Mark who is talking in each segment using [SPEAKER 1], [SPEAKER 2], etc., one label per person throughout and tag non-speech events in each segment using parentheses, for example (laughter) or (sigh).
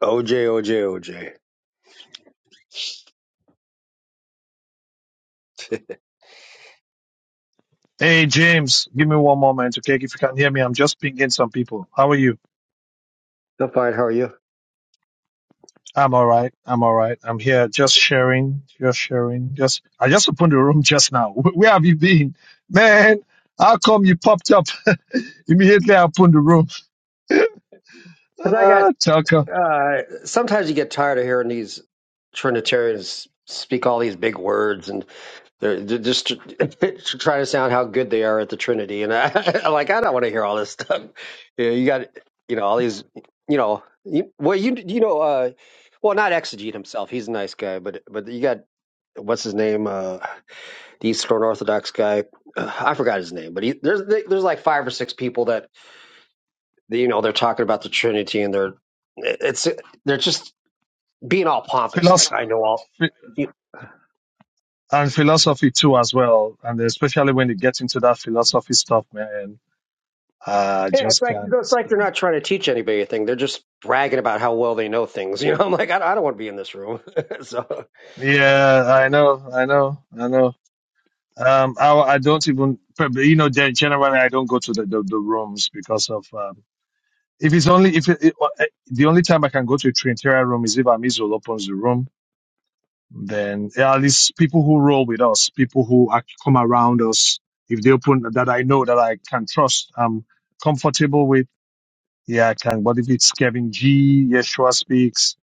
[SPEAKER 1] OJ, OJ, OJ.
[SPEAKER 2] Hey, James, give me one moment, okay? If you can hear me, I'm just pinging some people. How are you?
[SPEAKER 1] I'm fine. How are you?
[SPEAKER 2] I'm all right. I'm all right. I'm here just sharing, just sharing. Just, I just opened the room just now. (laughs) Where have you been? Man, how come you popped up (laughs) immediately? I opened the room.
[SPEAKER 1] Because I
[SPEAKER 2] Ah,
[SPEAKER 1] got,
[SPEAKER 2] Tucker.
[SPEAKER 1] uh, sometimes you get tired of hearing these Trinitarians speak all these big words and they're, they're just (laughs) trying to sound how good they are at the Trinity. And I, (laughs) I'm like, I don't want to hear all this stuff. You, know, you got, you know, all these, you know, you, well, you, you know, uh, well, not Exegete himself. He's a nice guy, but, but you got, what's his name? Uh, the Eastern Orthodox guy. Uh, I forgot his name, but he, there's, there's like five or six people that the- you know they're talking about the Trinity and they're it's they're just being all pompous like
[SPEAKER 2] Philosophy.
[SPEAKER 1] I know all You,
[SPEAKER 2] And philosophy too, as well. And especially when you get into that philosophy stuff, man, I
[SPEAKER 1] yeah it's
[SPEAKER 2] just
[SPEAKER 1] like
[SPEAKER 2] can't
[SPEAKER 1] it's like they're
[SPEAKER 2] stand.
[SPEAKER 1] not trying to teach anybody a thing they're just bragging about how well they know things (laughs) you know I'm like I, I don't want to be in this room (laughs) so
[SPEAKER 2] Yeah, I know, I know, I know. Um, I, I don't even probably you know gen- generally I don't go to the, the, the rooms because of um, if it's only if it, it, uh, the only time I can go to a Trinitarian room is if Amizul opens the room. Then yeah, at least people who roll with us, people who act, come around us, if they open that I know that I can trust, I'm comfortable with. Yeah, I can. But if it's Kevin G, Yeshua speaks,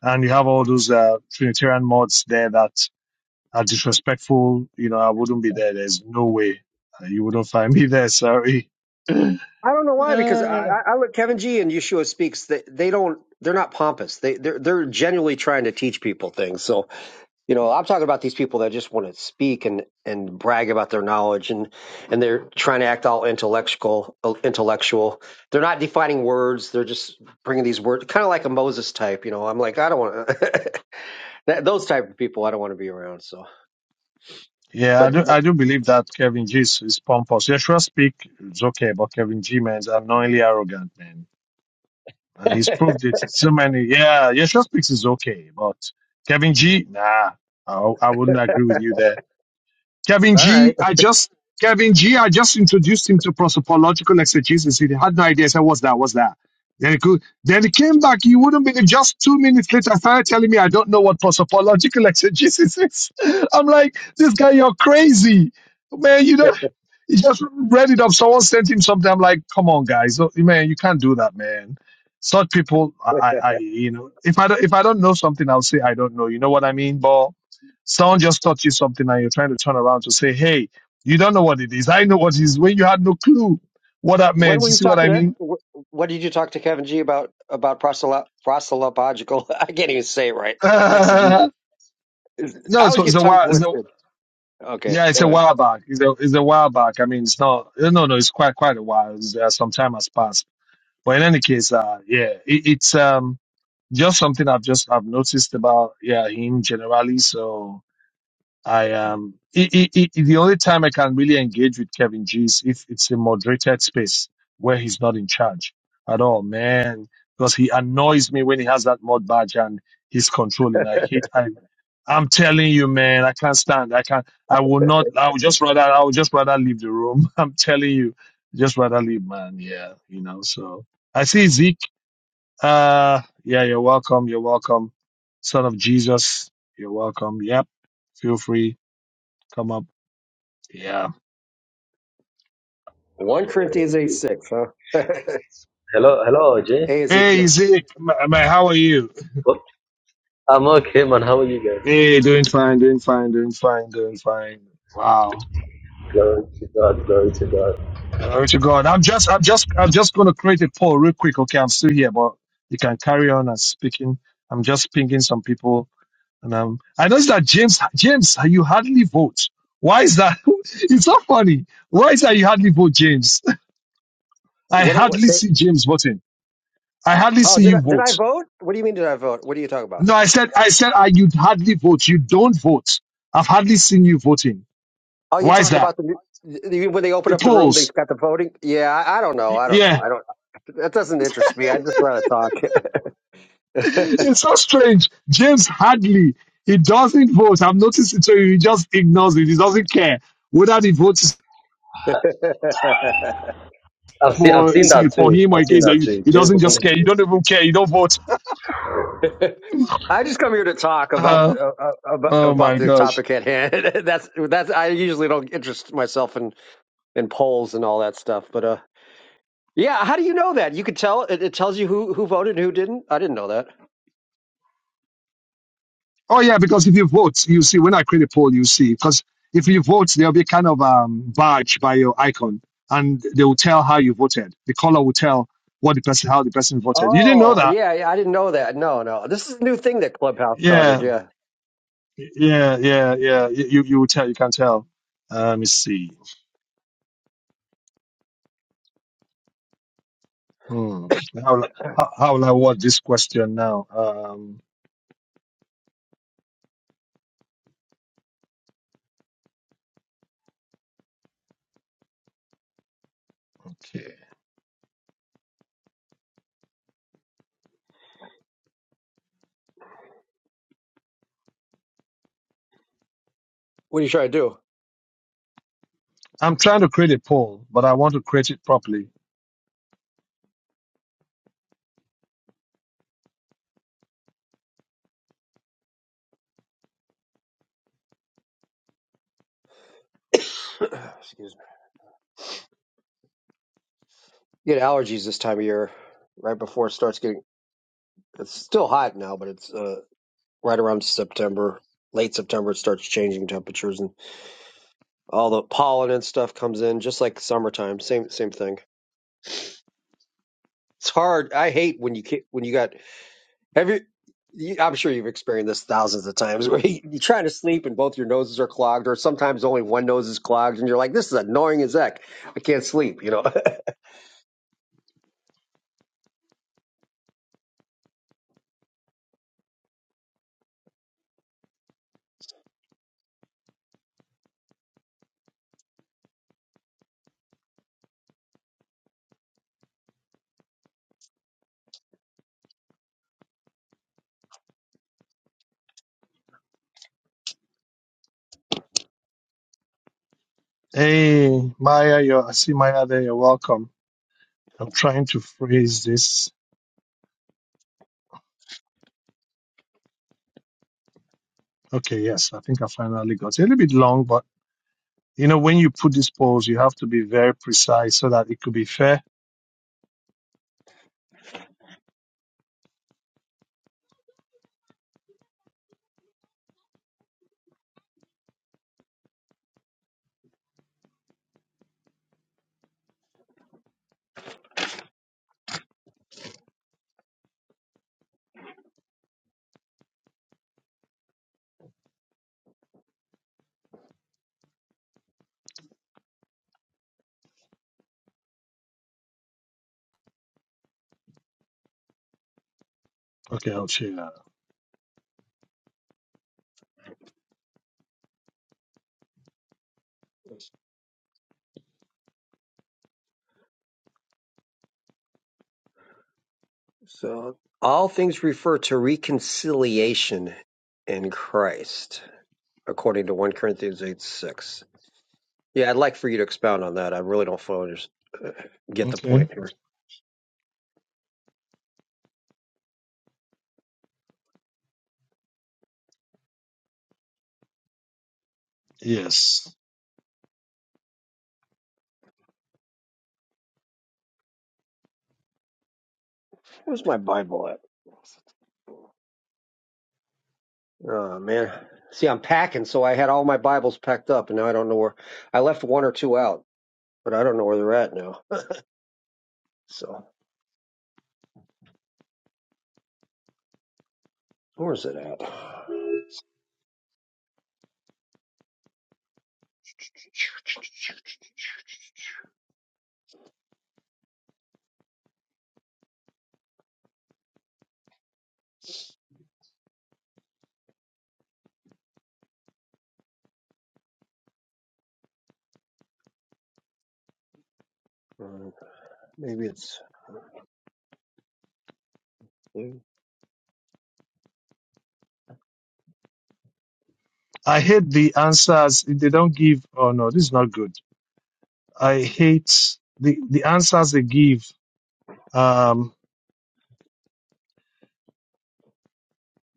[SPEAKER 2] and you have all those uh, Trinitarian mods there that are disrespectful, you know, I wouldn't be there. There's no way Uh, you wouldn't find (laughs) me there. Sorry. (sighs) (laughs)
[SPEAKER 1] I don't know why because I,
[SPEAKER 2] Uh,
[SPEAKER 1] I I look Kevin G and Yeshua speaks they they don't they're not pompous they they're they're genuinely trying to teach people things so You know, I'm talking about these people that just want to speak and and brag about their knowledge and and they're trying to act all intellectual uh, intellectual. They're not defining words. They're just bringing these words, kind of like a Moses type. You know, I'm like, I don't want (laughs) to those type of people. I don't want to be around. So,
[SPEAKER 2] yeah, I
[SPEAKER 1] but,
[SPEAKER 2] do.
[SPEAKER 1] but
[SPEAKER 2] I do believe that Kevin G is, is pompous. Yeshua speak it's okay, but Kevin G man is annoyingly arrogant, man, and he's proved it. in So many. Yeah, Yeshua speaks is okay, but Kevin G, nah, I, I wouldn't agree with you there. Kevin
[SPEAKER 1] all
[SPEAKER 2] G,
[SPEAKER 1] right.
[SPEAKER 2] I just Kevin G, I just introduced him to prosopological exegesis. He had no idea. I said, "What's that? What's that?" Then he could, then he came back. He wouldn't believe. Just two minutes later, started telling me, "I don't know what prosopological exegesis is." (laughs) I'm like, "This guy, you're crazy, man! You don't." He just read it up. Someone sent him something. I'm like, come on, guys, Oh, man, you can't do that, man. Such people, I,
[SPEAKER 1] (laughs)
[SPEAKER 2] I, I- you know, if I don't, if I don't know something, I'll say I don't know. You know what I mean? But someone just taught you something, and you're trying to turn around to say, hey, you don't know what it is. I know what it is when you had no clue what that
[SPEAKER 1] When
[SPEAKER 2] meant.
[SPEAKER 1] were
[SPEAKER 2] You
[SPEAKER 1] you
[SPEAKER 2] see what
[SPEAKER 1] talking
[SPEAKER 2] I
[SPEAKER 1] to?
[SPEAKER 2] mean?
[SPEAKER 1] wh- What did you talk to Kevin G about about proselyte, proselytological? (laughs) I can't even say it right.
[SPEAKER 2] (laughs)
[SPEAKER 1] Exegesis.
[SPEAKER 2] no,
[SPEAKER 1] I
[SPEAKER 2] it's,
[SPEAKER 1] always
[SPEAKER 2] it's
[SPEAKER 1] get
[SPEAKER 2] a
[SPEAKER 1] tongue
[SPEAKER 2] while. It's a,
[SPEAKER 1] twisted. Okay,
[SPEAKER 2] yeah, it's
[SPEAKER 1] go
[SPEAKER 2] a
[SPEAKER 1] ahead.
[SPEAKER 2] while back. It's a, it's a while back. I mean, it's not. No, no, no, it's quite quite a while. It's, uh, some time has passed. But in any case, uh, yeah, it, it's um just something I've just I've noticed about yeah him generally. So I um i i i the only time I can really engage with Kevin G is if it's a moderated space where he's not in charge at all, man. Because he annoys me when he has that mod badge and he's controlling. I hate I I'm telling you, man, I can't stand. I can't I will not I would just rather I would just rather leave the room. (laughs) I'm telling you. Just rather leave, man. Yeah, you know, so I see Zeke uh, yeah, you're welcome. You're welcome. Son of Jesus, you're welcome. Yep. Feel free. Come up. Yeah.
[SPEAKER 1] One Corinthians eight six, huh? (laughs)
[SPEAKER 3] Hello, hello, OJ.
[SPEAKER 1] Hey,
[SPEAKER 2] Hey,
[SPEAKER 1] Ezekiel.
[SPEAKER 2] Zeke. Ma, ma- how are you?
[SPEAKER 3] What? I'm okay, man. How are you guys?
[SPEAKER 2] Hey, doing fine, doing fine, doing fine, doing fine. Wow.
[SPEAKER 3] Glory to God, glory to God.
[SPEAKER 2] Glory to God. I'm just, I'm just, I'm just going to create a poll real quick. Okay. I'm still here, but you can carry on as speaking. I'm just pinging some people. And um, I noticed that James, James, you hardly vote. Why is that? (laughs) it's not funny. Why is that you hardly vote, James? I
[SPEAKER 1] What? what
[SPEAKER 2] hardly
[SPEAKER 1] say,
[SPEAKER 2] see James voting. I hardly
[SPEAKER 1] oh,
[SPEAKER 2] see
[SPEAKER 1] did
[SPEAKER 2] you
[SPEAKER 1] I, did I
[SPEAKER 2] vote.
[SPEAKER 1] vote? What do you mean? Did I vote? What are you talking about?
[SPEAKER 2] No, I said, I said, I, you hardly vote. You don't vote. I've hardly seen you voting.
[SPEAKER 1] Oh, you
[SPEAKER 2] Why is
[SPEAKER 1] talk
[SPEAKER 2] that?
[SPEAKER 1] about the you- when they open
[SPEAKER 2] The
[SPEAKER 1] up the room, they've
[SPEAKER 2] polls.
[SPEAKER 1] got the voting. Yeah, I, I don't know.
[SPEAKER 2] Y-
[SPEAKER 1] I don't know.
[SPEAKER 2] Yeah.
[SPEAKER 1] I
[SPEAKER 2] (laughs)
[SPEAKER 1] don't. That doesn't interest me. I just rather talk.
[SPEAKER 2] It's so strange. James hardly, he doesn't vote. I've noticed it. So he just ignores it. He doesn't care whether the vote is
[SPEAKER 1] (laughs)
[SPEAKER 3] I've seen, I've
[SPEAKER 2] for,
[SPEAKER 3] seen
[SPEAKER 2] say,
[SPEAKER 3] that
[SPEAKER 2] for
[SPEAKER 3] too.
[SPEAKER 2] him or
[SPEAKER 3] I've seen
[SPEAKER 2] against.
[SPEAKER 3] that
[SPEAKER 2] He
[SPEAKER 3] too.
[SPEAKER 2] he
[SPEAKER 3] James
[SPEAKER 2] doesn't just care. You don't
[SPEAKER 3] was
[SPEAKER 2] even care. You don't vote. (laughs)
[SPEAKER 1] I just come here to talk about
[SPEAKER 2] Uh,
[SPEAKER 1] uh, uh, about,
[SPEAKER 2] oh
[SPEAKER 1] about
[SPEAKER 2] my
[SPEAKER 1] the
[SPEAKER 2] gosh.
[SPEAKER 1] topic at hand. (laughs) that's that's. I usually don't interest myself in in polls and all that stuff. But uh, yeah. How do you know that? You could tell. It, it tells you who who voted and who didn't. I didn't know that.
[SPEAKER 2] Oh yeah, because if you vote, you see when I create a poll, you see because if you vote, there'll be kind of um badge by your icon, and they will tell how you voted. The color will tell what the person how the person voted. You didn't know
[SPEAKER 1] Oh,
[SPEAKER 2] that?
[SPEAKER 1] yeah, yeah, I didn't know that. No, no. This is a new thing that Clubhouse started.
[SPEAKER 2] Yeah,
[SPEAKER 1] Yeah.
[SPEAKER 2] yeah, yeah, yeah. You you you will tell. You can tell. Uh, let me see. Hmm. How will I- how, how will I word this question now? Um. Okay.
[SPEAKER 1] What are you trying to do?
[SPEAKER 2] I'm trying to create a poll, but I want to create it properly.
[SPEAKER 1] (coughs) Excuse me. You get allergies this time of year, right before it starts getting. It's still hot now, but it's uh, right around September, late September. It starts changing temperatures, and all the pollen and stuff comes in, just like summertime. Same, same thing. It's hard. I hate when you ca- when you got Have you, you? I'm sure you've experienced this thousands of times where (laughs) you, you're trying to sleep and both your noses are clogged, or sometimes only one nose is clogged, and you're like, "This is annoying as heck. I can't sleep." You know. (laughs)
[SPEAKER 2] Hey, Maya, you're, I see Maya there. You're welcome. I'm trying to phrase this. Okay, yes, I think I finally got it. A little bit long, but you know, when you put these polls, you have to be very precise so that it could be fair. Okay, I'll share that.
[SPEAKER 1] so all things refer to reconciliation in Christ, according to 1 Corinthians 8 6. Yeah, I'd like for you to expound on that. I really don't fully under- get the point
[SPEAKER 2] Okay,
[SPEAKER 1] here.
[SPEAKER 2] yes.
[SPEAKER 1] Where's my Bible at? Oh man. See, I'm packing, so I had all my Bibles packed up, and now I don't know where. I left one or two out, but I don't know where they're at now. So, where is it at? Uh, Maybe it's. yeah.
[SPEAKER 2] I hate the answers they don't give. Oh no, this is not good. I hate the the answers they give. Um,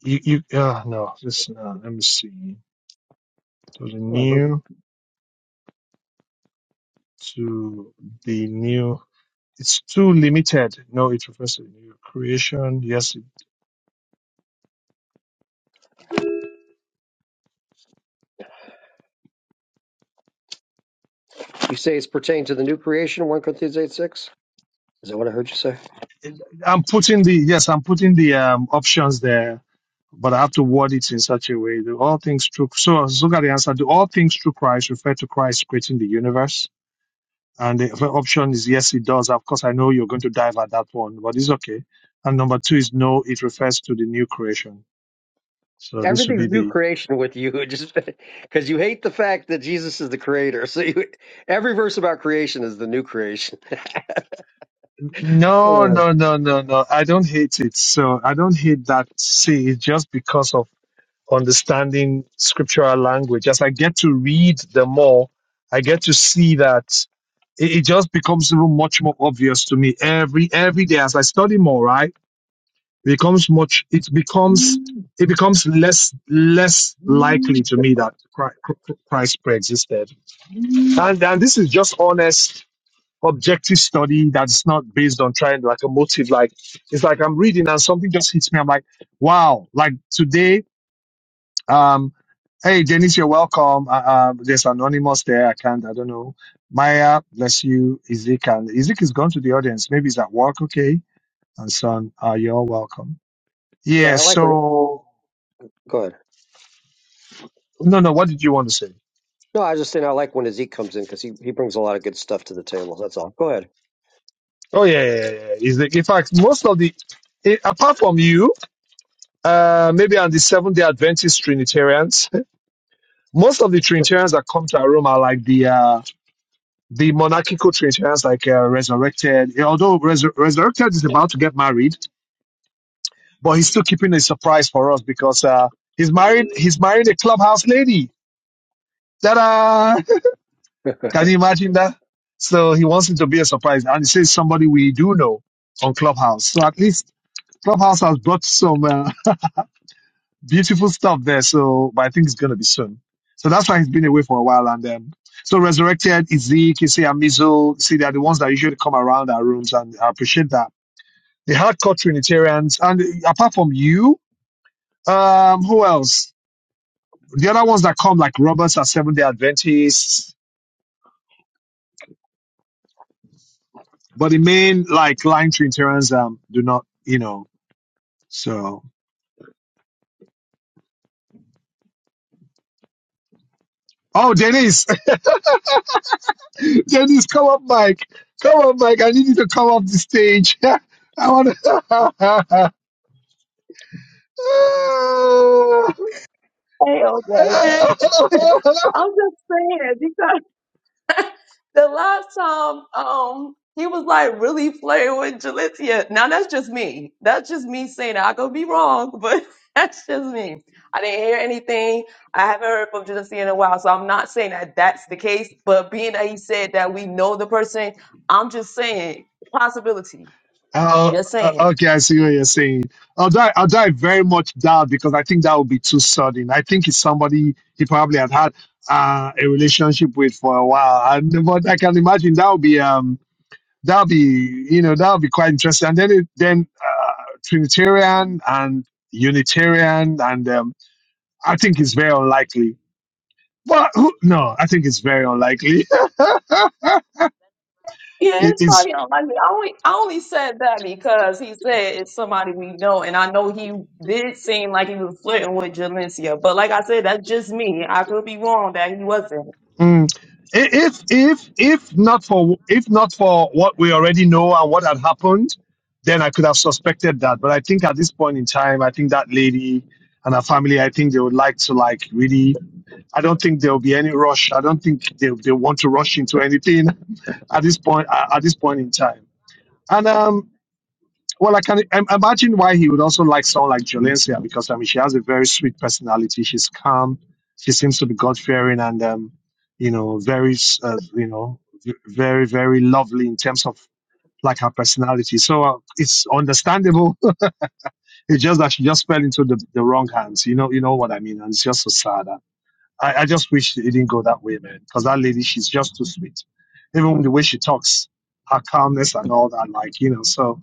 [SPEAKER 2] you you uh, no, this uh, let me see. To the
[SPEAKER 1] Oh, okay.
[SPEAKER 2] new to the new. It's too limited. No, it refers to the new creation. Yes,
[SPEAKER 1] You say it's pertaining to the new creation, 1 Corinthians 8 6? Is that what I heard you say?
[SPEAKER 2] I'm putting the yes, I'm putting the um, options there, but I have to word it in such a way that all things through. So, so look at the answer. Do all things through Christ refer to Christ creating the universe? And the other option is yes, it does. Of course, I know you're going to dive at that one, but it's okay. And number two is no, it refers to the new creation. So this would be
[SPEAKER 1] Everything's new
[SPEAKER 2] the
[SPEAKER 1] creation with you, (laughs) just because you hate the fact that Jesus is the creator. So you, every verse about creation is the new creation. (laughs)
[SPEAKER 2] no,
[SPEAKER 1] Yeah,
[SPEAKER 2] no, no, no, no. I don't hate it. So I don't hate that. See, it's just because of understanding scriptural language. As I get to read them more, I get to see that it, it just becomes even much more obvious to me every every day as I study more. Right, it becomes much. It becomes it becomes less less likely to me that Chri- Christ preexisted. And and this is just honest, objective study that's not based on trying like a motive. Like it's like I'm reading and something just hits me. I'm like, wow! Like today um, hey, Janice, you're welcome. Uh, uh, there's anonymous there. I can't, I don't know. Maya, bless you. Izik, and Izik is gone to the audience. Maybe he's at work. Okay. And son, uh, you're all welcome.
[SPEAKER 1] yeah
[SPEAKER 2] Yeah.
[SPEAKER 1] I like when.
[SPEAKER 2] So
[SPEAKER 1] go ahead.
[SPEAKER 2] no, no. What did you want to say?
[SPEAKER 1] No, I was just saying I like when Zeke comes in because he, he brings a lot of good stuff to the table. That's all. Go ahead.
[SPEAKER 2] Oh yeah, yeah, yeah. yeah. Isaac. In fact, most of the, eh, apart from you, uh, maybe on the Seventh Day Adventist Trinitarians, (laughs) most of the Trinitarians that come to our room are like the uh, the monarchical Trinitarians, like uh, Resurrected. Although Resur- Resurrected is about to get married, but he's still keeping a surprise for us because uh, he's married. He's married a clubhouse lady. Ta-da! (laughs) Can you imagine that? So he wants it to be a surprise, and he says somebody we do know on Clubhouse. So at least Clubhouse has brought some uh, (laughs) beautiful stuff there. So, but I think it's going to be soon. So that's why he's been away for a while. And um, so resurrected Ezek, you see Amizo, you see they're the ones that usually come around our rooms, and I appreciate that. The hardcore Trinitarians, and uh, apart from you, um, who else? The other ones that come like robots are Seventh Day Adventists, but the main like line Trinitarians um do not, you know. So oh Denise, (laughs) Denise, come up, Mike, come up, Mike. I need you to come up the stage. (laughs) I want
[SPEAKER 4] Hey, OJ. (laughs) I'm
[SPEAKER 2] to. (laughs)
[SPEAKER 4] just saying because the last time um he was like really playing with Jalicia. Now that's just me. That's just me saying that. I could be wrong, but (laughs) that's just me. I didn't hear anything. I haven't heard from Jalicia in a while, so I'm not saying that that's the case. But being that he said that we know the person, I'm just saying possibility.
[SPEAKER 2] Oh,
[SPEAKER 4] Just
[SPEAKER 2] uh,
[SPEAKER 4] saying.
[SPEAKER 2] okay. I see what you're saying. Although, although I very much doubt because I think that would be too sudden. I think it's somebody he probably had had uh, a relationship with for a while. And but I can imagine that would be um that would be you know that would be quite interesting. And then it, then uh, Trinitarian and Unitarian and um, I think it's very unlikely. Well, who, no, I think it's very unlikely. (laughs)
[SPEAKER 4] Yeah,
[SPEAKER 2] It
[SPEAKER 4] it's
[SPEAKER 2] is
[SPEAKER 4] probably don't like me. I only I only said that because he said it's somebody we know, and I know he did seem like he was flirting with Jalencia. But like I said, that's just me. I could be wrong that he wasn't.
[SPEAKER 2] Mm. I- If if if not for if not for what we already know and what had happened, then I could have suspected that. But I think at this point in time, I think that lady and her family, I think they would like to like really. I don't think there will be any rush. I don't think they they want to rush into anything (laughs) at this point at this point in time. And um, well, I can im- imagine why he would also like someone like Jolencia because I mean she has a very sweet personality. She's calm. She seems to be God fearing and um, you know very uh, you know v- very very lovely in terms of like her personality. So uh, it's understandable. (laughs) it's just that she just fell into the, the wrong hands. You know you know what I mean. And it's just so sad. And I, I just wish it didn't go that way, man. Because that lady, she's just too sweet. Even the way she talks, her calmness and all that, like you know. So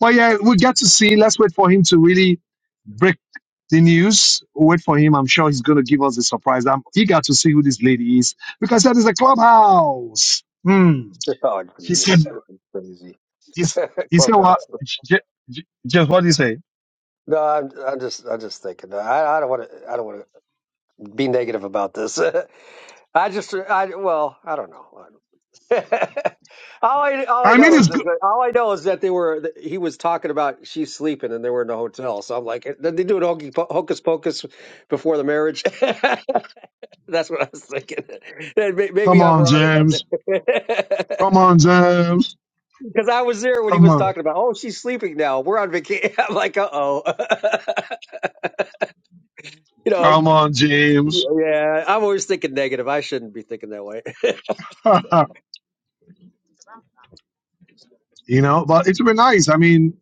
[SPEAKER 2] but yeah, we get to see. Let's wait for him to really break the news. We'll wait for him. I'm sure he's going to give us a surprise. I'm eager to see who this lady is because that is a clubhouse. Hmm.
[SPEAKER 1] (laughs) Oh,
[SPEAKER 2] He said,
[SPEAKER 1] jeez, crazy
[SPEAKER 2] he's,
[SPEAKER 1] (laughs)
[SPEAKER 2] he said what?
[SPEAKER 1] clubhouse.
[SPEAKER 2] J- J- James, what do you say?
[SPEAKER 1] No, I'm, I'm just, I'm just thinking. I, I don't want to, I don't want to be negative about this. (laughs) I just, I, well, I don't know. (laughs) all I, all I
[SPEAKER 2] I mean,
[SPEAKER 1] know is
[SPEAKER 2] it's good.
[SPEAKER 1] that, all I know is that they were, that he was talking about she's sleeping and they were in the hotel. So I'm like, did they do an hokey po- hocus pocus before the marriage? (laughs) That's what I was thinking. (laughs) That may-
[SPEAKER 2] Come
[SPEAKER 1] Maybe I'm
[SPEAKER 2] on,
[SPEAKER 1] wrong about
[SPEAKER 2] James. Come
[SPEAKER 1] that. (laughs)
[SPEAKER 2] on, James.
[SPEAKER 1] Because I was there when he
[SPEAKER 2] Come
[SPEAKER 1] was
[SPEAKER 2] on.
[SPEAKER 1] talking about, oh, she's sleeping now. We're on vacation. (laughs) I'm like, uh oh. (laughs) you know,
[SPEAKER 2] Come on, James.
[SPEAKER 1] yeah, I'm always thinking negative. I shouldn't be thinking that way.
[SPEAKER 2] (laughs) you know, but it would be nice. I mean,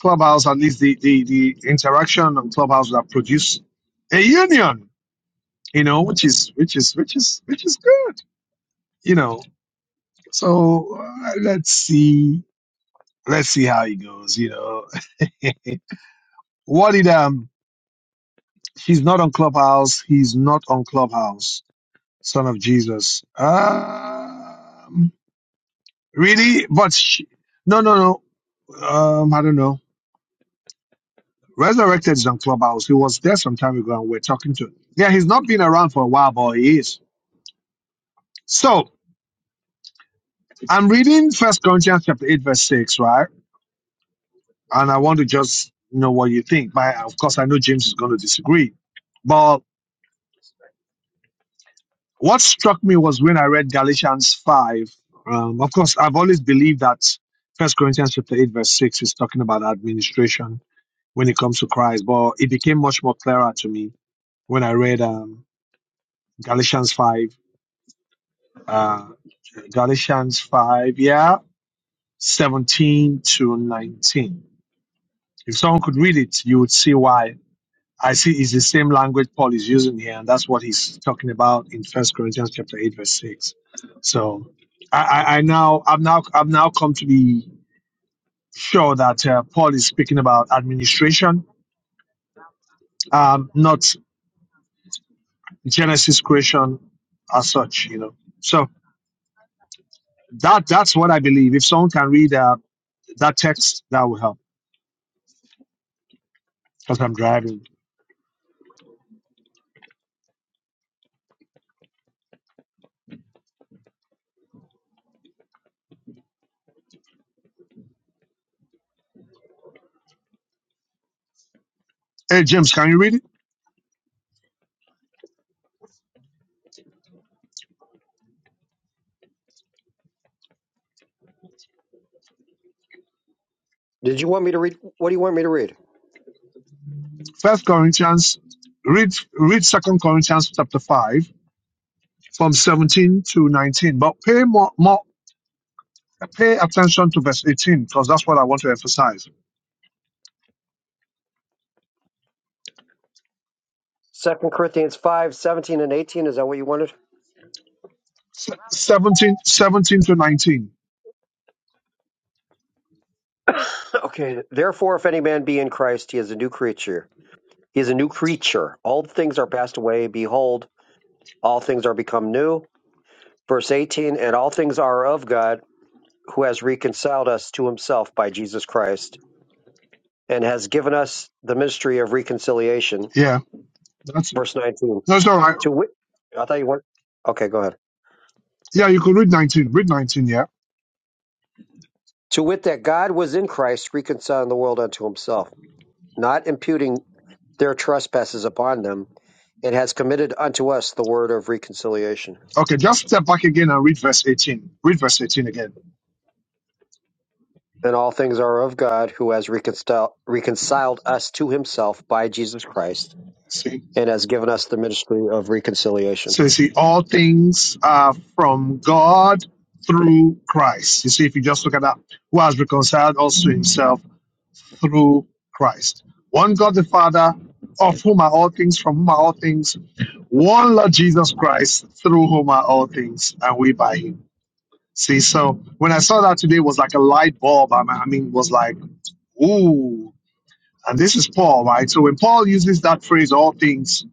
[SPEAKER 2] Clubhouse, at least the, the, the interaction on Clubhouse that produced a union you know, which is which is which is which is good, you know. So uh, let's see, let's see how he goes, you know. (laughs) What did um? He's not on Clubhouse. He's not on Clubhouse. Son of Jesus. Um, really? But sh no, no, no. Um, I don't know. Resurrected is on Clubhouse. He was there some time ago, and we're talking to. Him. Yeah, he's not been around for a while, but he is. So I'm reading First Corinthians chapter eight, verse six, right? and I want to just know what you think. But of course, I know James is going to disagree. But what struck me was when I read Galatians five. Um, of course, I've always believed that First Corinthians chapter eight verse six is talking about administration when it comes to Christ. But it became much more clearer to me when I read um, Galatians five. Uh, Galatians five, yeah, seventeen to nineteen. If someone could read it, you would see why I see it's the same language Paul is using here, and that's what he's talking about in First Corinthians chapter eight, verse six. So I, I, I now I've now I've now come to be sure that uh, Paul is speaking about administration, um, not Genesis creation as such. You know, so that that's what I believe. If someone can read uh, that text, that will help because I'm driving. Hey James, can you read it?
[SPEAKER 1] (laughs) Did you want me to read? What do you want me to read?
[SPEAKER 2] First Corinthians, read read Second Corinthians chapter five from 17 to 19. But pay more, more pay attention to verse 18 because that's what I want to emphasize.
[SPEAKER 1] Second Corinthians 5 17 and 18. Is that what you wanted?
[SPEAKER 2] Se- 17, 17 to 19.
[SPEAKER 1] (coughs) okay. Therefore, if any man be in Christ, he is a new creature. He is a new creature. All things are passed away. Behold, all things are become new. Verse 18, and all things are of God who has reconciled us to himself by Jesus Christ and has given us the ministry of reconciliation.
[SPEAKER 2] Yeah, that's it.
[SPEAKER 1] Verse 19.
[SPEAKER 2] No, it's all right.
[SPEAKER 1] To wit, I thought you went, okay, go ahead.
[SPEAKER 2] Yeah, you could read 19. Read 19, yeah.
[SPEAKER 1] To wit, that God was in Christ reconciling the world unto himself, not imputing their trespasses upon them, and has committed unto us the word of reconciliation.
[SPEAKER 2] Okay, just step back again and read verse 18. Read verse 18 again.
[SPEAKER 1] And all things are of God, who has reconciled, reconciled us to himself by Jesus Christ,
[SPEAKER 2] See,
[SPEAKER 1] and has given us the ministry of reconciliation.
[SPEAKER 2] so you see, all things are from God through Christ. You see, if you just look at that, who has reconciled also himself through Christ. One God the Father, of whom are all things, from whom are all things. One Lord Jesus Christ, through whom are all things, and we by him. See, so when I saw that today, it was like a light bulb. I mean, I mean, it was like, ooh. And this is Paul, right? So when Paul uses that phrase, all things,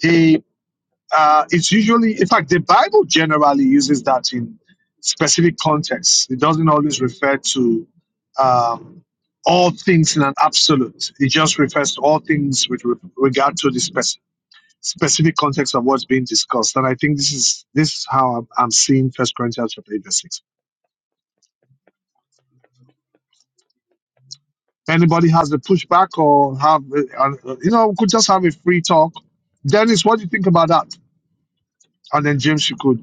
[SPEAKER 2] he. uh, it's usually, in fact, the Bible generally uses that in specific contexts. It doesn't always refer to um, all things in an absolute. It just refers to all things with re- regard to the spec- specific context of what's being discussed. And I think this is this is how I'm, I'm seeing First Corinthians chapter eight verse six. Anybody has the pushback or have uh, uh, you know we could just have a free talk. Dennis, what do you think about that? And then James, you could.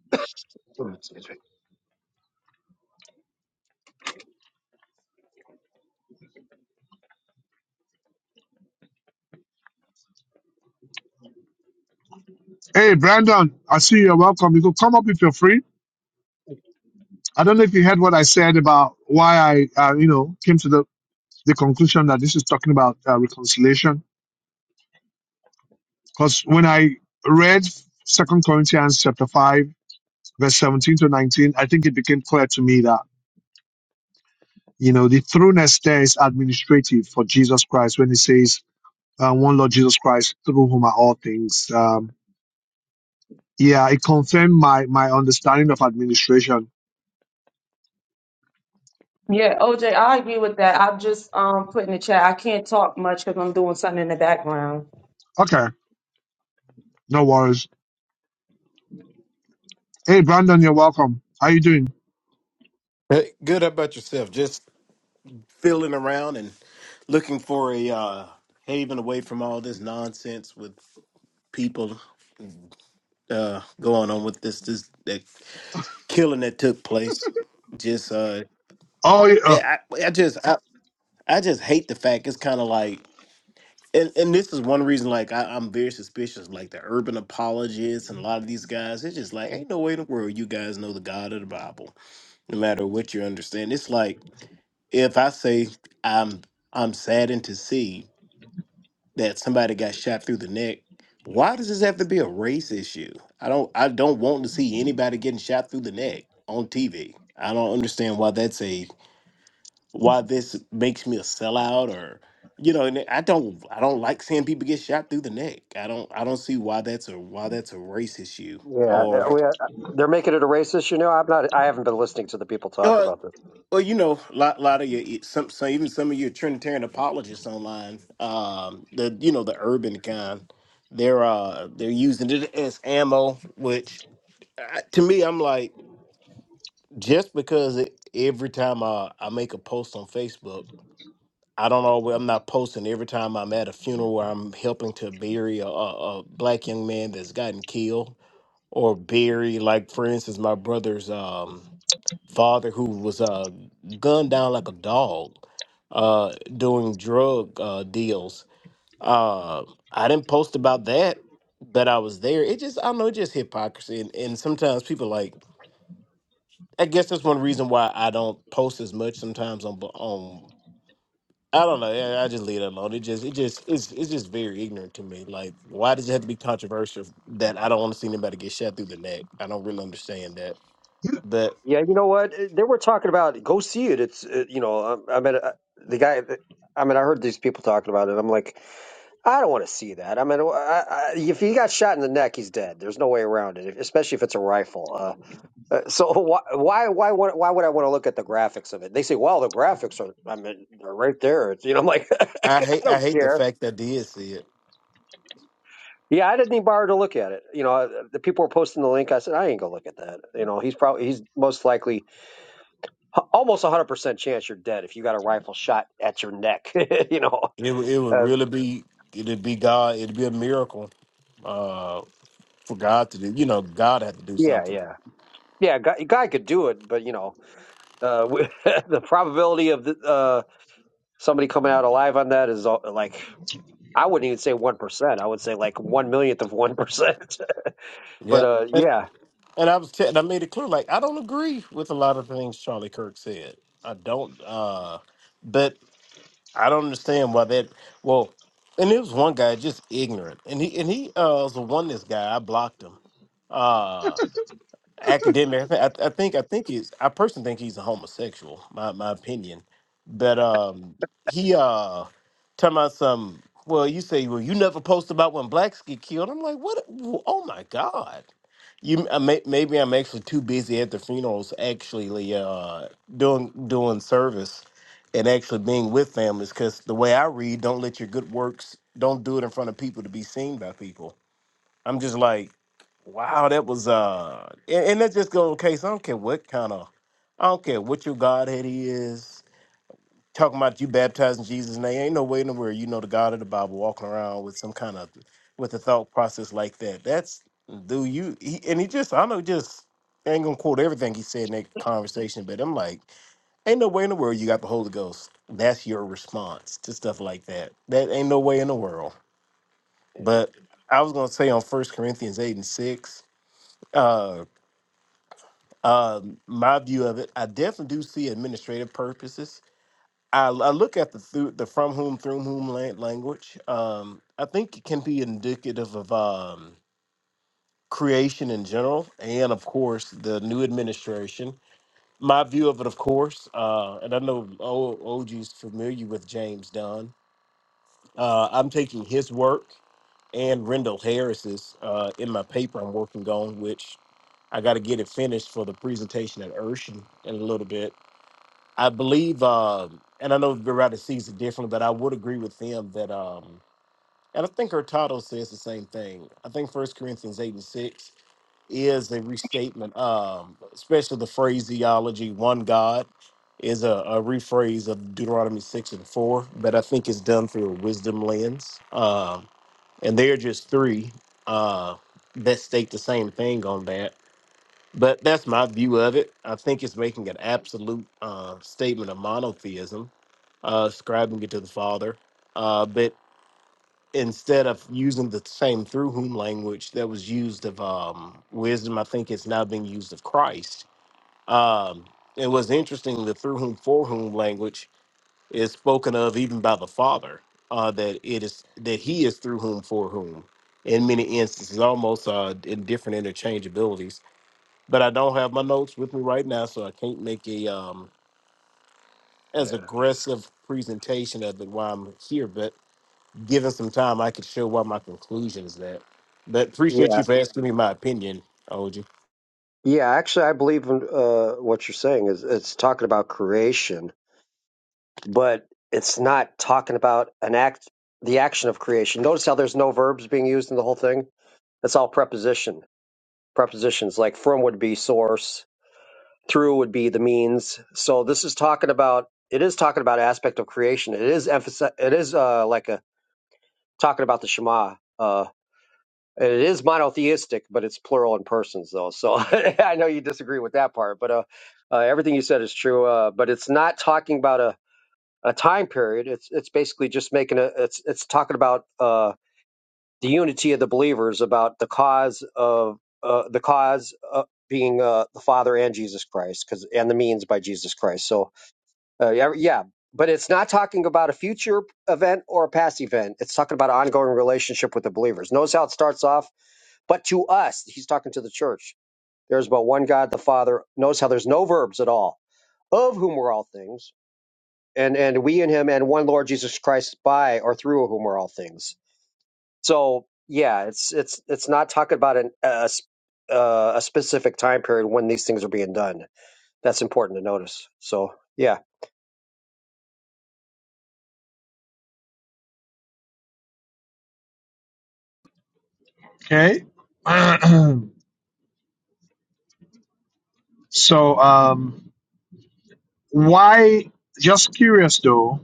[SPEAKER 1] (coughs) (clears throat) Excuse me.
[SPEAKER 2] Hey, Brandon, I see you're welcome. You could come up if you're free. I don't know if you heard what I said about why I, uh, you know, came to the, the conclusion that this is talking about uh, reconciliation. Because when I read Second Corinthians chapter five, verse seventeen to nineteen, I think it became clear to me that you know the throughness there is administrative for Jesus Christ when He says, uh, "One Lord Jesus Christ, through whom are all things." Um, yeah, it confirmed my my understanding of administration.
[SPEAKER 4] Yeah, OJ, I agree with that. i just um put in the chat. I can't talk much because I'm doing something in the background.
[SPEAKER 2] Okay, no worries. Hey, Brandon, you're welcome. How you doing?
[SPEAKER 5] Hey, good. How about yourself? Just feeling around and looking for a uh, haven away from all this nonsense with people uh, going on with this this that killing that took place. Just uh,
[SPEAKER 2] Oh, yeah. uh,
[SPEAKER 5] yeah, I, I just I, I just hate the fact it's kind of like. And, and this is one reason, like I, I'm very suspicious, like the urban apologists and a lot of these guys. It's just like ain't no way in the world you guys know the God of the Bible, no matter what you understand. It's like if I say I'm I'm saddened to see that somebody got shot through the neck, why does this have to be a race issue? I don't I don't want to see anybody getting shot through the neck on TV. I don't understand why that's a why this makes me a sellout or you know, and I don't I don't like seeing people get shot through the neck. I don't I don't see why that's a why that's a race issue
[SPEAKER 1] Yeah,
[SPEAKER 5] or
[SPEAKER 1] uh,
[SPEAKER 5] Right.
[SPEAKER 1] we, uh, they're making it a racist. You know, I'm not. I haven't been listening to the people talk
[SPEAKER 5] or
[SPEAKER 1] about this.
[SPEAKER 5] Well, you know, a lot, lot of your some, some so, even some of your Trinitarian apologists online, um, the you know the urban kind, they're uh they're using it as ammo. Which uh, to me, I'm like, just because it, every time I, I make a post on Facebook, I don't always I'm not posting every time I'm at a funeral where I'm helping to bury a, a, a black young man that's gotten killed or bury like for instance my brother's um father who was uh, gunned down like a dog uh, doing drug uh, deals. Uh, I didn't post about that, but I was there. It just, I don't know, it just hypocrisy. And, and sometimes people like, I guess that's one reason why I don't post as much sometimes on, on I don't know. yeah, I just leave it alone. It just, it just, it's, it's just very ignorant to me. Like, why does it have to be controversial that I don't want to see anybody get shot through the neck? I don't really understand that. But
[SPEAKER 1] Yeah, you know what? They were talking about go see it. It's uh you know, I, I mean, uh, the guy. I mean, I heard these people talking about it. I'm like, I don't want to see that. I mean, I, I, if he got shot in the neck, he's dead. There's no way around it, especially if it's a rifle. Uh, uh, so (laughs) why, why, why, would- why would I want to look at the graphics of it? They say, well, the graphics are. I mean, they're right there. It's, you know, I'm like, (laughs)
[SPEAKER 5] I
[SPEAKER 1] I
[SPEAKER 5] hate, I
[SPEAKER 1] don't
[SPEAKER 5] hate the
[SPEAKER 1] care.
[SPEAKER 5] fact that I did see it.
[SPEAKER 1] Yeah, I didn't even bother to look at it. You know, uh, the people were posting the link. I said, I ain't gonna look at that. You know, he's probably he's most likely h- almost a hundred percent chance you're dead if you got a rifle shot at your neck. (laughs) you know,
[SPEAKER 5] It would- it would
[SPEAKER 1] uh,
[SPEAKER 5] really be it'd be God. It'd be a miracle uh, for God to do. You know, God had to do
[SPEAKER 1] yeah,
[SPEAKER 5] something.
[SPEAKER 1] yeah, yeah. Guy, guy could do it, but you know, uh, w- (laughs) the probability of the, uh, somebody coming out alive on that is uh, like I wouldn't even say one percent. I would say like one millionth of one percent. (laughs) but
[SPEAKER 5] Yeah,
[SPEAKER 1] uh,
[SPEAKER 5] and
[SPEAKER 1] yeah,
[SPEAKER 5] and I was te- and I made it clear like I don't agree with a lot of things Charlie Kirk said. I don't. uh But I don't understand why that. Well, and there was one guy just ignorant, and he and he uh, was a oneness guy. I blocked him. Uh, academic. I, th- I think I think he's I personally think he's a homosexual. My my opinion, but um, he uh, talking about some. Well, you say well you never post about when blacks get killed. I'm like what? Oh my god. You, I may, maybe I'm actually too busy at the funerals, actually uh, doing doing service, and actually being with families. Because the way I read, don't let your good works, don't do it in front of people to be seen by people I'm just like, wow, that was uh, and, and that just goes case. I don't care what kind of, I don't care what your Godhead he is. Talking about you baptizing Jesus' name, ain't no way in the world you know the God of the Bible walking around with some kind of with a thought process like that. That's do you? He, and he just, I know, just I ain't gonna quote everything he said in that conversation, but I'm like, ain't no way in the world you got the Holy Ghost. That's your response to stuff like that. That ain't no way in the world.
[SPEAKER 1] yeah,
[SPEAKER 5] But I was gonna say on First Corinthians eight and six uh, uh, my view of it, I definitely do see administrative purposes. I, I look at the through, the from whom through whom lan- language. Um, I think it can be indicative of um, creation in general, and of course the new administration. My view of it, of course, uh, and I know O- OG is familiar with James Dunn. Uh, I'm taking his work and Rendell Harris's uh, in my paper I'm working on, which I got to get it finished for the presentation at Urshan in a little bit. I believe, um, and I know the writer sees it differently, but I would agree with them that. Um, and I think her title says the same thing. I think First Corinthians eight and six is a restatement, um, especially the phraseology "one God" is a, a rephrase of Deuteronomy six and four, but I think it's done through a wisdom lens. Um, and there are just three uh, that state the same thing on that. But that's my view of it. I think it's making an absolute uh, statement of monotheism, uh, ascribing it to the Father. Uh, but instead of using the same through whom language that was used of um, wisdom, I think it's now being used of Christ. Um, it was interesting the through whom for whom language is spoken of even by the Father. Uh, that it is that He is through whom for whom. In many instances, almost uh, in different interchangeabilities. But I don't have my notes with me right now, so I can't make a um, as
[SPEAKER 1] yeah.
[SPEAKER 5] aggressive presentation of it while I'm here. But given some time, I could show why my conclusion is that. But appreciate
[SPEAKER 1] Yeah,
[SPEAKER 5] you for asking me my opinion, OG.
[SPEAKER 1] yeah. Actually, I believe in uh, what you're saying is it's talking about creation but it's not talking about an act, the action of creation. Notice how there's no verbs being used in the whole thing. It's all preposition. Prepositions like from would be source, through would be the means. So this is talking about. It is talking about aspect of creation. It is emphasi- It is uh, like a talking about the Shema. Uh, it is monotheistic, but it's plural in persons though. So (laughs) I know you disagree with that part, but uh, uh, everything you said is true. Uh, but it's not talking about a a time period. It's it's basically just making a it's it's talking about uh, the unity of the believers, about the cause of uh, the cause uh, being uh, the Father and Jesus Christ, because and the means by Jesus Christ. So uh, yeah, yeah, but it's not talking about a future event or a past event. It's talking about an ongoing relationship with the believers. Notice how it starts off, but to us, he's talking to the church. There's but one God, the Father. Notice how there's no verbs at all, of whom we're all things and and we in him and one Lord Jesus Christ by or through whom are all things. So yeah, it's it's it's not talking about an a, s- uh, a specific time period when these things are being done. That's important to notice. So yeah,
[SPEAKER 2] Okay. (clears throat) so, um, why, just curious though,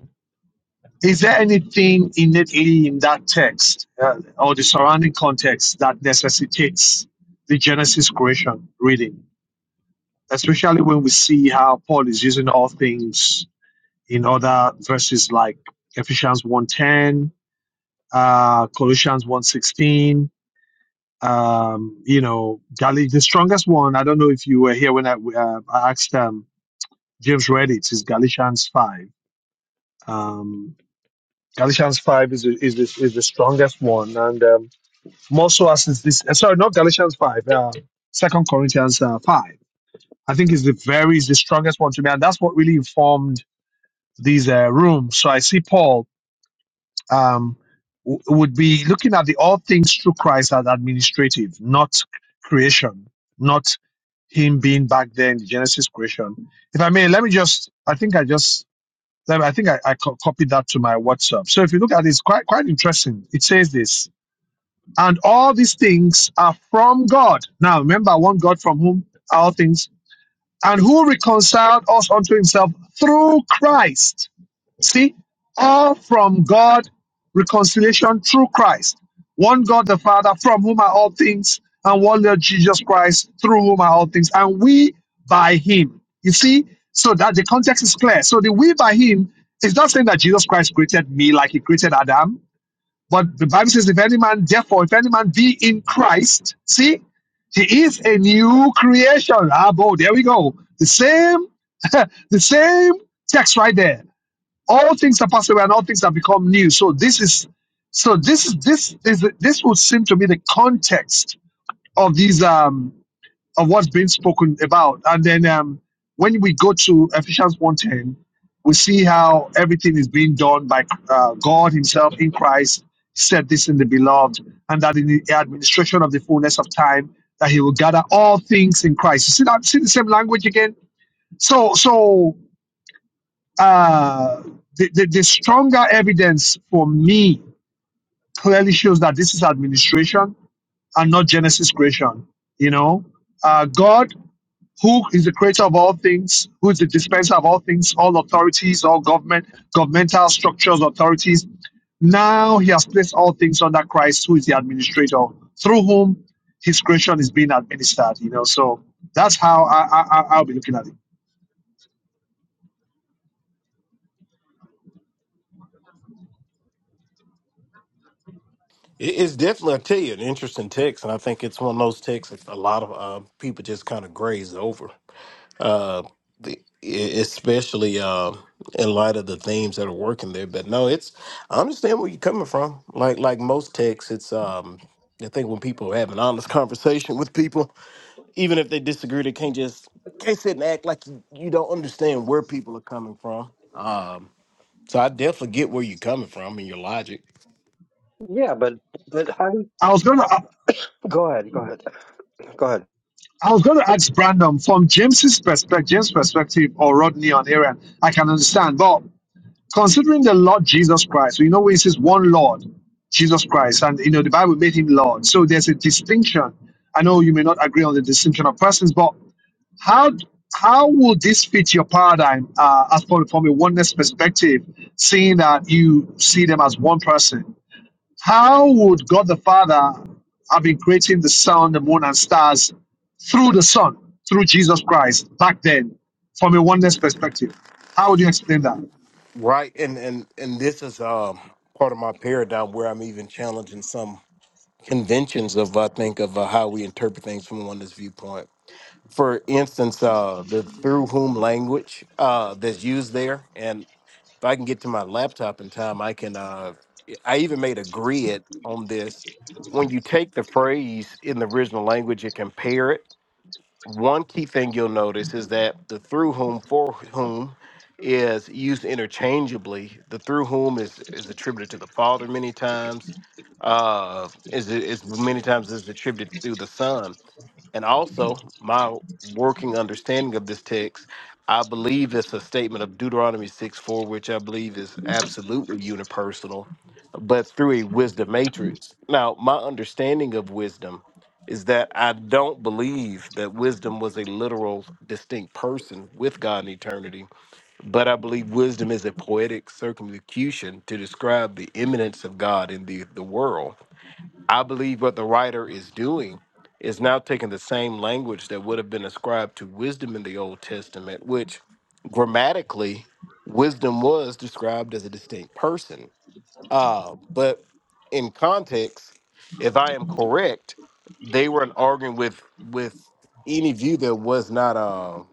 [SPEAKER 2] is there anything innately in that text uh, or the surrounding context that necessitates the Genesis creation reading? Especially when we see how Paul is using all things in other verses like Ephesians one ten, uh, Colossians one sixteen? um, you know, Gal- the strongest one, I don't know if you were here when I, uh, I asked them, James read it. It's Galatians 5. Um, Galatians 5 is, is, is, is the strongest one. And um, more so as is this, uh, sorry, not Galatians 5, uh, Second Corinthians uh, 5. I think is the very, is the strongest one to me. And that's what really informed these uh, rooms. So I see Paul um, w- would be looking at the all things through Christ as administrative, not creation, not him being back there in the Genesis creation. If I may, let me just, I think I just Then I think I, I co- copied that to my WhatsApp. So if you look at it, it's quite quite interesting. It says this, and all these things are from God. Now remember, one God from whom are all things, and who reconciled us unto Himself through Christ. See, all from God, reconciliation through Christ. One God the Father, from whom are all things, and one Lord Jesus Christ, through whom are all things, and we by him. You see, so that the context is clear. So the we by him is not saying that Jesus Christ created me like he created Adam, but the Bible says, if any man, therefore, if any man be in Christ, see, he is a new creation. Ah, boy, there we go. The same, (laughs) the same text right there all things are passed away and all things have become new so this is so this is this is this would seem to be the context of these um of what's being spoken about and then um when we go to ephesians one ten, we see how everything is being done by uh, god himself in christ he said this in the beloved and that in the administration of the fullness of time that he will gather all things in christ you see that see the same language again so so uh, the, the, the stronger evidence for me clearly shows that this is administration and not Genesis creation. You know, uh, God, who is the creator of all things, who is the dispenser of all things, all authorities, all government, governmental structures, authorities. Now he has placed all things under Christ, who is the administrator, through whom his creation is being administered. You know, so that's how I, I, I- I'll be looking at it.
[SPEAKER 5] It- It's definitely, I tell you, an interesting text, and I think it's one of those texts that a lot of uh, people just kind of graze over, uh, the, e- especially uh, in light of the themes that are working there. But no, it's I understand where you're coming from. Like like most texts, it's um, I think when people have an honest (laughs) conversation with people, Even if they disagree, they can't just can't sit and act like you, you don't understand where people are coming from. Um, so I definitely get where you're coming from and your logic.
[SPEAKER 1] yeah, but but how do-
[SPEAKER 2] I was gonna.
[SPEAKER 1] go ahead, go ahead, go ahead.
[SPEAKER 2] I was going to ask Brandon from James's perspective, James' perspective, or Rodney on Aaron. I can understand, but considering the Lord Jesus Christ, we know it says one Lord, Jesus Christ, and you know the Bible made him Lord. So there's a distinction. I know you may not agree on the distinction of persons, but how how will this fit your paradigm uh, as for from a oneness perspective, seeing that you see them as one person? How would God the Father have been creating the sun, the moon, and stars through the Son, through Jesus Christ back then, from a oneness perspective? How would you explain that?
[SPEAKER 5] Right, and and and this is um part of my paradigm where I'm even challenging some conventions of I think of uh, how we interpret things from one's viewpoint. For instance, uh, the through whom language uh, that's used there, If I can get to my laptop in time, I can. Uh, I even made a grid on this. When you take the phrase in the original language and compare it one key thing you'll notice is that the through whom for whom is used interchangeably. The through whom is is attributed to the Father many times, uh, is is many times is attributed to the Son. And also, my working understanding of this text, I believe it's a statement of Deuteronomy 6 4, which I believe is absolutely unipersonal, but through a wisdom matrix. Now, my understanding of wisdom is that I don't believe that wisdom was a literal, distinct person with God in eternity, but I believe wisdom is a poetic circumlocution to describe the imminence of God in the, the world. I believe what the writer is doing is now taking the same language that would have been ascribed to wisdom in the Old Testament, which grammatically, wisdom was described as a distinct person uh, but in context, if I am correct, they weren't arguing with with any view that was not um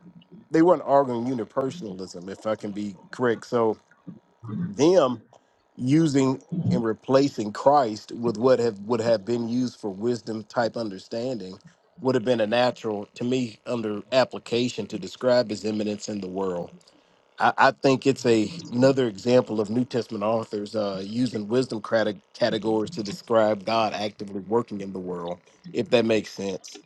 [SPEAKER 5] they weren't arguing unipersonalism, if I can be correct. So them using and replacing Christ with what have would have been used for wisdom type understanding would have been a natural to me under application to describe his eminence in the world. I, I think it's a another example of New Testament authors uh, using wisdom crata- categories to describe God actively working in the world, if that makes sense.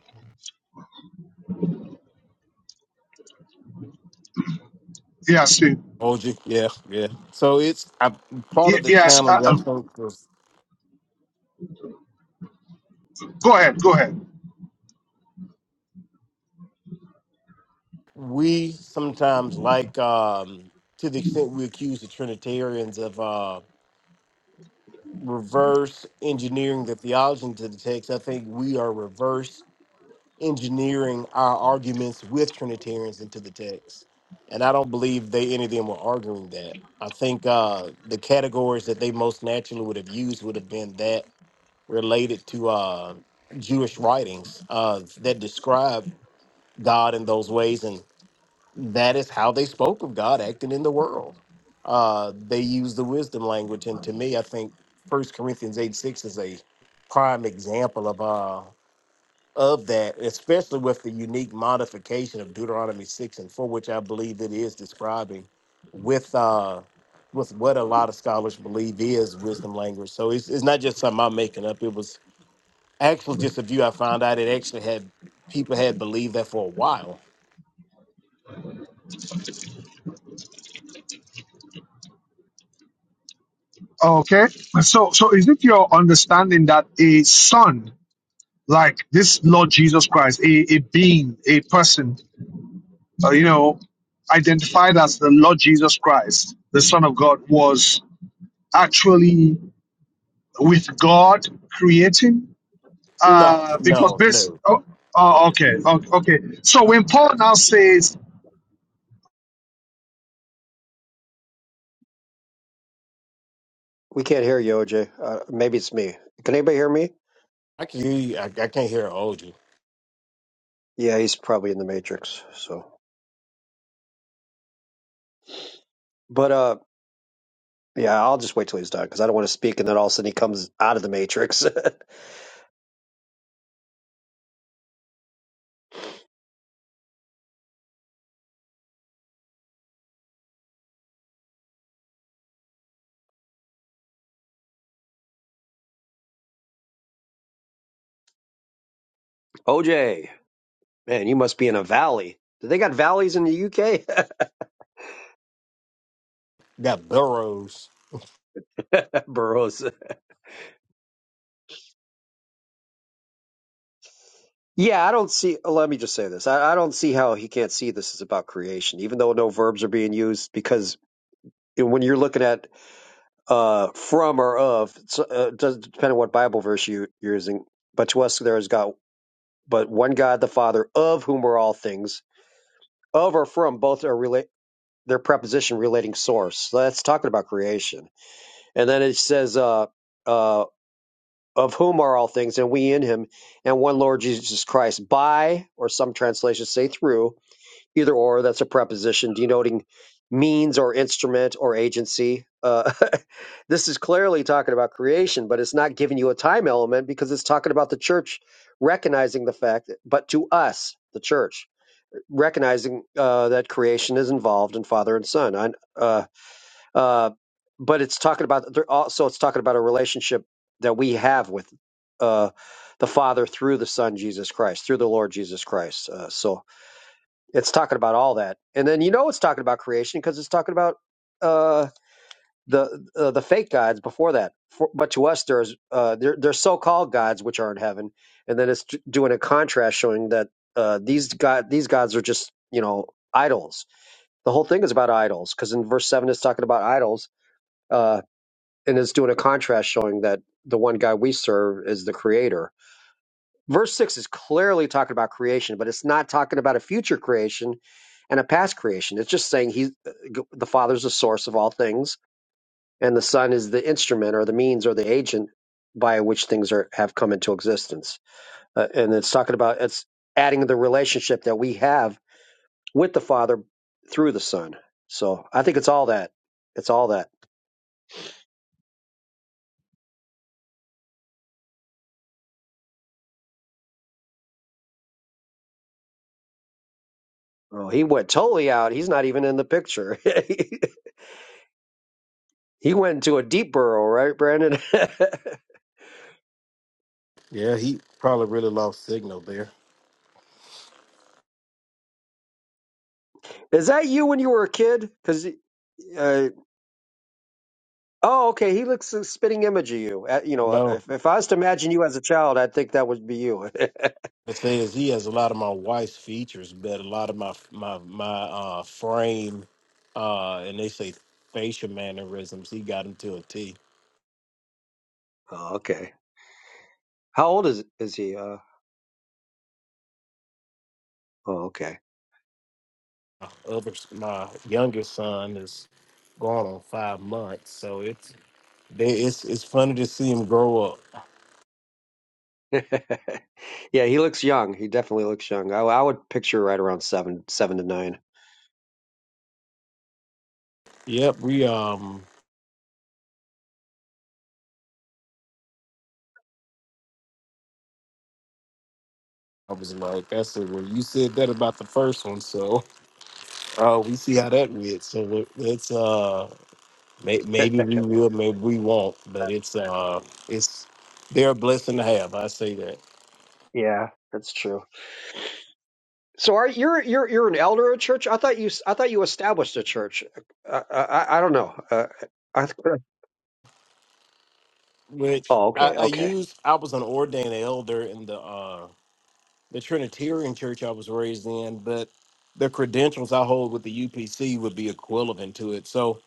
[SPEAKER 2] Yes, eh,
[SPEAKER 5] Hold you, yeah, yeah. So it's I, part
[SPEAKER 2] ye-
[SPEAKER 5] of the
[SPEAKER 2] yes.
[SPEAKER 5] challenge.
[SPEAKER 2] Uh,
[SPEAKER 5] I
[SPEAKER 2] um,
[SPEAKER 5] think is
[SPEAKER 2] go ahead, go ahead.
[SPEAKER 5] we sometimes like um, to the extent we accuse the Trinitarians of uh, reverse engineering the theology into the text. I think we are reverse engineering our arguments with Trinitarians into the text. And I don't believe they any of them were arguing that. I think uh, the categories that they most naturally would have used would have been that related to uh, Jewish writings uh, that describe God in those ways. And that is how they spoke of God acting in the world. Uh, they use the wisdom language. And to me, I think First Corinthians 8 6 is a prime example of. uh, of that, especially with the unique modification of Deuteronomy six and four, which I believe it is describing with uh with what a lot of scholars believe is wisdom language. So it's it's not just something I'm making up. It was actually just a view I found out it actually had people had believed that for a while.
[SPEAKER 2] Okay. So, so is it your understanding that a son, like this Lord Jesus Christ, a, a being, a person, uh, you know, identified as the Lord Jesus Christ, the Son of God, was actually with God creating?
[SPEAKER 5] No,
[SPEAKER 2] Uh, because
[SPEAKER 5] no,
[SPEAKER 2] this,
[SPEAKER 5] no.
[SPEAKER 2] oh, oh, okay, o- okay. So when Paul now says,
[SPEAKER 1] We can't hear you, OJ. Uh, maybe it's me. Can anybody hear me?
[SPEAKER 5] I can hear you. I, I can't hear OG.
[SPEAKER 1] Yeah, he's probably in the matrix. So, but uh, yeah, I'll just wait till he's done because I don't want to speak and then all of a sudden he comes out of the matrix. (laughs) OJ. Man, you must be in a valley. Do they got valleys in the UK?
[SPEAKER 5] Got burrows.
[SPEAKER 1] (laughs) Burroughs. Yeah, I don't see. Let me just say this. I, I don't see how he can't see this is about creation, even though no verbs are being used, because when you're looking at uh, from or of, it's, uh, it does depend on what Bible verse you, you're using. But to us, there is God, but one God, the Father, of whom are all things. Of or from, both are relate. Their preposition relating source. So that's talking about creation. And then it says, uh, uh, of whom are all things, and we in him, and one Lord Jesus Christ, by, or some translations say through, either or, that's a preposition denoting means or instrument or agency. Uh, (laughs) this is clearly talking about creation, but it's not giving you a time element because it's talking about the church recognizing the fact, but to us, the church, recognizing uh, that creation is involved in Father and Son. I, uh, uh, but it's talking about they're also it's talking about a relationship that we have with uh, the Father through the Son Jesus Christ, through the Lord Jesus Christ. Uh, so it's talking about all that, and then you know it's talking about creation because it's talking about uh, the uh, the fake gods before that. For, but to us, there's uh, they're, so-called gods which are in heaven, and then it's d- doing a contrast showing that uh, these god these gods are just you know idols. The whole thing is about idols because in verse seven it's talking about idols uh, and it's doing a contrast showing that the one guy we serve is the creator. Verse 6 is clearly talking about creation, but it's not talking about a future creation and a past creation. It's just saying he the father's the source of all things and the son is the instrument or the means or the agent by which things are have come into existence. Uh, and it's talking about it's adding the relationship that we have with the father through the son. So, I think it's all that. It's all that. Oh, he went totally out. He's not even in the picture. (laughs) He went into a deep burrow, right, Brandon?
[SPEAKER 5] Yeah, he probably really lost signal there.
[SPEAKER 1] (laughs) Is that you when you were a kid? Because uh, oh, okay, he looks like a spitting image of you. Uh, you know, uh,
[SPEAKER 5] No.
[SPEAKER 1] if, if I was to imagine you as a child, I'd think that would be you.
[SPEAKER 5] The thing is, he has a lot of my wife's features, but a lot of my my my uh, frame, uh, and they say facial mannerisms. He got him to a T.
[SPEAKER 1] (laughs) oh, okay. How old is is he? Uh, oh, okay.
[SPEAKER 5] My other, my youngest son is gone on five months, so it's they, it's it's funny to see him grow up.
[SPEAKER 1] (laughs) yeah, he looks young. He definitely looks young. I, I would picture right around seven, seven to nine.
[SPEAKER 5] Yep, we um, I was like, that's it. Well, you said that about the first one, so uh, we see how that went. So let- let's uh. May, maybe we will, maybe we won't, but it's uh, it's they're a blessing to have. I say that.
[SPEAKER 1] Yeah, that's true. So are you're you're you're an elder of a church? I thought you s- I thought you established a church. Uh, I, I I don't know. Uh, I,
[SPEAKER 5] Which
[SPEAKER 1] oh,
[SPEAKER 5] I,
[SPEAKER 1] okay,
[SPEAKER 5] I
[SPEAKER 1] okay.
[SPEAKER 5] used. I was an ordained elder in the uh, the Trinitarian church I was raised in, but the credentials I hold with the UPC would be equivalent to it. So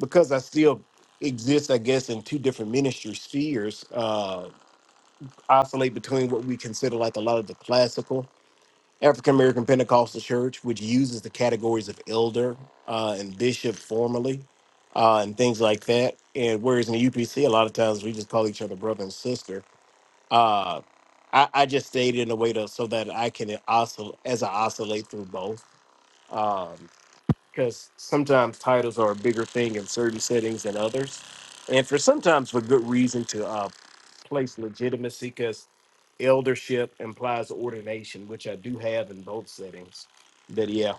[SPEAKER 5] because I still exist, I guess, in two different ministry spheres, uh, oscillate between what we consider like a lot of the classical African American Pentecostal Church, which uses the categories of elder uh, and bishop formally uh, and things like that. And whereas in the UPC, a lot of times we just call each other brother and sister. Uh, I, I just stayed in a way to so that I can oscillate as I oscillate through both. Because sometimes titles are a bigger thing in certain settings than others. And for sometimes for good reason to uh, place legitimacy because eldership implies ordination, which I do have in both settings. But yeah,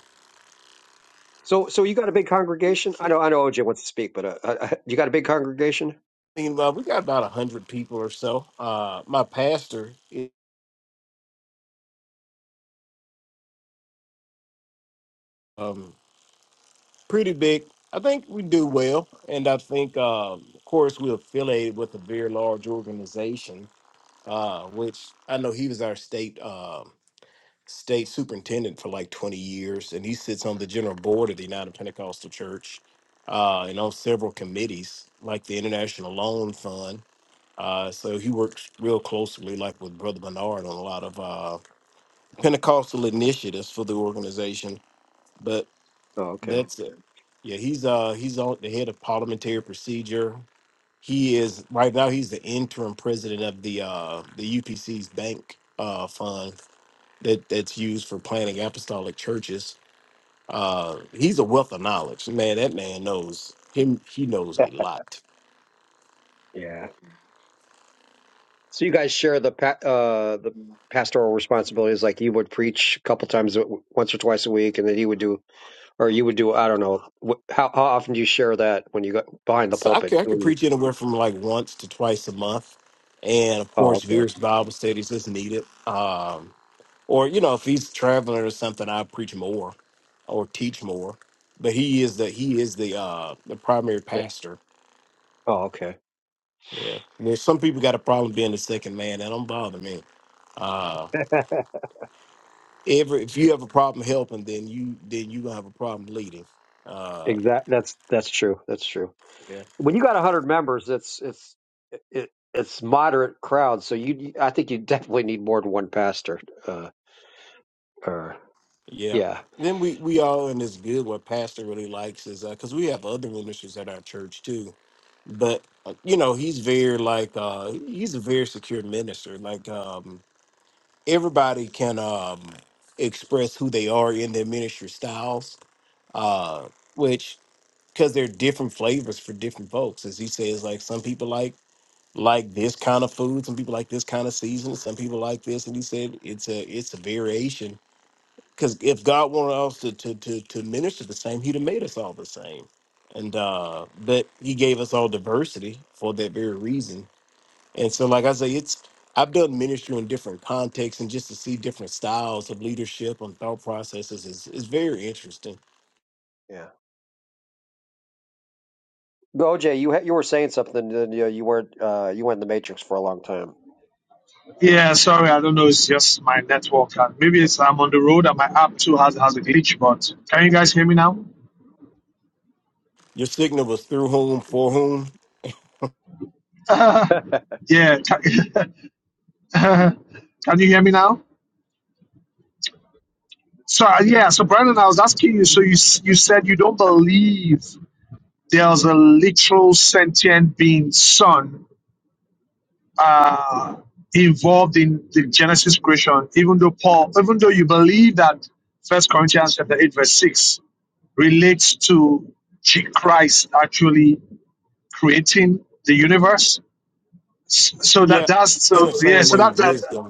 [SPEAKER 1] So so you got a big congregation? I know I know OJ wants to speak, but uh, uh, uh, you got a big congregation?
[SPEAKER 5] I mean, uh, we got about a hundred people or so. Uh, my pastor is um, pretty big. I think we do well, and I think, um, of course, we're affiliated with a very large organization, uh, which I know he was our state. um state superintendent for like 20 years, and he sits on the general board of the United Pentecostal Church uh, and on several committees, like the International Loan Fund. Uh, so he works real closely, like with Brother Bernard, on a lot of uh, Pentecostal initiatives for the organization. But
[SPEAKER 1] Oh, okay.
[SPEAKER 5] that's it. Yeah, he's uh he's on the head of parliamentary procedure. He is right now. He's the interim president of the uh the UPC's bank uh fund that that's used for planning apostolic churches. Uh, he's a wealth of knowledge, man. That man knows him. He knows
[SPEAKER 1] Yeah.
[SPEAKER 5] a lot.
[SPEAKER 1] Yeah. So you guys share the pa- uh the pastoral responsibilities, like you would preach a couple times, a- once or twice a week, and then you would do, or you would do. I don't know. Wh- How how often do you share that when you go behind the
[SPEAKER 5] So I
[SPEAKER 1] pulpit?
[SPEAKER 5] could I
[SPEAKER 1] When
[SPEAKER 5] could
[SPEAKER 1] you-
[SPEAKER 5] preach anywhere from like once to twice a month, and of course,
[SPEAKER 1] Oh, okay.
[SPEAKER 5] various Bible studies as needed. Um, or you know, if he's traveling or something, I preach more or teach more. But he is the he is the uh the primary pastor.
[SPEAKER 1] Oh, okay.
[SPEAKER 5] Yeah. There's some people got a problem being the second man. That don't bother me. Uh,
[SPEAKER 1] (laughs)
[SPEAKER 5] Every if you have a problem helping, then you then you gonna have a problem leading. Uh,
[SPEAKER 1] Exact. That's that's true. That's true. When you got a hundred members, it's it's it, it's moderate crowd. So you, I think you definitely need more than one pastor. Uh, or
[SPEAKER 5] yeah.
[SPEAKER 1] yeah.
[SPEAKER 5] Then we we all in this good what pastor really likes is because we have other ministers at our church too. But uh, you know he's very like uh, he's a very secure minister. Like um, everybody can um, express who they are in their ministry styles, uh, which because they're different flavors for different folks. As he says, like some people like like this kind of food. Some people like this kind of season. Some people like this. And he said it's a it's a variation. Because if God wanted us to, to to to minister the same, He'd have made us all the same. And uh but He gave us all diversity for that very reason. And so, like I say, it's I've done ministry in different contexts, and just to see different styles of leadership and thought processes is is very interesting.
[SPEAKER 1] Yeah. Go, OJ, you ha- you were saying something. Then you, you weren't. Uh, you went in the matrix for a long time.
[SPEAKER 2] yeah, sorry, I don't know, it's just my network, and maybe it's I'm on the road and my app too has, has a glitch, but can you guys hear me now?
[SPEAKER 5] Your signal was through whom, for whom.
[SPEAKER 2] (laughs) yeah, can, (laughs) can you hear me now? So uh, yeah, so Brandon, I was asking you. So you s- you said you don't believe there's a literal sentient being, son, uh, involved in the Genesis creation, even though Paul, even though you believe that First Corinthians chapter 8, verse 6 relates to G- Christ actually creating the universe. S- So that
[SPEAKER 5] Yeah.
[SPEAKER 2] that's
[SPEAKER 5] In the
[SPEAKER 2] so yeah,
[SPEAKER 5] same
[SPEAKER 2] so
[SPEAKER 5] way,
[SPEAKER 2] that, that
[SPEAKER 5] wisdom.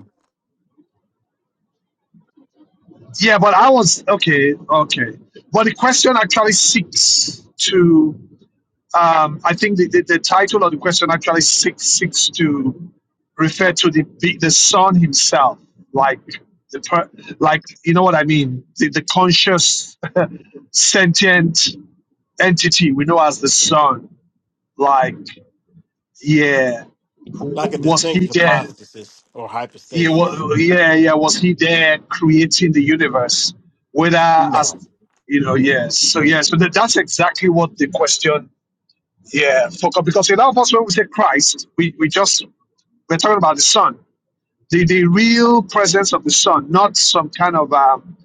[SPEAKER 2] yeah, but I was okay, okay. But the question actually seeks to Um, I think the, the, the title of the question actually seeks, seeks to refer to the the son himself, like the per, like you know what I mean, the, the conscious (laughs) sentient entity we know as the son. Like yeah,
[SPEAKER 5] like a
[SPEAKER 2] w- was
[SPEAKER 5] distinct
[SPEAKER 2] he there?
[SPEAKER 5] hypostasis or
[SPEAKER 2] Yeah,
[SPEAKER 5] hypostasis.
[SPEAKER 2] wa- yeah, yeah. Was he there creating the universe? Whether as you know, yes. So yeah, so that, that's exactly what the question yeah, for, because in our us, when we say Christ, we, we just, we're talking about the Son, the, the real presence of the Son, not some kind of, um,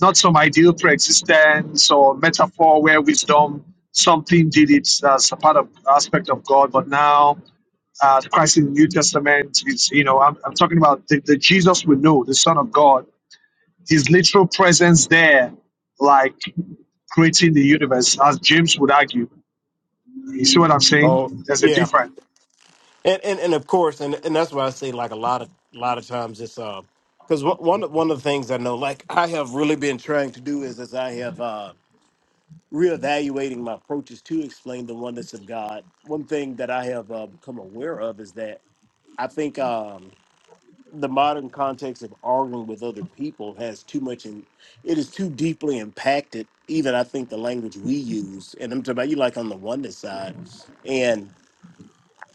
[SPEAKER 2] not some ideal preexistence or metaphor where wisdom, something did it as a part of aspect of God, but now uh, Christ in the New Testament is, you know, I'm, I'm talking about the, the Jesus we know, the Son of God, his literal presence there, like creating the universe, as James would argue. You see what I'm
[SPEAKER 5] Oh
[SPEAKER 2] saying? There's a
[SPEAKER 5] yeah,
[SPEAKER 2] difference.
[SPEAKER 5] and and, and of course, and, and that's why I say like a lot of a lot of times it's uh because one of- one of the things I know, like I have really been trying to do is as I have uh reevaluating my approaches to explain the oneness of God. One thing that I have uh, become aware of is that I think. um the modern context of arguing with other people has too much in it is too deeply impacted even i think the language we use and i'm talking about you like on the oneness side and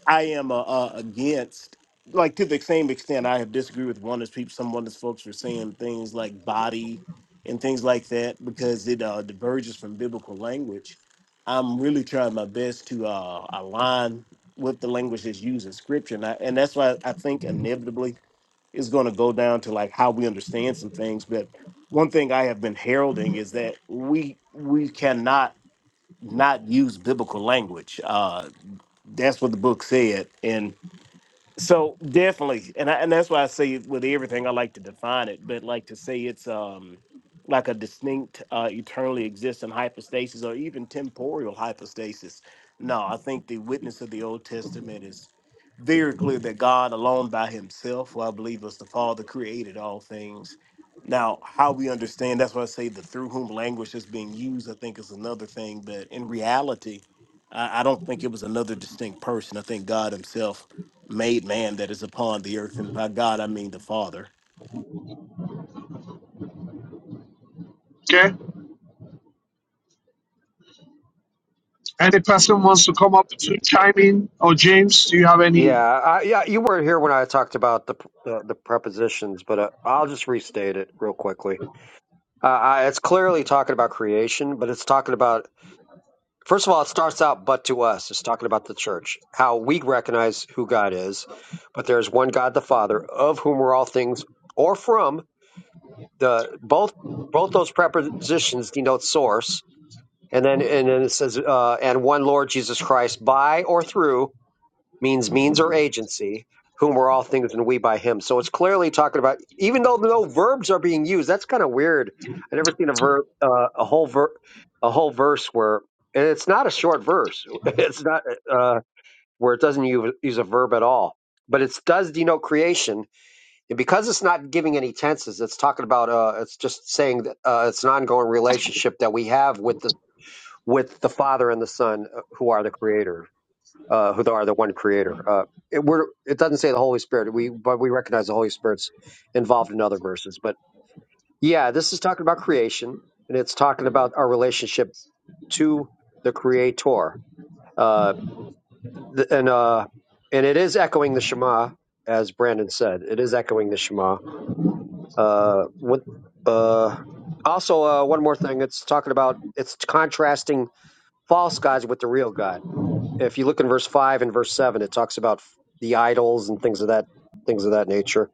[SPEAKER 5] i am uh, uh, against like to the same extent i have disagreed with oneness people some oneness folks for saying things like body and things like that because it uh, diverges from biblical language i'm really trying my best to uh, align with the language that's used in scripture and, I, and that's why i think inevitably is going to go down to like how we understand some things but one thing i have been heralding is that we we cannot not use biblical language uh that's what the book said and so definitely, and I, and that's why I say with everything I like to define it, but like to say it's um like a distinct, uh, eternally existing hypostasis or even temporal hypostasis. No, I think the witness of the Old Testament is very clear that God alone by Himself, who I believe was the Father, created all things. Now, how we understand that's why I say the through whom language is being used, I think is another thing. But in reality, I, I don't think it was another distinct person. I think God Himself made man that is upon the earth, and by God I mean the Father.
[SPEAKER 2] Okay? Any person wants to come up to chime in? Or James, do you have any?
[SPEAKER 1] Yeah, I, yeah. You weren't here when I talked about the the, the prepositions, but uh, I'll just restate it real quickly. Uh, I, it's clearly talking about creation, but it's talking about First of all, it starts out, but to us. It's talking about the church, how we recognize who God is, but there is one God, the Father, of whom are all things, or from the both. Both those prepositions denote source, and then and then it says, uh, and one Lord Jesus Christ, by or through means means or agency, whom were all things and we by him. So it's clearly talking about, even though no verbs are being used. That's kind of weird. I have never seen a verb, uh, a whole ver, a whole verse where, and it's not a short verse. (laughs) It's not uh, where it doesn't use, use a verb at all. But it does denote creation, and because it's not giving any tenses, it's talking about. Uh, it's just saying that uh, it's an ongoing relationship that we have with the with the Father and the Son, uh, who are the Creator uh, who are the one creator. Uh, it, we're, it doesn't say the Holy Spirit, we, but we recognize the Holy Spirit's involved in other verses. But yeah, this is talking about creation and it's talking about our relationship to the Creator. Uh, th- and, uh, and it is echoing the Shema, as Brandon said. It is echoing the Shema. Uh, what, uh, also, uh, one more thing. It's talking about it's contrasting false gods with the real God if you look in verse five and verse seven, it talks about the idols and things of that things of that nature.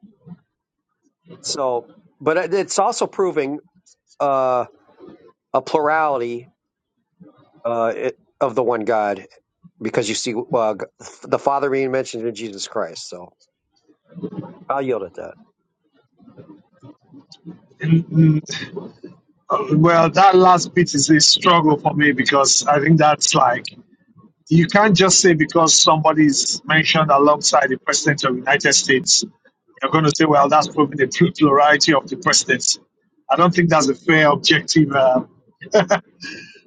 [SPEAKER 1] So, but it- it's also proving uh, a plurality uh, it, of the one God because you see uh, g- the Father being mentioned in Jesus Christ. So I'll yield at that.
[SPEAKER 2] Mm, mm, uh, Well, that last bit is a struggle for me because I think that's like you can't just say because somebody's mentioned alongside the president of the United States, you're going to say, well, that's proving the pl- plurality of the presidency. I don't think that's a fair objective. Uh,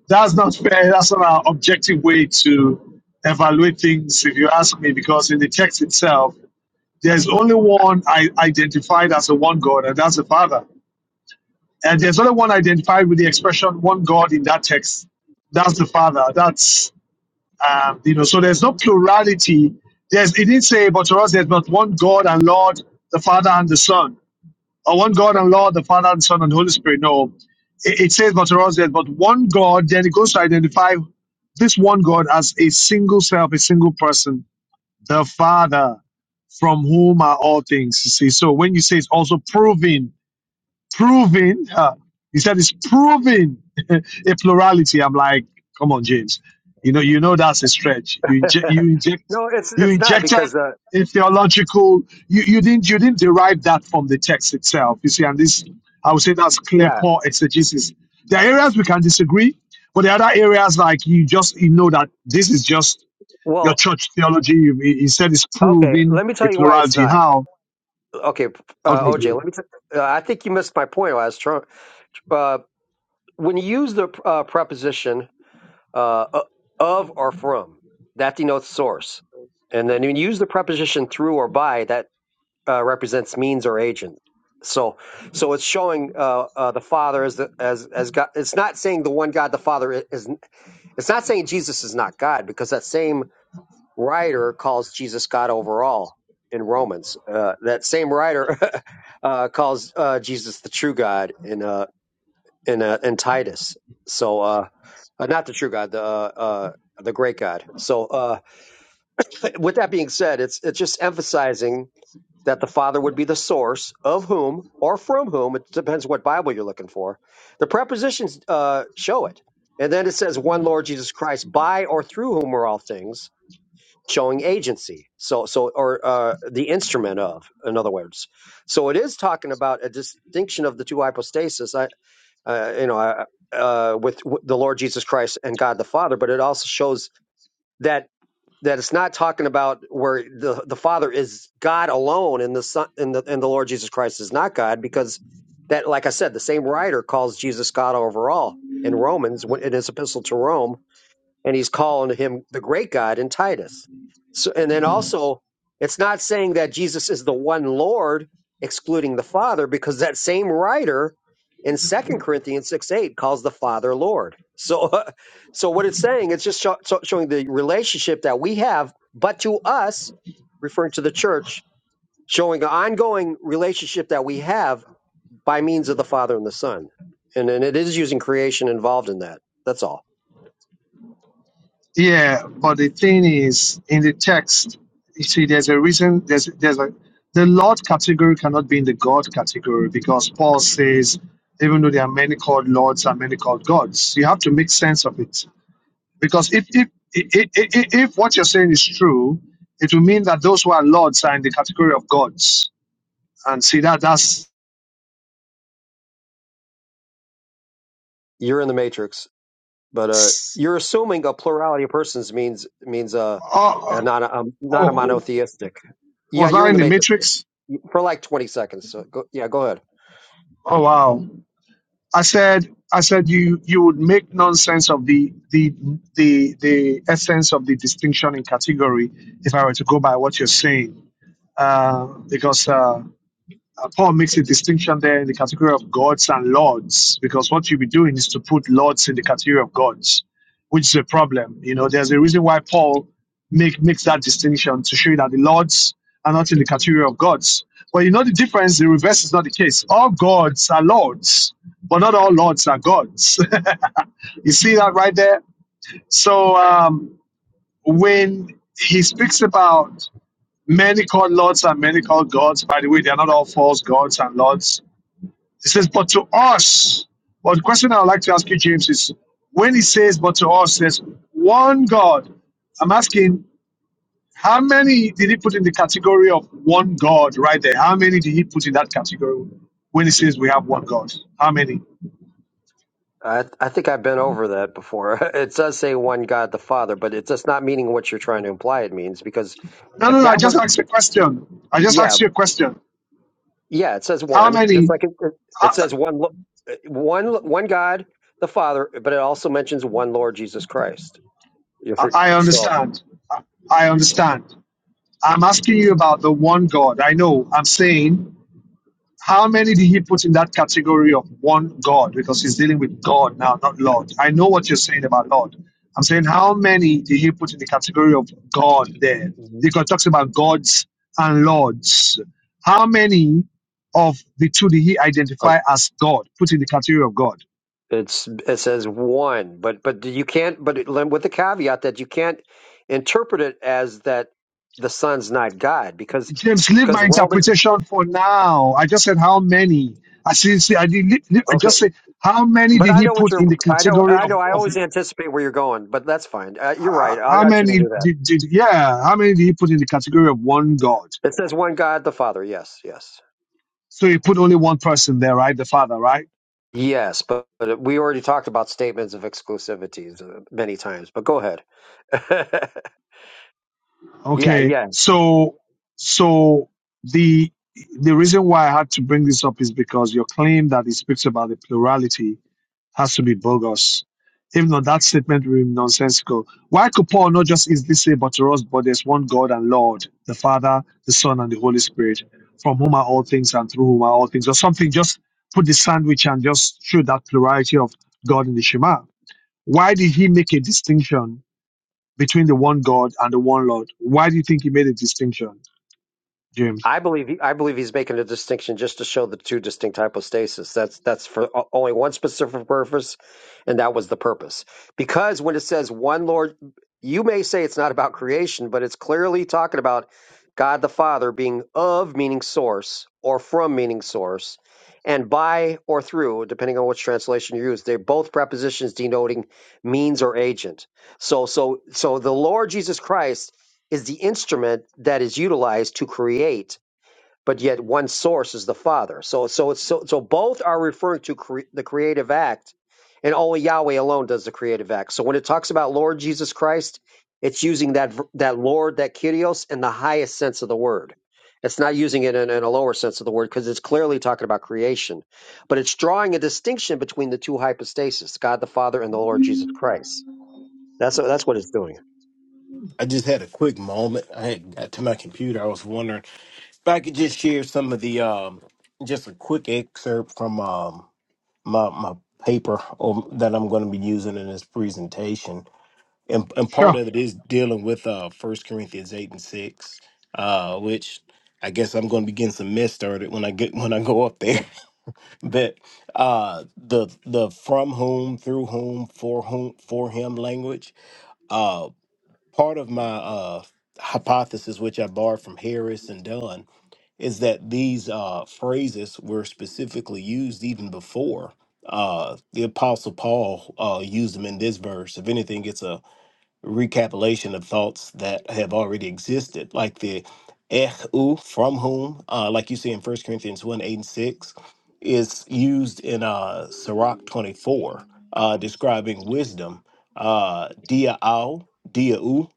[SPEAKER 2] that's not fair. That's not an objective way to evaluate things, if you ask me, because in the text itself, There's only one I identified as a one God, and that's the Father. And there's only one identified with the expression one God in that text. That's the Father. That's um, you know, so there's no plurality. There's it didn't say, but to us there's but one God and Lord, the Father and the Son, or one God and Lord, the Father and Son and Holy Spirit. No. It, it says but to us there's but one God, then it goes to identify this one God as a single self, a single person, the Father from whom are all things. You see, so when you say it's also proving, proving, uh, he said it's proving (laughs) a plurality. I'm like, come on, James. You know, you know that's a stretch. You inje-
[SPEAKER 1] (laughs)
[SPEAKER 2] you inject
[SPEAKER 1] no, it's
[SPEAKER 2] you
[SPEAKER 1] it's not
[SPEAKER 2] injected
[SPEAKER 1] because uh,
[SPEAKER 2] a theological. You, you didn't you didn't derive that from the text itself. You see, and this I would say that's clear
[SPEAKER 1] yeah.
[SPEAKER 2] poor exegesis. There are areas we can disagree, but there are other areas like you just you know that this is just your
[SPEAKER 1] Well,
[SPEAKER 2] church theology. he said is
[SPEAKER 1] okay.
[SPEAKER 2] proving
[SPEAKER 1] Let me
[SPEAKER 2] a
[SPEAKER 1] tell you why it's
[SPEAKER 2] plurality.
[SPEAKER 1] not.
[SPEAKER 2] How?
[SPEAKER 1] Okay, uh,
[SPEAKER 2] Okay,
[SPEAKER 1] OJ.
[SPEAKER 2] good.
[SPEAKER 1] Let me. T- uh, I think you missed my point last. Trump. Uh, when you use the uh, preposition uh, of or from. That denotes source. And then when you use the preposition through or by, that uh, represents means or agent. So, so it's showing uh, uh, the Father as the, as as God. It's not saying the one God, the Father is. It's not saying Jesus is not God because that same writer calls Jesus God overall in Romans. Uh, that same writer (laughs) uh, calls uh, Jesus the true God in uh, in uh, in Titus. So uh, uh, not the true God, the uh, uh, the great God. So uh, with that being said, it's it's just emphasizing that the Father would be the source of whom or from whom it depends what Bible you're looking for. The prepositions uh, show it, and then it says one Lord Jesus Christ, by or through whom are all things. Showing agency, so so, or uh, the instrument of, in other words, so it is talking about a distinction of the two hypostases. I, uh, you know, uh, uh, with, with the Lord Jesus Christ and God the Father. But it also shows that that it's not talking about where the the Father is God alone, and the Son and the and the Lord Jesus Christ is not God, because that, like I said, the same writer calls Jesus God over all in Romans when- in his epistle to Rome and he's calling him the great God in Titus. So, and then also, it's not saying that Jesus is the one Lord, excluding the Father, because that same writer in Second Corinthians 6 8 calls the Father Lord. So, (laughs) so what it's saying, it's just sho- sho- showing the relationship that we have, but to us, referring to the church, showing an ongoing relationship that we have by means of the Father and the Son. And, and it is using creation involved in that. That's all.
[SPEAKER 2] Yeah, but the thing is, in the text, you see, there's a reason. There's there's a the Lord category cannot be in the God category because Paul says, even though there are many called lords and many called gods, you have to make sense of it. Because if if if, if, if what you're saying is true, it will mean that those who are lords are in the category of gods. And see that that's
[SPEAKER 1] You're in the matrix. but uh, you're assuming a plurality of persons means means uh, uh,
[SPEAKER 2] oh
[SPEAKER 1] not a, um,
[SPEAKER 2] oh,
[SPEAKER 1] not a
[SPEAKER 2] oh,
[SPEAKER 1] monotheistic. Yeah,
[SPEAKER 2] Was
[SPEAKER 1] you're
[SPEAKER 2] that
[SPEAKER 1] in
[SPEAKER 2] in
[SPEAKER 1] the
[SPEAKER 2] the
[SPEAKER 1] matrix
[SPEAKER 2] Matrix?
[SPEAKER 1] for like 20 seconds. So go, yeah, go ahead.
[SPEAKER 2] Oh wow! I said, I said you you would make nonsense of the the the the essence of the distinction in category if I were to go by what you're saying, uh, because uh, uh, Paul makes a distinction there in the category of gods and lords, because what you'll be doing is to put lords in the category of gods, which is a problem. You know, there's a reason why Paul make makes that distinction to show you that the lords are not in the category of gods. But you know the difference, the reverse is not the case. All gods are lords, but not all lords are gods. (laughs) you see that right there? So um, when he speaks about many called lords and many called gods, by the way, they are not all false gods and lords it says, but to us, but the question I'd like to ask you, James, is when he says, but to us, says one God. I'm asking, how many did he put in the category of one God right there? How many did he put in that category when he says we have one God? How many?
[SPEAKER 1] I I think I've been over that before. (laughs) It does say one God the Father, but it's just not meaning what you're trying to imply it means because
[SPEAKER 2] No, no,
[SPEAKER 1] if
[SPEAKER 2] no. I
[SPEAKER 1] that
[SPEAKER 2] just
[SPEAKER 1] were
[SPEAKER 2] asked a question. I just asked
[SPEAKER 1] yeah
[SPEAKER 2] you a question.
[SPEAKER 1] yeah it says
[SPEAKER 2] How
[SPEAKER 1] one just
[SPEAKER 2] many?
[SPEAKER 1] like it, it
[SPEAKER 2] I,
[SPEAKER 1] says one lo- uh, one one God the Father, but it also mentions one Lord Jesus Christ. You
[SPEAKER 2] I
[SPEAKER 1] for,
[SPEAKER 2] I
[SPEAKER 1] so
[SPEAKER 2] understand. I I understand. I'm asking you about the one God. I know. I'm saying How many did he put in that category of one God? Because he's dealing with God now, not Lord. I know what you're saying about Lord. I'm saying how many did he put in the category of God there?
[SPEAKER 1] Mhm.
[SPEAKER 2] Because it talks about gods and lords. How many of the two did he identify as God, put in the category of God?
[SPEAKER 1] It's it says one, but but you can't. But it, with the caveat that you can't interpret it as that the Son's not God because
[SPEAKER 2] James, leave
[SPEAKER 1] because
[SPEAKER 2] my
[SPEAKER 1] Romans.
[SPEAKER 2] interpretation for now. I just said how many. I see, see I, did, leave- leave- I
[SPEAKER 1] Okay,
[SPEAKER 2] just said how many
[SPEAKER 1] but
[SPEAKER 2] did
[SPEAKER 1] I
[SPEAKER 2] he
[SPEAKER 1] know what
[SPEAKER 2] put
[SPEAKER 1] you're.
[SPEAKER 2] in the
[SPEAKER 1] I know
[SPEAKER 2] category
[SPEAKER 1] I
[SPEAKER 2] of,
[SPEAKER 1] know. I
[SPEAKER 2] of
[SPEAKER 1] always anticipate where you're going, but that's fine. Uh, you're
[SPEAKER 2] h-
[SPEAKER 1] right. I,
[SPEAKER 2] how
[SPEAKER 1] I shouldn't
[SPEAKER 2] many
[SPEAKER 1] do that.
[SPEAKER 2] did, did yeah how many did he put in the category of one god
[SPEAKER 1] It says one God, the Father. Yes, yes,
[SPEAKER 2] so he put only one person there right the father right
[SPEAKER 1] yes. But, but we already talked about statements of exclusivities uh, many times. But go ahead. (laughs) yeah,
[SPEAKER 2] okay
[SPEAKER 1] yeah.
[SPEAKER 2] so so the the reason why i had to bring this up is because your claim that he speaks about the plurality has to be bogus. If not, that statement will be nonsensical. Why could Paul not just easily say, but to us, but there's one God and Lord, the Father, the Son, and the Holy Spirit, from whom are all things and through whom are all things, or something? Just put the sandwich and just show that plurality of God in the Shema. Why did he make a distinction between the one God and the one Lord? Why do you think he made a distinction, James?
[SPEAKER 1] I believe he, I believe he's making a distinction just to show the two distinct hypostases. That's that's for o- only one specific purpose, and that was the purpose. Because when it says one Lord, you may say it's not about creation, but it's clearly talking about God the Father being of meaning source or from meaning source, and by or through, depending on which translation you use. They're both prepositions denoting means or agent. So so so the Lord Jesus Christ is the instrument that is utilized to create but yet one source is the Father. So so so so both are referring to cre- the creative act, and only Yahweh alone does the creative act. So when it talks about Lord Jesus Christ, it's using that v- that Lord, that Kyrios, in the highest sense of the word. It's not using it in, in a lower sense of the word because it's clearly talking about creation, but it's drawing a distinction between the two hypostases, God the Father and the Lord Jesus Christ. That's that's what it's doing.
[SPEAKER 5] I just had a quick moment. I had got to my computer. I was wondering if I could just share some of the um, just a quick excerpt from um my my paper um, that I'm going to be using in this presentation, and and part
[SPEAKER 2] Sure.
[SPEAKER 5] of it is dealing with uh First Corinthians eight and six, uh, which I guess I'm going to be getting some mess started when I get when I go up there. But uh the the from whom through whom for whom for him language uh part of my uh hypothesis which i borrowed from harris and dunn is that these uh phrases were specifically used even before uh the apostle paul uh used them in this verse if anything it's a recapitulation of thoughts that have already existed, like the "ehu" from whom, uh, like you see in First Corinthians 1 8 and 6, is used in uh, Sirach 24, uh, describing wisdom, uh, dia au,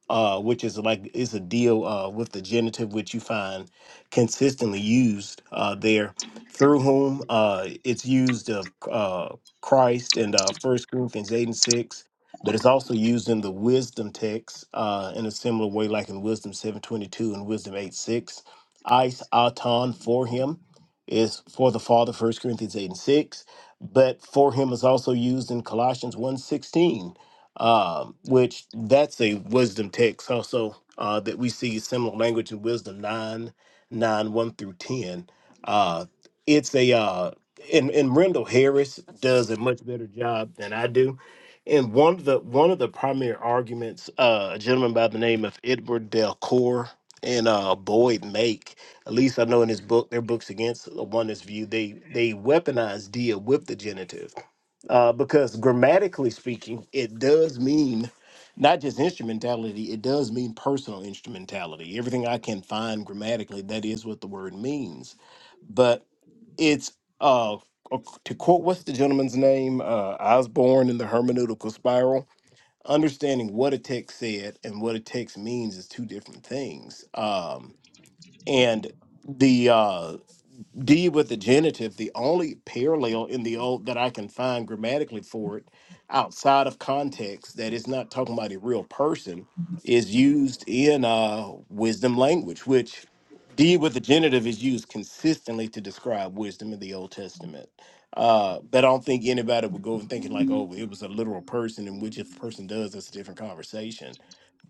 [SPEAKER 5] uh, which is like is a deal uh, with the genitive, which you find consistently used uh, there, through whom uh, it's used of uh, Christ and uh, 1 Corinthians 8 and 6 but it's also used in the wisdom text uh, in a similar way, like in Wisdom 722 and Wisdom eight six. Ice auton for him is for the Father, First Corinthians 8 and 6. But for him is also used in Colossians one sixteen, um, which that's a wisdom text also uh, that we see similar language in Wisdom nine nine one through 10. Uh, it's a, uh, and, and Rendell Harris does a much better job than I do and one of the one of the primary arguments, uh, a gentleman by the name of Edward Delcour and uh, Boyd Make, at least I know in his book, their books against the oneness view, they they weaponize dia with the genitive uh, because grammatically speaking, it does mean not just instrumentality, it does mean personal instrumentality. Everything I can find grammatically, that is what the word means. But it's, uh, uh, to quote, what's the gentleman's name? Uh, Osborne in the hermeneutical spiral. Understanding what a text said and what a text means is two different things. Um, and the uh, D with the genitive, the only parallel in the old that I can find grammatically for it outside of context that is not talking about a real person is used in uh, wisdom language, which D with the genitive is used consistently to describe wisdom in the Old Testament. Uh, but I don't think anybody would go and thinking like, oh, it was a literal person, In which if a person does, that's a different conversation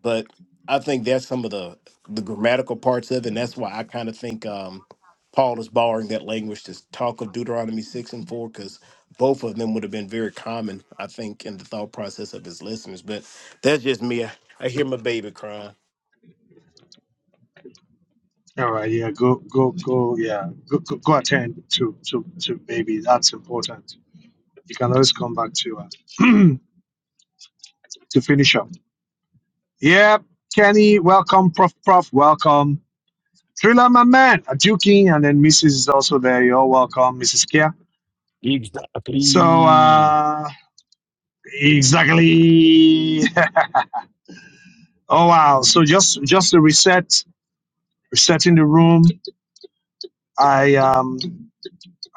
[SPEAKER 5] but I think that's some of the the grammatical parts of it, and that's why I kind of think um, Paul is borrowing that language to talk of Deuteronomy six and four, because both of them would have been very common, I think, in the thought process of his listeners. But that's just me. I, I hear my baby crying.
[SPEAKER 2] All right, yeah, go, go, go, yeah, go, go, go attend to, to, to baby. That's important. You can always come back to us (clears throat) to finish up. Yeah, Kenny, welcome. Prof, Prof, welcome. Trilla, my man, Aduking, and then Mrs. is also there. You're all welcome, Mrs. Kia. So,
[SPEAKER 6] Exactly.
[SPEAKER 2] uh, exactly. (laughs) oh wow! So just just to reset, resetting the room. I um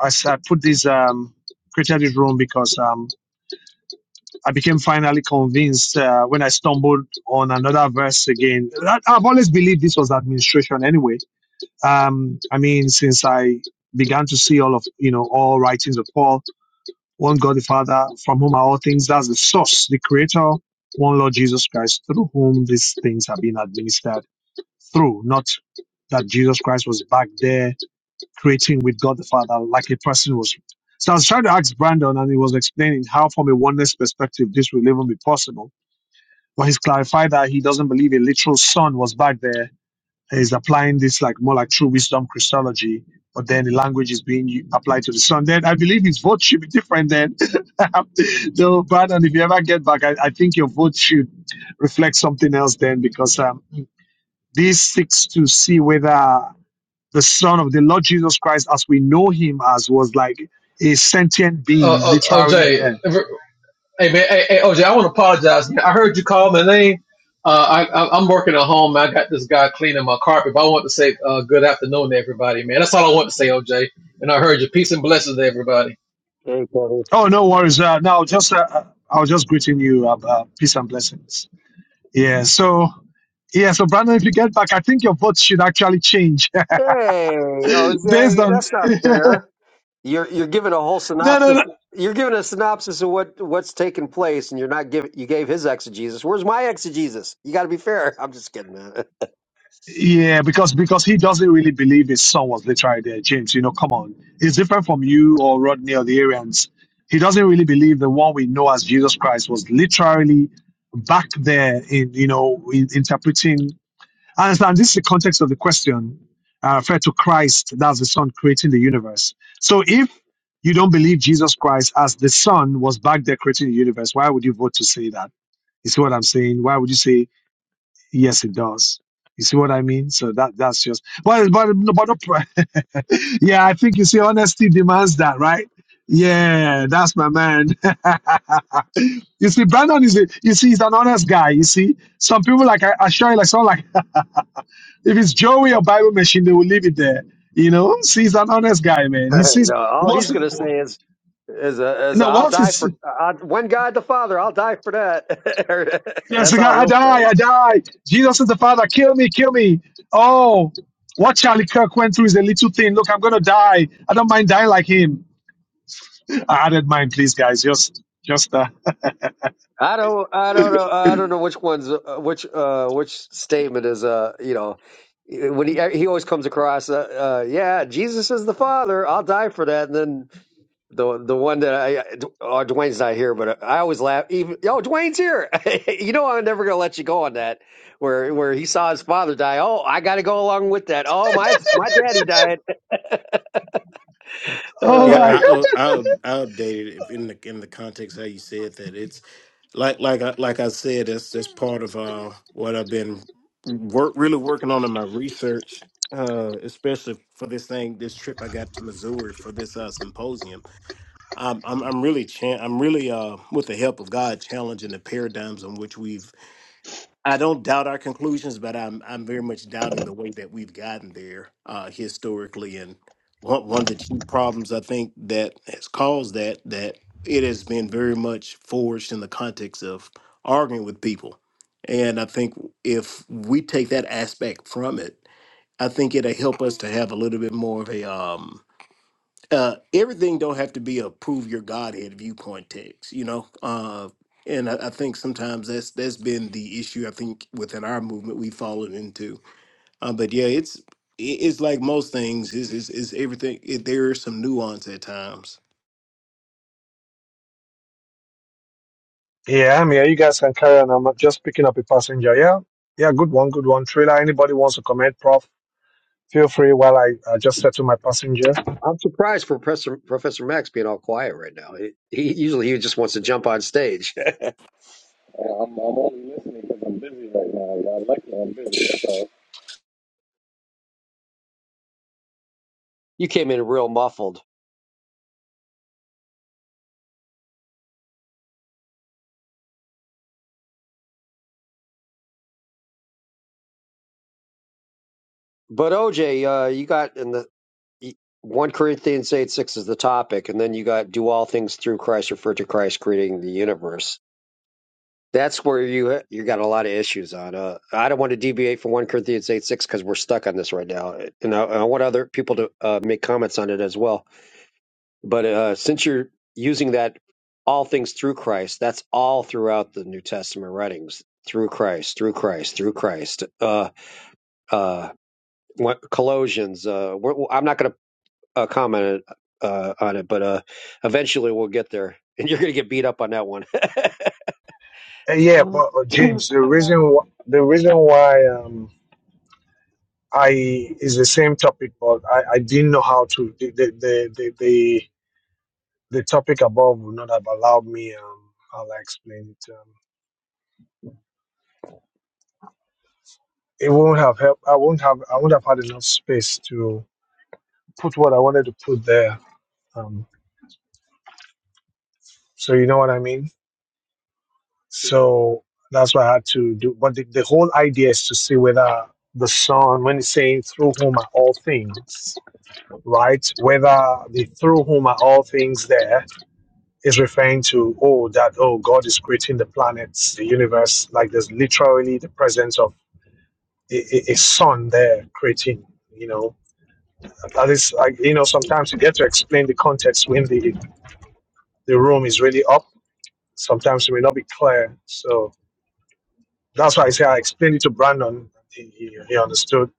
[SPEAKER 2] I, s- I put this um created this room because um. I became finally convinced uh, when I stumbled on another verse again. I've always believed this was administration anyway. Um, I mean, since I began to see all of, you know, all writings of Paul, one God the Father, from whom are all things, that's the source, the creator, one Lord Jesus Christ, through whom these things have been administered through, not that Jesus Christ was back there creating with God the Father like a person was. So I was trying to ask Brandon, and he was explaining how, from a oneness perspective, this will even be possible well, he's clarified that he doesn't believe a literal son was back there. he's applying this like more like true wisdom Christology, but then the language is being u- applied to the son. Then I believe his vote should be different then. (laughs) so, Brandon, if you ever get back, I, I think your vote should reflect something else then, because um, this seeks to see whether the son of the Lord Jesus Christ, as we know him as, was like a sentient
[SPEAKER 7] Uh,
[SPEAKER 2] being,
[SPEAKER 7] oh,
[SPEAKER 2] literally
[SPEAKER 7] OJ,
[SPEAKER 2] there.
[SPEAKER 7] hey man, hey, hey, OJ, I want to apologize. man. I heard you call my name. Uh, I, I, I'm working at home. I got this guy cleaning my carpet, but I want to say uh, good afternoon to everybody, man. That's all I want to say, OJ. And I heard you. Peace and blessings to everybody.
[SPEAKER 1] Hey, Kevin.
[SPEAKER 2] Oh, no worries. Uh, no, just uh, uh, I was just greeting you. Uh, uh, peace and blessings. Yeah. So yeah. So Brandon, if you get back, I think your vote should actually change
[SPEAKER 1] Hey,
[SPEAKER 2] (laughs) based
[SPEAKER 1] Jose,
[SPEAKER 2] on.
[SPEAKER 1] that's
[SPEAKER 2] (laughs)
[SPEAKER 1] not
[SPEAKER 2] no,
[SPEAKER 1] fair. You're you're giving a whole
[SPEAKER 2] no,
[SPEAKER 1] synopsis.
[SPEAKER 2] no.
[SPEAKER 1] You're giving a synopsis of what what's taking place, and you're not giving. You gave his exegesis. Where's my exegesis? You got to be fair. (laughs) I'm just kidding, man.
[SPEAKER 2] Yeah, because because he doesn't really believe his son was literally there. James, you know, come on, it's different from you or Rodney or the Arians. He doesn't really believe the one we know as Jesus Christ was literally back there in you know in, interpreting I understand this is the context of the question. I refer to Christ, that's the Son creating the universe. So if you don't believe Jesus Christ as the Son was back there creating the universe, why would you vote to say that? You see what I'm saying? Why would you say yes, it does? You see what I mean? So that that's just but but no, but no, pr- (laughs) yeah, I think you see honesty demands that, right? Yeah, that's my man. (laughs) you see, Brandon is a, you see, he's an honest guy. You see, some people like I, I show you like someone like (laughs) If it's Joey or Bible machine, they will leave it there. You know, see, he's an honest guy,
[SPEAKER 1] (laughs)
[SPEAKER 2] man. He sees
[SPEAKER 1] no, all
[SPEAKER 2] once
[SPEAKER 1] he's gonna say
[SPEAKER 2] no
[SPEAKER 1] is is a, is a, I'll
[SPEAKER 2] once
[SPEAKER 1] die
[SPEAKER 2] it's
[SPEAKER 1] for I, one God the Father. I'll die for that. (laughs)
[SPEAKER 2] yes,
[SPEAKER 1] That's all
[SPEAKER 2] I
[SPEAKER 1] he'll say.
[SPEAKER 2] die, I die. Jesus is the Father, kill me, kill me. Oh, what Charlie Kirk went through is a little thing. Look, I'm gonna die. I don't mind dying like him. I added mine, please, guys. Just just uh
[SPEAKER 1] I don't I don't know I don't know which one's uh, which uh which statement is uh you know when he he always comes across uh, uh yeah Jesus is the Father. I'll die for that, and then The the one that I oh Dwayne's not here, but I always laugh. Even oh Dwayne's here. (laughs) you know I'm never gonna let you go on that. Where where he saw his father die. Oh, I got to go along with that. Oh
[SPEAKER 2] (laughs)
[SPEAKER 1] my my daddy died. (laughs)
[SPEAKER 2] Oh
[SPEAKER 5] Yeah,
[SPEAKER 1] uh,
[SPEAKER 2] my
[SPEAKER 5] I
[SPEAKER 2] god.
[SPEAKER 5] uh, I, up- I updated it in the in the context how you said that. like like I like I said, that's that's part of uh, what I've been work really working on in my research, uh, especially for this thing, this trip I got to Missouri for this uh, symposium. I'm I'm, I'm really chan- I'm really uh, with the help of God challenging the paradigms in which we've I don't doubt our conclusions, but I'm I'm very much doubting the way that we've gotten there uh, historically. And one one of the chief problems I think that has caused that that it has been very much forged in the context of arguing with people. And I think if we take that aspect from it, I think it'll help us to have a little bit more of a um, uh, everything don't have to be a prove your Godhead viewpoint text, you know. Uh, and I, I think sometimes that's that's been the issue. I think within our movement we've fallen into. Uh, but yeah, it's i- it's like most things. Is is is everything? It, there is some nuance at times.
[SPEAKER 2] Yeah, I'm here. You guys can carry on. I'm just picking up a passenger. Yeah. Yeah, good one, good one. Trailer. Anybody wants to comment, Prof? Feel free while I uh, just settle my passenger.
[SPEAKER 1] I'm surprised for Professor Professor Max being all quiet right now. He, he usually he just wants to jump on stage.
[SPEAKER 8] And I'm, I'm only listening because I'm busy right now. Y'all lucky I'm busy. So
[SPEAKER 1] (laughs) you came in real muffled. But OJ, uh, you got in the one Corinthians eight six is the topic, and then you got do all things through Christ, refer to Christ creating the universe. That's where you you got a lot of issues on. Uh, I don't want to deviate from one Corinthians eight six because we're stuck on this right now, and I, I want other people to uh, make comments on it as well. But uh, since you're using that all things through Christ, that's all throughout the New Testament writings through Christ, through Christ, through Christ. Uh, uh, what, Colossians. Uh, we're, I'm not going to uh, comment uh, on it, but uh, eventually we'll get there, (laughs) and you're going to get beat up on that one. (laughs)
[SPEAKER 2] Uh, yeah,
[SPEAKER 9] Mm.
[SPEAKER 2] but uh,
[SPEAKER 9] (clears throat) Hello.
[SPEAKER 2] James, the reason wh- the reason why um, I is the same topic, but I, I didn't know how to the the the the, the, the topic above would not have allowed me. Um, how I explain it. Um, it won't have helped. I won't have. I won't have had enough space to put what I wanted to put there. Um, so you know what I mean. So that's what I had to do. But the, the whole idea is to see whether the Son, when it's saying through whom are all things, right? Whether the through whom are all things there is referring to, oh, that, oh, God is creating the planets, the universe. Like there's literally the presence of a, a, a sun there creating, you know. That is, like, you know, sometimes you get to explain the context when the, the room is really up. Sometimes it may not be clear. So that's why I say I explained it to Brandon. He, he he understood.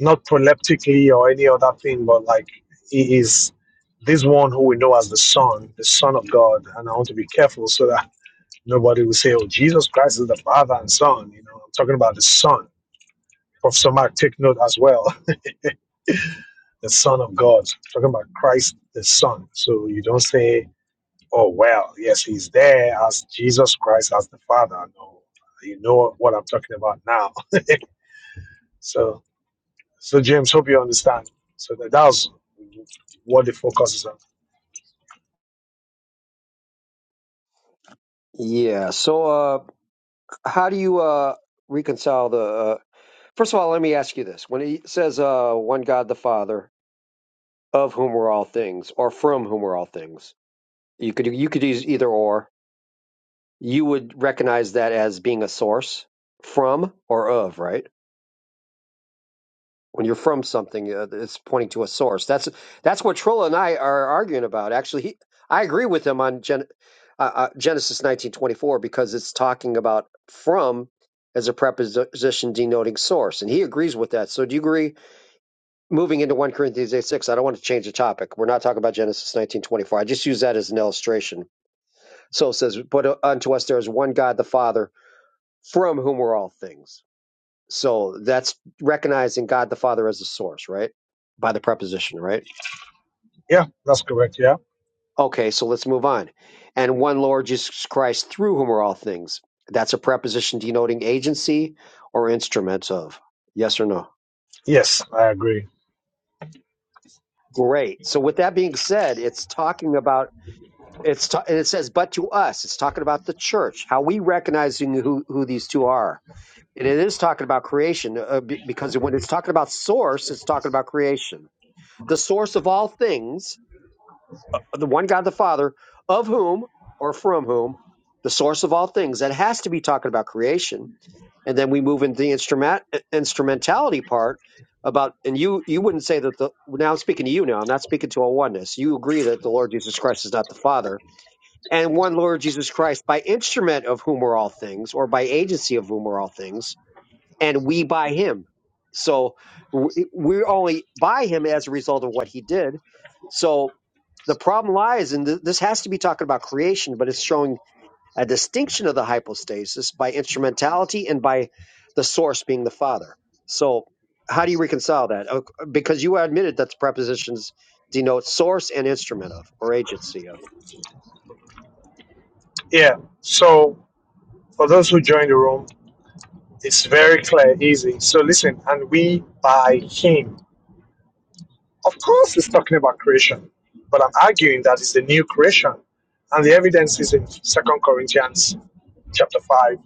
[SPEAKER 2] not proleptically or any other thing, but like he is this one who we know as the Son, the Son of God. And I want to be careful so that nobody will say, oh, Jesus Christ is the Father and Son. You know, I'm talking about the Son. Professor Mark, take note as well, (laughs) the Son of God. I'm talking about Christ, the Son. So you don't say, oh, well, yes, he's there as Jesus Christ, as the Father. No, you know what I'm talking about now. So, so James, hope you understand. So that, that was what the focus is on.
[SPEAKER 1] Yeah. So how do you uh, reconcile the? Uh, first of all, let me ask you this: when he says uh, "one God, the Father, of whom are all things, or from whom are all things," you could you could use either or. You would recognize that as being a source from or of, right? when you're from something uh, it's pointing to a source that's that's what Trilla and I are arguing about actually he, I agree with him on Gen, uh, uh, Genesis 1924 because it's talking about from as a preposition denoting source and he agrees with that so do you agree moving into 1 Corinthians 8 6 I don't want to change the topic we're not talking about Genesis 1924 I just use that as an illustration so it says but uh, unto us there is one God the Father from whom are all things so that's recognizing God the Father as the source, right? By the preposition, right?
[SPEAKER 2] Yeah, that's correct. Yeah.
[SPEAKER 1] Okay, so let's move on. And one Lord Jesus Christ through whom are all things. That's a preposition denoting agency or instrument of. Yes or no?
[SPEAKER 2] Yes, I agree.
[SPEAKER 1] Great. So with that being said, it's talking about it's ta- and it says but to us. It's talking about the church, how we recognizing who who these two are. And it is talking about creation uh, be- because when it's talking about source, it's talking about creation. The source of all things the one God the Father, of whom or from whom the source of all things. That has to be talking about creation. And then we move into the instrument instrumentality part about and you you wouldn't say that the now I'm speaking to you now, I'm not speaking to a oneness. You agree that the Lord Jesus Christ is not the Father. And one Lord Jesus Christ by instrument of whom are all things, or by agency of whom are all things and we by him. So we- we're only by him as a result of what he did. So the problem lies, and th- this has to be talking about creation, but it's showing a distinction of the hypostasis by instrumentality and by the source being the Father. So how do you reconcile that? Uh, Because you admitted that the prepositions denote source and instrument of or agency of.
[SPEAKER 2] Yeah. So for those who join the room, it's very clear, easy. So listen, and we by him. Of course, it's talking about creation, but I'm arguing that it's the new creation, and the evidence is in Second Corinthians chapter five,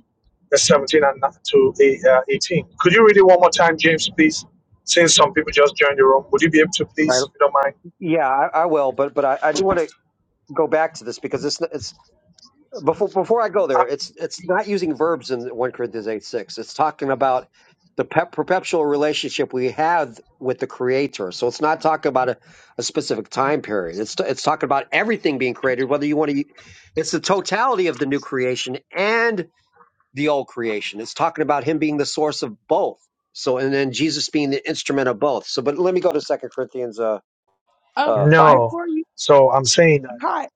[SPEAKER 2] verse seventeen and to eh, uh, eighteen. Could you read it one more time, James, please? Since some people just joined the room, would you be able to
[SPEAKER 1] Right.
[SPEAKER 2] please, if you don't mind?
[SPEAKER 1] Yeah, I, I will, but but I, I do want to go back to this because it's it's before before I go there, it's it's not using verbs in one Corinthians eight six. It's talking about the pe- perpetual relationship we have with the Creator. So it's not talking about a, a specific time period. It's it's talking about everything being created, whether you want to. It's the totality of the new creation and the old creation. It's talking about Him being the source of both. So and then Jesus being the instrument of both. So, but let me go to Second Corinthians uh,
[SPEAKER 9] um,
[SPEAKER 2] Uh,
[SPEAKER 1] uh, five.
[SPEAKER 2] no.
[SPEAKER 9] before you,
[SPEAKER 2] So I'm saying that.
[SPEAKER 9] hi,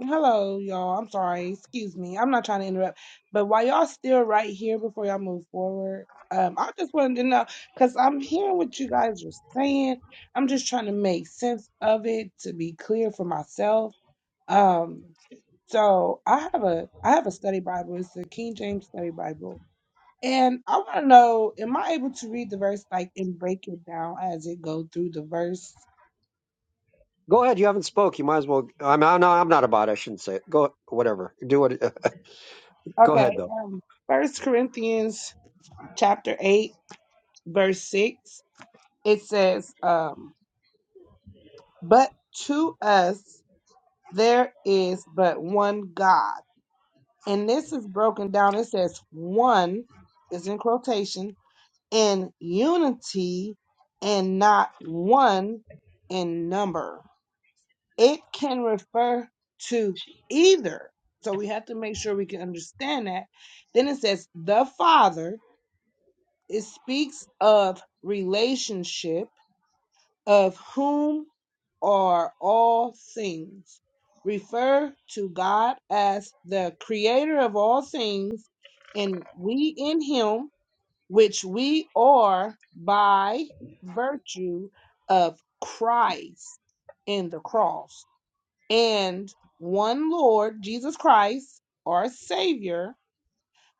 [SPEAKER 9] hello, y'all. I'm sorry. Excuse me. I'm not trying to interrupt, but while y'all still right here before y'all move forward, um, I just wanted to know because I'm hearing what you guys are saying. I'm just trying to make sense of it to be clear for myself. Um, so I have a I have a study Bible. It's a King James Study Bible. And I want to know, am I able to read the verse like and break it down as it go through the verse?
[SPEAKER 1] Go ahead. You haven't spoke. You might as well. I'm, I'm not. I'm not about. It. I shouldn't say it. Go. Whatever. Do what. uh, Go ahead,
[SPEAKER 9] Okay.
[SPEAKER 1] though.
[SPEAKER 9] Um, First Corinthians chapter eight, verse six. It says, um, "But to us there is but one God," and this is broken down. It says, "One" is in quotation in unity and not one in number. It can refer to either. So we have to make sure we can understand that. Then it says the Father It speaks of relationship, of whom are all things. Refer to God as the creator of all things, and we in him, which we are by virtue of Christ in the cross, and one Lord, Jesus Christ, our Savior,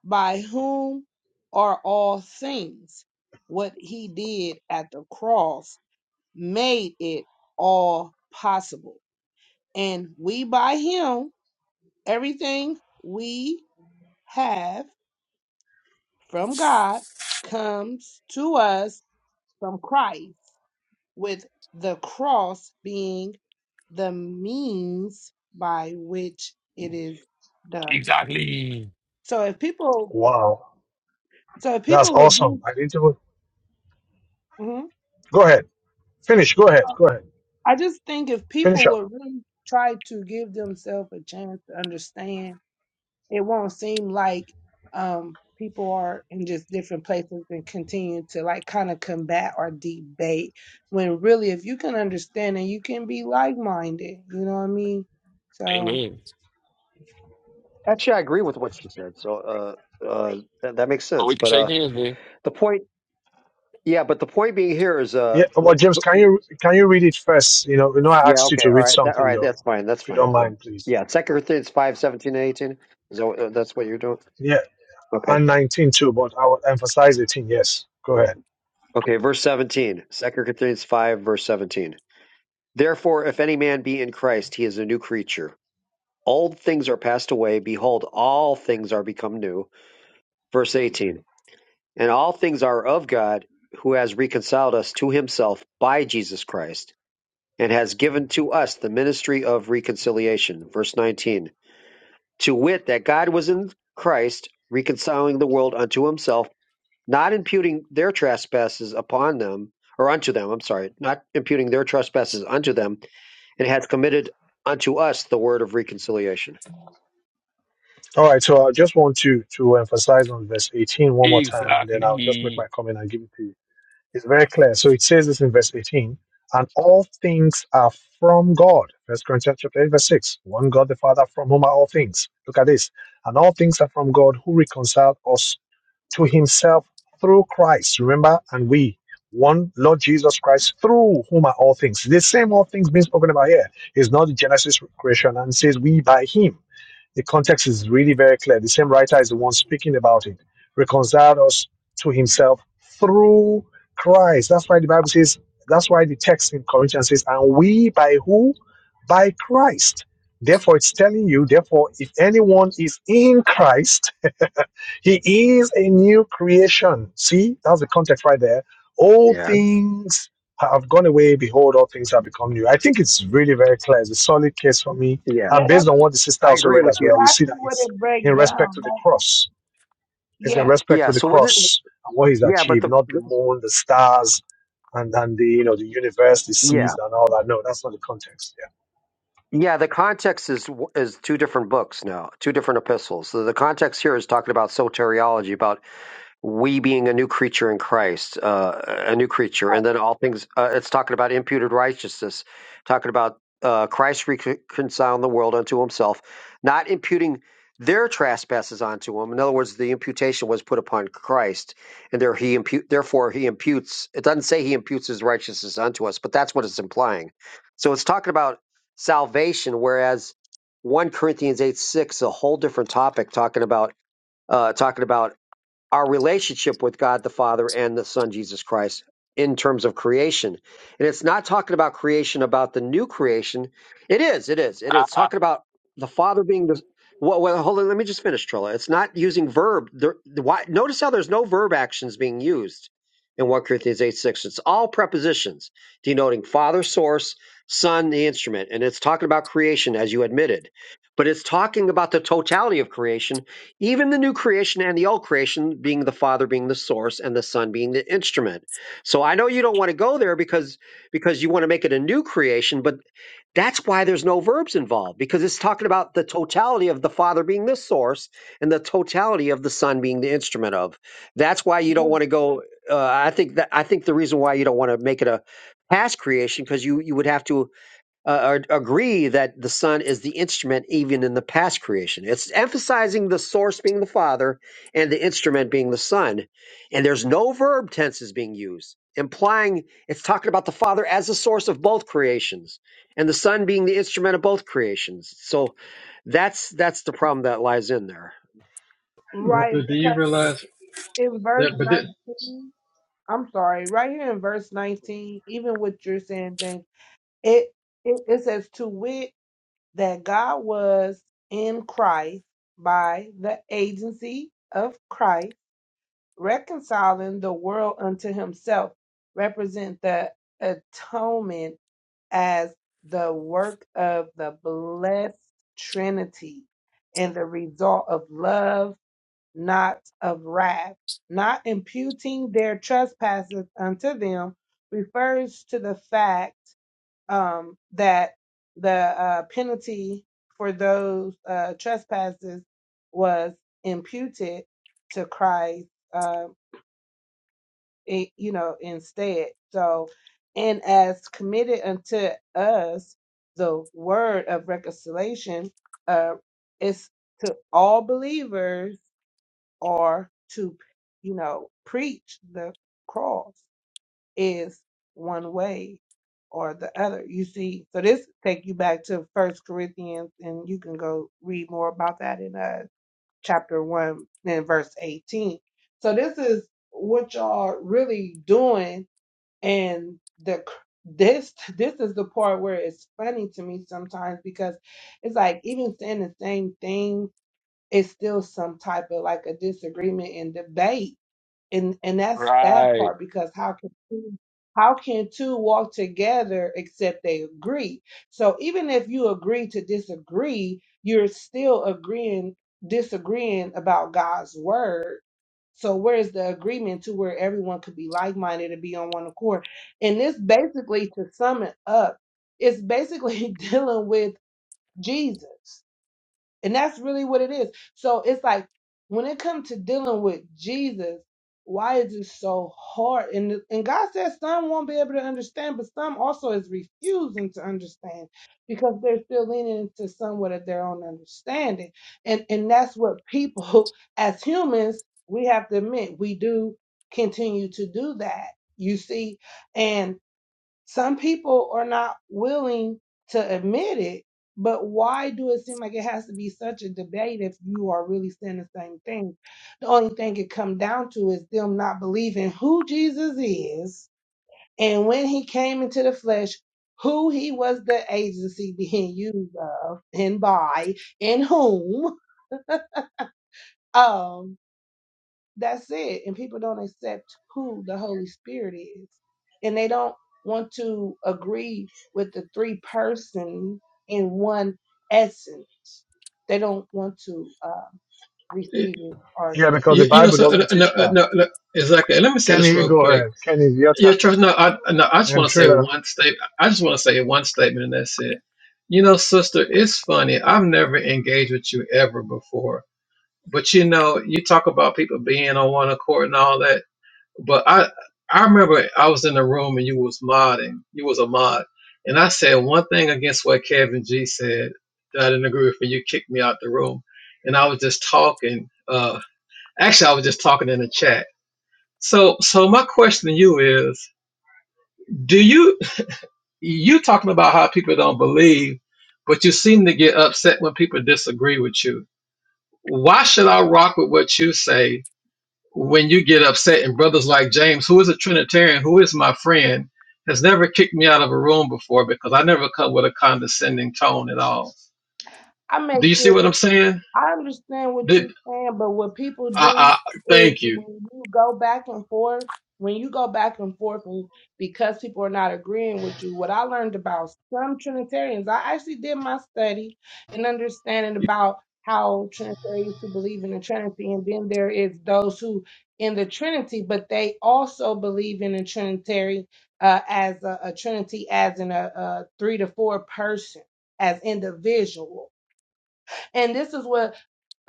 [SPEAKER 9] by whom are all things. What he did at the cross made it all possible. And we, by him, everything we have from God comes to us from Christ, with the cross being the means by which it is done.
[SPEAKER 6] Exactly.
[SPEAKER 9] So if people,
[SPEAKER 2] Wow.
[SPEAKER 9] so if
[SPEAKER 2] That's
[SPEAKER 9] people would give,
[SPEAKER 2] awesome. I need to go.
[SPEAKER 9] hmm?
[SPEAKER 2] Go ahead. Finish. Go ahead. Go ahead.
[SPEAKER 9] I just think if
[SPEAKER 2] Finish
[SPEAKER 9] people
[SPEAKER 2] up.
[SPEAKER 9] would really try to give themselves a chance to understand, it won't seem like um, people are in just different places and continue to like kind of combat or debate. When really, if you can understand and you can be like minded, you know what I mean? So
[SPEAKER 6] Amen.
[SPEAKER 1] Actually, I agree with what she said, so uh, uh, that, that makes
[SPEAKER 6] Oh,
[SPEAKER 1] sense.
[SPEAKER 6] we can
[SPEAKER 1] But
[SPEAKER 6] shake
[SPEAKER 1] uh,
[SPEAKER 6] hands man.
[SPEAKER 1] the point, yeah, but the point being here is, uh,
[SPEAKER 2] Yeah. Well, James, can you can you read it first? You know, you know, I
[SPEAKER 1] yeah,
[SPEAKER 2] asked you
[SPEAKER 1] okay,
[SPEAKER 2] to
[SPEAKER 1] all
[SPEAKER 2] read
[SPEAKER 1] right, that, all
[SPEAKER 2] something
[SPEAKER 1] right,
[SPEAKER 2] though,
[SPEAKER 1] that's fine, that's
[SPEAKER 2] if you
[SPEAKER 1] fine.
[SPEAKER 2] don't mind, please.
[SPEAKER 1] Yeah, Second Corinthians five seventeen and eighteen. Is that what, uh, that's what you're doing?
[SPEAKER 2] Yeah,
[SPEAKER 1] Okay,
[SPEAKER 2] and 19 too, but I will emphasize 18. Yes. Go ahead.
[SPEAKER 1] okay, verse seventeen, Second Corinthians five verse seventeen. Therefore, if any man be in Christ, he is a new creature. Old things are passed away; behold, all things are become new. Verse eighteen. And all things are of God, who has reconciled us to himself by Jesus Christ, and has given to us the ministry of reconciliation. Verse 19. To wit, that God was in Christ, reconciling the world unto himself, not imputing their trespasses upon them, or unto them, I'm sorry, not imputing their trespasses unto them, and has committed unto us the word of reconciliation.
[SPEAKER 2] All right. So I just want to to emphasize on verse 18 one more time, and then I'll just make my
[SPEAKER 6] Exactly.
[SPEAKER 2] comment and give it to you. It's very clear. So it says this in verse 18, and all things are from God. First Corinthians chapter 8, verse 6. One God the Father from whom are all things. Look at this. And all things are from God who reconciled us to himself through Christ. Remember, and we one Lord Jesus Christ through whom are all things. The same all things being spoken about here is not the Genesis creation and says we by him. The context is really very clear. The same writer is the one speaking about it. Reconciled us to himself through Christ. That's why the Bible says, that's why the text in Corinthians says, and we by who? By Christ. Therefore, it's telling you, therefore, if anyone is in Christ, he is a new creation. See, that's the context right there. All
[SPEAKER 1] Yeah,
[SPEAKER 2] things have gone away. Behold, all things have become new. I think it's really very clear. It's a solid case for me.
[SPEAKER 1] yeah.
[SPEAKER 2] And
[SPEAKER 9] yeah, that's
[SPEAKER 2] based on what the sister
[SPEAKER 1] I
[SPEAKER 2] also
[SPEAKER 1] agree
[SPEAKER 2] read
[SPEAKER 1] with
[SPEAKER 2] as
[SPEAKER 1] you.
[SPEAKER 2] well, you see
[SPEAKER 9] exactly
[SPEAKER 2] that
[SPEAKER 9] what
[SPEAKER 2] it's
[SPEAKER 9] it
[SPEAKER 2] in
[SPEAKER 9] breaks
[SPEAKER 2] respect to
[SPEAKER 9] down.
[SPEAKER 2] the
[SPEAKER 9] Like,
[SPEAKER 2] cross. It's in
[SPEAKER 9] yeah,
[SPEAKER 2] respect to
[SPEAKER 1] Yeah,
[SPEAKER 2] the
[SPEAKER 1] so what did,
[SPEAKER 2] cross and what he's
[SPEAKER 1] yeah, but
[SPEAKER 2] achieved,
[SPEAKER 1] the,
[SPEAKER 2] not the
[SPEAKER 1] the-
[SPEAKER 2] moon, the stars, and, and the you know the universe, the
[SPEAKER 1] yeah.
[SPEAKER 2] seas, and all that. No, that's not the context.
[SPEAKER 1] Yeah, the context is is two different books now, two different epistles. So the context here is talking about soteriology, about we being a new creature in Christ, uh, a new creature, and then all things. Uh, it's talking about imputed righteousness, talking about uh, Christ reconciling the world unto Himself, not imputing their trespasses onto Him. In other words, the imputation was put upon Christ, and there He impute. Therefore, He imputes. It doesn't say He imputes His righteousness unto us, but that's what it's implying. So it's talking about salvation, whereas one Corinthians eight six, a whole different topic, talking about uh, talking about our relationship with God the Father and the Son Jesus Christ in terms of creation. And it's not talking about creation about the new creation. It is, it is. It is talking
[SPEAKER 6] (laughs)
[SPEAKER 1] about the Father being the well, well hold on, let me just finish, Trilla. It's not using verb. There, the, why, notice how there's no verb actions being used in 1 Corinthians 8 6. It's all prepositions denoting Father, source, Son, the instrument. And it's talking about creation, as you admitted. But it's talking about the totality of creation even the new creation and the old creation being the father being the source and the son being the instrument so i know you don't want to go there because because you want to make it a new creation but that's why there's no verbs involved because it's talking about the totality of the father being the source and the totality of the son being the instrument of that's why you don't
[SPEAKER 9] like,
[SPEAKER 1] want to go uh, i think that i think the reason why you don't want to make it a past creation because you you would have to uh, agree that the Son is the instrument even in the past creation. It's emphasizing the source being the Father and the instrument being the Son. And there's no verb tenses being used, implying it's talking about the Father as the source of both creations and the Son being the instrument of both creations. So that's that's the problem that lies in there.
[SPEAKER 2] Yeah.
[SPEAKER 9] right.
[SPEAKER 7] But do you
[SPEAKER 9] Because
[SPEAKER 7] realize
[SPEAKER 9] in verse
[SPEAKER 7] that? But that,
[SPEAKER 9] nineteen, I'm sorry, right here in verse nineteen, even what you're saying, James. It, it it says to wit that God was in Christ by the agency of Christ reconciling the world unto Himself, represent the atonement as the work of the blessed Trinity and the result of love, not of wrath, not imputing their trespasses unto them, refers to the fact um, that the uh, penalty for those uh, trespasses was imputed to Christ, uh, it, you know, instead. So, and as committed unto us the word of reconciliation, uh, it's to all believers or to, you know, preach the cross is one way or the other. You see, so this take you back to First Corinthians, and you can go read more about that in uh, chapter one and verse eighteen. So this is what y'all really doing, and the cr- this this is the part where it's funny to me sometimes because it's like even saying the same thing, it's still some type of like a disagreement and debate and and that's that
[SPEAKER 6] right.
[SPEAKER 9] part because how can two, how can two walk together except they agree so even if you agree to disagree you're still agreeing disagreeing about god's word so where's the agreement to where everyone could be like-minded and be on one accord and this basically to sum it up it's basically (laughs) dealing with jesus and that's really what it is. So it's like when it comes to dealing with Jesus, why is it so hard? And and God says some won't be able to understand, but some also is refusing to understand because they're still leaning into somewhat of their own understanding. And and that's what people (laughs) as humans, we have to admit we do continue to do that. You see, some people are not willing to admit it, but why do it seem like it has to be such a debate if you are really saying the same thing? The only thing it come down to is them not believing who Jesus is and when he came into the flesh, who he was the agency being used of and by and whom. Um that's it. And people don't accept who the Holy Spirit is. And they don't want to agree with the three person in one essence. They don't want to uh, receive it or
[SPEAKER 2] Yeah,
[SPEAKER 9] accept
[SPEAKER 2] because the
[SPEAKER 9] it.
[SPEAKER 7] you, you know,
[SPEAKER 2] Bible
[SPEAKER 7] so uh,
[SPEAKER 2] doesn't
[SPEAKER 7] no,
[SPEAKER 2] teach
[SPEAKER 7] uh,
[SPEAKER 2] that.
[SPEAKER 7] no, no, exactly. And let me say
[SPEAKER 2] Kenny,
[SPEAKER 7] this
[SPEAKER 2] you
[SPEAKER 7] real
[SPEAKER 2] go
[SPEAKER 7] quick.
[SPEAKER 2] ahead. Kenny, it's your
[SPEAKER 7] Yeah,
[SPEAKER 2] turn.
[SPEAKER 7] trust. No, I, no, I just
[SPEAKER 2] And
[SPEAKER 7] want to say
[SPEAKER 2] Trina.
[SPEAKER 7] one statement. I just want to say one statement, and that's it. You know, sister, it's funny. I've never engaged with you ever before But you know, you talk about people being on one accord and all that. But I I remember I was in the room and you was modding. You was a mod. And I said one thing against what Kevin G said that I didn't agree with and you kicked me out the room. And I was just talking, uh actually I was just talking in the chat. So so my question to you is, do you you talking about how people don't believe, but you seem to get upset when people disagree with you. Why should I rock with what you say when you get upset and brothers like James, who is a Trinitarian, who is my friend, has never kicked me out of a room before because I never come with a condescending tone at all.
[SPEAKER 9] I may
[SPEAKER 7] Do you
[SPEAKER 9] give
[SPEAKER 7] see what I'm saying?
[SPEAKER 9] I understand what you're
[SPEAKER 7] Did
[SPEAKER 9] saying, but what people do
[SPEAKER 7] I, I
[SPEAKER 9] is
[SPEAKER 7] thank you.
[SPEAKER 9] when you go back and forth, when you go back and forth, and because people are not agreeing with you, what I learned about some Trinitarians, I actually did my study and understanding about how Trinitarians who believe in the Trinity, and then there is those who in the Trinity, but they also believe in the Trinitary uh, as a, a Trinity, as in a, a three to four person, as individual. And this is what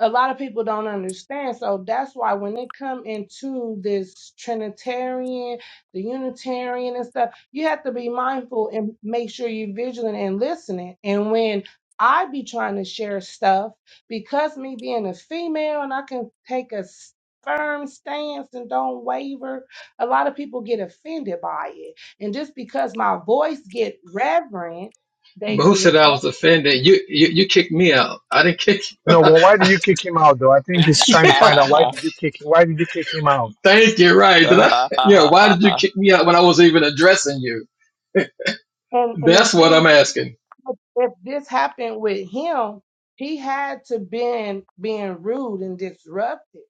[SPEAKER 9] a lot of people don't understand so that's why when they come into this trinitarian the unitarian and stuff you have to be mindful and make sure you're vigilant and listening and when i be trying to share stuff because me being a female and i can take a s- firm stance and don't waver a lot of people get offended by it and just because my voice get reverent they
[SPEAKER 7] But who
[SPEAKER 9] get
[SPEAKER 7] said I was offended? You, you you kicked me out. I didn't kick
[SPEAKER 2] No, well, why did you kick him out though? I
[SPEAKER 6] (laughs) you
[SPEAKER 2] think he's
[SPEAKER 7] (laughs)
[SPEAKER 2] trying
[SPEAKER 7] you.
[SPEAKER 2] to find out why did you kick why did you kick him out?
[SPEAKER 7] thank you, right. Did I yeah, why did you kick me out when I was even addressing you?
[SPEAKER 9] and, and the
[SPEAKER 7] That's what I'm
[SPEAKER 9] thing
[SPEAKER 7] asking.
[SPEAKER 9] if this happened with him, he had to been being rude and disruptive.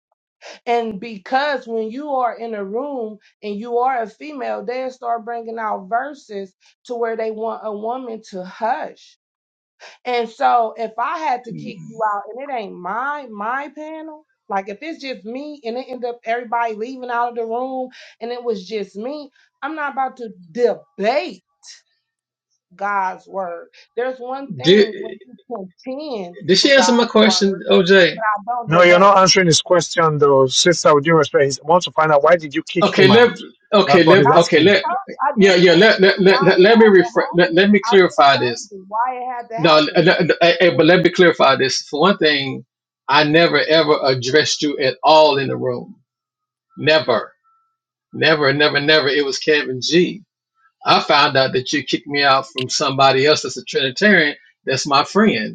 [SPEAKER 9] And because when you are in a room and you are a female, they'll start bringing out verses to where they want a woman to hush. And so if I had to kick you out and it ain't my my panel, like if it's just me and it end up everybody leaving out of the room and it was just me, I'm not about to debate God's word. There's one
[SPEAKER 7] Did
[SPEAKER 9] thing when you contend
[SPEAKER 7] did she
[SPEAKER 9] for
[SPEAKER 7] answer my
[SPEAKER 9] God's
[SPEAKER 7] question,
[SPEAKER 9] word,
[SPEAKER 7] OJ?
[SPEAKER 9] I don't
[SPEAKER 2] No, you're
[SPEAKER 9] debate.
[SPEAKER 2] not answering his question though, sister. With due respect, he wants to find out why did you kick
[SPEAKER 7] Okay,
[SPEAKER 2] him out.
[SPEAKER 7] let okay,
[SPEAKER 2] That's what he's
[SPEAKER 7] let
[SPEAKER 9] I
[SPEAKER 7] okay,
[SPEAKER 9] just
[SPEAKER 2] asking.
[SPEAKER 7] let
[SPEAKER 9] told you, I
[SPEAKER 7] yeah,
[SPEAKER 9] just
[SPEAKER 7] yeah, let let
[SPEAKER 9] answered
[SPEAKER 7] let,
[SPEAKER 9] why
[SPEAKER 7] let,
[SPEAKER 9] it
[SPEAKER 7] let me
[SPEAKER 9] had
[SPEAKER 7] refer, let,
[SPEAKER 9] to happen.
[SPEAKER 7] let me
[SPEAKER 9] I just
[SPEAKER 7] clarify
[SPEAKER 9] told
[SPEAKER 7] this.
[SPEAKER 9] you why it had to
[SPEAKER 7] No, l-
[SPEAKER 9] happen.
[SPEAKER 7] l- l- eh, eh, but let me clarify this. For one thing, I never ever addressed you at all in the room. Never, never, never, never. It was Kevin G. I found out that you kicked me out from somebody else that's a Trinitarian. That's my friend.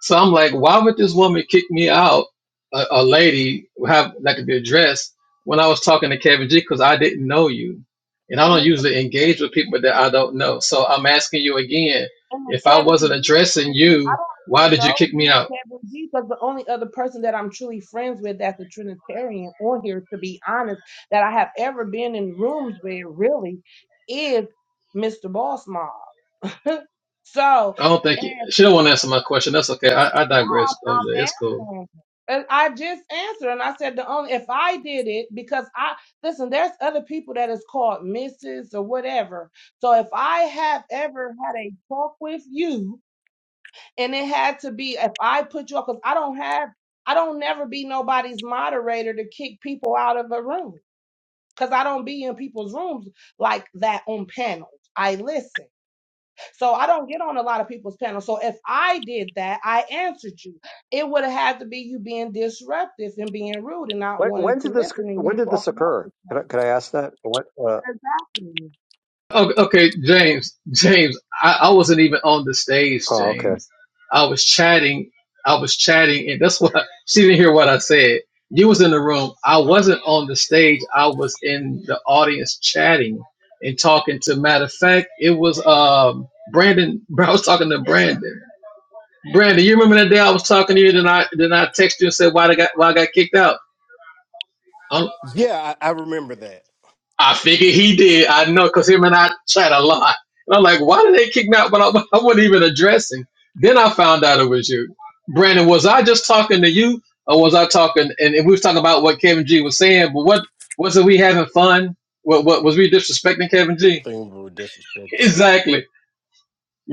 [SPEAKER 7] So I'm like, why would this woman kick me out, a, a lady have that could be addressed when I was talking to Kevin G because I didn't know you, and I
[SPEAKER 9] And
[SPEAKER 7] don't
[SPEAKER 9] the,
[SPEAKER 7] usually engage with people that I don't know. So I'm asking you again,
[SPEAKER 9] and the
[SPEAKER 7] if I wasn't
[SPEAKER 9] Kevin G
[SPEAKER 7] addressing
[SPEAKER 9] person, I
[SPEAKER 7] you,
[SPEAKER 9] don't
[SPEAKER 7] why
[SPEAKER 9] even
[SPEAKER 7] did you
[SPEAKER 9] know
[SPEAKER 7] kick me
[SPEAKER 9] who
[SPEAKER 7] out?
[SPEAKER 9] Kevin G because the only other person that I'm truly friends with that's a Trinitarian on here, to be honest, that I have ever been in rooms with really is Mr. Boss Mob. (laughs) so
[SPEAKER 7] I don't think you, she don't want to answer my question. That's okay. I, I digress,
[SPEAKER 9] I'm
[SPEAKER 7] OJ.
[SPEAKER 9] I'm
[SPEAKER 7] It's cool.
[SPEAKER 9] answering. And I just answered and I said the only if I did it because I listen, there's other people that is called Mrs. or whatever. So if I have ever had a talk with you and it had to be if I put you up because I don't have I don't never be nobody's moderator to kick people out of a room. Cause I don't be in people's rooms like that on panels. I listen. So I don't get on a lot of people's panels. So if I did that, I answered you. It would have had to be you being disruptive and being rude and not
[SPEAKER 1] When,
[SPEAKER 9] wanting
[SPEAKER 1] when
[SPEAKER 9] to
[SPEAKER 1] did this
[SPEAKER 9] listen and
[SPEAKER 1] when
[SPEAKER 9] you
[SPEAKER 1] did this
[SPEAKER 9] talking
[SPEAKER 1] occur?
[SPEAKER 9] over
[SPEAKER 1] Can I,
[SPEAKER 9] someone.
[SPEAKER 1] can I ask that? What? Uh,
[SPEAKER 9] Exactly.
[SPEAKER 7] Okay, okay, James, James, I, I wasn't even on the stage,
[SPEAKER 1] oh, okay.
[SPEAKER 7] James. I was chatting, I was chatting, and that's why (laughs) she didn't hear what I said. You was in the room. I wasn't on the stage. I was in the audience chatting and talking to. Matter of fact, it was um Brandon. (laughs) I was talking to Brandon. Brandon, you remember that day I was talking to you? Then I then I texted you and said why I got why I got kicked out.
[SPEAKER 5] Yeah, I, I remember that.
[SPEAKER 7] I figured he did. I know because him and I chat a lot. And I'm like, why did they kick me out? But I, (laughs) I wasn't even addressing. Then I found out it was you. Brandon, was I just talking to you or was I talking? And, and we was talking about what Kevin G was saying, but what was it we having fun? What, what was we disrespecting Kevin
[SPEAKER 5] I
[SPEAKER 7] G?
[SPEAKER 5] think we were
[SPEAKER 7] (laughs)
[SPEAKER 5] disrespecting him.
[SPEAKER 7] exactly.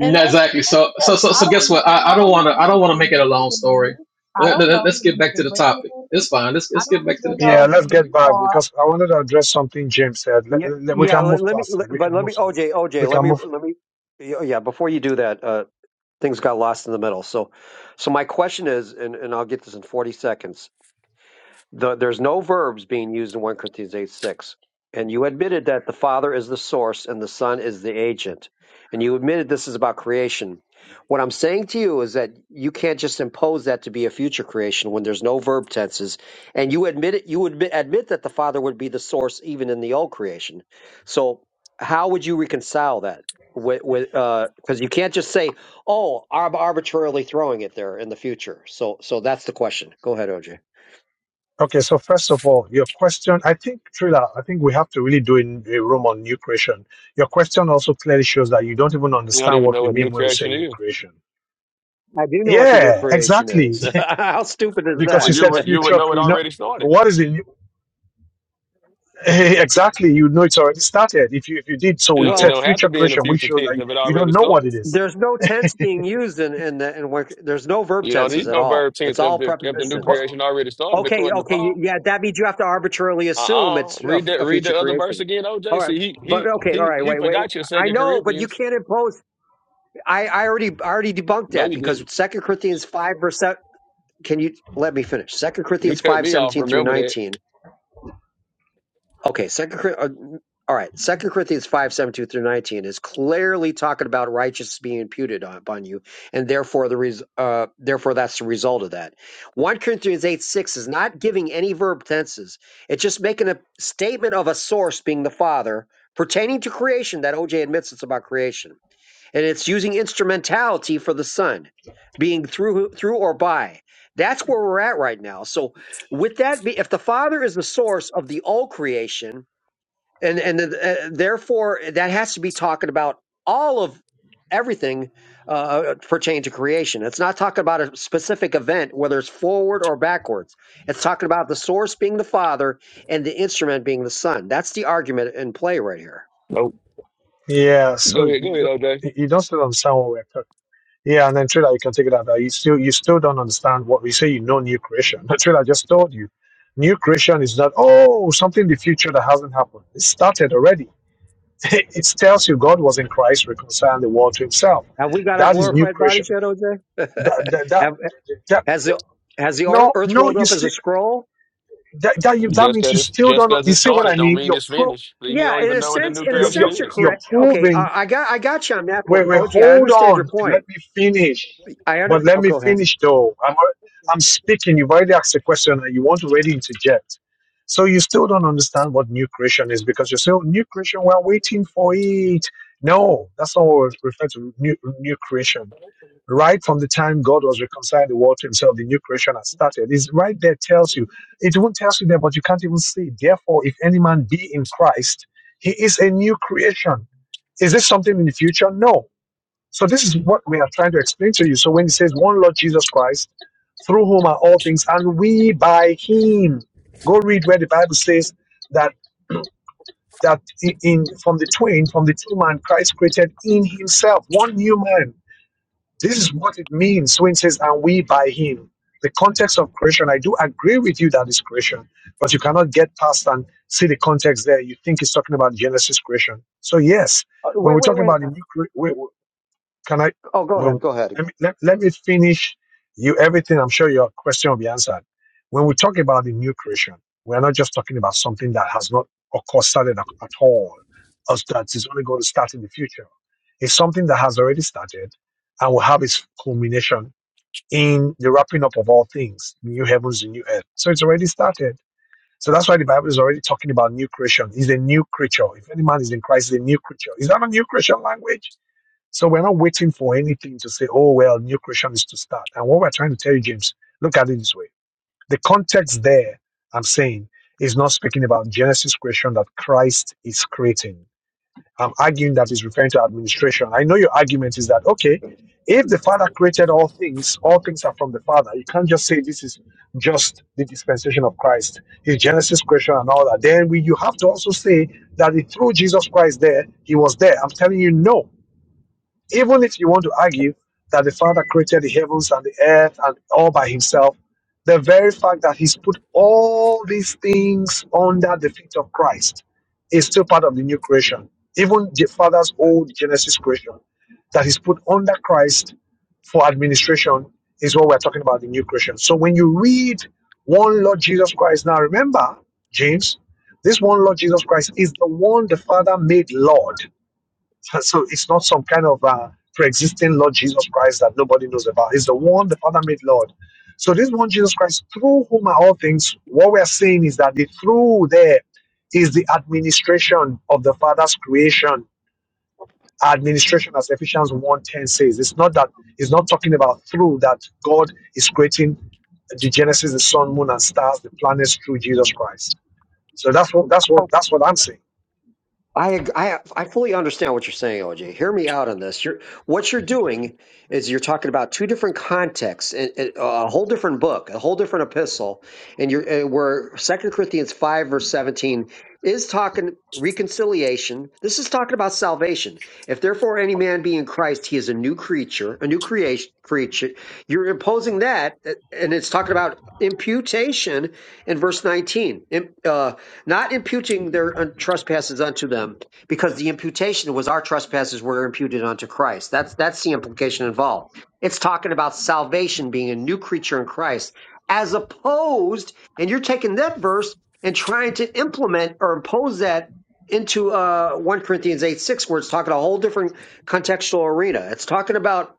[SPEAKER 9] And that's
[SPEAKER 7] Exactly. So, so,
[SPEAKER 9] because
[SPEAKER 7] so,
[SPEAKER 9] I
[SPEAKER 7] so guess
[SPEAKER 9] don't
[SPEAKER 7] what?
[SPEAKER 9] even
[SPEAKER 7] I, I
[SPEAKER 9] know
[SPEAKER 7] don't want
[SPEAKER 9] who
[SPEAKER 7] to, I don't want to
[SPEAKER 9] Mr.
[SPEAKER 7] make it a long
[SPEAKER 9] Brandon
[SPEAKER 7] story.
[SPEAKER 9] is. I
[SPEAKER 7] Let,
[SPEAKER 9] don't know
[SPEAKER 7] let,
[SPEAKER 9] who
[SPEAKER 7] us get back to
[SPEAKER 9] Mr.
[SPEAKER 7] the
[SPEAKER 9] Brandon
[SPEAKER 7] topic.
[SPEAKER 9] is.
[SPEAKER 7] It's fine. Let's,
[SPEAKER 9] I
[SPEAKER 7] let's get
[SPEAKER 9] don't
[SPEAKER 7] back to the
[SPEAKER 9] even
[SPEAKER 2] Yeah,
[SPEAKER 9] know
[SPEAKER 7] topic.
[SPEAKER 9] who
[SPEAKER 2] let's get
[SPEAKER 9] you
[SPEAKER 2] back
[SPEAKER 9] are.
[SPEAKER 2] because I wanted to address something James said. Let-
[SPEAKER 1] Yeah,
[SPEAKER 2] let- we
[SPEAKER 1] yeah.
[SPEAKER 2] can
[SPEAKER 1] Let,
[SPEAKER 2] move
[SPEAKER 1] let me,
[SPEAKER 2] past
[SPEAKER 1] let,
[SPEAKER 2] it. We can
[SPEAKER 1] but let
[SPEAKER 2] move
[SPEAKER 1] me,
[SPEAKER 2] some.
[SPEAKER 1] OJ,
[SPEAKER 2] We
[SPEAKER 1] OJ, let
[SPEAKER 2] can
[SPEAKER 1] me,
[SPEAKER 2] move.
[SPEAKER 1] let me. Yeah, yeah, before you do that, uh, things got lost in the middle. So, so my question is, and, and I'll get this in forty seconds. The, there's no verbs being used in 1 Corinthians 8 6. And you admitted that the Father is the source and the Son is the agent. And you admitted this is about creation. What I'm saying to you is that you can't just impose that to be a future creation when there's no verb tenses. And you admit it, you admit, admit that the Father would be the source even in the old creation. So how would you reconcile that? With, with, uh, because you can't just say, "Oh, I'm arbitrarily throwing it there in the future." So, so that's the question. Go ahead, OJ.
[SPEAKER 2] Okay, so first of all, your question. I think Trilla. I think we have to really do in a room on new creation. Your question also clearly shows that you don't even
[SPEAKER 6] don't
[SPEAKER 2] understand
[SPEAKER 6] even
[SPEAKER 2] what
[SPEAKER 6] know
[SPEAKER 2] we
[SPEAKER 6] what
[SPEAKER 2] mean
[SPEAKER 6] new
[SPEAKER 2] when we say
[SPEAKER 6] creation
[SPEAKER 2] new
[SPEAKER 6] is.
[SPEAKER 2] creation.
[SPEAKER 1] I do know what the new
[SPEAKER 2] Yeah,
[SPEAKER 1] creation
[SPEAKER 2] exactly.
[SPEAKER 1] is.
[SPEAKER 2] (laughs)
[SPEAKER 1] (laughs) How stupid is
[SPEAKER 2] because
[SPEAKER 6] Well,
[SPEAKER 2] you
[SPEAKER 1] that?
[SPEAKER 6] you
[SPEAKER 2] said
[SPEAKER 6] would you would
[SPEAKER 2] future
[SPEAKER 6] know it
[SPEAKER 2] cre- no,
[SPEAKER 6] already started.
[SPEAKER 2] what is it (laughs) exactly you know it's already started if you if you did
[SPEAKER 1] (laughs)
[SPEAKER 2] so
[SPEAKER 6] You know,
[SPEAKER 2] you
[SPEAKER 6] it
[SPEAKER 2] said
[SPEAKER 1] well,
[SPEAKER 6] don't have to
[SPEAKER 2] future
[SPEAKER 6] be in the
[SPEAKER 2] creation which
[SPEAKER 6] future
[SPEAKER 2] shows
[SPEAKER 6] tense
[SPEAKER 2] that
[SPEAKER 6] if it
[SPEAKER 2] you
[SPEAKER 6] already
[SPEAKER 2] don't know what
[SPEAKER 6] started.
[SPEAKER 2] it is
[SPEAKER 1] there's no tense being used in in, the, in work. There's no verb
[SPEAKER 6] You don't
[SPEAKER 1] tenses
[SPEAKER 6] need
[SPEAKER 1] at
[SPEAKER 6] no
[SPEAKER 1] all.
[SPEAKER 6] verb tense
[SPEAKER 1] It's
[SPEAKER 6] if
[SPEAKER 1] all
[SPEAKER 6] the if the new
[SPEAKER 2] but
[SPEAKER 1] prepositions.
[SPEAKER 6] creation already started,
[SPEAKER 1] Okay,
[SPEAKER 6] according to
[SPEAKER 1] okay,
[SPEAKER 6] Paul.
[SPEAKER 1] yeah, that means you have to arbitrarily assume
[SPEAKER 6] Uh-uh.
[SPEAKER 1] it's a,
[SPEAKER 6] Read
[SPEAKER 1] f-
[SPEAKER 6] that
[SPEAKER 1] a
[SPEAKER 6] read
[SPEAKER 1] future
[SPEAKER 6] the other verse
[SPEAKER 1] creation.
[SPEAKER 6] again,
[SPEAKER 1] All
[SPEAKER 6] OJ.
[SPEAKER 1] right,
[SPEAKER 6] See, he
[SPEAKER 1] but
[SPEAKER 6] he
[SPEAKER 1] okay, all
[SPEAKER 6] he
[SPEAKER 1] right,
[SPEAKER 6] he
[SPEAKER 1] wait, wait.
[SPEAKER 6] forgot your
[SPEAKER 1] I
[SPEAKER 6] second
[SPEAKER 1] know, but you
[SPEAKER 6] Corinthians.
[SPEAKER 1] can't impose. I I already I already debunked
[SPEAKER 6] No,
[SPEAKER 1] that
[SPEAKER 6] you didn't.
[SPEAKER 1] because Second Corinthians five verse. se- Can you let me finish? Second
[SPEAKER 6] You
[SPEAKER 1] Corinthians
[SPEAKER 6] cut
[SPEAKER 1] five
[SPEAKER 6] me off.
[SPEAKER 1] seventeen through
[SPEAKER 6] Remember that.
[SPEAKER 1] nineteen Okay, Second. Cor- Uh, all right, Second Corinthians five seventeen through nineteen is clearly talking about righteousness being imputed on- upon you, and therefore the res- uh, therefore that's the result of that. One Corinthians eight six is not giving any verb tenses; it's just making a statement of a source being the Father pertaining to creation that OJ admits it's about creation, and it's using instrumentality for the Son being through through or by. That's where we're at right now. So, with that, be, if the Father is the source of the all creation and and uh, therefore that has to be talking about all of everything uh, pertaining to creation. It's not talking about a specific event, whether it's forward or backwards. It's talking about the source being the Father and the instrument being the Son. That's the argument in play right here.
[SPEAKER 6] Nope.
[SPEAKER 2] yeah
[SPEAKER 6] Go
[SPEAKER 2] so
[SPEAKER 6] ahead. Go
[SPEAKER 2] you
[SPEAKER 6] ahead,
[SPEAKER 2] don't
[SPEAKER 6] OJ.
[SPEAKER 2] you don't still understand what we're talking yeah and then Trilla, you can take it out that you still you still don't understand what we say you know new creation (laughs) that's what i just told you new creation is not oh something in the future that hasn't happened it started already (laughs) it tells you god was in christ reconciling the world to himself
[SPEAKER 1] Have we got our
[SPEAKER 2] that is new
[SPEAKER 1] glorified
[SPEAKER 2] creation
[SPEAKER 1] bodies yet,
[SPEAKER 2] that
[SPEAKER 1] OJ?
[SPEAKER 2] that,
[SPEAKER 1] (laughs)
[SPEAKER 2] that,
[SPEAKER 1] Have,
[SPEAKER 2] that
[SPEAKER 1] has the has the ear-
[SPEAKER 2] No,
[SPEAKER 1] Earth
[SPEAKER 2] no,
[SPEAKER 1] rolled
[SPEAKER 2] you
[SPEAKER 1] up as a
[SPEAKER 2] still
[SPEAKER 1] scroll?
[SPEAKER 2] that, that that
[SPEAKER 6] Just
[SPEAKER 2] means
[SPEAKER 6] because
[SPEAKER 2] you
[SPEAKER 6] it's
[SPEAKER 2] still
[SPEAKER 6] just
[SPEAKER 2] don't.
[SPEAKER 6] because
[SPEAKER 2] You
[SPEAKER 6] it
[SPEAKER 2] see what I
[SPEAKER 6] started, don't
[SPEAKER 2] mean?
[SPEAKER 6] mean
[SPEAKER 2] You're
[SPEAKER 6] it's
[SPEAKER 2] pro,
[SPEAKER 6] finished. He
[SPEAKER 1] Yeah,
[SPEAKER 6] don't
[SPEAKER 1] in
[SPEAKER 6] even
[SPEAKER 1] a
[SPEAKER 6] know what the
[SPEAKER 1] sense,
[SPEAKER 6] new
[SPEAKER 1] in a
[SPEAKER 2] you're,
[SPEAKER 6] creation
[SPEAKER 2] you're
[SPEAKER 1] sense, you're
[SPEAKER 6] is.
[SPEAKER 2] you're
[SPEAKER 1] correct. Okay,
[SPEAKER 2] proving
[SPEAKER 1] uh, I got I got you on that point,
[SPEAKER 2] Wait, wait,
[SPEAKER 1] OJ. I
[SPEAKER 2] hold
[SPEAKER 1] understand your
[SPEAKER 2] on. Let
[SPEAKER 1] point.
[SPEAKER 2] me finish.
[SPEAKER 1] I under.
[SPEAKER 2] But let
[SPEAKER 1] Oh,
[SPEAKER 2] me
[SPEAKER 1] go ahead.
[SPEAKER 2] finish though. I'm al- I'm speaking. You've already asked a question and you want to already interject. So you still don't understand what new creation is because you're still new creation. We're waiting for it. No, that's not what we refer to new new creation. Right from the time God was reconciling the world to Himself, the new creation has started. It's right there. Tells you. It won't tell you there, but you can't even see. it. Therefore, if any man be in Christ, he is a new creation. Is this something in the future? No so this is what we are trying to explain to you. So when he says one Lord Jesus Christ, through whom are all things, and we by him. Go read where the Bible says that that i- in from the twain, from the two man Christ created in himself, one new man. This is what it means when it says, and we by him. The context of creation, I do agree with you that is creation, but you cannot get past and see the context there. You think it's talking about Genesis creation. So yes,
[SPEAKER 1] Uh,
[SPEAKER 2] when we're
[SPEAKER 1] Wait, wait,
[SPEAKER 2] talking
[SPEAKER 1] wait.
[SPEAKER 2] about the new can I?
[SPEAKER 1] Oh, go ahead.
[SPEAKER 2] Well,
[SPEAKER 1] Go ahead.
[SPEAKER 2] let me, let, let me finish you everything. I'm sure your question will be answered. When we talk about the new creation, we're not just talking about something that has not, of course, started at, at all, or that is only going to start in the future. It's something that has already started and will have its culmination in the wrapping up of all things, new heavens and new earth. So it's already started. So that's why the Bible is already talking about new creation. He's a new creature. If any man is in Christ, he's a new creature. Is that a new creation language? So we're not waiting for anything to say, oh, well, new creation is to start. And what we're trying to tell you, James, look at it this way. The context there, I'm saying, is not speaking about Genesis creation that Christ is creating. I'm arguing that is referring to administration. I know your argument is that, okay, if the Father created all things, all things are from the Father. You can't just say this is just the dispensation of Christ, his Genesis creation and all that. Then we, you have to also say that it- through Jesus Christ there, he was there. I'm telling you, no. Even if you want to argue that the Father created the heavens and the earth and all by himself, the very fact that he's put all these things under the feet of Christ is still part of the new creation. Even the Father's old Genesis creation that He's put under Christ for administration is what we're talking about the new creation. So when you read one Lord Jesus Christ, now remember, James, this one Lord Jesus Christ is the one the Father made Lord. So it's not some kind of uh, pre-existing Lord Jesus Christ that nobody knows about. It's the one the Father made Lord. So this one Jesus Christ, through whom are all things. What we are saying is that the through there is the administration of the Father's creation. Administration, as Ephesians one ten says, it's not that it's not talking about through that God is creating the Genesis, the sun, moon, and stars, the planets through Jesus Christ. So that's what that's what that's what I'm saying.
[SPEAKER 1] I, ag- I I fully understand what you're saying, OJ. Hear me out on this. You're what you're doing is you're talking about two different contexts, and, and a whole different book, a whole different epistle, and you're and where Second Corinthians five verse seventeen is talking reconciliation. This is talking about salvation. If therefore any man be in Christ, he is a new creature, a new creation creature. You're imposing that, and it's talking about imputation in verse nineteen. Im- Uh, not imputing their uh, trespasses unto them, because the imputation was our trespasses were imputed unto Christ. That's that's the implication involved. It's talking about salvation being a new creature in Christ, as opposed, and you're taking that verse and trying to implement or impose that into uh, 1 Corinthians 8 6, where it's talking a whole different contextual arena. It's talking about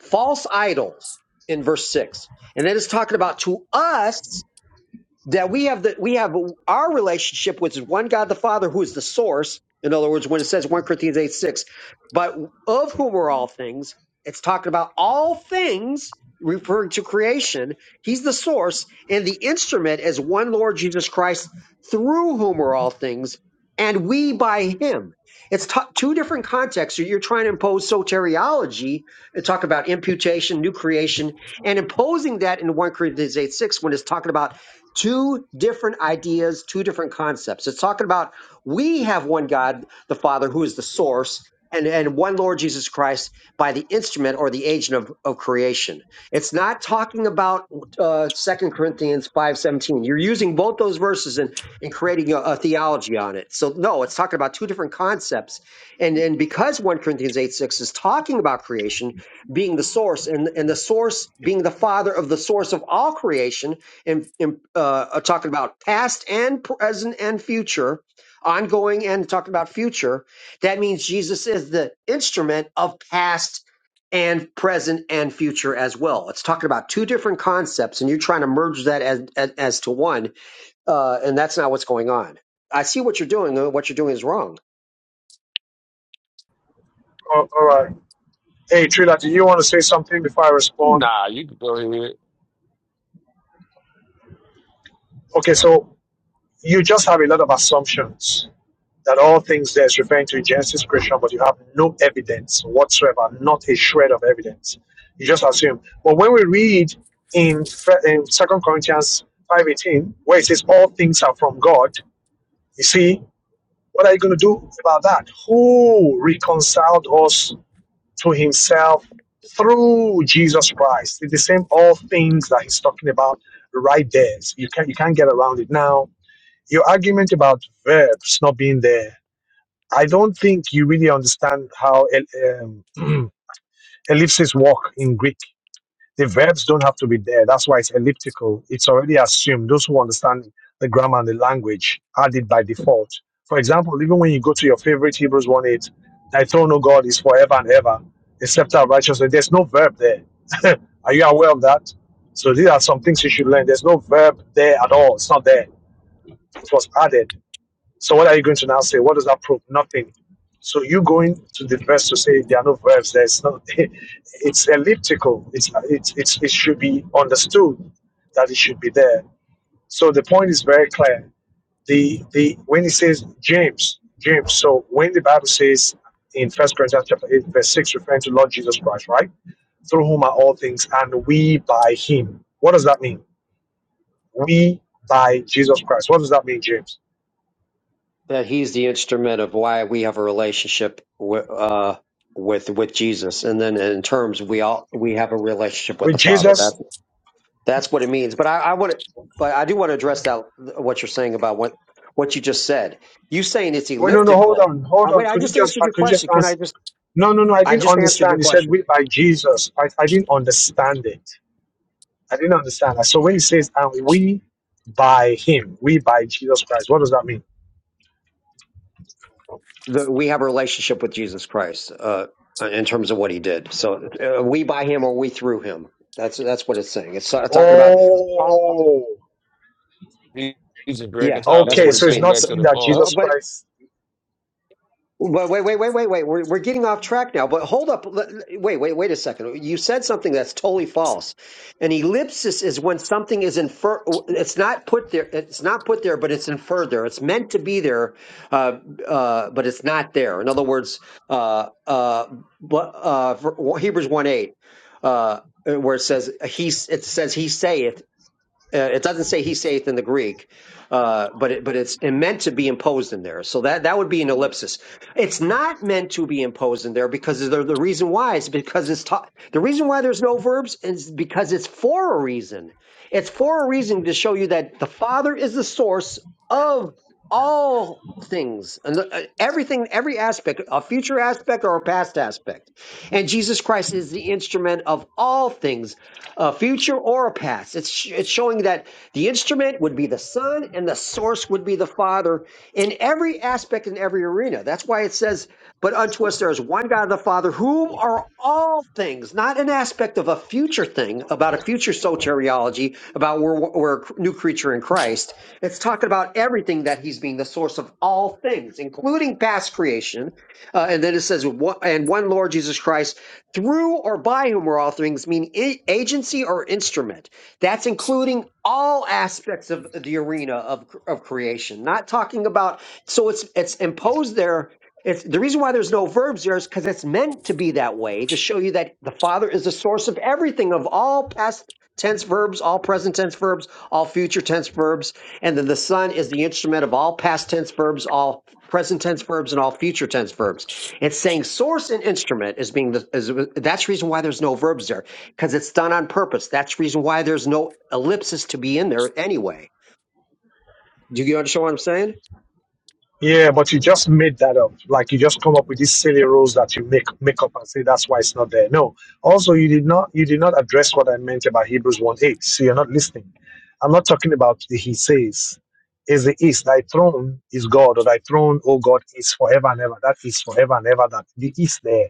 [SPEAKER 1] false idols in verse 6. And then it's talking about to us that we have the we have our relationship which is one god the father who is the source in other words when it says 1 corinthians 8 6 but of whom are all things it's talking about all things referring to creation he's the source and the instrument is one lord jesus christ through whom are all things and we by him it's t- two different contexts So you're trying to impose soteriology and talk about imputation new creation and imposing that in 1 corinthians 8 6 when it's talking about two different ideas, two different concepts. It's talking about we have one God, the Father, who is the source, and, and one Lord Jesus Christ by the instrument or the agent of, of creation. It's not talking about uh, 2 Corinthians 5.17. You're using both those verses and, and creating a, a theology on it. So no, it's talking about two different concepts. And, and because 1 Corinthians eight six is talking about creation being the source and, and the source being the Father of the source of all creation, and, and uh, talking about past and present and future, ongoing and talking about future. That means Jesus is the instrument of past and present and future as well. It's talking about two different concepts, and you're trying to merge that as as, as to one, uh, and that's not what's going on. I see what you're doing. and What you're doing is wrong.
[SPEAKER 2] All all right. Hey Trila, do you want to say something before I respond?
[SPEAKER 6] Nah, you can go ahead.
[SPEAKER 2] Okay, so you just have a lot of assumptions that all things there is referring to Genesis creation, but you have no evidence whatsoever, not a shred of evidence. You just assume. But when we read in, Fe- in 2 Corinthians 5.18, where it says all things are from God, you see, what are you going to do about that? Who reconciled us to himself through Jesus Christ? It's the same all things that he's talking about right there. So you, can't, you can't get around it now your argument about verbs not being there, I don't think you really understand how el- um, (clears throat) ellipses work in Greek. The verbs don't have to be there. That's why it's elliptical. It's already assumed. Those who understand the grammar and the language add it by default. For example, even when you go to your favorite Hebrews 1 8, thy throne, O God, is forever and ever, except our righteousness. There's no verb there. (laughs) Are you aware of that? So these are some things you should learn. There's no verb there at all. It's not there. It was added. So what are you going to now say? What does that prove? Nothing. So you going to the verse to say there are no verbs. There's no. (laughs) It's elliptical. It's, it's it's it should be understood that it should be there. So the point is very clear. The the when he says James James. So when the Bible says in First Corinthians chapter eight verse six, referring to Lord Jesus Christ, right? Through whom are all things, and we by Him. What does that mean? We by Jesus Christ. What does that mean, James?
[SPEAKER 1] That he's the instrument of why we have a relationship with. Uh, with with Jesus, and then in terms we all we have a relationship with
[SPEAKER 2] With
[SPEAKER 1] the Father.
[SPEAKER 2] Jesus,
[SPEAKER 1] That's That's what it means. But I, I want to, but I do want to address that what you're saying about what what you just said. You saying it's
[SPEAKER 2] Wait, no, no, hold
[SPEAKER 1] elliptical.
[SPEAKER 2] on, hold
[SPEAKER 1] Uh,
[SPEAKER 2] on.
[SPEAKER 1] wait, I
[SPEAKER 2] Could you
[SPEAKER 1] just
[SPEAKER 2] just,
[SPEAKER 1] answered
[SPEAKER 2] uh,
[SPEAKER 1] your
[SPEAKER 2] could you just
[SPEAKER 1] question. Can I
[SPEAKER 2] answer?
[SPEAKER 1] just?
[SPEAKER 2] No, no, no. I
[SPEAKER 1] I
[SPEAKER 2] didn't
[SPEAKER 1] just answered
[SPEAKER 2] understand.
[SPEAKER 1] your
[SPEAKER 2] He said
[SPEAKER 1] question.
[SPEAKER 2] we by Jesus. I, I didn't understand it. I didn't understand that. So when he says and we by him, we by Jesus Christ, what does that mean?
[SPEAKER 1] The, we have a relationship with Jesus Christ uh, uh, in terms of what He did. So uh, we by Him or we through Him. That's that's what it's saying. It's uh, talking about. all
[SPEAKER 2] Oh,
[SPEAKER 6] He- He's just
[SPEAKER 1] yeah,
[SPEAKER 6] reconciling
[SPEAKER 1] that's
[SPEAKER 2] okay.
[SPEAKER 1] what
[SPEAKER 2] So
[SPEAKER 1] it's
[SPEAKER 2] it's
[SPEAKER 6] everything
[SPEAKER 1] meaning.
[SPEAKER 2] not
[SPEAKER 6] back
[SPEAKER 1] But,
[SPEAKER 6] to
[SPEAKER 2] saying
[SPEAKER 6] the
[SPEAKER 2] that
[SPEAKER 6] Father.
[SPEAKER 1] uh,
[SPEAKER 2] Jesus
[SPEAKER 1] but
[SPEAKER 2] Christ
[SPEAKER 1] Wait, wait, wait, wait, wait, wait. We're, we're getting off track now, but hold up. L- Wait, wait, wait a second. You said something that's totally false. An ellipsis is when something is infer. It's not put there. It's not put there, but it's inferred there. It's meant to be there, uh, uh, but it's not there. In other words, uh, uh, but, uh, Hebrews one eight, uh, where it says he, it says he saith. Uh, it doesn't say he saith in the Greek, uh, but it, but it's meant to be imposed in there. So that that would be an ellipsis. It's not meant to be imposed in there because the, the reason why is because it's ta- the reason why there's no verbs is because it's for a reason. It's for a reason to show you that the Father is the source of all things and the, uh, everything, every aspect, a future aspect or a past aspect, and Jesus Christ is the instrument of all things a future or a past. It's sh- it's showing that the instrument would be the Son and the source would be the Father in every aspect in every arena. That's why it says, "But unto us there is one God, the Father, whom are all things." Not an aspect of a future thing about a future soteriology about we're, we're a new creature in Christ. It's talking about everything that He's being the source of all things, including past creation. Uh, and then it says, "One- "And one Lord Jesus Christ." through or by whom are all things mean a- agency or instrument that's including all aspects of the arena of, cr- of creation not talking about so it's it's imposed there it's the reason why there's no verbs there is because it's meant to be that way to show you that the father is the source of everything of all past tense verbs all present tense verbs all future tense verbs and then the son is the instrument of all past tense verbs all present tense verbs and all future tense verbs it's saying source and instrument is being the, is, that's the reason why there's no verbs there because it's done on purpose. That's the reason why there's no ellipsis to be in there anyway. Do you understand what I'm saying?
[SPEAKER 2] Yeah, but you just made that up. Like you just come up with these silly rules that you make make up and say that's why it's not there. No. Also, you did not you did not address what I meant about Hebrews one eight. So you're not listening. I'm not talking about the he says is the is thy throne is God or thy throne, oh God, is forever and ever. That is forever and ever. That the is there.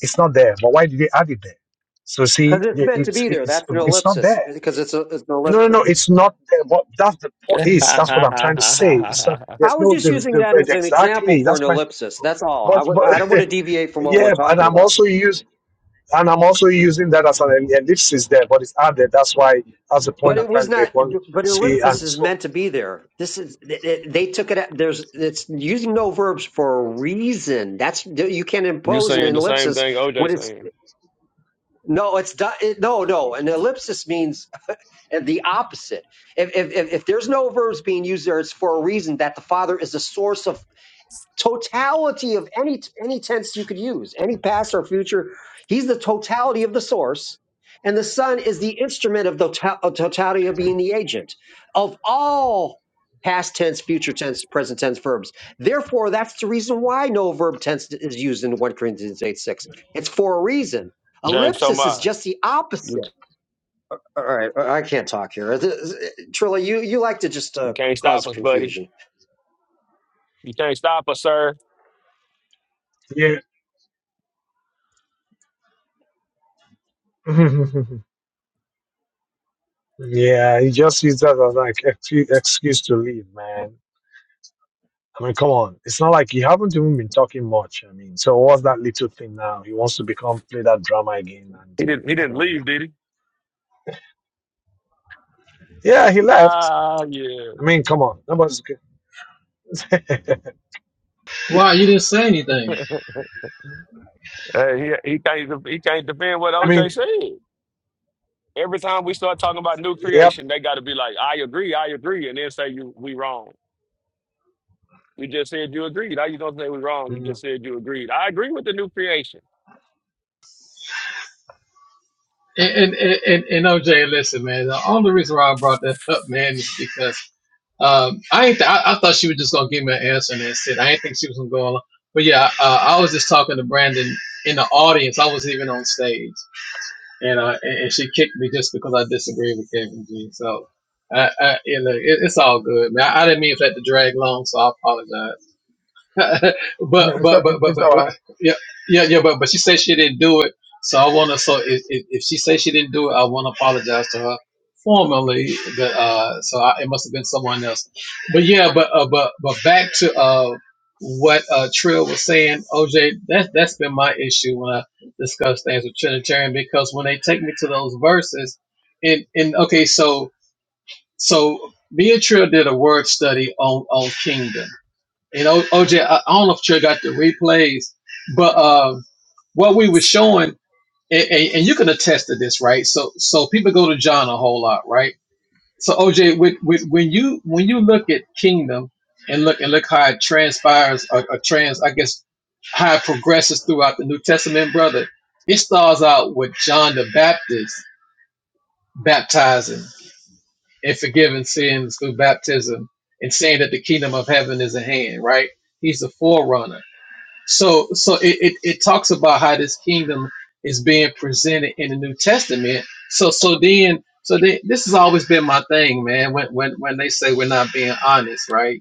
[SPEAKER 2] It's not there. But why did they add it there? So see,
[SPEAKER 1] Because it's
[SPEAKER 2] the-
[SPEAKER 1] meant to
[SPEAKER 2] it's
[SPEAKER 1] be there.
[SPEAKER 2] it's
[SPEAKER 1] That's an
[SPEAKER 2] it's not there.
[SPEAKER 1] ellipsis because it's, a, it's an
[SPEAKER 2] No, no,
[SPEAKER 1] ellipsis.
[SPEAKER 2] no. It's not there. What that's the point is. That's what I'm trying to say. It's not.
[SPEAKER 6] (laughs)
[SPEAKER 1] I
[SPEAKER 2] There's
[SPEAKER 1] was
[SPEAKER 2] no.
[SPEAKER 1] just
[SPEAKER 2] The,
[SPEAKER 1] using
[SPEAKER 2] the,
[SPEAKER 1] that as an example
[SPEAKER 2] exactly.
[SPEAKER 1] for an
[SPEAKER 2] That's my.
[SPEAKER 1] ellipsis. That's all. I
[SPEAKER 2] But,
[SPEAKER 1] w- I don't want
[SPEAKER 2] but
[SPEAKER 1] to deviate
[SPEAKER 2] (laughs)
[SPEAKER 1] from what we're
[SPEAKER 2] yeah. And
[SPEAKER 1] talking
[SPEAKER 2] I'm
[SPEAKER 1] about.
[SPEAKER 2] also use. And I'm also using that as an ellipsis there. But it's added. That's why. That's the
[SPEAKER 1] But
[SPEAKER 2] point I'm
[SPEAKER 1] it
[SPEAKER 2] trying
[SPEAKER 1] was
[SPEAKER 2] to
[SPEAKER 1] not.
[SPEAKER 2] make. One
[SPEAKER 1] But
[SPEAKER 2] see
[SPEAKER 1] ellipsis
[SPEAKER 2] and
[SPEAKER 1] is
[SPEAKER 2] so
[SPEAKER 1] meant to be there. This is it, it- they took it. out- There's it's using no verbs for a reason. That's you can't
[SPEAKER 6] you
[SPEAKER 1] impose an
[SPEAKER 6] saying the same
[SPEAKER 1] ellipsis
[SPEAKER 6] thing OJ
[SPEAKER 1] when it's.
[SPEAKER 6] saying.
[SPEAKER 1] No, it's di- it, no, no. An ellipsis means uh, the opposite. If, if if if there's no verbs being used there, it's for a reason that the Father is the source of totality of any any tense you could use, any past or future. He's the totality of the source, and the Son is the instrument of the to- of totality of being the agent of all past tense, future tense, present tense verbs. Therefore, that's the reason why no verb tense is used in 1 Corinthians 8 6. It's for a reason.
[SPEAKER 6] James
[SPEAKER 1] Ellipsis is
[SPEAKER 6] Thomas,
[SPEAKER 1] just the
[SPEAKER 6] you
[SPEAKER 1] opposite. All right, I I can't talk here. This- Trilla, you, you like to just
[SPEAKER 6] you
[SPEAKER 1] uh,
[SPEAKER 6] can't stop
[SPEAKER 1] cause
[SPEAKER 6] us, buddy.
[SPEAKER 1] confusion.
[SPEAKER 6] You can't stop us, sir.
[SPEAKER 2] yeah. (laughs) yeah. He just used that as like ex- excuse to leave, man. I mean, come on. It's not like you haven't even been talking much. I mean, so what's that little thing now? He wants to become play that drama again, and
[SPEAKER 6] He didn't he
[SPEAKER 2] come
[SPEAKER 6] didn't
[SPEAKER 2] on,
[SPEAKER 6] leave, did he?
[SPEAKER 2] Yeah, he left.
[SPEAKER 6] Ah, yeah.
[SPEAKER 2] I mean, come on, that was good. (laughs)
[SPEAKER 7] Why? You didn't say anything.
[SPEAKER 6] (laughs) hey, he he can't he can't defend what
[SPEAKER 2] I
[SPEAKER 6] OJ
[SPEAKER 2] mean,
[SPEAKER 6] said. Every time we start talking about new
[SPEAKER 2] yep.
[SPEAKER 6] creation, they got to be like, I agree, I agree, and then say you we wrong. You just said you agreed. How you gonna say we wrong? You just
[SPEAKER 2] Mm.
[SPEAKER 6] said you agreed. I agree with the new creation.
[SPEAKER 7] And, and, and, and OJ, listen, man, the only reason why I brought that up, man, is because um, I, ain't th- I I thought she was just gonna give me an answer and that's it. I didn't think she was gonna go on. But yeah, uh, I was just talking to Brandon in the audience. I was even on stage, and uh, and, and she kicked me just because I disagreed with Kevin G. So, I, I you know, it, it's all good, man. I, I didn't mean for that to drag long, so I apologize. (laughs) but, but
[SPEAKER 2] No, it's,
[SPEAKER 7] but but but
[SPEAKER 2] it's all
[SPEAKER 7] but
[SPEAKER 2] right.
[SPEAKER 7] yeah yeah yeah but but she said she didn't do it so i want to so if, if if she says she didn't do it i want to apologize to her formally but uh so I, it must have been someone else but yeah but uh, but but back to uh what uh trill was saying oj that's that's been my issue when i discuss things with trinitarian because when they take me to those verses and and okay so so me and trill did a word study on on kingdom and o- OJ, I, I don't know if you got the replays, but um, what we were showing, and, and, and you can attest to this, right? So, so people go to John a whole lot, right? So, OJ, with, with, when you when you look at Kingdom and look and look how it transpires or, or trans, I guess, how it progresses throughout the New Testament, brother, it starts out with John the Baptist baptizing and forgiving sins through baptism and saying that the kingdom of heaven is at hand, right? He's the forerunner so so it, it, it talks about how this kingdom is being presented in the New Testament. So so then so then, this has always been my thing, man. When when when they say we're not being honest, right?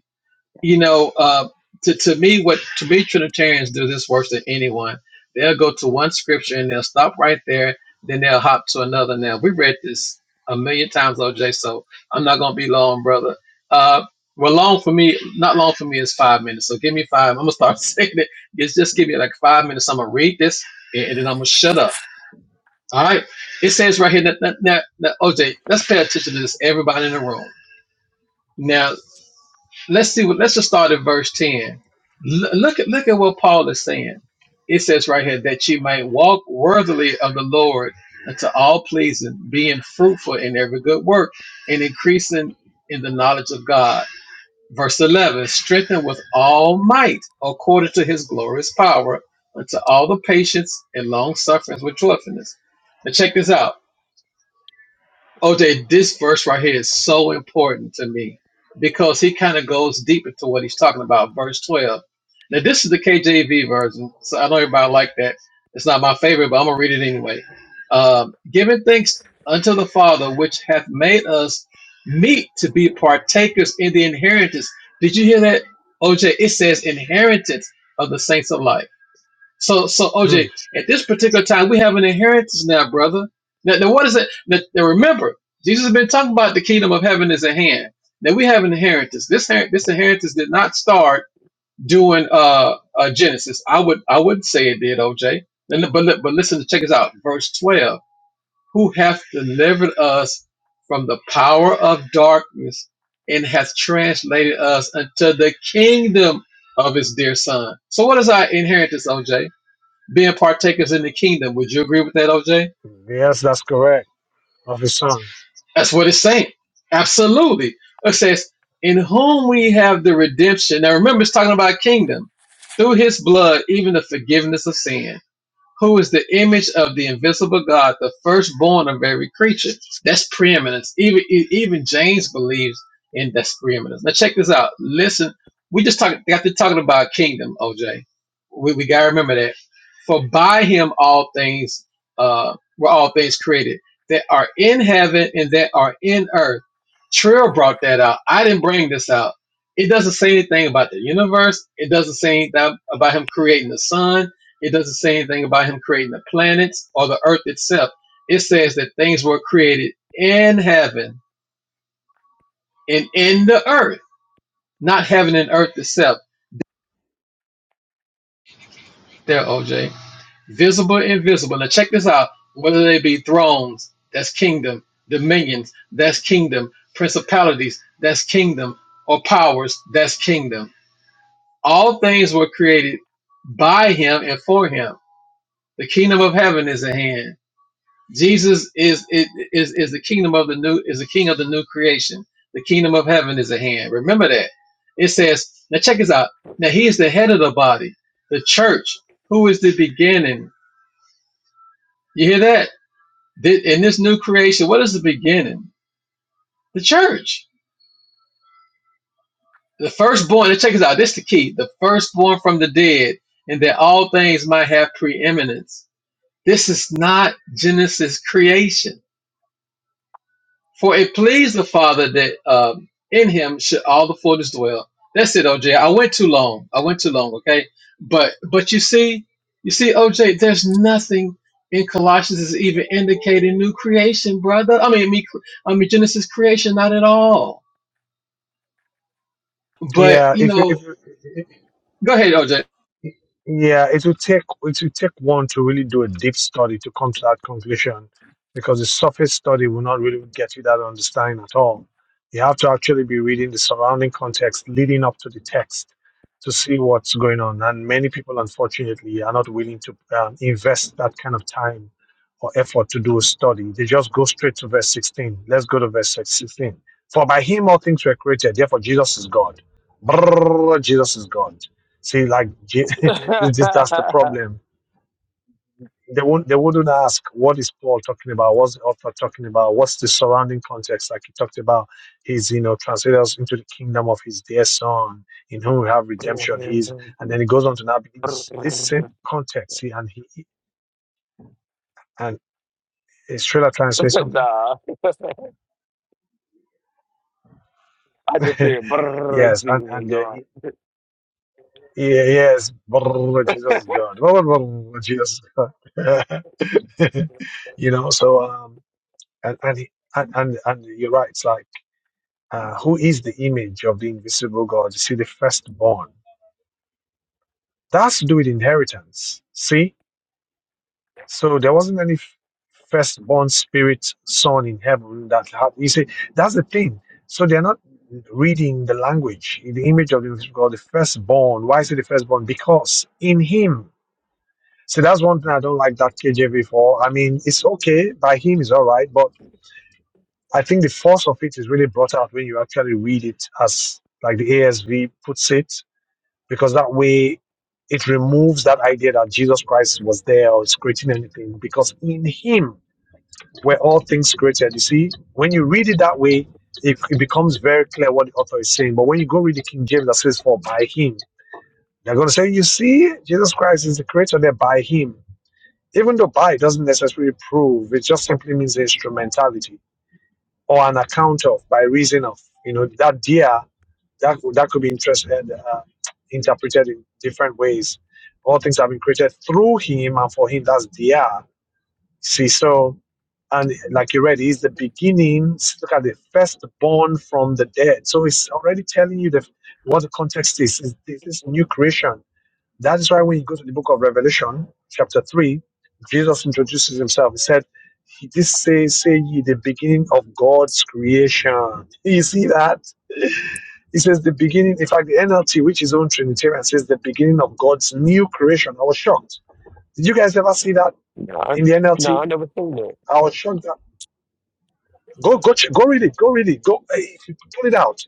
[SPEAKER 7] you know, uh, to, to me, what to me, Trinitarians do this worse than anyone. They'll go to one scripture and they'll stop right there, then they'll hop to another. Now, we read this a million times, OJ, so I'm not going to be long, brother. Uh, well, long for me, not long for me is five minutes. So give me five. I'm going to start (laughs) saying it. Just, just give me like five minutes. I'm going to read this and, and then I'm going to shut up. All right. It says right here that, that, that, that, OJ, let's pay attention to this, everybody in the room. Now let's see what let's just start at verse 10 L- look at look at what paul is saying it says right here that you might walk worthily of the lord unto all pleasing being fruitful in every good work and increasing in the knowledge of god verse 11 strengthened with all might according to his glorious power unto all the patience and long sufferings with joyfulness now check this out OJ, this verse right here is so important to me because he kind of goes deep into what he's talking about. Verse 12. Now, this is the KJV version, so I know everybody like that. It's not my favorite, but I'm going to read it anyway. Um, Giving thanks unto the Father, which hath made us meet to be partakers in the inheritance. Did you hear that? OJ, it says inheritance of the saints of light. So, so OJ,
[SPEAKER 2] Mm.
[SPEAKER 7] at this particular time, we have an inheritance now, brother. Now, now what is it? Now, now remember, Jesus has been talking about the kingdom of heaven is at hand. Now we have an inheritance. This her- this inheritance did not start doing uh, uh, Genesis. I would I would say it did, OJ. And li- But li- but listen, check us out. Verse twelve: Who hath delivered us from the power of darkness and hath translated us unto the kingdom of his dear Son. So what is our inheritance, OJ? being partakers in the kingdom. Would you agree with that, OJ?
[SPEAKER 2] Yes, that's correct. Of his son.
[SPEAKER 7] That's what it's saying. Absolutely. It says, in whom we have the redemption. Now remember, it's talking about kingdom. Through his blood, even the forgiveness of sin. who is the image of the invisible God, the firstborn of every creature. That's preeminence. Even e- even James believes in that's preeminence. Now check this out. Listen, we just talking got to talking about kingdom, OJ. We we gotta remember that. For by him all things uh were all things created that are in heaven and that are in earth. Trill brought that out. I didn't bring this out. It doesn't say anything about the universe. It doesn't say anything about him creating the sun. It doesn't say anything about him creating the planets or the earth itself. It says that things were created in heaven and in the earth, not heaven and earth itself. There, OJ. Visible, invisible. Now check this out. Whether they be thrones, that's kingdom. Dominions, that's kingdom. Principalities, that's kingdom. Or powers, that's kingdom. All things were created by him and for him. The kingdom of heaven is at hand Jesus is it is is the kingdom of the new is the king of the new creation. The kingdom of heaven is at hand. Remember that. It says, now check this out. Now he is the head of the body, the church, who is the beginning. You hear that? Thi- In this new creation, what is the beginning? The church. The firstborn, now check this out. This is the key. The firstborn from the dead, and that all things might have preeminence. This is not Genesis creation For it pleased the Father that um, in him should all the fullness dwell. That's it, OJ. I went too long. I went too long. Okay, but but you see, you see, OJ, there's nothing in Colossians is even indicating new creation, brother. I mean, me, I mean Genesis creation, not at all. But
[SPEAKER 2] Yeah,
[SPEAKER 7] you
[SPEAKER 2] if you
[SPEAKER 7] know,
[SPEAKER 2] if you
[SPEAKER 7] go ahead, OJ.
[SPEAKER 2] Yeah, it would take it would take one to really do a deep study to come to that conclusion, because the surface study will not really get you that understanding at all. You have to actually be reading the surrounding context leading up to the text to see what's going on. And many people, unfortunately, are not willing to um, invest that kind of time or effort to do a study. They just go straight to verse 16. Let's go to verse 16. For by him all things were created. Therefore, Jesus is God. Brrr, Jesus is God. See, like (laughs)
[SPEAKER 6] (laughs)
[SPEAKER 2] it's
[SPEAKER 6] nah, (laughs)
[SPEAKER 2] that's the problem. They won't. They wouldn't ask what is Paul talking about. What's the author talking about? What's the surrounding context? Like he talked about, he's you know translated us into the kingdom of his dear son, in whom we have redemption. He's and then he goes on to now begin this this same context. See, and he he- and is Trailer trying to say something?
[SPEAKER 6] I just
[SPEAKER 2] (laughs)
[SPEAKER 6] said brrr,
[SPEAKER 2] yes, and
[SPEAKER 6] Jesus is
[SPEAKER 2] and uh,
[SPEAKER 6] God.
[SPEAKER 2] he- yeah, yes, brrr, Jesus
[SPEAKER 6] (laughs)
[SPEAKER 2] is God. (laughs) Brrr, brrr, Jesus is God. (laughs) you know, so um, and and he- and, and, and you're right. It's like, uh, who is the image of the invisible God? You see, the firstborn. That has to do with inheritance. See, so there wasn't any f- firstborn spirit son in heaven that had. You see, that's the thing. So they're not reading the language, the image of the invisible God, the firstborn. Why is it the firstborn? Because in Him. See, that's one thing I don't like that KJV for. I mean, it's okay by Him is all right, but I think the force of it is really brought out when you actually read it as like the ASV puts it, because that way it removes that idea that Jesus Christ was there or is creating anything, because in him were all things created. You see, when you read it that way, it, it becomes very clear what the author is saying. But when you go read the King James that says for by him, they're gonna say, You see, Jesus Christ is the creator there by him. Even though by doesn't necessarily prove, it just simply means instrumentality or on account of by reason of you know that dear that that could be interested uh, uh, interpreted in different ways all things have been created through him and for him that's dear see so and like you read he's the beginning look at the firstborn from the dead so it's already telling you the what the context is is this is new creation that is why when you go to the book of Revelation, chapter 3, Jesus introduces himself. He said, He did say, say ye the beginning of God's creation. You see that? He says the beginning, in fact, the NLT, which is own Trinitarian, says the beginning of God's new creation. I was shocked. Did you guys ever see that
[SPEAKER 6] No, I-
[SPEAKER 2] in the
[SPEAKER 6] no,
[SPEAKER 2] NLT?
[SPEAKER 6] I never seen that.
[SPEAKER 2] I was shocked Go, go, ch- go read it. Go read it. Go eh, if you pull it out.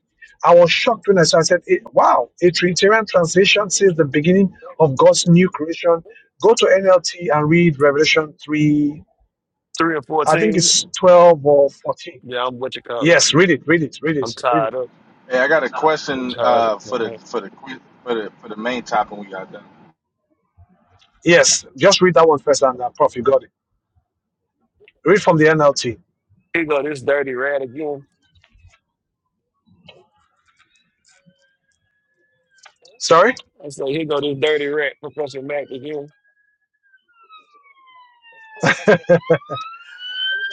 [SPEAKER 2] I was shocked when I saw. I said, eh, "Wow, a Trinitarian translation since the beginning of God's new creation." Go to NLT and read Revelation three.
[SPEAKER 6] Three and
[SPEAKER 2] I think
[SPEAKER 6] fourteen.
[SPEAKER 2] it's twelve or fourteen.
[SPEAKER 6] Yeah, I'm what you call it.
[SPEAKER 2] Yes, read it. Read it. Read
[SPEAKER 6] I'm
[SPEAKER 2] it. Read
[SPEAKER 6] tired
[SPEAKER 2] it.
[SPEAKER 6] up.
[SPEAKER 8] Hey, I got a
[SPEAKER 6] I'm
[SPEAKER 8] question
[SPEAKER 6] tired up.
[SPEAKER 8] uh, for the
[SPEAKER 6] man.
[SPEAKER 8] for the que- for the for the main topic we got done.
[SPEAKER 2] Yes, just read that one first, and uh, Prof, you got it. Read from the NLT.
[SPEAKER 6] Here go this dirty rat again.
[SPEAKER 2] Sorry,
[SPEAKER 6] I say, here go this dirty rat, Professor Mac again.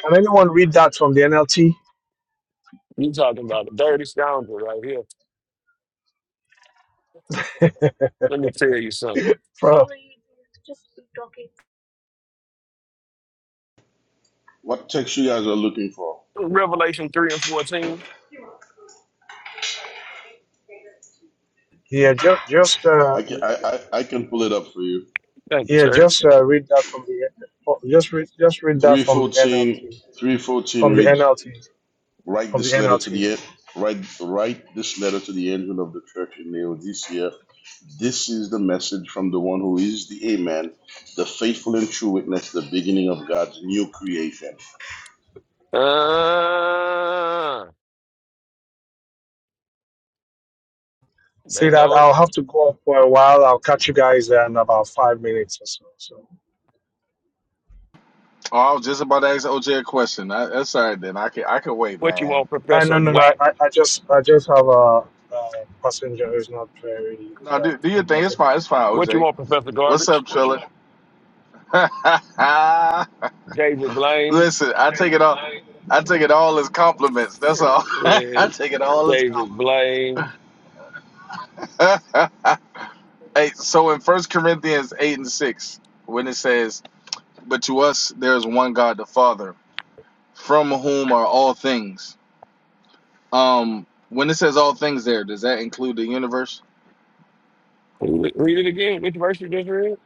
[SPEAKER 2] can anyone read that from the NLT?
[SPEAKER 6] You talking about a dirty scoundrel right here. Let me tell you something.
[SPEAKER 2] Prof,
[SPEAKER 10] What text you guys are looking for?
[SPEAKER 6] Revelation 3 and 14.
[SPEAKER 2] yeah, just just uh,
[SPEAKER 10] I can I, I, I can pull it up for you.
[SPEAKER 6] Thank you,
[SPEAKER 2] Yeah,
[SPEAKER 6] sir.
[SPEAKER 2] just uh, read that from the oh, just read just read that from the
[SPEAKER 10] 314
[SPEAKER 2] NLT
[SPEAKER 10] 314
[SPEAKER 2] from the
[SPEAKER 10] reads
[SPEAKER 2] NLT
[SPEAKER 10] write
[SPEAKER 2] from the
[SPEAKER 10] this letter to
[SPEAKER 2] NLT.
[SPEAKER 10] the write write this letter to the angel of the church in Laodicea. This is the message from the one who is the Amen, the faithful and true witness, the beginning of God's new creation.
[SPEAKER 6] Uh, they
[SPEAKER 2] See that
[SPEAKER 6] know it.
[SPEAKER 2] I'll have to go up for a while. I'll catch you guys there in about five minutes or so. So
[SPEAKER 8] Oh, I was just about to ask OJ a question. I, that's all right then. I can I can wait,
[SPEAKER 6] What you
[SPEAKER 8] man.
[SPEAKER 6] want,
[SPEAKER 2] I no
[SPEAKER 6] Professor
[SPEAKER 2] no no. I,
[SPEAKER 6] Whack?
[SPEAKER 2] I I just I just have a, a passenger who's not very
[SPEAKER 8] No, do do
[SPEAKER 2] uh,
[SPEAKER 8] your thing. It's
[SPEAKER 2] comfortable.
[SPEAKER 8] fine. It's fine,
[SPEAKER 6] What you
[SPEAKER 8] OJ.
[SPEAKER 6] want, Professor
[SPEAKER 8] What's
[SPEAKER 6] Garbage?
[SPEAKER 8] up, Trilla? (laughs)
[SPEAKER 6] David Blaine.
[SPEAKER 8] Listen, I take it all. I take it all as compliments. That's all. (laughs)
[SPEAKER 6] Uh,
[SPEAKER 8] I take it all as
[SPEAKER 6] David Blaine.
[SPEAKER 8] compliments. (laughs) hey, so in First Corinthians eight and six, when it says. but to us there is one God the Father, from whom are all things. Um, when it says all things there, does that include the universe?
[SPEAKER 6] Read it again. Which verse you just read?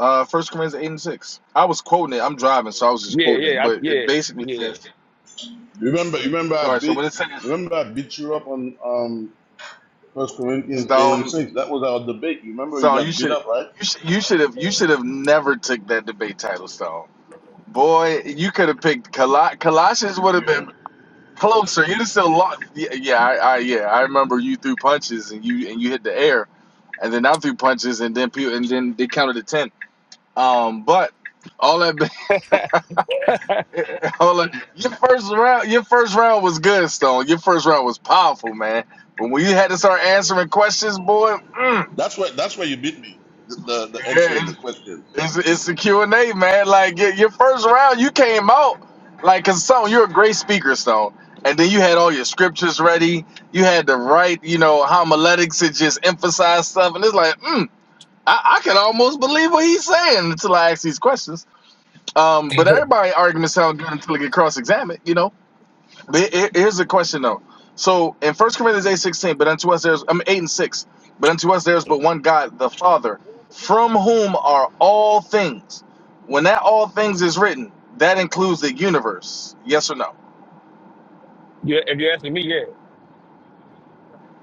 [SPEAKER 8] Uh First Corinthians eight and six. I was quoting it. I'm driving, so I was just
[SPEAKER 6] Yeah,
[SPEAKER 8] quoting it.
[SPEAKER 6] yeah, I,
[SPEAKER 8] But it
[SPEAKER 6] yeah,
[SPEAKER 8] basically
[SPEAKER 6] yeah.
[SPEAKER 8] says,
[SPEAKER 10] Remember remember I
[SPEAKER 8] sorry. So when
[SPEAKER 10] beat
[SPEAKER 8] it says
[SPEAKER 10] remember I beat you up on um First Corinthians eight and
[SPEAKER 8] Stone,
[SPEAKER 10] six. That was our debate. You remember you
[SPEAKER 8] Stone, you
[SPEAKER 10] got beat
[SPEAKER 8] should,
[SPEAKER 10] up, right?
[SPEAKER 8] you should, you should have, you should have never took that debate title, Stone. Boy, you could have picked Col- Colossians. Would have been Closer, You just still locked. Yeah, yeah, I, I, yeah. I remember you threw punches and you and you hit the air, and then I threw punches and then people and then they counted to ten. Um, but all that,
[SPEAKER 6] (laughs)
[SPEAKER 8] (laughs) all that, your first round, your first round was good, Stone. Your first round was powerful, man. But when you had to start answering questions, boy, mm,
[SPEAKER 10] That's where that's where you beat me. The, the, the answering
[SPEAKER 8] yeah,
[SPEAKER 10] the question.
[SPEAKER 8] It's it's the Q and A, man. Like your, your first round, you came out like cause Stone, you're a great speaker, Stone. And then you had all your scriptures ready. You had the right, you know, homiletics to just emphasize stuff, and it's like, mm, I, I can almost believe what he's saying until I ask these questions. Um, but everybody arguments sound good until they get cross examined, you know. Here- here- Here's the question though. So in First Corinthians eight sixteen, but unto us there's I mean eight and six, but unto us there's but one God, the Father, from whom are all things. When that all things is written, that includes the universe. Yes or no?
[SPEAKER 6] you, if you're asking me, yeah,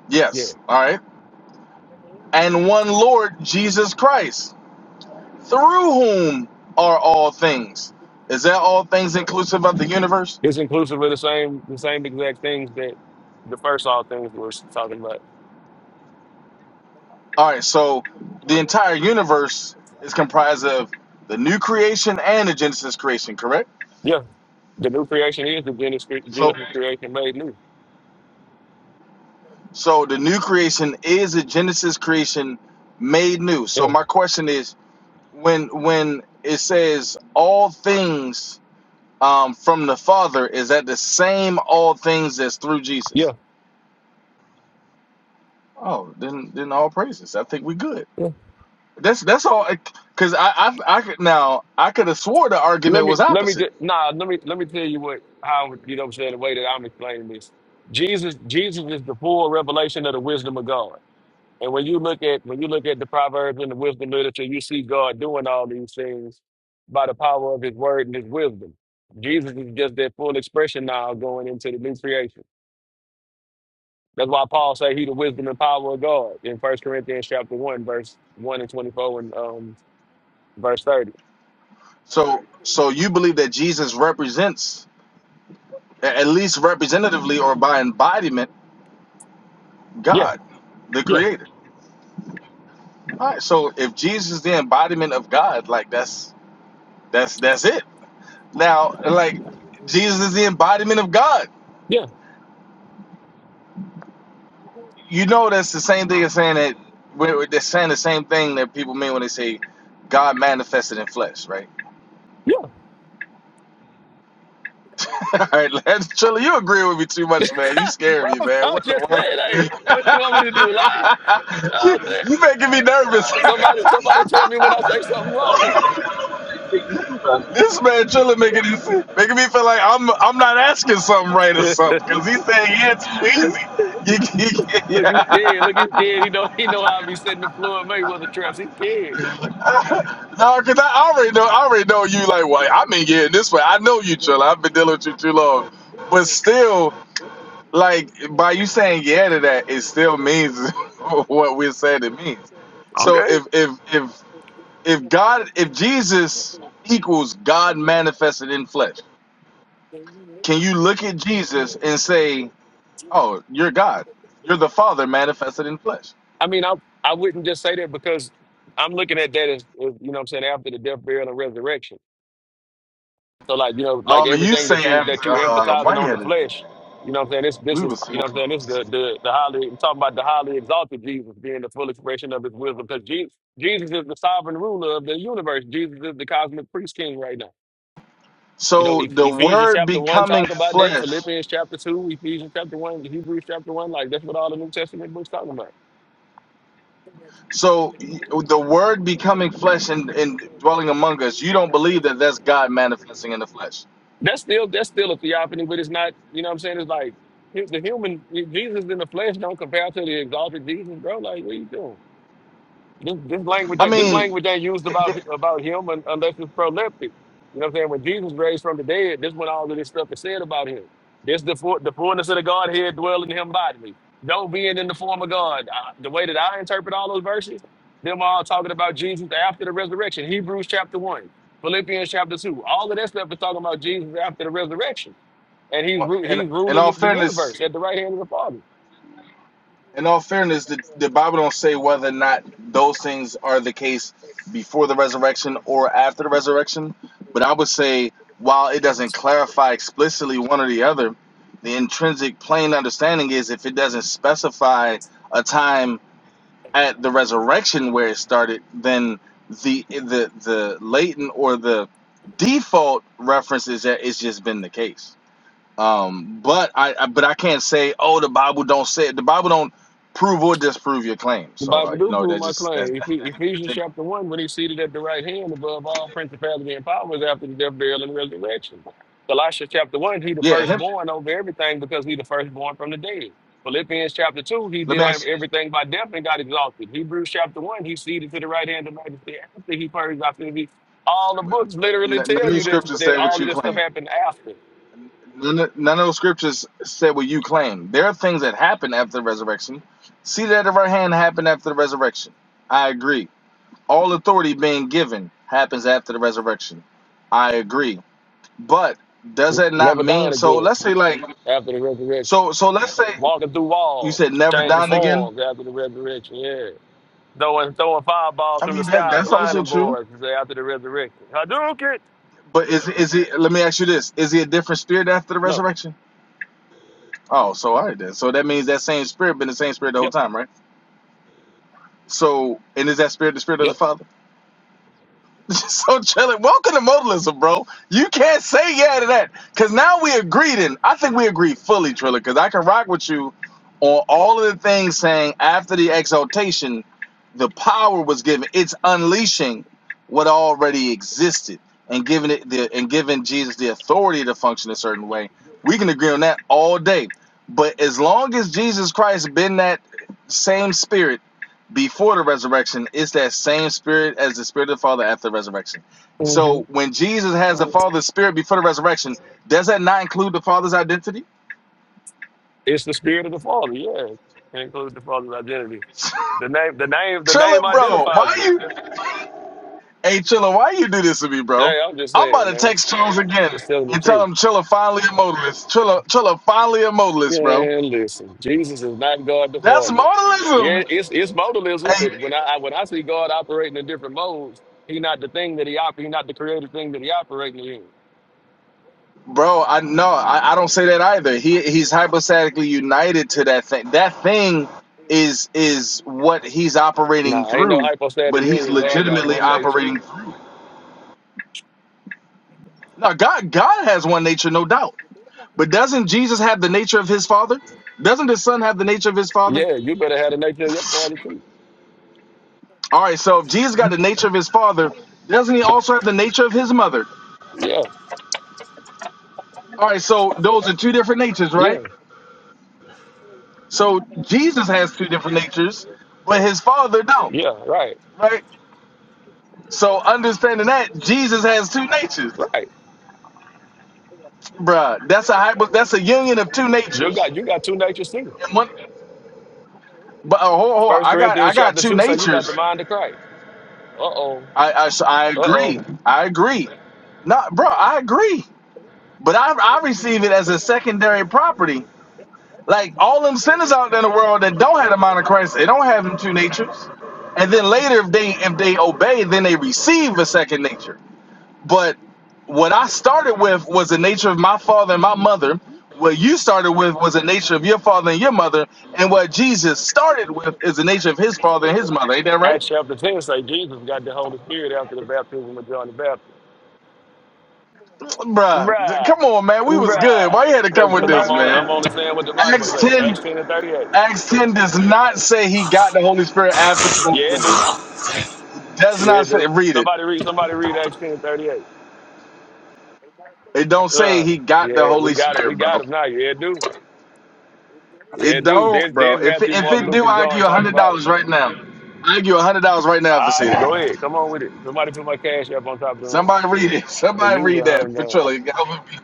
[SPEAKER 8] Yes. All right.
[SPEAKER 6] yeah.
[SPEAKER 8] And one Lord Jesus Christ, through whom are all things. Is that all things inclusive of the universe?
[SPEAKER 6] It's inclusive of the same the same exact things that the first all things we were talking about.
[SPEAKER 8] All right. So the entire universe is comprised of the new creation and the Genesis creation, correct?
[SPEAKER 6] Yeah, the new creation is the Genesis,
[SPEAKER 8] So,
[SPEAKER 6] Genesis creation made new.
[SPEAKER 8] so the new creation is a Genesis creation made new. So
[SPEAKER 6] Yeah,
[SPEAKER 8] my question is, when when it says all things um, from the Father, is that the same all things that's through Jesus?
[SPEAKER 6] yeah,
[SPEAKER 8] Oh, then then all praises. I think we good.
[SPEAKER 6] yeah.
[SPEAKER 8] That's that's all. Because I, I I could now I could have swore the
[SPEAKER 6] Let
[SPEAKER 8] argument
[SPEAKER 6] me
[SPEAKER 8] was
[SPEAKER 6] let me
[SPEAKER 8] opposite.
[SPEAKER 6] just nah. Let me let me tell you what how you know what I'm saying the way that I'm explaining this. Jesus Jesus is the full revelation of the wisdom of God. And when you look at when you look at the proverbs and the wisdom literature, you see God doing all these things by the power of His word and His wisdom. Jesus is just that full expression now going into the new creation. That's why Paul say He the wisdom and power of God in First Corinthians chapter one, verse one and twenty four and um verse thirty.
[SPEAKER 8] So so you believe that Jesus represents a- at least representatively or by embodiment
[SPEAKER 6] Yeah,
[SPEAKER 8] God, the
[SPEAKER 6] yeah,
[SPEAKER 8] Creator. All right, so if Jesus is the embodiment of God, like that's that's that's it. Now, like Jesus is the embodiment of God.
[SPEAKER 6] yeah,
[SPEAKER 8] You know, that's the same thing as saying that we're, they're saying the same thing that people mean when they say God manifested in flesh, right?
[SPEAKER 6] yeah.
[SPEAKER 8] (laughs) All right, Lance Triller, you agree with me too much,
[SPEAKER 6] (laughs)
[SPEAKER 8] man. You scare me,
[SPEAKER 6] Bro,
[SPEAKER 8] man.
[SPEAKER 6] I'm
[SPEAKER 8] What in
[SPEAKER 6] just
[SPEAKER 8] the
[SPEAKER 6] saying, hey,
[SPEAKER 8] world?
[SPEAKER 6] what you want me to do? Lie? You
[SPEAKER 8] (laughs)
[SPEAKER 6] know
[SPEAKER 8] you,
[SPEAKER 6] what I'm saying?
[SPEAKER 8] you making me nervous. (laughs)
[SPEAKER 6] Somebody, somebody tell me when I say something wrong.
[SPEAKER 11] Jesus.
[SPEAKER 8] this man Triller making this, making me feel like I'm I'm not asking something right or
[SPEAKER 6] (laughs)
[SPEAKER 8] something because he's saying yeah too easy. (laughs) You- you-
[SPEAKER 6] Look, he
[SPEAKER 8] (laughs)
[SPEAKER 6] scared. Look, he scared. He know (laughs) he know how I be setting the floor and Mayweather traps. He scared.
[SPEAKER 8] How could I I already know? I already know you. Like, well, I've been getting this way. I know you, Trilla. I've been dealing with you too long. But still, like, by you saying yeah to that, it still means (laughs) what we're saying it means. So
[SPEAKER 6] Okay.
[SPEAKER 8] if if if if God, if Jesus equals God manifested in flesh, can you look at Jesus and say, "Oh, you're God. You're the Father manifested in flesh."
[SPEAKER 6] I mean, I I wouldn't just say that because I'm looking at that as, as you know what I'm saying after the death, burial, and resurrection. So like you know like
[SPEAKER 8] Oh, you
[SPEAKER 6] everything that
[SPEAKER 8] say,
[SPEAKER 6] you
[SPEAKER 8] after,
[SPEAKER 6] that you
[SPEAKER 8] uh, "Why
[SPEAKER 6] emphasizing
[SPEAKER 8] you
[SPEAKER 6] on the
[SPEAKER 8] had to?"
[SPEAKER 6] flesh, you know what I'm saying this this
[SPEAKER 8] We were
[SPEAKER 6] is you
[SPEAKER 8] so
[SPEAKER 6] know what I'm saying this
[SPEAKER 8] close.
[SPEAKER 6] the the the highly I'm talking about the highly exalted Jesus being the full expression of His wisdom because Jesus Jesus is the sovereign ruler of the universe. Jesus is the cosmic priest king right now. You know,
[SPEAKER 8] So
[SPEAKER 6] Eph-
[SPEAKER 8] the
[SPEAKER 6] Ephesians
[SPEAKER 8] word
[SPEAKER 6] chapter one
[SPEAKER 8] becoming
[SPEAKER 6] talk about that.
[SPEAKER 8] flesh.
[SPEAKER 6] Philippians chapter two, Ephesians chapter one, Hebrews chapter one. Like that's what all the New Testament books talking about.
[SPEAKER 8] So the word becoming flesh and, and dwelling among us. You don't believe that that's God manifesting in the flesh.
[SPEAKER 6] That's still that's still a theophany, but it's not. You know what I'm saying? It's like here's the human Jesus in the flesh don't compare to the exalted Jesus, bro. Like what are you doing? This, this language,
[SPEAKER 8] I
[SPEAKER 6] ain't- this
[SPEAKER 8] mean,
[SPEAKER 6] language ain't used about about him un, unless it's proleptic. You know what I'm saying? When Jesus raised from the dead, this is when all of this stuff is said about him. This the fu- the fullness of the Godhead dwelling in him bodily. Though being in the form of God, I, the way that I interpret all those verses, them all talking about Jesus after the resurrection. Hebrews chapter one, Philippians chapter two, all of that stuff is talking about Jesus after the resurrection, and he's ru-
[SPEAKER 8] in
[SPEAKER 6] he's
[SPEAKER 8] in
[SPEAKER 6] ruling
[SPEAKER 8] all
[SPEAKER 6] the
[SPEAKER 8] fairness,
[SPEAKER 6] universe at the right hand of the Father.
[SPEAKER 8] in all fairness, the, the Bible don't say whether or not those things are the case before the resurrection or after the resurrection. But I would say while it doesn't clarify explicitly one or the other, the intrinsic plain understanding is if it doesn't specify a time at the resurrection where it started, then the the the latent or the default reference is that it's just been the case. Um, but I, I but I can't say oh the Bible don't say it. The Bible don't prove or disprove your claim.
[SPEAKER 6] The
[SPEAKER 8] So uh,
[SPEAKER 6] Bible
[SPEAKER 8] you
[SPEAKER 6] do
[SPEAKER 8] know
[SPEAKER 6] prove
[SPEAKER 8] that
[SPEAKER 6] my
[SPEAKER 8] just that
[SPEAKER 6] claim. Eph-
[SPEAKER 8] that, that can be your
[SPEAKER 6] Ephesians
[SPEAKER 8] take on. it.
[SPEAKER 6] chapter one, when he's seated at the right hand above all principality and powers after the death, burial, and resurrection. Colossians chapter one, he the
[SPEAKER 8] Yeah, him.
[SPEAKER 6] firstborn over everything because he the firstborn from the dead. Philippians chapter two, he
[SPEAKER 8] Let
[SPEAKER 6] did
[SPEAKER 8] me ask. you.
[SPEAKER 6] everything by death and got exalted. Hebrews chapter one, he's seated to the right hand of majesty after he purged our sins. All the books literally
[SPEAKER 8] n- None of
[SPEAKER 6] tell
[SPEAKER 8] the
[SPEAKER 6] you that,
[SPEAKER 8] scriptures
[SPEAKER 6] that
[SPEAKER 8] say what
[SPEAKER 6] all of
[SPEAKER 8] you
[SPEAKER 6] this stuff
[SPEAKER 8] claim.
[SPEAKER 6] happened after.
[SPEAKER 8] None of, none of those scriptures say what you claim. There are things that happen after the resurrection. See that of our hand happened after the resurrection. I agree all authority being given happens after the resurrection. I agree. But does that not
[SPEAKER 6] Never
[SPEAKER 8] mean
[SPEAKER 6] dying
[SPEAKER 8] so
[SPEAKER 6] again
[SPEAKER 8] let's say like
[SPEAKER 6] after the resurrection.
[SPEAKER 8] so so let's say
[SPEAKER 6] Walking through
[SPEAKER 8] you
[SPEAKER 6] walls,
[SPEAKER 8] said never
[SPEAKER 6] changing
[SPEAKER 8] down again?
[SPEAKER 6] forms after the resurrection. Yeah. Throwing, throwing fireballs
[SPEAKER 8] I
[SPEAKER 6] from the
[SPEAKER 8] mean that
[SPEAKER 6] sky,
[SPEAKER 8] that's also
[SPEAKER 6] blinding
[SPEAKER 8] true.
[SPEAKER 6] boys after the resurrection. Hadouken!
[SPEAKER 8] But is is it let me ask you this, is he a different spirit after the
[SPEAKER 6] No.
[SPEAKER 8] resurrection? Oh, so all right then. So that means that same spirit been the same spirit the whole
[SPEAKER 6] Yep.
[SPEAKER 8] time, right? So and is that spirit the spirit of the
[SPEAKER 6] Yep.
[SPEAKER 8] Father? (laughs) Just so chilling. Welcome to modalism, bro. You can't say yeah to that because now we agreed, and I think we agreed fully, Triller. Because I can rock with you on all of the things saying after the exaltation, the power was given. It's unleashing what already existed and giving it the and giving Jesus the authority to function a certain way. We can agree on that all day. But as long as Jesus Christ been that same spirit before the resurrection is that same spirit as the spirit of the Father after the resurrection.
[SPEAKER 6] hmm
[SPEAKER 8] So when Jesus has the Father's spirit before the resurrection, does that not include the Father's identity?
[SPEAKER 6] It's the spirit of the Father. Yeah. It includes the Father's identity.
[SPEAKER 8] (laughs)
[SPEAKER 6] The name, the name, the name
[SPEAKER 8] Trilla, bro, why
[SPEAKER 6] identifies it.
[SPEAKER 8] you? Hey, Trilla, why you do this to me, bro?
[SPEAKER 6] Hey, I'm just
[SPEAKER 8] I'm
[SPEAKER 6] saying,
[SPEAKER 8] about to
[SPEAKER 6] man.
[SPEAKER 8] text Charles again
[SPEAKER 6] It's telling the
[SPEAKER 8] and tell
[SPEAKER 6] truth.
[SPEAKER 8] him Trilla finally a modalist. Trilla, Trilla finally a modalist, bro.
[SPEAKER 6] Yeah, listen. Jesus is not God the
[SPEAKER 8] That's
[SPEAKER 6] Father. Yeah,
[SPEAKER 8] modalism.
[SPEAKER 6] it's it's modalism, but
[SPEAKER 8] Hey.
[SPEAKER 6] when I I- when I see God operating in different modes, he not the thing that he op, he not the creative thing that he operating in.
[SPEAKER 8] Bro, I no, I, I don't say that either. He he's hypostatically united to that thing. That thing is is what he's operating
[SPEAKER 6] Nah, ain't no
[SPEAKER 8] through, but
[SPEAKER 6] hypostatic
[SPEAKER 8] he's
[SPEAKER 6] union. God got
[SPEAKER 8] legitimately
[SPEAKER 6] one nature.
[SPEAKER 8] operating. No, God God has one nature, no doubt. But doesn't Jesus have the nature of his father? Doesn't the son have the nature of his father?
[SPEAKER 6] Yeah, you better have the nature of your father too.
[SPEAKER 8] All right, so if Jesus got the nature of his father, doesn't he also have the nature of his mother?
[SPEAKER 6] Yeah,
[SPEAKER 8] All right, so those are two different natures, right?
[SPEAKER 6] yeah,
[SPEAKER 8] So Jesus has two different natures, but his father don't,
[SPEAKER 6] yeah. Right,
[SPEAKER 8] right? So understanding that Jesus has two natures,
[SPEAKER 6] right.
[SPEAKER 8] bruh. That's a hypo, that's a union of two
[SPEAKER 6] You
[SPEAKER 8] natures.
[SPEAKER 6] got you got two natures too.
[SPEAKER 8] And one, but uh, hold, hold on.
[SPEAKER 6] First
[SPEAKER 8] I got I
[SPEAKER 6] Corinthians
[SPEAKER 8] got
[SPEAKER 6] chapter
[SPEAKER 8] two
[SPEAKER 6] two say you got the
[SPEAKER 8] natures.
[SPEAKER 6] mind of Christ. Uh oh,
[SPEAKER 8] I I, s- I
[SPEAKER 6] uh
[SPEAKER 8] agree.
[SPEAKER 6] oh.
[SPEAKER 8] I agree. Not, bro. I agree. But I I receive it as a secondary property. Like all them sinners out there in the world that don't have the mind of Christ, they don't have them two natures. And then later, if they if they obey, then they receive a second nature. But what I started with was the nature of my father and my mother. What you started with was the nature of your father and your mother. And what Jesus started with is the nature of his father and his mother. Ain't that right?
[SPEAKER 6] Acts chapter ten say Jesus got the Holy Spirit after the baptism of John the Baptist.
[SPEAKER 8] Bruh, th- come
[SPEAKER 6] Bruh,
[SPEAKER 8] on, man. We was
[SPEAKER 6] bruh.
[SPEAKER 8] good. Why you had to come with
[SPEAKER 6] Because
[SPEAKER 8] this,
[SPEAKER 6] I'm only I'm
[SPEAKER 8] man?
[SPEAKER 6] only saying what the Bible
[SPEAKER 8] Acts
[SPEAKER 6] say. Acts
[SPEAKER 8] 10,
[SPEAKER 6] ten and thirty eight.
[SPEAKER 8] Acts 10 does not say he got the Holy Spirit after the
[SPEAKER 6] Yeah, it do.
[SPEAKER 8] baptism. Does
[SPEAKER 6] Yeah,
[SPEAKER 8] not say,
[SPEAKER 6] dude.
[SPEAKER 8] read it.
[SPEAKER 6] Somebody read somebody read Acts ten thirty eight.
[SPEAKER 8] It don't say
[SPEAKER 6] Uh
[SPEAKER 8] he got the
[SPEAKER 6] yeah, we
[SPEAKER 8] Holy
[SPEAKER 6] got it. We
[SPEAKER 8] Spirit,
[SPEAKER 6] got
[SPEAKER 8] bro.
[SPEAKER 6] him now. Yeah, dude. Yeah,
[SPEAKER 8] It
[SPEAKER 6] dude.
[SPEAKER 8] don't,
[SPEAKER 6] Then
[SPEAKER 8] bro.
[SPEAKER 6] then
[SPEAKER 8] If it,
[SPEAKER 6] Matthew,
[SPEAKER 8] if
[SPEAKER 6] Mark,
[SPEAKER 8] it
[SPEAKER 6] Luke,
[SPEAKER 8] do,
[SPEAKER 6] and
[SPEAKER 8] I give
[SPEAKER 6] John
[SPEAKER 8] you
[SPEAKER 6] talk about it.
[SPEAKER 8] $100 right now. I give you $100 right now
[SPEAKER 6] All
[SPEAKER 8] if I say
[SPEAKER 6] right,
[SPEAKER 8] that.
[SPEAKER 6] go ahead. Come on with it. Somebody put my cash up on top of the room.
[SPEAKER 8] Somebody read it. (laughs)
[SPEAKER 6] The
[SPEAKER 8] Somebody
[SPEAKER 6] user
[SPEAKER 8] read that
[SPEAKER 6] hundred
[SPEAKER 8] for
[SPEAKER 6] down.
[SPEAKER 8] Trilly. I would be-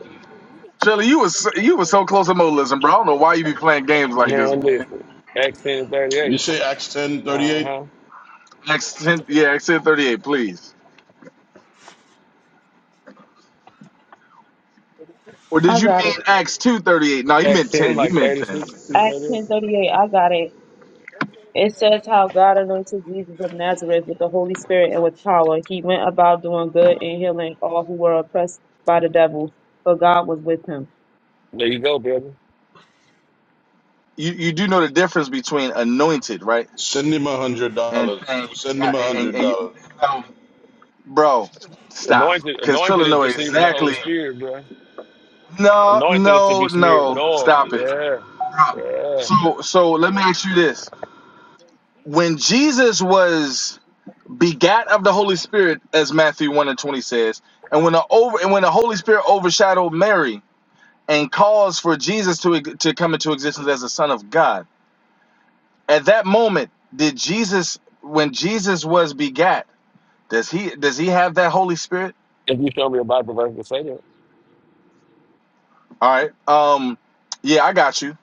[SPEAKER 8] Trilly, you was so, you was so close to modalism, bro. I don't know why you be playing games like this,
[SPEAKER 6] Man,
[SPEAKER 8] man.
[SPEAKER 6] listen. Acts ten thirty
[SPEAKER 10] You
[SPEAKER 6] eight.
[SPEAKER 10] say Acts ten thirty eight.
[SPEAKER 6] Uh-huh.
[SPEAKER 8] Acts ten, yeah, Acts ten thirty eight, please. Or did
[SPEAKER 4] I
[SPEAKER 8] you
[SPEAKER 4] got
[SPEAKER 8] mean
[SPEAKER 4] it.
[SPEAKER 8] Acts two thirty eight? No, he
[SPEAKER 6] Acts
[SPEAKER 8] meant
[SPEAKER 6] ten,
[SPEAKER 8] ten. He
[SPEAKER 6] like
[SPEAKER 8] meant
[SPEAKER 6] thirty
[SPEAKER 8] ten. He
[SPEAKER 6] six,
[SPEAKER 8] meant 10.
[SPEAKER 4] Acts
[SPEAKER 6] There
[SPEAKER 4] ten thirty eight. I got it. It says how God anointed Jesus of Nazareth with the Holy Spirit and with power. He went about doing good and healing all who were oppressed by the devil, for God was with him.
[SPEAKER 6] you go, brother.
[SPEAKER 8] You you do know the difference between anointed, right,
[SPEAKER 10] Send him a hundred
[SPEAKER 8] and
[SPEAKER 10] dollars.
[SPEAKER 8] saying
[SPEAKER 10] Send
[SPEAKER 8] yeah,
[SPEAKER 10] him a
[SPEAKER 8] and, and,
[SPEAKER 10] hundred
[SPEAKER 8] and you, you
[SPEAKER 10] dollars.
[SPEAKER 8] bro, stop,
[SPEAKER 6] Anointed
[SPEAKER 8] because Trilly
[SPEAKER 6] anointed is
[SPEAKER 8] know
[SPEAKER 6] receiving the Holy
[SPEAKER 8] exactly.
[SPEAKER 6] Spirit, bro.
[SPEAKER 8] No,
[SPEAKER 6] Anointed is to be
[SPEAKER 8] no,
[SPEAKER 6] smeared with
[SPEAKER 8] no,
[SPEAKER 6] oil.
[SPEAKER 8] stop it.
[SPEAKER 6] Yeah. Yeah.
[SPEAKER 8] So so let me ask you this: When Jesus was begat of the Holy Spirit, as Matthew 1 and 20 says. And when the over and when the Holy Spirit overshadowed Mary and caused for Jesus to, to come into existence as the Son of God. At that moment, did Jesus when Jesus was begat, does he does he have that Holy Spirit?
[SPEAKER 6] If you show me a Bible verse to say that.
[SPEAKER 8] All right. Um yeah, I got you.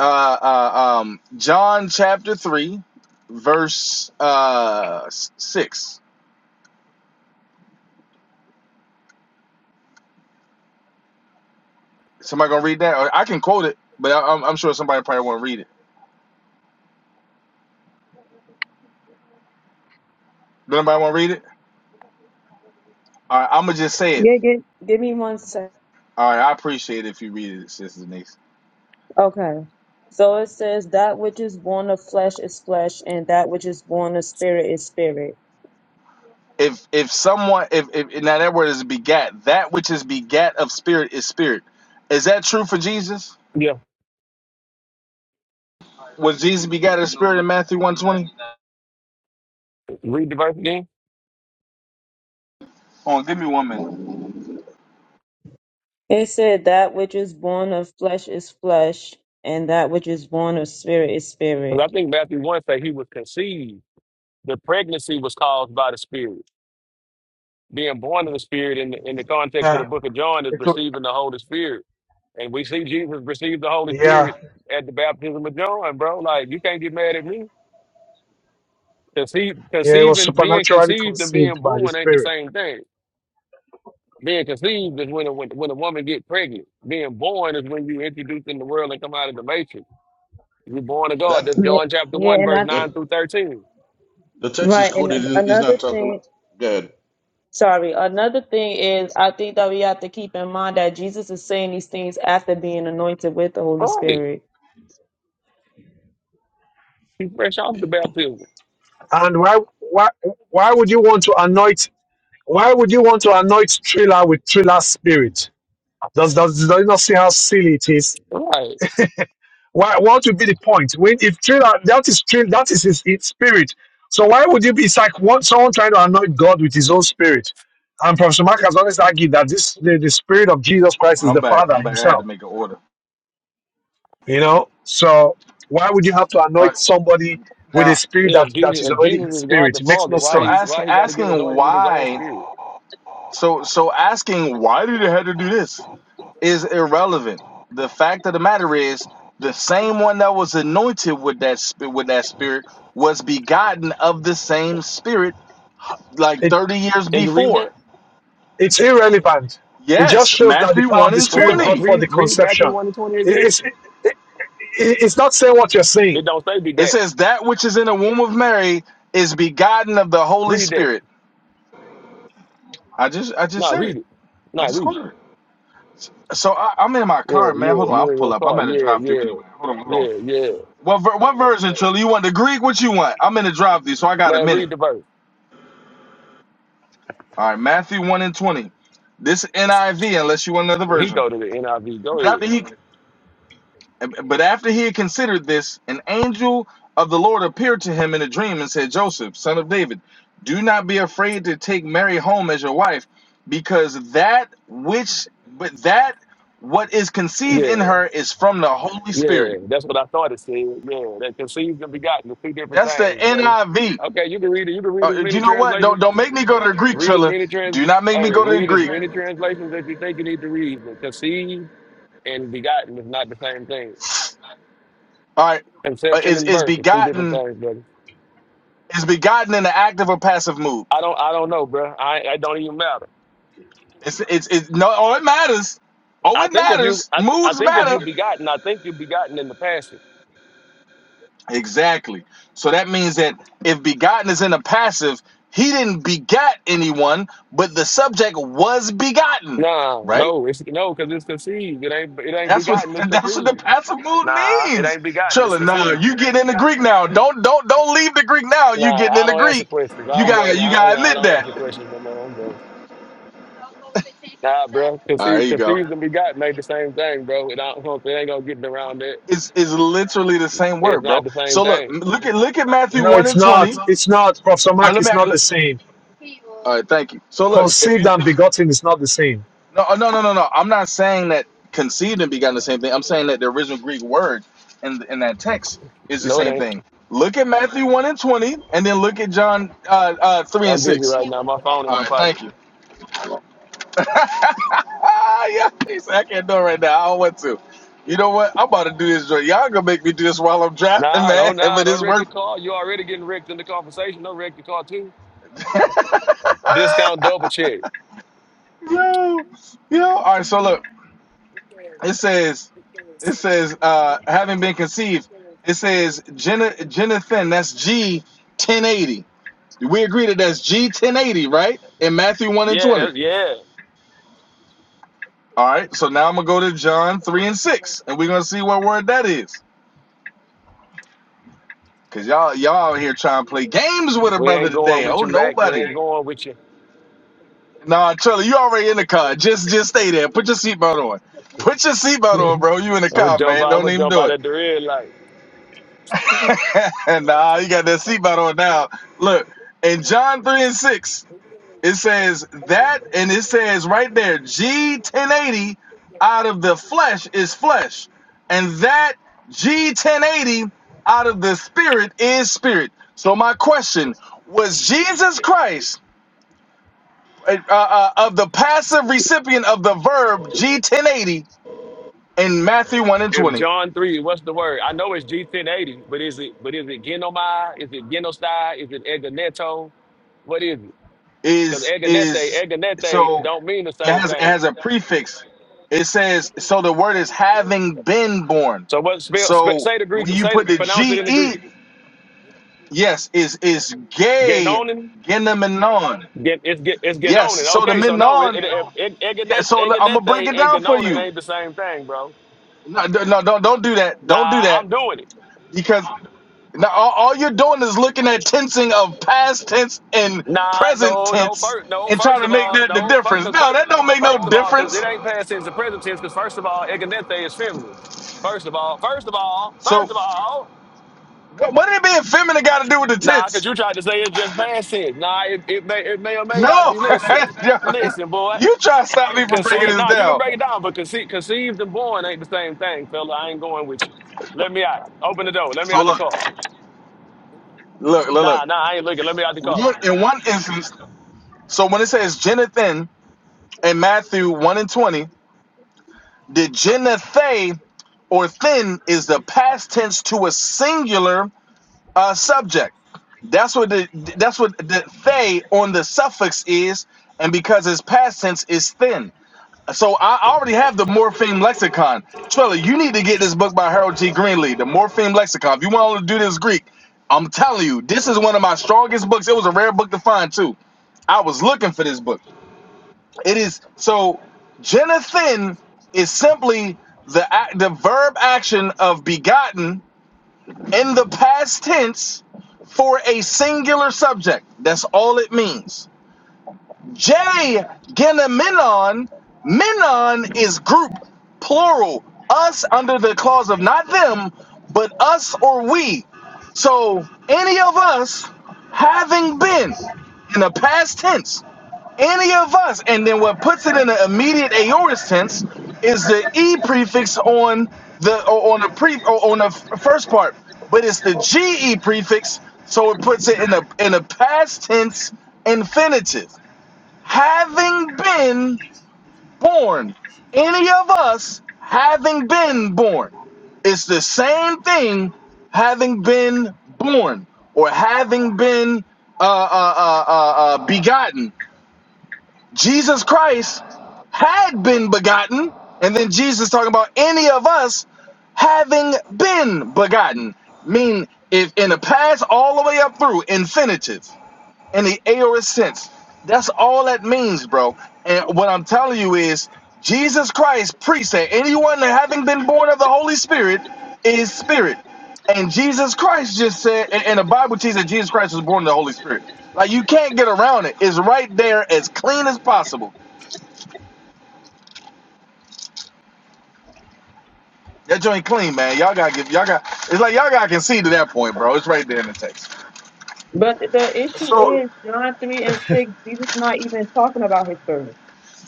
[SPEAKER 8] Uh, uh um John chapter 3 verse uh 6. Somebody going to read that or I can quote it, but I, I'm, I'm sure somebody probably won't read it. Does anybody want to read it? All right, I'm gonna just say it.
[SPEAKER 4] Yeah, give, give me one sec.
[SPEAKER 8] All right, I appreciate it if you read it, Sister Denise.
[SPEAKER 4] Okay. So it says that which is born of flesh is flesh, and that which is born of spirit is spirit.
[SPEAKER 8] If if someone if, if now that word is begat, that which is begat of spirit is spirit. Is that true for Jesus?
[SPEAKER 6] Yeah.
[SPEAKER 8] Was Jesus begat of spirit in Matthew 120?
[SPEAKER 6] Read the verse again.
[SPEAKER 8] Hold on, give me one minute.
[SPEAKER 4] It said that which is born of flesh is flesh, and that which is born of spirit is
[SPEAKER 6] Because
[SPEAKER 4] spirit.
[SPEAKER 6] I think Matthew 1 say he was conceived. The pregnancy was caused by the Spirit. Being born of the Spirit in the, in the context of the
[SPEAKER 2] Yeah,
[SPEAKER 6] book of John is
[SPEAKER 2] it, wa-
[SPEAKER 6] receiving the Holy Spirit. And we see Jesus receive the Holy
[SPEAKER 2] yeah,
[SPEAKER 6] Spirit at the baptism of John, bro. Like, you can't get mad at me. Conceive,
[SPEAKER 2] yeah. It was
[SPEAKER 6] conceiving, being
[SPEAKER 2] supernaturally
[SPEAKER 6] conceived and being
[SPEAKER 2] conceived by the
[SPEAKER 6] born ain't the
[SPEAKER 2] Spirit.
[SPEAKER 6] same thing. Being conceived is when a, when, when a woman get pregnant. Being born is when you introduced in the world and come out of the matrix. You're born of God.
[SPEAKER 10] That
[SPEAKER 6] That's
[SPEAKER 4] Yeah,
[SPEAKER 6] John chapter
[SPEAKER 4] yeah,
[SPEAKER 6] 1,
[SPEAKER 4] and
[SPEAKER 6] verse
[SPEAKER 4] I
[SPEAKER 10] the
[SPEAKER 6] 9 through 13.
[SPEAKER 10] the text is
[SPEAKER 4] right.
[SPEAKER 10] quoted
[SPEAKER 4] And
[SPEAKER 10] is
[SPEAKER 4] another
[SPEAKER 10] not talking.
[SPEAKER 4] thing,
[SPEAKER 10] Go ahead.
[SPEAKER 4] sorry, another thing is I think that we have to keep in mind that Jesus is saying these things after being anointed with the Holy
[SPEAKER 6] Right.
[SPEAKER 4] Spirit.
[SPEAKER 6] He fresh off the baptism.
[SPEAKER 2] And why why why would you want to anoint? Why would you want to anoint Triller with Triller's spirit? Does does does he not see how silly it is?
[SPEAKER 6] Right.
[SPEAKER 2] Why, what would be the point? When if trailer that is trail that is his, his spirit. So why would you be? It's like one, someone trying to anoint God with his own spirit. And Professor Mark has always argued that this the, the spirit of Jesus Christ is
[SPEAKER 8] I'm
[SPEAKER 2] the
[SPEAKER 8] back.
[SPEAKER 2] Father
[SPEAKER 8] I'm back. I had to
[SPEAKER 2] Himself.
[SPEAKER 8] make an order.
[SPEAKER 2] You know, so why would you have to
[SPEAKER 8] All
[SPEAKER 2] anoint
[SPEAKER 8] right,
[SPEAKER 2] somebody with a
[SPEAKER 8] now
[SPEAKER 2] spirit
[SPEAKER 6] Yeah,
[SPEAKER 2] that
[SPEAKER 6] if
[SPEAKER 2] that
[SPEAKER 6] Jesus,
[SPEAKER 2] is
[SPEAKER 6] if
[SPEAKER 2] already
[SPEAKER 6] Jesus
[SPEAKER 2] His
[SPEAKER 6] is God
[SPEAKER 2] spirit?
[SPEAKER 6] the
[SPEAKER 2] It makes
[SPEAKER 6] Father,
[SPEAKER 2] no
[SPEAKER 6] why
[SPEAKER 8] so
[SPEAKER 6] he
[SPEAKER 2] sense.
[SPEAKER 8] asking
[SPEAKER 6] why he got to get
[SPEAKER 8] asking
[SPEAKER 6] anointed with his own
[SPEAKER 8] why
[SPEAKER 6] spirit?
[SPEAKER 8] so so asking why did it have to do this? is irrelevant. The fact of the matter is, the same one that was anointed with that spirit, with that spirit, was begotten of the same spirit, like
[SPEAKER 2] It
[SPEAKER 8] thirty years
[SPEAKER 6] Can you read that?
[SPEAKER 8] before.
[SPEAKER 2] it's irrelevant. It just
[SPEAKER 8] Yes,
[SPEAKER 2] shows that the
[SPEAKER 8] Matthew
[SPEAKER 2] power
[SPEAKER 8] one
[SPEAKER 2] of the
[SPEAKER 8] and
[SPEAKER 6] Well,
[SPEAKER 2] spirit
[SPEAKER 6] somebody
[SPEAKER 8] twenty.
[SPEAKER 2] brought forth
[SPEAKER 6] read
[SPEAKER 2] the
[SPEAKER 6] read Matthew
[SPEAKER 2] conception.
[SPEAKER 6] one and twenty
[SPEAKER 2] It-
[SPEAKER 6] again.
[SPEAKER 2] it's it, it's not saying what you're
[SPEAKER 6] It
[SPEAKER 2] saying
[SPEAKER 6] don't say be
[SPEAKER 8] It
[SPEAKER 6] that.
[SPEAKER 8] says that which is in the womb of Mary is begotten of the Holy
[SPEAKER 6] Read that.
[SPEAKER 8] Spirit. I just, I just
[SPEAKER 6] Nah,
[SPEAKER 8] said it.
[SPEAKER 6] read it.
[SPEAKER 8] I
[SPEAKER 6] Nah,
[SPEAKER 8] just
[SPEAKER 6] read it.
[SPEAKER 8] quoted it. So I, I'm in my
[SPEAKER 6] Yeah,
[SPEAKER 8] car, man.
[SPEAKER 6] yeah,
[SPEAKER 8] Hold on, I'll
[SPEAKER 6] you're in
[SPEAKER 8] pull
[SPEAKER 6] your
[SPEAKER 8] up. I'm
[SPEAKER 6] car.
[SPEAKER 8] at a
[SPEAKER 6] Yeah,
[SPEAKER 8] drive-through
[SPEAKER 6] yeah,
[SPEAKER 8] anyway. Hold on, hold on.
[SPEAKER 6] yeah, yeah.
[SPEAKER 8] What ver- what version, Trilly? You want the Greek? What you want? I'm in a drive-through, so I got a
[SPEAKER 6] Man,
[SPEAKER 8] minute.
[SPEAKER 6] read the verse.
[SPEAKER 8] All right, Matthew 1 and 20. This NIV, unless you want another
[SPEAKER 6] He
[SPEAKER 8] version.
[SPEAKER 6] go to the NIV.
[SPEAKER 8] But
[SPEAKER 6] Go ahead.
[SPEAKER 8] after he but after he had considered this, an angel of the Lord appeared to him in a dream and said, Joseph, son of David, do not be afraid to take Mary home as your wife, because that which but that what is conceived in
[SPEAKER 6] Yeah,
[SPEAKER 8] her is from the Holy
[SPEAKER 6] yeah.
[SPEAKER 8] Spirit.
[SPEAKER 6] That's what I thought it said. Yeah, that conceived and begotten, the two different
[SPEAKER 8] That's the
[SPEAKER 6] things, buddy.
[SPEAKER 8] NIV.
[SPEAKER 6] Okay, you can read it. You can read as
[SPEAKER 8] Uh,
[SPEAKER 6] many
[SPEAKER 8] you know what?
[SPEAKER 6] translations
[SPEAKER 8] Don't don't make me go to the Greek,
[SPEAKER 6] Read as
[SPEAKER 8] Trilla.
[SPEAKER 6] many trans
[SPEAKER 8] Do not make
[SPEAKER 6] hey,
[SPEAKER 8] me go to the
[SPEAKER 6] read as
[SPEAKER 8] Greek.
[SPEAKER 6] many translations as you think you need to read, but conceived and begotten is not the same thing.
[SPEAKER 8] All right, uh,
[SPEAKER 6] Conception
[SPEAKER 8] is
[SPEAKER 6] and
[SPEAKER 8] is
[SPEAKER 6] birth is two different
[SPEAKER 8] begotten.
[SPEAKER 6] things, brother.
[SPEAKER 8] is begotten in the active or passive mood.
[SPEAKER 6] I don't I don't know, bro. I I don't even matter.
[SPEAKER 8] It's it's it's no oh it matters. Oh
[SPEAKER 6] I
[SPEAKER 8] it
[SPEAKER 6] think if you
[SPEAKER 8] matters.
[SPEAKER 6] I I
[SPEAKER 8] Moods
[SPEAKER 6] think if you
[SPEAKER 8] matter.
[SPEAKER 6] begotten, I think you begotten in the passive.
[SPEAKER 8] Exactly. So that means that if begotten is in the passive, he didn't begat anyone, but the subject was begotten.
[SPEAKER 6] Nah,
[SPEAKER 8] Right?
[SPEAKER 6] no, it's no, cause it's conceived. It ain't it ain't
[SPEAKER 8] That's what
[SPEAKER 6] begotten, it's
[SPEAKER 8] (laughs) that's what the
[SPEAKER 6] conceived.
[SPEAKER 8] passive mood
[SPEAKER 6] Nah, it
[SPEAKER 8] means.
[SPEAKER 6] ain't begotten, it's
[SPEAKER 8] Trilla, no,
[SPEAKER 6] conceived.
[SPEAKER 8] you getting in the Greek now. Don't don't don't leave the Greek now. You
[SPEAKER 6] Nah,
[SPEAKER 8] getting
[SPEAKER 6] I
[SPEAKER 8] in the
[SPEAKER 6] don't answer
[SPEAKER 8] Greek.
[SPEAKER 6] questions.
[SPEAKER 8] You
[SPEAKER 6] I'm
[SPEAKER 8] got
[SPEAKER 6] done.
[SPEAKER 8] you
[SPEAKER 6] I,
[SPEAKER 8] gotta
[SPEAKER 6] I
[SPEAKER 8] admit
[SPEAKER 6] don't
[SPEAKER 8] that.
[SPEAKER 6] answer
[SPEAKER 8] All
[SPEAKER 6] questions no more. I'm done. Nah, bro.
[SPEAKER 8] right, there
[SPEAKER 6] Conceive,
[SPEAKER 8] you go.
[SPEAKER 6] conceived and begotten ain't the same thing, bro. It, I don't, it ain't gonna get around that.
[SPEAKER 8] Is is literally the same
[SPEAKER 6] It's
[SPEAKER 8] word, bro.
[SPEAKER 6] not the same
[SPEAKER 8] So look,
[SPEAKER 6] thing.
[SPEAKER 8] look at look at Matthew
[SPEAKER 2] No,
[SPEAKER 8] one
[SPEAKER 2] it's
[SPEAKER 8] and twenty.
[SPEAKER 2] not.
[SPEAKER 8] All
[SPEAKER 2] It's not. Professor Mark
[SPEAKER 8] right,
[SPEAKER 2] is
[SPEAKER 8] let me.
[SPEAKER 2] not the
[SPEAKER 8] Look.
[SPEAKER 2] same.
[SPEAKER 8] All right, thank you. So look, if you
[SPEAKER 2] Conceived and
[SPEAKER 8] if
[SPEAKER 2] begotten is not the same.
[SPEAKER 8] no uh, no no no no, I'm not saying that conceived and begotten the same thing. I'm saying that the original Greek word in in that text is the
[SPEAKER 6] No, it
[SPEAKER 8] same
[SPEAKER 6] ain't.
[SPEAKER 8] thing. Look at Matthew one and twenty, and then look at John uh, uh, three and
[SPEAKER 6] I'm busy
[SPEAKER 8] six.
[SPEAKER 6] right now. My phone in
[SPEAKER 8] All
[SPEAKER 6] my
[SPEAKER 8] right,
[SPEAKER 6] pocket.
[SPEAKER 8] thank you. (laughs) yeah, he said, I can't do it right now. I don't want to. You know what? I'm about to do this. joint. Y'all gonna make me do this while I'm driving,
[SPEAKER 6] Nah,
[SPEAKER 8] man.
[SPEAKER 6] don't
[SPEAKER 8] (laughs)
[SPEAKER 6] nah,
[SPEAKER 8] But
[SPEAKER 6] don't
[SPEAKER 8] it's
[SPEAKER 6] wreck
[SPEAKER 8] work.
[SPEAKER 6] your car. You already getting wrecked in the conversation. Don't wreck your car too.
[SPEAKER 8] (laughs)
[SPEAKER 6] Discount double check.
[SPEAKER 8] yo, yo. All right, so look, it says, it says, uh, having been conceived, it says Jenna Jenathan. That's G ten eighty. We agree that that's G ten eighty, right? In Matthew one and
[SPEAKER 6] Yeah,
[SPEAKER 8] twenty.
[SPEAKER 6] that's yeah.
[SPEAKER 8] All right, so now I'm gonna go to John three and six, and we're gonna see what word that is. Cause y'all y'all out here trying to play games with a
[SPEAKER 6] We
[SPEAKER 8] brother
[SPEAKER 6] ain't going
[SPEAKER 8] today.
[SPEAKER 6] with
[SPEAKER 8] Oh
[SPEAKER 6] your Mac. We
[SPEAKER 8] nobody.
[SPEAKER 6] ain't going with you.
[SPEAKER 8] Nah, Trilla, you already in the car. Just just stay there. Put your seatbelt on. Put your seatbelt on, bro. You in the
[SPEAKER 6] I'm gonna
[SPEAKER 8] car,
[SPEAKER 6] jump
[SPEAKER 8] man.
[SPEAKER 6] out. I'm
[SPEAKER 8] Don't
[SPEAKER 6] gonna
[SPEAKER 8] even
[SPEAKER 6] jump
[SPEAKER 8] do
[SPEAKER 6] out
[SPEAKER 8] it.
[SPEAKER 6] at the red light.
[SPEAKER 8] (laughs) nah, you got that seatbelt on now. Look, in John 3 and 6, it says that, and it says right there, G 1080 out of the flesh is flesh. And that G 1080 out of the spirit is spirit. So my question was Jesus Christ uh, uh, of the passive recipient of the verb G ten eighty in Matthew one and
[SPEAKER 6] If
[SPEAKER 8] twenty
[SPEAKER 6] John three, what's the word? I know it's G ten eighty, but is it but is it Genomai? Is it Genostai? Is it Eganeto? What is it? Because
[SPEAKER 8] is
[SPEAKER 6] Eganete,
[SPEAKER 8] is
[SPEAKER 6] Eganete
[SPEAKER 8] so
[SPEAKER 6] don't mean the
[SPEAKER 8] it
[SPEAKER 6] same
[SPEAKER 8] has it
[SPEAKER 6] thing.
[SPEAKER 8] has a prefix. It says so the word is having been born.
[SPEAKER 6] So what spell, sp-
[SPEAKER 8] So
[SPEAKER 6] say the
[SPEAKER 8] when
[SPEAKER 6] Greek,
[SPEAKER 8] you
[SPEAKER 6] say
[SPEAKER 8] put
[SPEAKER 6] the,
[SPEAKER 8] the
[SPEAKER 6] pronounce it
[SPEAKER 8] G
[SPEAKER 6] in the Greek.
[SPEAKER 8] E, yes, is is gay
[SPEAKER 6] Genonin,
[SPEAKER 8] genomenon.
[SPEAKER 6] get, it's get, it's
[SPEAKER 8] Yes,
[SPEAKER 6] Genonin.
[SPEAKER 8] so the
[SPEAKER 6] Okay, so no, it,
[SPEAKER 8] menon.
[SPEAKER 6] it, it,
[SPEAKER 8] Yeah,
[SPEAKER 6] Eganete,
[SPEAKER 8] so I'm gonna break
[SPEAKER 6] Eganete
[SPEAKER 8] it
[SPEAKER 6] and
[SPEAKER 8] down for
[SPEAKER 6] Genonin
[SPEAKER 8] you.
[SPEAKER 6] ain't the same thing, bro.
[SPEAKER 8] No, no, no, don't don't do that. Don't do
[SPEAKER 6] Nah,
[SPEAKER 8] that
[SPEAKER 6] I'm doing it.
[SPEAKER 8] because now all, all you're doing is looking at tensing of past tense and
[SPEAKER 6] Nah,
[SPEAKER 8] present
[SPEAKER 6] no, no,
[SPEAKER 8] tense
[SPEAKER 6] first, no,
[SPEAKER 8] and trying
[SPEAKER 6] first
[SPEAKER 8] to
[SPEAKER 6] of
[SPEAKER 8] make
[SPEAKER 6] all,
[SPEAKER 8] that the
[SPEAKER 6] no, first,
[SPEAKER 8] difference.
[SPEAKER 6] cause
[SPEAKER 8] No,
[SPEAKER 6] first,
[SPEAKER 8] that don't make no
[SPEAKER 6] first of all, cause
[SPEAKER 8] difference.
[SPEAKER 6] it ain't past tense the present tense, cause first of all, Eganete is feminine. First of all, first of all,
[SPEAKER 8] So
[SPEAKER 6] first of
[SPEAKER 8] wh-
[SPEAKER 6] all.
[SPEAKER 8] what did being feminine got to do with the
[SPEAKER 6] Nah, cause
[SPEAKER 8] tense?
[SPEAKER 6] you tried to say it's just past tense. Nah, it, it may it may or may
[SPEAKER 8] No,
[SPEAKER 6] not be. Listen, listen,
[SPEAKER 8] (laughs)
[SPEAKER 6] boy.
[SPEAKER 8] you try to stop me from breaking
[SPEAKER 6] Conceive.
[SPEAKER 8] this
[SPEAKER 6] Nah, you can
[SPEAKER 8] down.
[SPEAKER 6] break it down, but conceive, conceived and born ain't the same thing, fella. I ain't going with you. Let me out. Open the door. Let me
[SPEAKER 8] So
[SPEAKER 6] out the
[SPEAKER 8] look,
[SPEAKER 6] car.
[SPEAKER 8] look, look, look.
[SPEAKER 6] Nah, nah, I ain't looking. Let me out the car.
[SPEAKER 8] One, in one instance, so when it says Jonathan in Matthew one and twenty, the Jonathan or thin is the past tense to a singular uh, subject. That's what the that's what the they on the suffix is, and because it's past tense, it's thin. So I already have the Morpheme Lexicon. Trilla, you need to get this book by Harold T. Greenlee, the Morpheme Lexicon. If you want to do this Greek, I'm telling you, this is one of my strongest books. It was a rare book to find too. I was looking for this book. It is so Genethin is simply the act, the verb action of begotten in the past tense for a singular subject. That's all it means. J genomenon, Menon is group, plural. Us under the clause of not them, but us or we. So any of us having been in the past tense, any of us, and then what puts it in the immediate aorist tense is the e prefix on the or on the pre or on the f- first part, but it's the ge prefix, so it puts it in the in the past tense infinitive having been born. Any of us having been born. It's the same thing having been born or having been uh, uh, uh, uh, uh, begotten. Jesus Christ had been begotten, and then Jesus talking about any of us having been begotten. Mean if in the past all the way up through infinitive in the aorist sense. That's all that means, bro. And what I'm telling you is, Jesus Christ preached that anyone that having been born of the Holy Spirit is spirit. And Jesus Christ just said, and, and the Bible teaches that Jesus Christ was born of the Holy Spirit. Like you can't get around it. It's right there, as clean as possible. That joint clean, man. Y'all gotta give. Y'all got. It's like y'all gotta concede to that point, bro. It's right there in the text.
[SPEAKER 4] But the issue
[SPEAKER 2] So,
[SPEAKER 4] is John three and six. Jesus not even talking about his birth.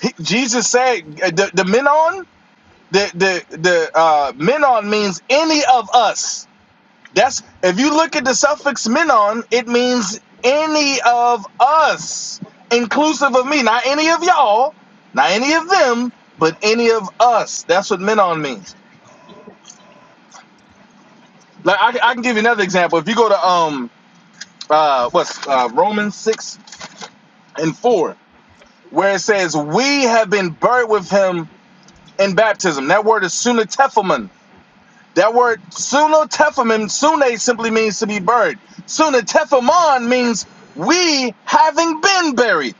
[SPEAKER 8] He- Jesus said, uh, "The the menon, the the the uh, menon means any of us." That's if you look at the suffix menon, it means any of us, inclusive of me. Not any of y'all, not any of them, but any of us. That's what menon means. Like I, I can give you another example. If you go to um uh what's uh, Romans six and four, where it says we have been buried with him in baptism. That word is sunatephilemon That word suno tephamim, sune simply means to be buried. Sune tephemon means we having been buried.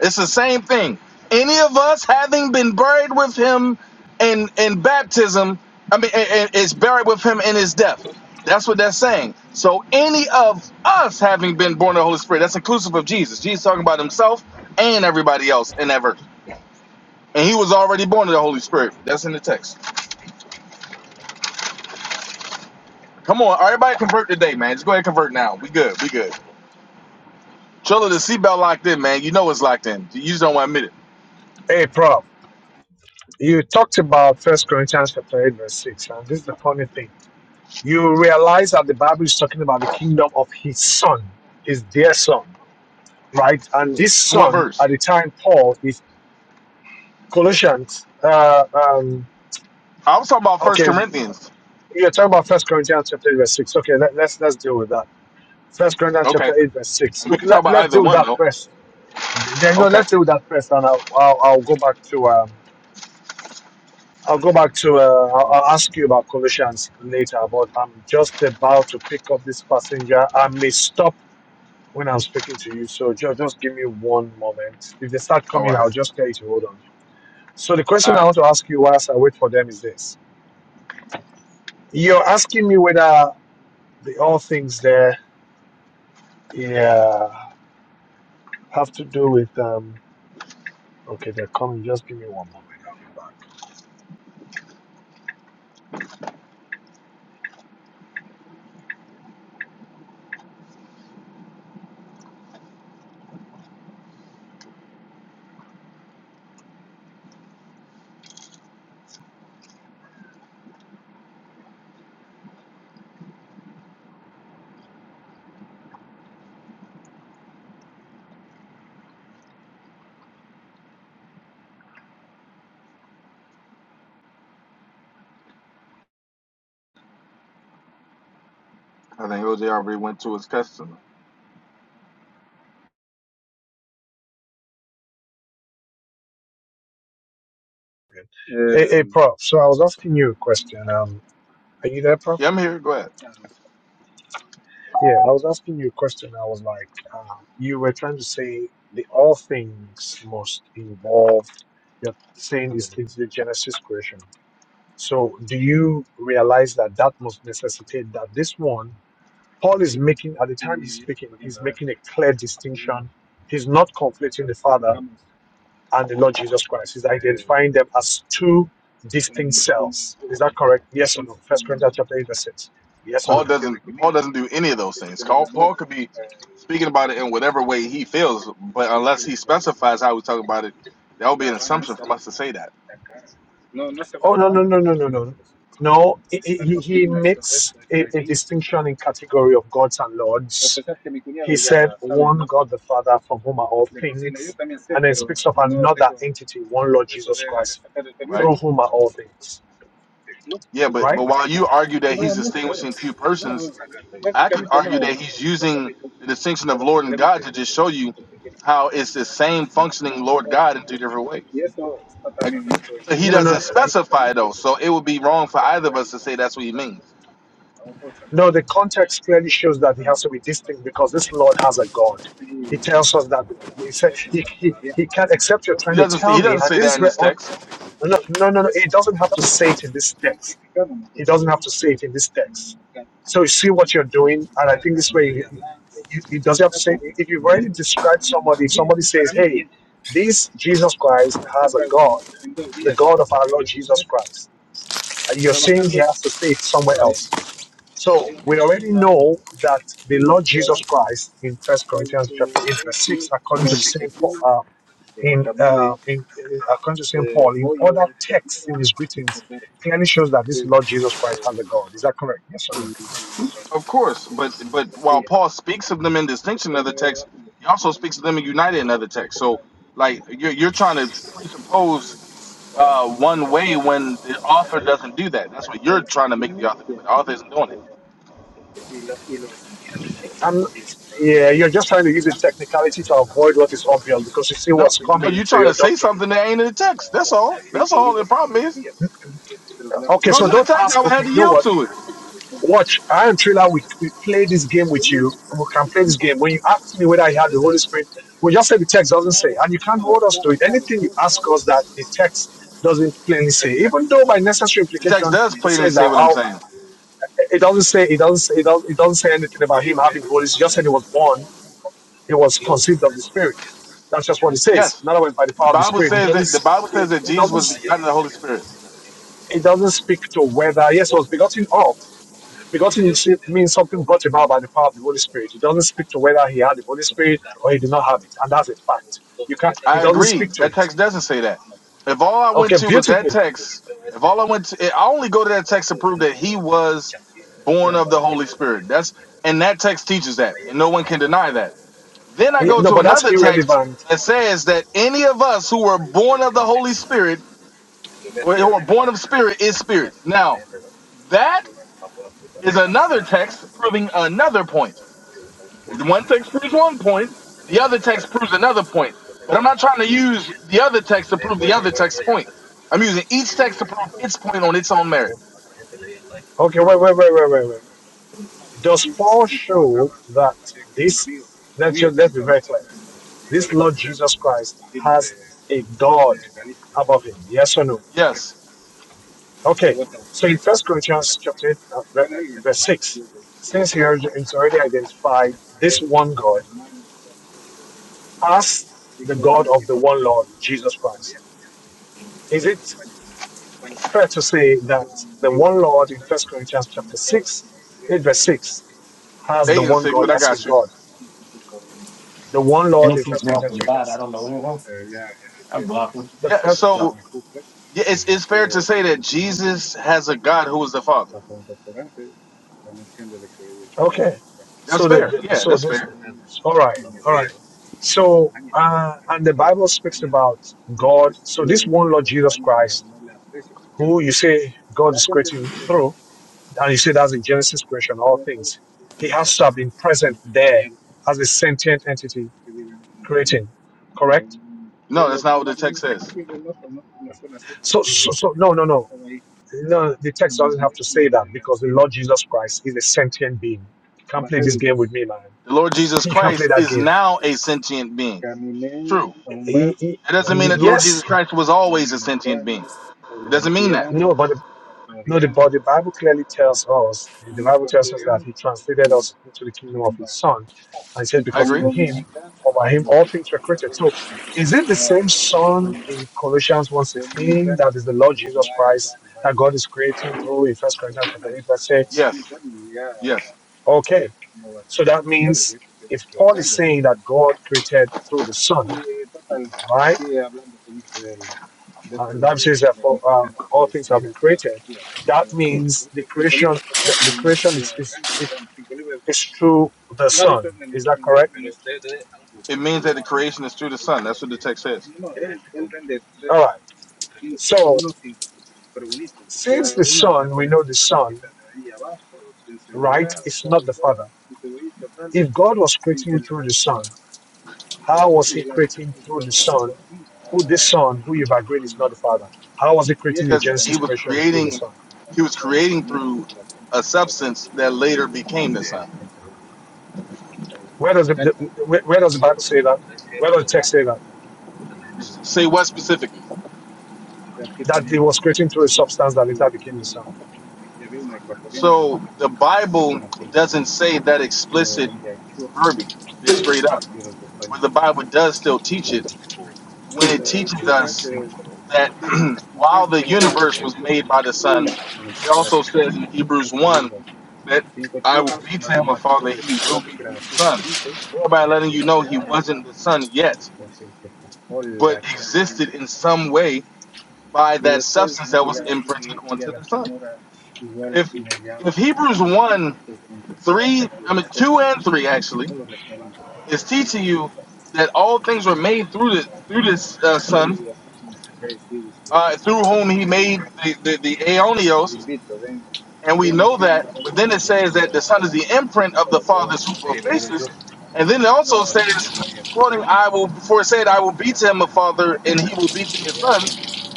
[SPEAKER 8] It's the same thing. Any of us having been buried with him in in baptism, I mean, i- i- is buried with him in his death. That's what that's saying. So any of us having been born of the Holy Spirit, that's inclusive of Jesus. Jesus talking about himself and everybody else in that verse. And he was already born of the Holy Spirit. That's in the text. Come on, everybody convert today, man. Just go ahead and convert now. We good. We good. Chilla, the seatbelt locked in, man. You know it's locked in. You just don't want to admit
[SPEAKER 2] hey, Prof, you talked about First Corinthians chapter 8, verse 6, and this is the funny thing. You realize that the Bible is talking about the kingdom of his son, his dear son, right? And this
[SPEAKER 8] it. What
[SPEAKER 2] son,
[SPEAKER 8] verse?
[SPEAKER 2] at the time, Paul, is Colossians, uh, um,
[SPEAKER 8] I was talking about First
[SPEAKER 2] okay,
[SPEAKER 8] Corinthians.
[SPEAKER 2] you're talking about First Corinthians chapter 8, verse 6. Okay, let, let's, let's deal with that. First Corinthians
[SPEAKER 8] Okay.
[SPEAKER 2] chapter 8, verse 6.
[SPEAKER 8] We
[SPEAKER 2] Okay,
[SPEAKER 8] can talk
[SPEAKER 2] let,
[SPEAKER 8] about
[SPEAKER 2] let's
[SPEAKER 8] either
[SPEAKER 2] deal with
[SPEAKER 8] one
[SPEAKER 2] that
[SPEAKER 8] though.
[SPEAKER 2] first Then no,
[SPEAKER 8] Okay.
[SPEAKER 2] let's do that first, and I'll, I'll, I'll go back to um, I'll go back to uh, I'll, I'll ask you about Colossians later. But I'm just about to pick up this passenger. I may stop when I'm speaking to you, so just just give me one moment. If they start
[SPEAKER 8] All
[SPEAKER 2] coming,
[SPEAKER 8] right.
[SPEAKER 2] I'll just tell you to hold on. So the question
[SPEAKER 8] All
[SPEAKER 2] I
[SPEAKER 8] right.
[SPEAKER 2] want to ask you whilst I wait for them is this: You're asking me whether the all things there, yeah, have to do with um. Okay, they're coming. Just give me one
[SPEAKER 8] I think OJ already went to his customer.
[SPEAKER 2] moment. A, a prop. So I was asking you a question. um, Are you there, Prof?
[SPEAKER 8] Yeah, I'm here. Go ahead.
[SPEAKER 2] Yeah, I was asking you a question. I was like, um, you were trying to say the all things must involve. You're saying it's, it's the Genesis creation. So, do you realize that that must necessitate that this one, Paul is making at the time he's speaking, he's making a clear distinction. He's not conflating the Father and the Lord Jesus Christ. He's identifying them as two distinct selves. Is that correct? Yes or no? First Corinthians chapter eight verse six. Yes or
[SPEAKER 8] Paul doesn't.
[SPEAKER 2] no?
[SPEAKER 8] Paul doesn't do any of those things. Paul, Paul could be speaking about it in whatever way he feels, but unless he specifies how he's talking about it, that would be an assumption from us to say that,
[SPEAKER 2] Oh no no no no no no no. No, he, he, he makes a, a distinction in category of gods and lords. He said one God the Father from whom are all things, and then speaks of another entity, one Lord Jesus Christ,
[SPEAKER 8] right?
[SPEAKER 2] through whom are all things.
[SPEAKER 8] Yeah, but but
[SPEAKER 2] right?
[SPEAKER 8] while you argue that he's distinguishing two persons, I could argue that he's using the distinction of Lord and God to just show you how it's the same functioning Lord God in two different ways. Like, but he
[SPEAKER 2] No no
[SPEAKER 8] doesn't specify though, so it would be wrong for either of us to say that's what he means.
[SPEAKER 2] No, the context clearly shows that it has to be distinct because this Lord has a God. He tells us that he said he, he, he can't accept you're
[SPEAKER 8] He
[SPEAKER 2] trying to
[SPEAKER 8] doesn't say,
[SPEAKER 2] tell
[SPEAKER 8] he
[SPEAKER 2] me,
[SPEAKER 8] doesn't
[SPEAKER 2] and
[SPEAKER 8] say
[SPEAKER 2] this
[SPEAKER 8] that
[SPEAKER 2] is
[SPEAKER 8] in
[SPEAKER 2] where
[SPEAKER 8] this
[SPEAKER 2] on
[SPEAKER 8] text,
[SPEAKER 2] no no no no it doesn't have to say it in this text. It doesn't have to say it in this text. So you see what you're doing, and I think this way you- you- it doesn't have to say if you've already described somebody, if somebody says, Hey, this Jesus Christ has a God, the God of our Lord Jesus Christ. And you're saying he has to say it somewhere else. So we already know that the Lord Jesus Christ in First Corinthians chapter eight verse six, according to Saint Paul, uh, in, uh, in uh, according to Saint Paul, in other texts in his greetings, clearly shows that this Lord Jesus Christ has a God. Is that correct? Yes or no?
[SPEAKER 8] of course. But but while Paul speaks of them in distinction in other texts, he also speaks of them in united in other texts. So like you're you're trying to presuppose uh, one way when the author doesn't do that. That's what you're trying to make the author do, but the author isn't doing it.
[SPEAKER 2] I'm yeah, you're just trying to use a technicality to avoid what is obvious because you see
[SPEAKER 8] No,
[SPEAKER 2] what's
[SPEAKER 8] no,
[SPEAKER 2] coming
[SPEAKER 8] you're
[SPEAKER 2] to
[SPEAKER 8] trying to
[SPEAKER 2] your
[SPEAKER 8] say
[SPEAKER 2] doctrine.
[SPEAKER 8] something that ain't in the text. That's all. That's all the problem is. If
[SPEAKER 2] Okay,
[SPEAKER 8] it was
[SPEAKER 2] so
[SPEAKER 8] in the
[SPEAKER 2] don't
[SPEAKER 8] text, I
[SPEAKER 2] ask.
[SPEAKER 8] would
[SPEAKER 2] Okay,
[SPEAKER 8] have to
[SPEAKER 2] you know
[SPEAKER 8] yield
[SPEAKER 2] what?
[SPEAKER 8] to it.
[SPEAKER 2] Watch, I and Trailer, we, we play this game with you. We can play this game. When you ask me whether I had the Holy Spirit, we just say the text doesn't say, and you can't hold us to it. Anything you ask us that the text doesn't plainly say, even though by necessary
[SPEAKER 8] The text
[SPEAKER 2] implication
[SPEAKER 8] does
[SPEAKER 2] it
[SPEAKER 8] plainly
[SPEAKER 2] says that
[SPEAKER 8] say what I'm
[SPEAKER 2] how
[SPEAKER 8] saying.
[SPEAKER 2] it doesn't say it doesn't say, it doesn't, it doesn't say anything about him having the Holy Spirit. It just said he was born, he was conceived of the Spirit. That's just what it says.
[SPEAKER 8] Yes,
[SPEAKER 2] In other words, by the
[SPEAKER 8] the
[SPEAKER 2] power of the
[SPEAKER 8] Bible
[SPEAKER 2] Spirit, it
[SPEAKER 8] says that the
[SPEAKER 2] doesn't
[SPEAKER 8] Bible says
[SPEAKER 2] it,
[SPEAKER 8] that
[SPEAKER 2] it
[SPEAKER 8] Jesus
[SPEAKER 2] doesn't
[SPEAKER 8] was begotten of the Holy Spirit.
[SPEAKER 2] it doesn't speak to whether yes he was begotten of. Begotten is- it means something brought about by the power of the Holy Spirit. It doesn't speak to whether he had the Holy Spirit or he did not have it, and that's a fact. You can't. He
[SPEAKER 8] I
[SPEAKER 2] doesn't
[SPEAKER 8] agree.
[SPEAKER 2] speak to
[SPEAKER 8] That
[SPEAKER 2] it.
[SPEAKER 8] text doesn't say that. If all I went
[SPEAKER 2] Okay,
[SPEAKER 8] to was that
[SPEAKER 2] beautiful.
[SPEAKER 8] text, if all I went to, I only go to that text to prove that he was born of the Holy Spirit. That's and that text teaches that, and no one can deny that. Then I
[SPEAKER 2] He-
[SPEAKER 8] go
[SPEAKER 2] no,
[SPEAKER 8] to
[SPEAKER 2] but that's
[SPEAKER 8] another text
[SPEAKER 2] irrelevant.
[SPEAKER 8] that says that any of us who were born of the Holy Spirit or who are born of spirit is spirit. Now, that is another text proving another point. One text proves one point, the other text proves another point. But I'm not trying to use the other text to prove the other text's point. I'm using each text to prove its point on its own merit.
[SPEAKER 2] Okay, wait, wait, wait, wait, wait, wait. Does Paul show that this? Let's ju- let's be very clear. This Lord Jesus Christ has a God above him. Yes or no?
[SPEAKER 8] Yes,
[SPEAKER 2] Okay, so in First Corinthians chapter eight, uh, ver- verse six, since he already- it's already identified this one God as the God of the one Lord Jesus Christ, is it fair to say that the one Lord in First Corinthians chapter six, eight verse six, has the
[SPEAKER 8] eight and
[SPEAKER 2] one
[SPEAKER 8] six,
[SPEAKER 2] God
[SPEAKER 8] but I
[SPEAKER 2] as his
[SPEAKER 8] got you.
[SPEAKER 2] God? The one Lord in First Corinthians chapter
[SPEAKER 5] God,
[SPEAKER 2] the
[SPEAKER 8] Yeah, so
[SPEAKER 2] first.
[SPEAKER 8] yeah, it's, it's fair to say that Jesus has a God who is the Father.
[SPEAKER 2] Okay.
[SPEAKER 8] That's
[SPEAKER 2] So the,
[SPEAKER 8] fair.
[SPEAKER 2] the
[SPEAKER 8] Yeah,
[SPEAKER 2] so
[SPEAKER 8] that's
[SPEAKER 2] this
[SPEAKER 8] fair.
[SPEAKER 2] all right, all right. So uh and the Bible speaks about God. So this one Lord Jesus Christ, who you say God is creating through. And you see, that's the Genesis creation, all things. He has to have been present there as a sentient entity creating, correct?
[SPEAKER 8] No, that's not what the text says.
[SPEAKER 2] So, so, so no, no, no. No, the text doesn't have to say that because the Lord Jesus Christ is a sentient being. You can't play this game with me, man. (laughs)
[SPEAKER 8] The Lord Jesus
[SPEAKER 2] You can't play
[SPEAKER 8] Christ
[SPEAKER 2] that
[SPEAKER 8] is
[SPEAKER 2] game.
[SPEAKER 8] now a sentient being. True.
[SPEAKER 2] Y- y-
[SPEAKER 8] It
[SPEAKER 2] y-
[SPEAKER 8] doesn't mean that the Lord
[SPEAKER 2] Yes,
[SPEAKER 8] Jesus Christ was always a sentient being. It doesn't mean that.
[SPEAKER 2] No, but the, no, the, but the Bible clearly tells us, the Bible tells us that he translated us into the kingdom of his son. And he said,
[SPEAKER 8] I
[SPEAKER 2] because
[SPEAKER 8] agree.
[SPEAKER 2] in him or by him all things were created. So is it the same son in Colossians one sixteen that is the Lord Jesus Christ that God is creating through in First Corinthians chapter 8 verse 6?
[SPEAKER 8] Yes. Yes.
[SPEAKER 2] Okay. So that means if Paul is saying that God created through the son, right? Uh, the says that for um, all things have been created. That means the creation, the, the creation is, is, is is through the Son. Is that correct?
[SPEAKER 8] It means that the creation is through the Son. That's what the text says.
[SPEAKER 2] All right. So since the Son, we know the Son, right? It's not the Father. If God was creating you through the Son, how was he creating through the Son? Who the Son, who you've agreed is not the Father? How was he creating the
[SPEAKER 8] Because he
[SPEAKER 2] Genesis
[SPEAKER 8] was
[SPEAKER 2] creation through the
[SPEAKER 8] creating
[SPEAKER 2] Son?
[SPEAKER 8] he was creating through a substance that later became the Son.
[SPEAKER 2] Where does the, the- where, where does the Bible say that? Where does the text say that?
[SPEAKER 8] S- Say what specifically?
[SPEAKER 2] That he was creating through a substance that later became the Son.
[SPEAKER 8] So the Bible doesn't say that explicit verbiage. They're straight up. But the Bible does still teach it when it teaches us that (clears throat) while the universe was made by the Son, it also says in Hebrews 1 that I will be to him a father, he will be to the Son. Thereby letting you know he wasn't the Son yet, but existed in some way by that substance that was imprinted onto the Son. If if Hebrews 1, 3, I mean 2 and 3 actually, is teaching you that all things were made through the through this uh, son uh, through whom he made the, the, the aeonios, and we know that. But then it says that the Son is the imprint of the Father's faces, and then it also says, quoting, "I will." Before it said, "I will be to him a father, and he will be to me a son."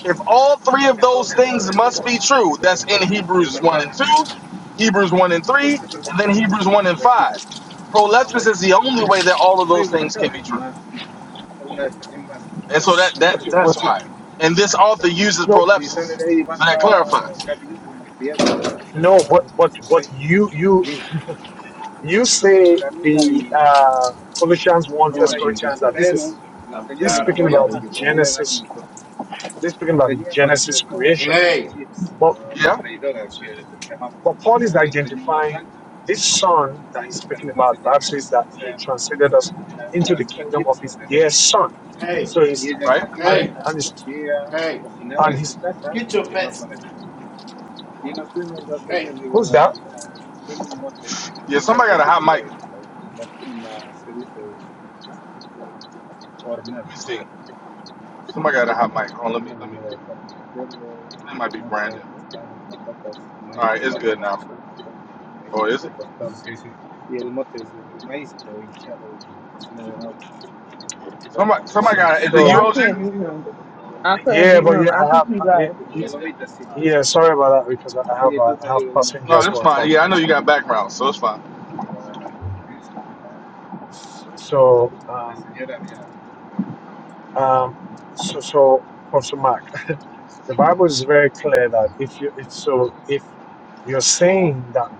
[SPEAKER 8] If all three of those things must be true, that's in Hebrews one and two, Hebrews one and three, and then Hebrews one and five. Prolepsis is the only way that all of those things can be true.
[SPEAKER 2] Yes,
[SPEAKER 8] And so that that
[SPEAKER 2] but you,
[SPEAKER 8] that's
[SPEAKER 2] but you,
[SPEAKER 8] why. And this author uses
[SPEAKER 2] no,
[SPEAKER 8] prolepsis. So that clarifies.
[SPEAKER 2] no, but but but you you You say the uh, Colossians one, First
[SPEAKER 5] Lord Jesus,
[SPEAKER 2] Corinthians, that this is
[SPEAKER 5] I'm
[SPEAKER 2] this is
[SPEAKER 5] tired of
[SPEAKER 2] speaking about
[SPEAKER 5] failing
[SPEAKER 2] the
[SPEAKER 5] you, Lord.
[SPEAKER 2] Genesis. This is speaking about the Genesis creation.
[SPEAKER 5] Hey,
[SPEAKER 2] But
[SPEAKER 8] Yeah?
[SPEAKER 2] but Paul is identifying this son that he's speaking about. The Bible says that he translated us into the kingdom of his dear son.
[SPEAKER 5] hey,
[SPEAKER 2] So he's and,
[SPEAKER 8] Right?
[SPEAKER 2] and
[SPEAKER 5] hey,
[SPEAKER 2] he's
[SPEAKER 5] hey.
[SPEAKER 2] and he's
[SPEAKER 5] Get your fats. Hey.
[SPEAKER 2] who's that?
[SPEAKER 8] Yeah, somebody got a hot mic. Let me see. Somebody got a hot mic. Hold on, let me let me it might be Brandon. Alright, it's good now. Or is it? Somebody somebody
[SPEAKER 2] So,
[SPEAKER 8] got is it you
[SPEAKER 4] Yeah, I
[SPEAKER 2] so
[SPEAKER 4] can't
[SPEAKER 8] OJ?
[SPEAKER 4] mute him. I couldn't
[SPEAKER 2] yeah,
[SPEAKER 4] mute
[SPEAKER 2] but
[SPEAKER 4] him.
[SPEAKER 2] yeah,
[SPEAKER 4] I
[SPEAKER 2] I
[SPEAKER 4] think
[SPEAKER 2] have.
[SPEAKER 4] he
[SPEAKER 2] I, it,
[SPEAKER 4] left.
[SPEAKER 2] it, yeah, sorry about that because I I have I have
[SPEAKER 8] No,
[SPEAKER 2] passengers who
[SPEAKER 8] it's
[SPEAKER 2] are
[SPEAKER 8] fine. Yeah,
[SPEAKER 2] talking.
[SPEAKER 8] I know you
[SPEAKER 2] So
[SPEAKER 8] got background, so it's fine.
[SPEAKER 2] so um um so so Professor Mark, (laughs) the Bible is very clear that if you if so if you're saying that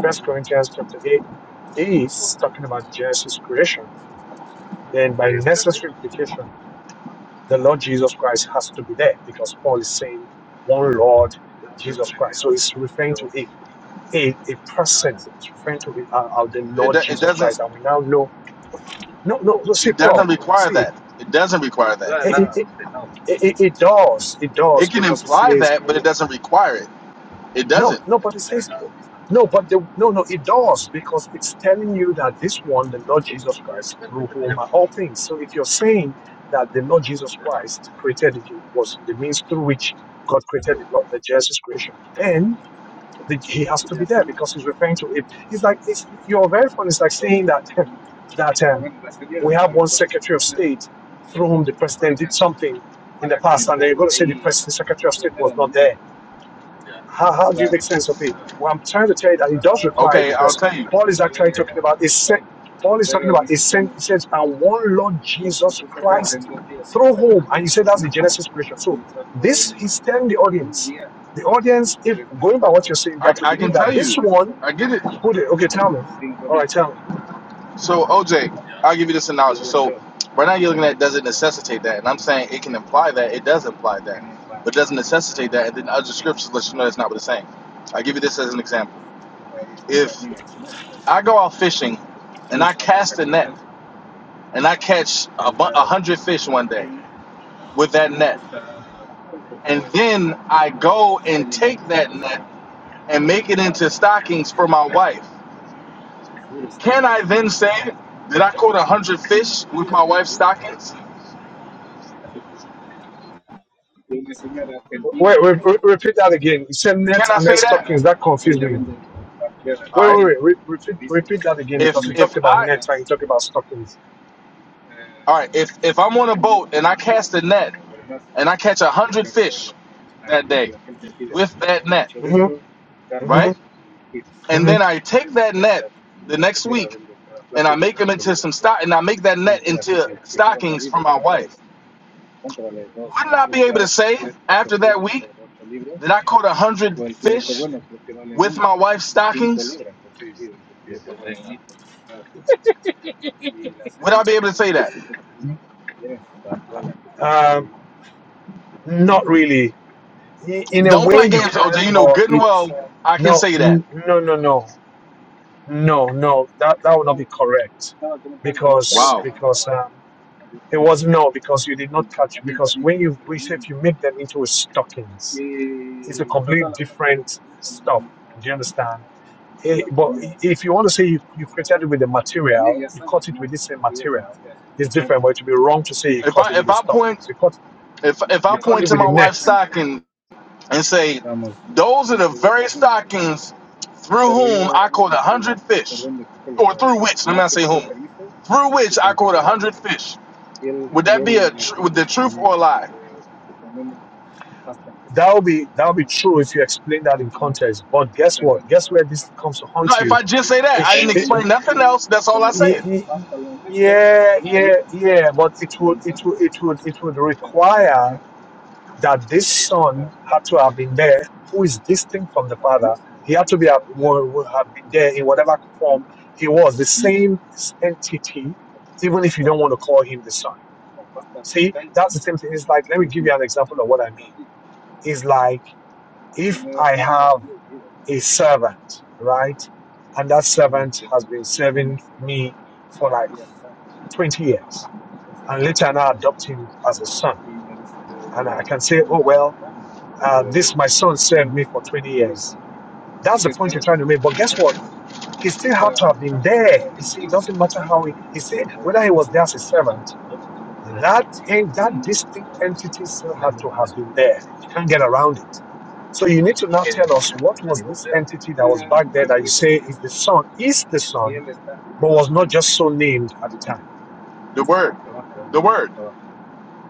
[SPEAKER 2] First Corinthians chapter eight is talking about Genesis creation, then by necessary implication. the Lord Jesus Christ has to be there because Paul is saying one Lord Jesus Christ. So it's referring to a a, a person, it's referring to the, uh, uh, the
[SPEAKER 8] It, do-
[SPEAKER 2] Lord
[SPEAKER 8] it
[SPEAKER 2] Jesus
[SPEAKER 8] doesn't
[SPEAKER 2] Christ. And we now know, no, no, no see,
[SPEAKER 8] it doesn't
[SPEAKER 2] Prof,
[SPEAKER 8] require
[SPEAKER 2] see,
[SPEAKER 8] that. It doesn't require that.
[SPEAKER 2] it, it, it, it, it does, it
[SPEAKER 8] It
[SPEAKER 2] does,
[SPEAKER 8] can
[SPEAKER 2] because it
[SPEAKER 8] imply
[SPEAKER 2] says
[SPEAKER 8] that, but it doesn't require it. It
[SPEAKER 2] No,
[SPEAKER 8] doesn't.
[SPEAKER 2] no, but it says no, but the no, no, it does because it's telling you that this one, the Lord Jesus Christ, through whom are all things. So if you're saying that the Lord Jesus Christ created you was the means through which God created the Lord, the Jesus creation, then the, he has to be there because he's referring to it. It's like it's you're very funny. It's like saying that (laughs) that um, we have one Secretary of State through whom the president did something in the past, and then you're going to say the president, Secretary of State was not there how, how do you make sense of it? What I'm trying to tell you that it does require it
[SPEAKER 8] Okay, I'll
[SPEAKER 2] because
[SPEAKER 8] tell you.
[SPEAKER 2] Paul is actually talking about a sent. Paul is talking about a sent. He says, "And one Lord Jesus Christ, through whom," and he said that's the Genesis creation. So this he's telling the audience. The audience, if going by what you're saying, they
[SPEAKER 8] I,
[SPEAKER 2] have to
[SPEAKER 8] I can
[SPEAKER 2] believe that
[SPEAKER 8] tell
[SPEAKER 2] this
[SPEAKER 8] you.
[SPEAKER 2] one
[SPEAKER 8] I get it.
[SPEAKER 2] who did. Okay, tell me. All right, tell me.
[SPEAKER 8] So OJ, I'll give you this analogy. So right now you're looking at does it necessitate that, and I'm saying it can imply that. It does imply that, but it doesn't necessitate that. And then other scriptures let you know that's not what it's saying. I'll give you this as an example. If I go out fishing and I cast a net and I catch a, bu- a hundred fish one day with that net, and then I go and take that net and make it into stockings for my wife, can I then say that I caught a hundred fish with my wife's stockings?
[SPEAKER 2] Wait, wait, re- repeat that again. You said net
[SPEAKER 8] Can I
[SPEAKER 2] and then
[SPEAKER 8] say that?
[SPEAKER 2] stockings. That confused me. Wait,
[SPEAKER 8] All right.
[SPEAKER 2] wait, wait. Re- repeat, repeat that again
[SPEAKER 8] If
[SPEAKER 2] because you
[SPEAKER 8] if
[SPEAKER 2] talked about
[SPEAKER 8] I
[SPEAKER 2] net and you talked about stockings.
[SPEAKER 8] all right, if if I'm on a boat and I cast a net and I catch a hundred fish that day with that net,
[SPEAKER 2] hmm
[SPEAKER 8] right?
[SPEAKER 2] hmm
[SPEAKER 8] And
[SPEAKER 2] hmm
[SPEAKER 8] then I take that net the next week and I make them into some stock and I make that net into stockings for my wife. Wouldn't I be able to say after that week that I caught a hundred fish with my wife's stockings? Would I be able to say that?
[SPEAKER 2] Um, Kitashari. not really. I- In a
[SPEAKER 8] Don't
[SPEAKER 2] way,
[SPEAKER 8] play
[SPEAKER 2] you
[SPEAKER 8] games, OJ.
[SPEAKER 2] can,
[SPEAKER 8] You know
[SPEAKER 2] but
[SPEAKER 8] good and
[SPEAKER 2] it's
[SPEAKER 8] well I can
[SPEAKER 2] no,
[SPEAKER 8] say that.
[SPEAKER 2] n- no, no, no. No, no, that, that would not be correct because
[SPEAKER 8] Wow.
[SPEAKER 2] because um, it was no because you did not catch it because when you we say if you make them into a stockings, it's a completely different stuff. Do you understand? Eh, but if you want to say you, you created it with the material, you cut it with the same material. It's different, but it would be wrong to say you
[SPEAKER 8] If
[SPEAKER 2] cut it
[SPEAKER 8] I
[SPEAKER 2] with
[SPEAKER 8] if
[SPEAKER 2] the
[SPEAKER 8] I point
[SPEAKER 2] stockings. You cut
[SPEAKER 8] If if I
[SPEAKER 2] you cut
[SPEAKER 8] point
[SPEAKER 2] it
[SPEAKER 8] to
[SPEAKER 2] with
[SPEAKER 8] my
[SPEAKER 2] the net.
[SPEAKER 8] wife's stocking and say, "Those are the very stockings through whom I caught a hundred fish," or through which, let me not say whom, through which I caught a hundred fish, would that be a tr- with the truth or a lie?
[SPEAKER 2] That will be that will be true if you explain that in context. But guess what? Guess where this comes to
[SPEAKER 8] No,
[SPEAKER 2] haunt
[SPEAKER 8] if
[SPEAKER 2] you?
[SPEAKER 8] I just say that,
[SPEAKER 2] It
[SPEAKER 8] I
[SPEAKER 2] sh-
[SPEAKER 8] didn't explain
[SPEAKER 2] it-
[SPEAKER 8] nothing else. That's all I said.
[SPEAKER 2] it- it- yeah, yeah, yeah. But it would it would it would it would require that this son had to have been there, who is distinct from the father. He had to be have- would would have been there in whatever form he was, the same entity even if you don't want to call him the son. See, that's the same thing. It's like, let me give you an example of what I mean. It's like if I have a servant, right? And that servant has been serving me for like 20 years. And later on, I adopt him as a son. And I can say, oh, well, uh, this, my son served me for 20 years. That's the point you're trying to make. But guess what? He still had to have been there. You see, it doesn't matter how he, he see, whether he was there as a servant. That and that distinct entity still had to have been there. You can't get around it. So you need to now tell us what was this entity that was back there that you say is the son, is the son, but was not just so named at the time.
[SPEAKER 8] The word, the word,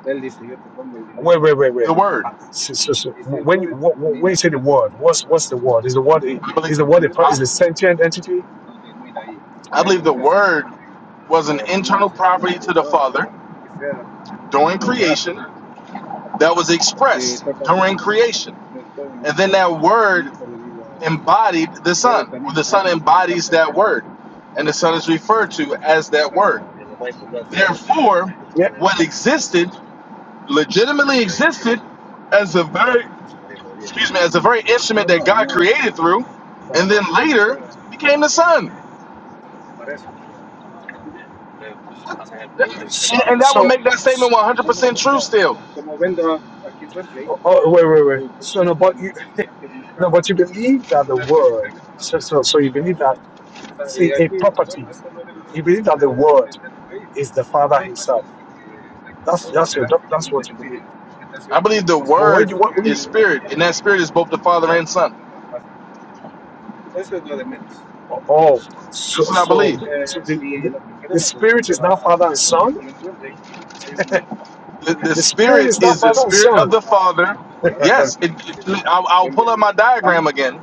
[SPEAKER 2] Wait, wait, wait, wait.
[SPEAKER 8] the word.
[SPEAKER 2] Uh, So, so, so, when you wh- wh- when you say the word, what's what's the word? Is the word a-
[SPEAKER 8] I
[SPEAKER 2] is
[SPEAKER 8] believe,
[SPEAKER 2] the word a, per- is
[SPEAKER 8] I,
[SPEAKER 2] a sentient entity?
[SPEAKER 8] I believe the word was an internal property to the Father during creation that was expressed during creation. And then that word embodied the Son. Well, The Son embodies that word. And the Son is referred to as that word. Therefore,
[SPEAKER 2] Yeah.
[SPEAKER 8] what existed, legitimately existed, as a very excuse me, as a very instrument that God created through, and then later became the Son.
[SPEAKER 2] So,
[SPEAKER 8] And, and that would
[SPEAKER 2] so
[SPEAKER 8] make that statement
[SPEAKER 2] s-
[SPEAKER 8] 100% true still.
[SPEAKER 2] oh, oh, wait, wait, wait. So, no, but you, (laughs) no, but you believe that the word. So, so, so you believe that. See, a property. You believe that the word is the Father Himself. That's that's your, that's what you believe.
[SPEAKER 8] I believe the
[SPEAKER 2] But when
[SPEAKER 8] word
[SPEAKER 2] you what when
[SPEAKER 8] is
[SPEAKER 2] you,
[SPEAKER 8] spirit, and that spirit is both the Father and Son.
[SPEAKER 2] Oh, so
[SPEAKER 8] That's what I
[SPEAKER 2] so
[SPEAKER 8] believe.
[SPEAKER 2] the so the, the, the spirit is not father and son. (laughs)
[SPEAKER 8] The, the
[SPEAKER 2] The spirit
[SPEAKER 8] spirit
[SPEAKER 2] is not
[SPEAKER 8] is the
[SPEAKER 2] father and
[SPEAKER 8] spirit of
[SPEAKER 2] son.
[SPEAKER 8] the Father. Yes, it,
[SPEAKER 2] (laughs)
[SPEAKER 8] it- I'll, I'll pull up my diagram again.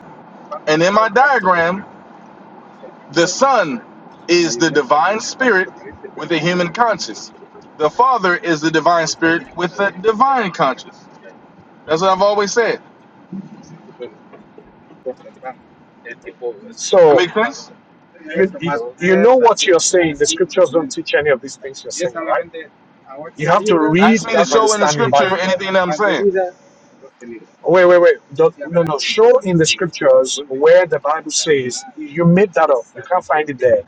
[SPEAKER 8] And in my diagram, the Son is the divine spirit with a human conscience. The Father is the divine spirit with a divine conscience. That's what I've always said. That
[SPEAKER 2] so
[SPEAKER 8] makes sense?
[SPEAKER 2] you, you you know what you're saying. The scriptures don't teach any of these things you're saying, right? You have to
[SPEAKER 8] Ask
[SPEAKER 2] read
[SPEAKER 8] me to
[SPEAKER 2] that
[SPEAKER 8] show in the
[SPEAKER 2] understanding by
[SPEAKER 8] scripture
[SPEAKER 2] there.
[SPEAKER 8] anything that I'm saying.
[SPEAKER 2] Wait, wait, wait. Don't- no, no. Show in the scriptures where the Bible says you made that up. You can't find it there.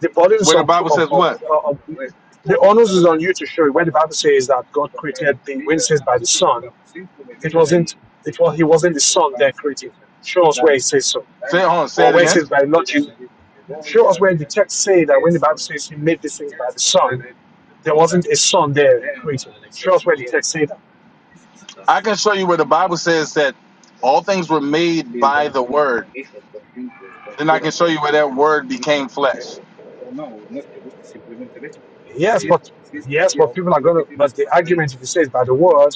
[SPEAKER 2] The burden is
[SPEAKER 8] Where the
[SPEAKER 2] on,
[SPEAKER 8] Bible
[SPEAKER 2] on,
[SPEAKER 8] says
[SPEAKER 2] on,
[SPEAKER 8] what?
[SPEAKER 2] on the onus is on you to show it. Where the Bible says that God created the when it says by the Son, it wasn't. It was he wasn't the Son that created. Show us where it says so,
[SPEAKER 8] Say it, hold on, say
[SPEAKER 2] or
[SPEAKER 8] it
[SPEAKER 2] where it
[SPEAKER 8] again.
[SPEAKER 2] says by not you. Show us where the text say that when the Bible says he made these things by the Son, there wasn't a Son there created. Show us where the text say that.
[SPEAKER 8] I can show you where the Bible says that all things were made by the word. Then I can show you where that word became flesh.
[SPEAKER 2] Yes, but yes, but people are going to. But the argument, if you say it's by the word,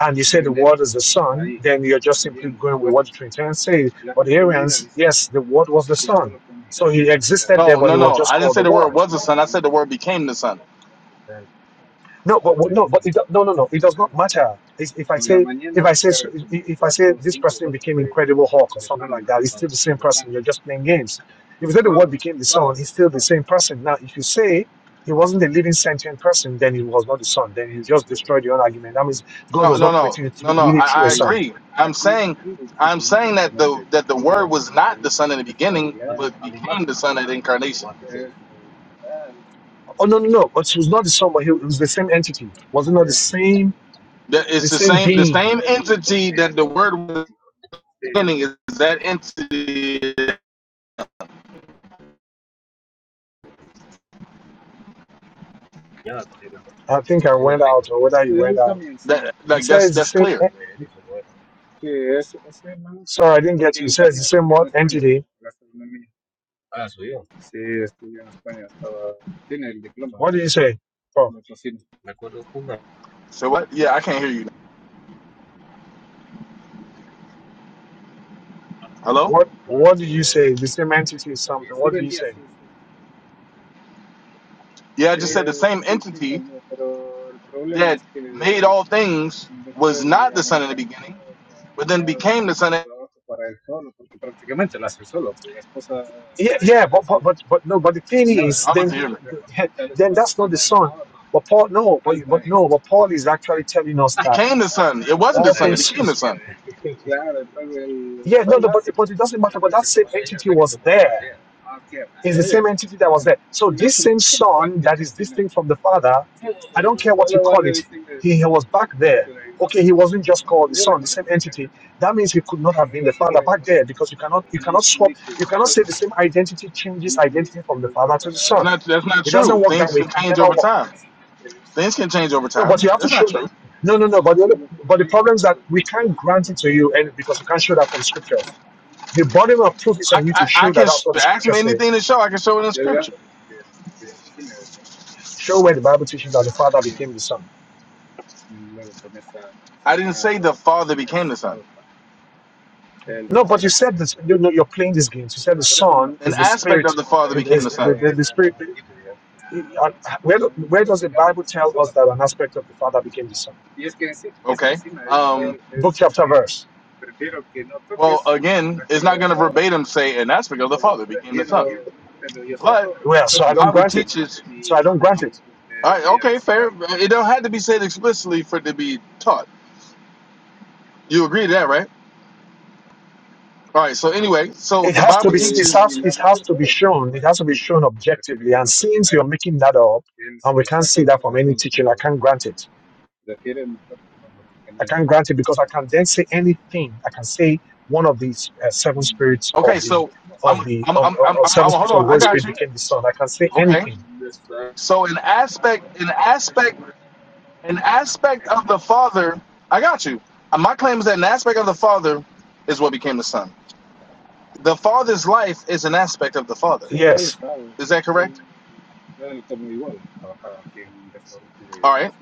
[SPEAKER 2] and you say the word is the son, then you're just simply going with what the Trinitarians say. But the Arians, yes, the word was the son, so he existed there,
[SPEAKER 8] No,
[SPEAKER 2] but
[SPEAKER 8] no,
[SPEAKER 2] he was
[SPEAKER 8] no.
[SPEAKER 2] just
[SPEAKER 8] I didn't
[SPEAKER 2] called
[SPEAKER 8] say
[SPEAKER 2] the
[SPEAKER 8] the word
[SPEAKER 2] word.
[SPEAKER 8] was the son. I said the word became the son.
[SPEAKER 2] No, but but- no, but it, do- no, no, no. It does not matter. If, if I say, if I say, s- i- i- if I say this person became Incredible Hulk or something like that, it's still the same person. You're just playing games. If you say the word became the son, he's still the same person. Now, if you say he wasn't a living sentient person, then he was not the son. Then you just destroyed your own argument. That means God
[SPEAKER 8] No,
[SPEAKER 2] was
[SPEAKER 8] no,
[SPEAKER 2] not
[SPEAKER 8] no,
[SPEAKER 2] created you
[SPEAKER 8] no,
[SPEAKER 2] through
[SPEAKER 8] no.
[SPEAKER 2] really
[SPEAKER 8] I,
[SPEAKER 2] through a
[SPEAKER 8] I
[SPEAKER 2] son.
[SPEAKER 8] agree. I'm saying, I'm saying that the that the word was not the son in the beginning, but became the son at incarnation.
[SPEAKER 2] Oh no, no, no. But he was not the son, but he was the same entity. Was it not the same,
[SPEAKER 8] That
[SPEAKER 2] the
[SPEAKER 8] it's the
[SPEAKER 2] same
[SPEAKER 8] same the
[SPEAKER 2] being?
[SPEAKER 8] same entity that the word was in the beginning is that entity
[SPEAKER 2] I think I went out, or whether you went out. come
[SPEAKER 8] that
[SPEAKER 2] You
[SPEAKER 8] like
[SPEAKER 2] said
[SPEAKER 8] that's
[SPEAKER 2] it's the
[SPEAKER 8] that's
[SPEAKER 2] same.
[SPEAKER 8] clear.
[SPEAKER 2] en- Sorry, I didn't get you. You said it's the same what entity. What did you say? Oh,
[SPEAKER 8] So what? Yeah, I can't hear you. Hello?
[SPEAKER 2] what patrocinio. What did you say? The same entity is something. What did you say?
[SPEAKER 8] Yeah, I just said the same entity that made all things was not the son in the beginning but then became the son. I
[SPEAKER 2] Yeah, yeah, but but but, but no. But the thing is,
[SPEAKER 8] don't know
[SPEAKER 2] then
[SPEAKER 8] if you
[SPEAKER 2] he,
[SPEAKER 8] hear me.
[SPEAKER 2] (laughs) then that's not the son. (laughs) But Paul, no, but but no, but Paul is actually telling us that
[SPEAKER 8] Became the son. It
[SPEAKER 2] (laughs)
[SPEAKER 8] wasn't
[SPEAKER 2] all
[SPEAKER 8] the son that
[SPEAKER 2] things,
[SPEAKER 8] became the son.
[SPEAKER 2] yeah, no, no, but, but it doesn't matter. But that same entity was there. It's the same entity that was there. So this same son that is distinct from the father, I don't care what you call it, he, he was back there. Okay, he wasn't just called the son, the same entity. That means he could not have been the father back there because you cannot you cannot swap you cannot say the same identity changes identity from the father to the
[SPEAKER 8] That's
[SPEAKER 2] son.
[SPEAKER 8] not. That's not
[SPEAKER 2] It doesn't
[SPEAKER 8] true.
[SPEAKER 2] work that
[SPEAKER 8] Things
[SPEAKER 2] way. It
[SPEAKER 8] can
[SPEAKER 2] can
[SPEAKER 8] change
[SPEAKER 2] never
[SPEAKER 8] over
[SPEAKER 2] work.
[SPEAKER 8] time. Things can change over
[SPEAKER 2] No, but
[SPEAKER 8] time.
[SPEAKER 2] you have to
[SPEAKER 8] That's
[SPEAKER 2] show
[SPEAKER 8] not
[SPEAKER 2] that.
[SPEAKER 8] true.
[SPEAKER 2] No, no, no. But the, only- but the problem is that we can't grant it to you and because you can't show that from scriptures. The burden of proof is
[SPEAKER 8] I,
[SPEAKER 2] on you to
[SPEAKER 8] I, I
[SPEAKER 2] show that
[SPEAKER 8] can sh-
[SPEAKER 2] that's what the
[SPEAKER 8] ask me
[SPEAKER 2] scriptures say.
[SPEAKER 8] anything to show. I can show it in scripture.
[SPEAKER 2] Show where the Bible teaches that the Father became the Son.
[SPEAKER 8] I didn't say the father became the son.
[SPEAKER 2] No, but you said this. You know, you're playing these games. You said the Son
[SPEAKER 8] An
[SPEAKER 2] is the
[SPEAKER 8] aspect
[SPEAKER 2] Spirit.
[SPEAKER 8] of the father became
[SPEAKER 2] Is
[SPEAKER 8] the
[SPEAKER 2] the,
[SPEAKER 8] son.
[SPEAKER 2] the, the Spirit. Uh, Where, where does the Bible tell us that an aspect of the Father became the Son?
[SPEAKER 8] Okay. Um.
[SPEAKER 2] Book, chapter, verse.
[SPEAKER 8] Well, again, it's not going to verbatim say an aspect of the father became the son, but
[SPEAKER 2] Well, so
[SPEAKER 8] the
[SPEAKER 2] I don't
[SPEAKER 8] Bible
[SPEAKER 2] grant it.
[SPEAKER 8] teaches.
[SPEAKER 2] So I don't grant it.
[SPEAKER 8] All right. Okay. Fair. It don't have to be said explicitly for it to be taught. You agree to that, right? All right. So anyway, so
[SPEAKER 2] It
[SPEAKER 8] the
[SPEAKER 2] has to
[SPEAKER 8] Bible
[SPEAKER 2] be. It
[SPEAKER 8] teaches.
[SPEAKER 2] has. It has to be shown. It has to be shown objectively. And since you're making that up, and we can't see that from any teaching, I can't grant it. I can't grant it because I can then say anything. I can say one of these uh, seven spirits of
[SPEAKER 8] Okay.
[SPEAKER 2] the
[SPEAKER 8] So
[SPEAKER 2] of
[SPEAKER 8] I'm
[SPEAKER 2] the
[SPEAKER 8] I'm
[SPEAKER 2] of,
[SPEAKER 8] I'm
[SPEAKER 2] of
[SPEAKER 8] I'm,
[SPEAKER 2] of
[SPEAKER 8] I'm,
[SPEAKER 2] seven
[SPEAKER 8] I'm hold
[SPEAKER 2] spirits of the
[SPEAKER 8] on.
[SPEAKER 2] Holy
[SPEAKER 8] I
[SPEAKER 2] no Spirit
[SPEAKER 8] got you.
[SPEAKER 2] became the Son. I can say
[SPEAKER 8] Okay.
[SPEAKER 2] anything.
[SPEAKER 8] So an aspect an aspect an aspect of the Father. I got you. Uh, My claim is that an aspect of the Father is what became the Son. The Father's life is an aspect of the Father.
[SPEAKER 2] Yes,
[SPEAKER 8] Is that correct? All right.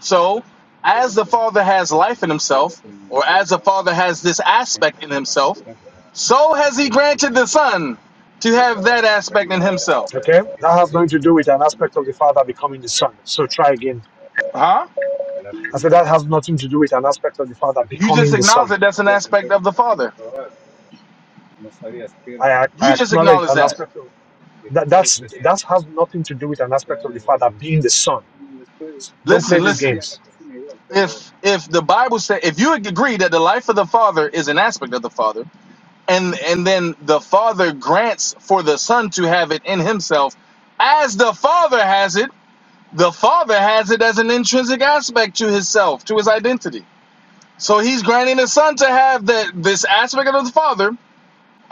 [SPEAKER 8] So as the Father has life in Himself, or as the Father has this aspect in Himself, so has He granted the Son to have that aspect in Himself.
[SPEAKER 2] Okay? That has nothing to do with an aspect of the Father becoming the Son. So try again.
[SPEAKER 8] Huh?
[SPEAKER 2] I said that has nothing to do with an aspect of the Father
[SPEAKER 8] You just
[SPEAKER 2] becoming the
[SPEAKER 8] acknowledge
[SPEAKER 2] Son.
[SPEAKER 8] that that's an aspect of the Father.
[SPEAKER 2] I, I
[SPEAKER 8] You just
[SPEAKER 2] acknowledge
[SPEAKER 8] acknowledge
[SPEAKER 2] an
[SPEAKER 8] that.
[SPEAKER 2] aspect of that. That's that has nothing to do with an aspect of the Father being the Son. Don't play
[SPEAKER 8] Listen,
[SPEAKER 2] these
[SPEAKER 8] listen.
[SPEAKER 2] games.
[SPEAKER 8] If if the Bible said if you agree that the life of the Father is an aspect of the Father, and and then the Father grants for the Son to have it in Himself, as the Father has it, the Father has it as an intrinsic aspect to Himself, to His identity. So He's granting the Son to have that this aspect of the Father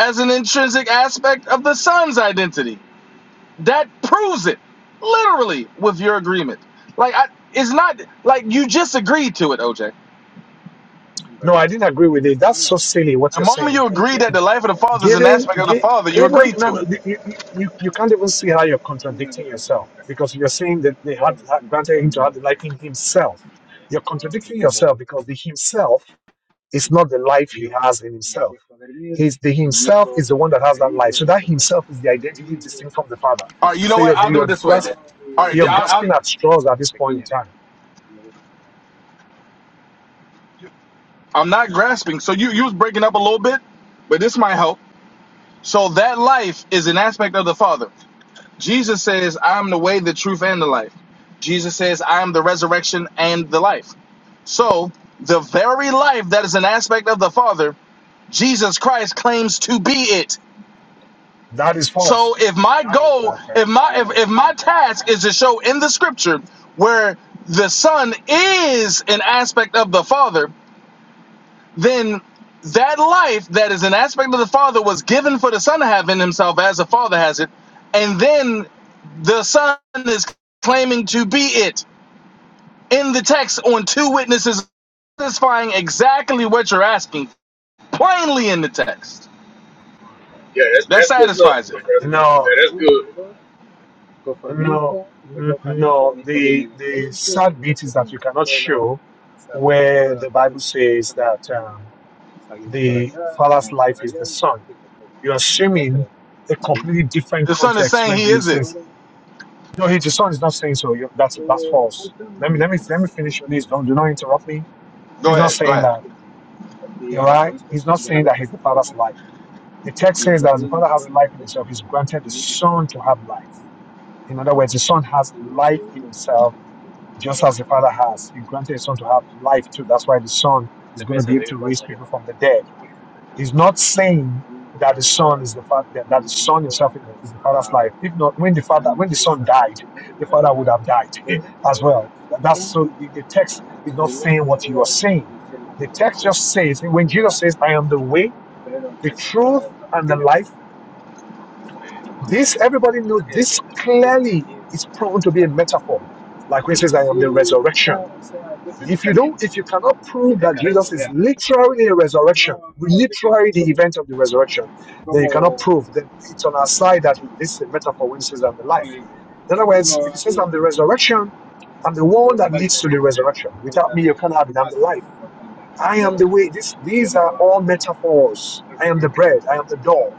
[SPEAKER 8] as an intrinsic aspect of the Son's identity. that proves it literally with your agreement like I, it's not like you just agreed to it oj
[SPEAKER 2] No, I didn't agree with it. That's so silly what
[SPEAKER 8] the
[SPEAKER 2] you're
[SPEAKER 8] moment
[SPEAKER 2] saying.
[SPEAKER 8] you
[SPEAKER 2] It,
[SPEAKER 8] agree
[SPEAKER 2] it,
[SPEAKER 8] that the life of the father is an
[SPEAKER 2] Giving,
[SPEAKER 8] aspect of the
[SPEAKER 2] gi-
[SPEAKER 8] father you
[SPEAKER 2] even
[SPEAKER 8] agreed
[SPEAKER 2] no,
[SPEAKER 8] to
[SPEAKER 2] no,
[SPEAKER 8] it
[SPEAKER 2] you, you, you, you can't even see how you're contradicting yourself because you're saying that they had had granted him to have the life in himself. You're contradicting yourself because the himself is not the life he has in himself. He's the himself is the one that has that life. So that himself is the identity distinct from the father.
[SPEAKER 8] all right you know
[SPEAKER 2] So
[SPEAKER 8] what
[SPEAKER 2] you're
[SPEAKER 8] i'll do it
[SPEAKER 2] you're,
[SPEAKER 8] this way then
[SPEAKER 2] grasp,
[SPEAKER 8] all right
[SPEAKER 2] you're
[SPEAKER 8] I, I,
[SPEAKER 2] grasping at straws at this point in time.
[SPEAKER 8] i'm not grasping so you you was breaking up a little bit but this might help so that life is an aspect of the father jesus says i'm the way the truth and the life jesus says i am the resurrection and the life So, the very life that is an aspect of the Father, Jesus Christ claims to be it.
[SPEAKER 2] That is
[SPEAKER 8] So,
[SPEAKER 2] false.
[SPEAKER 8] if my goal, if my if, if my task is to show in the scripture where the Son is an aspect of the Father, then that life that is an aspect of the Father was given for the Son to have in himself as the Father has it, and then the Son is claiming to be it in the text on two witnesses satisfying exactly what you're asking for. plainly in the text.
[SPEAKER 12] Yeah, that's
[SPEAKER 8] That
[SPEAKER 12] that's good stuff,
[SPEAKER 8] satisfies it.
[SPEAKER 12] Professor.
[SPEAKER 2] No.
[SPEAKER 12] Yeah, that's good.
[SPEAKER 2] No, no. The the sad bit is that you cannot show where the Bible says that um, the father's life is the son. You're assuming a completely different
[SPEAKER 8] The son is
[SPEAKER 2] context
[SPEAKER 8] saying
[SPEAKER 2] where
[SPEAKER 8] he is
[SPEAKER 2] Jesus
[SPEAKER 8] it.
[SPEAKER 2] says, "No, he, the son is not saying so. you that's that's false." Let me let me let me finish, please. Don't do not interrupt me.
[SPEAKER 8] Go
[SPEAKER 2] He's not
[SPEAKER 8] ahead, go
[SPEAKER 2] saying
[SPEAKER 8] ahead.
[SPEAKER 2] that. All right, he's not saying that he's the father's life. The text says that as the father has life in himself, he's granted the son to have life. In other words, the Son has life in himself, just as the Father has. He granted his Son to have life too. That's why the Son is going to be able to raise people from the dead. He's not saying that the Son is the Father, that the Son himself is is the Father's life. If not, when the Father, when the Son died, the Father would have died (laughs) as well. That's so. The, the text is not saying what you are saying. The text just says when Jesus says, "I am the way, the truth, and the life," This, everybody knows this clearly is proven to be a metaphor. Like when it says, I am the resurrection. If you don't, if you cannot prove that Jesus is literally a resurrection, literally the event of the resurrection, then you cannot prove that it's on our side that this is a metaphor when it says I'm the life. In other words, if it says I'm the resurrection, I'm the one that leads to the resurrection. Without me, you can't have it. I'm the life. I am the way. This, these are all metaphors. I am the bread. I am the door.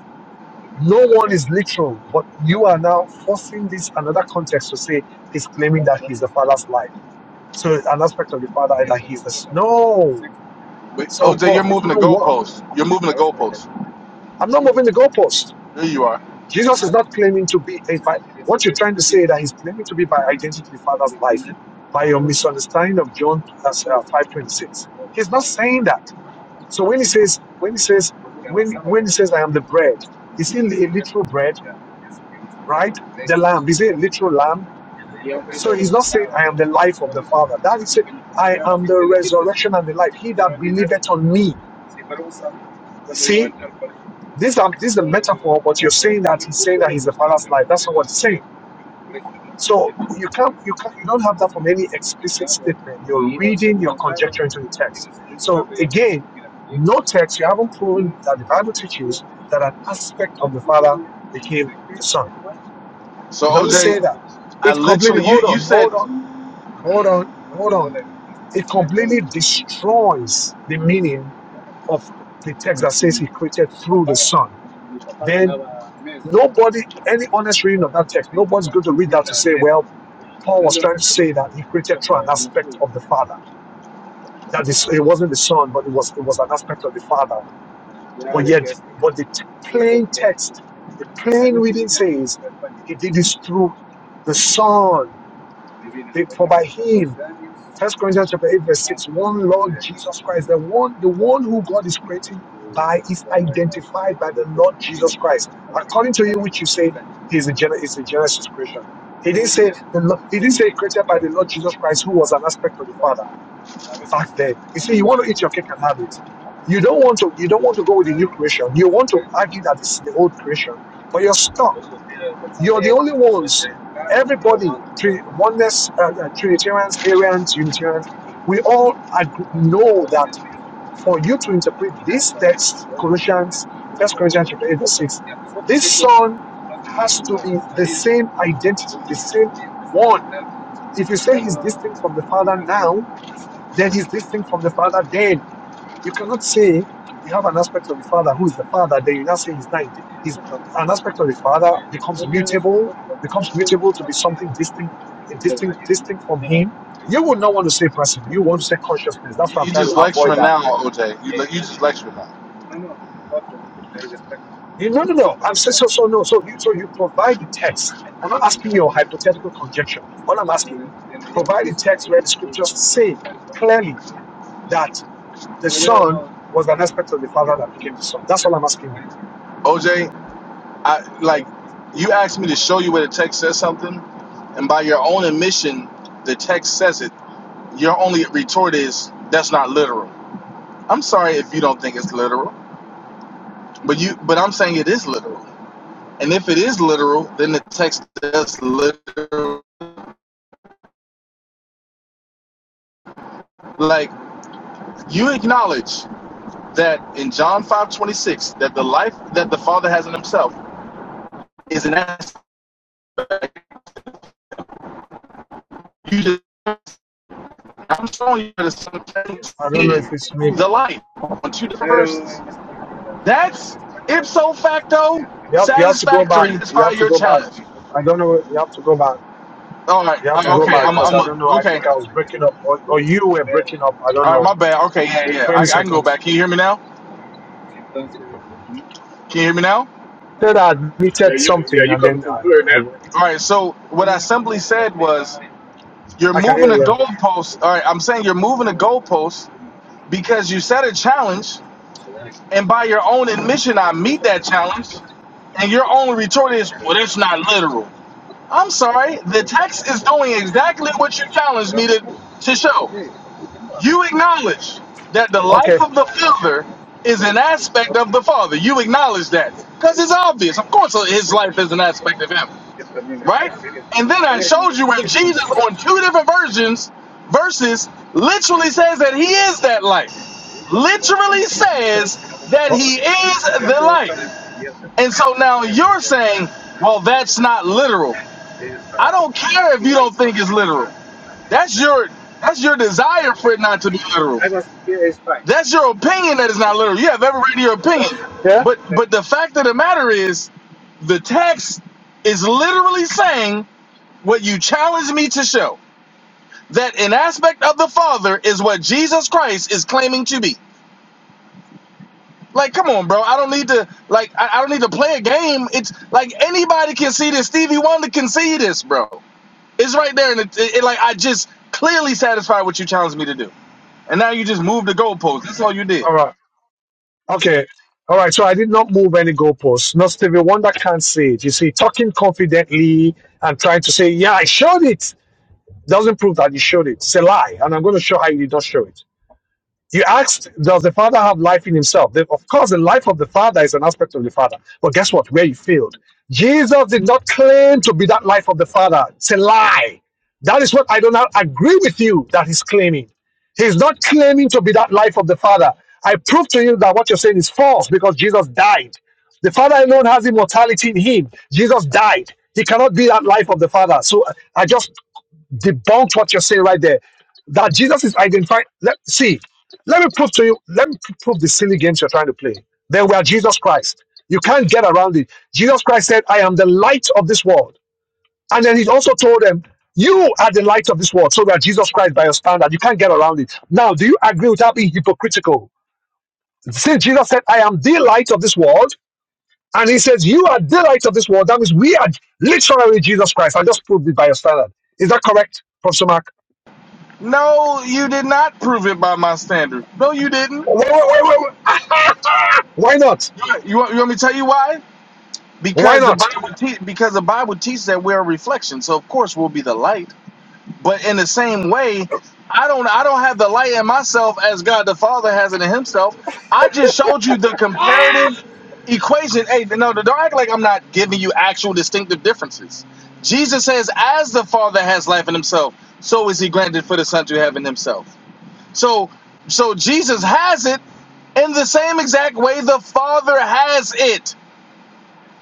[SPEAKER 2] No one is literal, but you are now forcing this another context to say he's claiming that he's the father's life. So an aspect of the father is that he's the no.
[SPEAKER 8] Wait,
[SPEAKER 2] So,
[SPEAKER 8] OJ,
[SPEAKER 2] prof,
[SPEAKER 8] you're
[SPEAKER 2] it
[SPEAKER 8] moving the
[SPEAKER 2] wouldn't work.
[SPEAKER 8] goalpost. You're moving the goalpost.
[SPEAKER 2] I'm not moving the goalpost.
[SPEAKER 8] There you are.
[SPEAKER 2] Jesus is not claiming to be a by what you're trying to say is that he's claiming to be by identity the father's life by your misunderstanding of John uh, 5:26. He's not saying that. So when he says, when he says, when when he says, I am the bread, is he a literal bread, right? The lamb, is it a literal lamb? So he's not saying, I am the life of the Father. That is it. I am the resurrection and the life. He that believeth on me. See, this, are, this is a metaphor, but you're saying that he's saying that he's the Father's life. That's not what he's saying. So you can't, you can't, you don't have that from any explicit statement. You're reading your conjecture into the text. So again, no text. You haven't proven that the Bible teaches that an aspect of the Father became the Son.
[SPEAKER 8] So
[SPEAKER 2] It doesn't
[SPEAKER 8] OJ,
[SPEAKER 2] say that.
[SPEAKER 8] I
[SPEAKER 2] It's completely.
[SPEAKER 8] literally you
[SPEAKER 2] Hold
[SPEAKER 8] you
[SPEAKER 2] on,
[SPEAKER 8] said
[SPEAKER 2] hold on. Hold on, hold on. It completely destroys the meaning of the text that says he created through the Son. Then nobody, any honest reading of that text, nobody's going to read that to say, well, Paul was trying to say that he created through an aspect of the Father. That is, it wasn't the Son, but it was it was an aspect of the Father. But yet, but the t- plain text, the plain reading says he did this through the Son. For by him, First Corinthians chapter 8, verse 6, one Lord Jesus Christ, the one, the one who God is creating by is identified by the Lord Jesus Christ. According to you, which you say is a, is a Genesis creation. He didn't say the Lord, he didn't say created by the Lord Jesus Christ, who was an aspect of the Father back then. You see, you want to eat your cake and have it. You don't want to you don't want to go with the new creation. You want to argue that this is the old creation, but you're stuck. You're the only ones. Everybody, three, oneness, uh, uh, Trinitarians, Arians, Unitarians, we all ag- know that for you to interpret this text, Colossians, First Corinthians chapter 8, verse 6, this son has to be the same identity, the same one. If you say he's distinct from the father now, then he's distinct from the father then. You cannot say you have an aspect of the Father who is the Father, then you now say he's not. He's an aspect of the Father becomes mutable, becomes mutable to be something distinct, distinct, distinct from Him. You would not want to say person. You want to say consciousness.
[SPEAKER 8] you
[SPEAKER 2] That's why I'm
[SPEAKER 8] you
[SPEAKER 2] trying to
[SPEAKER 8] just
[SPEAKER 2] avoid
[SPEAKER 8] lecturing now,
[SPEAKER 2] that.
[SPEAKER 8] OJ. You le- you just lecturing now,
[SPEAKER 2] You, no, no, no. I'm saying so, so no. So, you, so you provide the text. I'm not asking your hypothetical conjecture. All I'm asking, provide the text where the scriptures say clearly that the Son was an aspect of the Father that became the Son. That's all I'm asking you.
[SPEAKER 8] OJ. I like you asked me to show you where the text says something, and by your own admission, the text says it. Your only retort is that's not literal. I'm sorry if you don't think it's literal, but you but I'm saying it is literal. And if it is literal, then the text is literal. Like you acknowledge that in John five twenty six, that the life that the Father has in Himself is an essence. You just, I'm showing you that the Son claims to
[SPEAKER 2] I don't know
[SPEAKER 8] be
[SPEAKER 2] if it's me.
[SPEAKER 8] the life on two different verses. That's ipso facto
[SPEAKER 2] You have, you have to go back.
[SPEAKER 8] satisfactory. That's
[SPEAKER 2] You have
[SPEAKER 8] probably
[SPEAKER 2] to
[SPEAKER 8] your
[SPEAKER 2] go back.
[SPEAKER 8] challenge.
[SPEAKER 2] I don't know. You have to go back.
[SPEAKER 8] All right.
[SPEAKER 2] You have to
[SPEAKER 8] uh,
[SPEAKER 2] go
[SPEAKER 8] Okay.
[SPEAKER 2] back
[SPEAKER 8] I'm.
[SPEAKER 2] because
[SPEAKER 8] I'm.
[SPEAKER 2] I don't know. I
[SPEAKER 8] Okay.
[SPEAKER 2] think I was breaking up, or, or you were breaking up. I don't
[SPEAKER 8] All right.
[SPEAKER 2] know.
[SPEAKER 8] My bad. Okay. Yeah. Yeah. I,
[SPEAKER 2] Twenty
[SPEAKER 8] I can go
[SPEAKER 2] seconds.
[SPEAKER 8] back. Can you hear me now? Can you hear me now?
[SPEAKER 2] Then I
[SPEAKER 12] Yeah,
[SPEAKER 2] admitted
[SPEAKER 12] you yeah
[SPEAKER 2] something,
[SPEAKER 12] you
[SPEAKER 2] and
[SPEAKER 12] coming
[SPEAKER 2] then
[SPEAKER 12] through
[SPEAKER 2] I,
[SPEAKER 12] clear
[SPEAKER 2] I
[SPEAKER 12] now.
[SPEAKER 2] went.
[SPEAKER 8] All right. So what I simply said was You're
[SPEAKER 2] I can
[SPEAKER 8] moving
[SPEAKER 2] hear
[SPEAKER 8] the
[SPEAKER 2] you.
[SPEAKER 8] goalposts. All right, I'm saying you're moving the goalposts because you set a challenge, and by your own admission, I meet that challenge, and your only retort is, "Well, that's not literal." I'm sorry. The text is doing exactly what you challenged me to to show. You acknowledge that the
[SPEAKER 2] Okay.
[SPEAKER 8] life
[SPEAKER 2] (laughs)
[SPEAKER 8] of the fielder is an aspect of the father. You acknowledge that because it's obvious. Of course, his life is an aspect of him right? And then I showed you where Jesus, on two different versions, verses, literally says that he is that light.
[SPEAKER 2] Oh,
[SPEAKER 8] Literally says that he is the light. And so now you're saying, well, that's not literal. I don't care if you don't think it's literal. That's your that's your desire for it not to be literal. That's your opinion that it's not literal. You have every right to your opinion.
[SPEAKER 2] yeah.
[SPEAKER 8] But but the fact of the matter is, the text is literally saying what you challenge me to show that an aspect of the Father is what Jesus Christ is claiming to be. Like, come on, bro. I don't need to like I, I don't need to play a game. It's like anybody can see this. Stevie Wonder can see this, bro. It's right there, and it, it, it, like I just clearly satisfied what you challenged me to do, and now you just moved the goalpost. That's all you did.
[SPEAKER 2] All right. Okay. All right. So I did not move any goalposts. No Stevie Wonder can't say it. You see, talking confidently and trying to say, yeah, I showed it doesn't prove that you showed it. It's a lie. And I'm going to show how you did not show it. You asked, does the Father have life in himself? The- of course, the life of the Father is an aspect of the Father. But guess what? Where you failed. Jesus did not claim to be that life of the Father. It's a lie. That is what I do not agree with you that he's claiming. He's not claiming to be that life of the Father. I prove to you that what you're saying is false because Jesus died. The Father alone has immortality in him. Jesus died. He cannot be that life of the Father. So I I just debunked what you're saying right there. That Jesus is identifying. Let see. Let me prove to you. Let me prove the silly games you're trying to play. They were Jesus Christ. You can't get around it. Jesus Christ said, "I am the light of this world," and then he also told them, "You are the light of this world." So that Jesus Christ, by your standard, you can't get around it. Now, do you agree without being hypocritical? Since Jesus said, "I am the light of this world," and he says, "You are the light of this world," that means we are literally Jesus Christ. I just proved it by your standard. Is that correct, Professor Mark?
[SPEAKER 8] No, you did not prove it by my standard. No, you didn't.
[SPEAKER 2] Wait, wait, wait, wait, wait. Ah, Why not?
[SPEAKER 8] You, you, want, you want me to tell you why?
[SPEAKER 2] Why
[SPEAKER 8] Because the
[SPEAKER 2] not?
[SPEAKER 8] Bible te- because the Bible teaches that we're a reflection. So of course we'll be the light. But in the same way, I don't I don't have the light in myself as God the Father has it in Himself. I just showed you the comparative equation. Hey, no, don't act like I'm not giving you actual distinctive differences. Jesus says, as the Father has life in Himself, so is He granted for the Son to have in Himself. So, so Jesus has it in the same exact way the Father has it,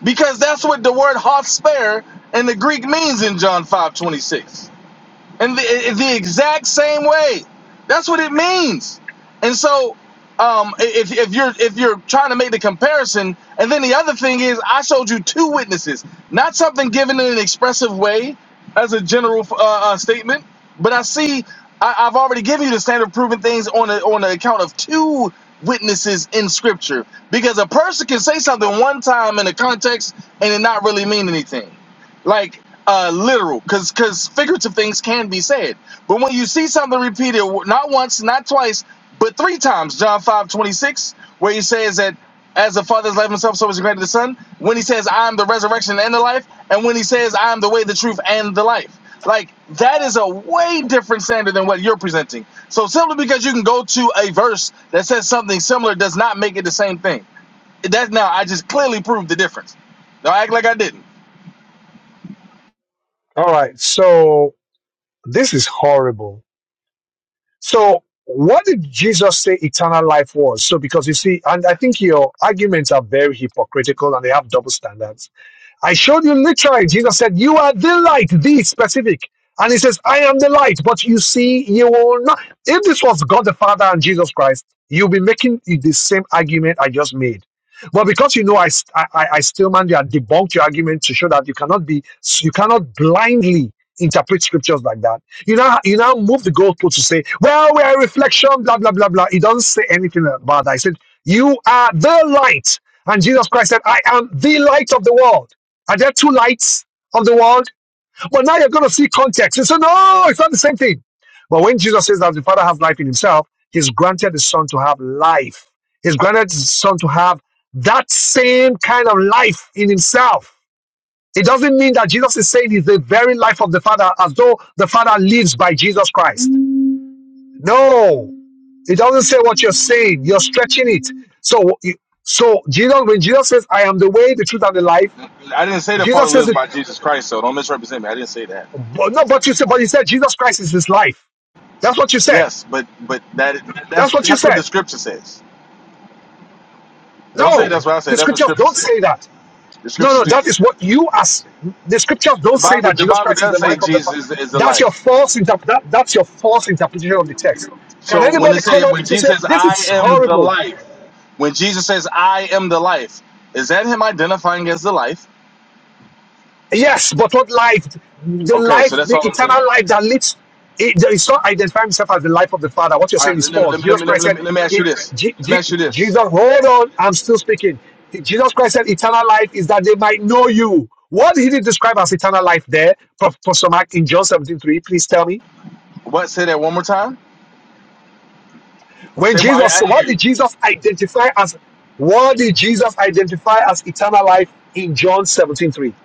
[SPEAKER 8] because that's what the word "hot in the Greek means in John five twenty six and the, in the exact same way. That's what it means. And so, um, if, if you're if you're trying to make the comparison, and then the other thing is, I showed you two witnesses, not something given in an expressive way as a general uh, uh, statement, but I see I, I've already given you the standard of proving things on a, on the account of two witnesses in Scripture, because a person can say something one time in a context and it not really mean anything like uh, literal, because because figurative things can be said. But when you see something repeated, not once, not twice, but three times, John five twenty six, where he says that as the Father has loved himself, so so is he granted the Son. When he says, "I am the resurrection and the life," and when he says, "I am the way, the truth, and the life," like that is a way different standard than what you're presenting. So simply because you can go to a verse that says something similar does not make it the same thing. That's now I just clearly proved the difference. Don't act like I didn't.
[SPEAKER 2] All right. So this is horrible. So what did Jesus say eternal life was? So because you see, and I think your arguments are very hypocritical and they have double standards. I showed you literally, Jesus said, You are the light, the specific. And he says, I am the light, but you see, you will not. If this was God the Father and Jesus Christ, you'll be making the same argument I just made. But because you know I, I, I I still man, you have debunked your argument to show that you cannot be, you cannot blindly interpret scriptures like that. You now, you now move the goalpost to say, well, we are a reflection, blah, blah, blah, blah. He doesn't say anything about that. He said, you are the light. And Jesus Christ said, I am the light of the world. Are there two lights of the world? But now you're going to see context. You say, no, it's not the same thing. But when Jesus says that the Father has life in himself, he's granted the Son to have life. He's granted the Son to have that same kind of life in himself. It doesn't mean that Jesus is saying he's the very life of the Father as though the Father lives by Jesus Christ. No, it doesn't say what you're saying. You're stretching it. So, so Jesus, when Jesus says, I am the way, the truth, and the life,
[SPEAKER 8] I didn't say the Father
[SPEAKER 2] Jesus says it
[SPEAKER 8] lives by Jesus Christ, so don't misrepresent me. I didn't say that.
[SPEAKER 2] But no, but you said, but you said Jesus Christ is his life. That's what you said.
[SPEAKER 8] Yes, but but that that's
[SPEAKER 2] That's what you
[SPEAKER 8] that's what
[SPEAKER 2] said.
[SPEAKER 8] the scripture says. Don't say
[SPEAKER 2] No,
[SPEAKER 8] that's what I said.
[SPEAKER 2] the
[SPEAKER 8] That's what
[SPEAKER 2] scriptures
[SPEAKER 8] scripture
[SPEAKER 2] don't
[SPEAKER 8] said.
[SPEAKER 2] say that.
[SPEAKER 8] The
[SPEAKER 2] No,
[SPEAKER 8] scriptures
[SPEAKER 2] no,
[SPEAKER 8] do
[SPEAKER 2] that
[SPEAKER 8] say
[SPEAKER 2] is
[SPEAKER 8] that.
[SPEAKER 2] what you as the scriptures
[SPEAKER 8] The
[SPEAKER 2] don't say
[SPEAKER 8] Bible
[SPEAKER 2] that
[SPEAKER 8] the
[SPEAKER 2] Jesus
[SPEAKER 8] Bible
[SPEAKER 2] Christ is
[SPEAKER 8] does
[SPEAKER 2] the
[SPEAKER 8] say
[SPEAKER 2] life of the. Father.
[SPEAKER 8] Jesus is, is the
[SPEAKER 2] that's your
[SPEAKER 8] life.
[SPEAKER 2] false interp- that, That's your false interpretation of the text. Can
[SPEAKER 8] So when it
[SPEAKER 2] anybody
[SPEAKER 8] say
[SPEAKER 2] come up
[SPEAKER 8] when
[SPEAKER 2] to
[SPEAKER 8] Jesus
[SPEAKER 2] say
[SPEAKER 8] says
[SPEAKER 2] this
[SPEAKER 8] I
[SPEAKER 2] is
[SPEAKER 8] am the
[SPEAKER 2] horrible?
[SPEAKER 8] life, when Jesus says I am the life, is that him identifying as the life?
[SPEAKER 2] Yes, but what life? The
[SPEAKER 8] Okay, so
[SPEAKER 2] life,
[SPEAKER 8] that's
[SPEAKER 2] the
[SPEAKER 8] all I'm saying.
[SPEAKER 2] eternal life that leads. It, there is not identifying himself as the life of the Father. What you're
[SPEAKER 8] All right,
[SPEAKER 2] saying
[SPEAKER 8] let
[SPEAKER 2] is
[SPEAKER 8] me let
[SPEAKER 2] false.
[SPEAKER 8] me let
[SPEAKER 2] Jesus
[SPEAKER 8] me let me,
[SPEAKER 2] Christ
[SPEAKER 8] let
[SPEAKER 2] said,
[SPEAKER 8] me, let me ask you
[SPEAKER 2] "It."
[SPEAKER 8] this.
[SPEAKER 2] Je-
[SPEAKER 8] Let me
[SPEAKER 2] Je-
[SPEAKER 8] ask you this.
[SPEAKER 2] Jesus, hold on. I'm still speaking. Jesus Christ said, "Eternal life is that they might know you." What did he describe as eternal life there, Prof. Professor Mark, in John seventeen three. Please tell me.
[SPEAKER 8] What? Say that one more time.
[SPEAKER 2] When
[SPEAKER 8] Say one. I,
[SPEAKER 2] Jesus,
[SPEAKER 8] I didn't
[SPEAKER 2] what
[SPEAKER 8] hear you.
[SPEAKER 2] did Jesus identify as? What did Jesus identify as eternal life in John 17 3?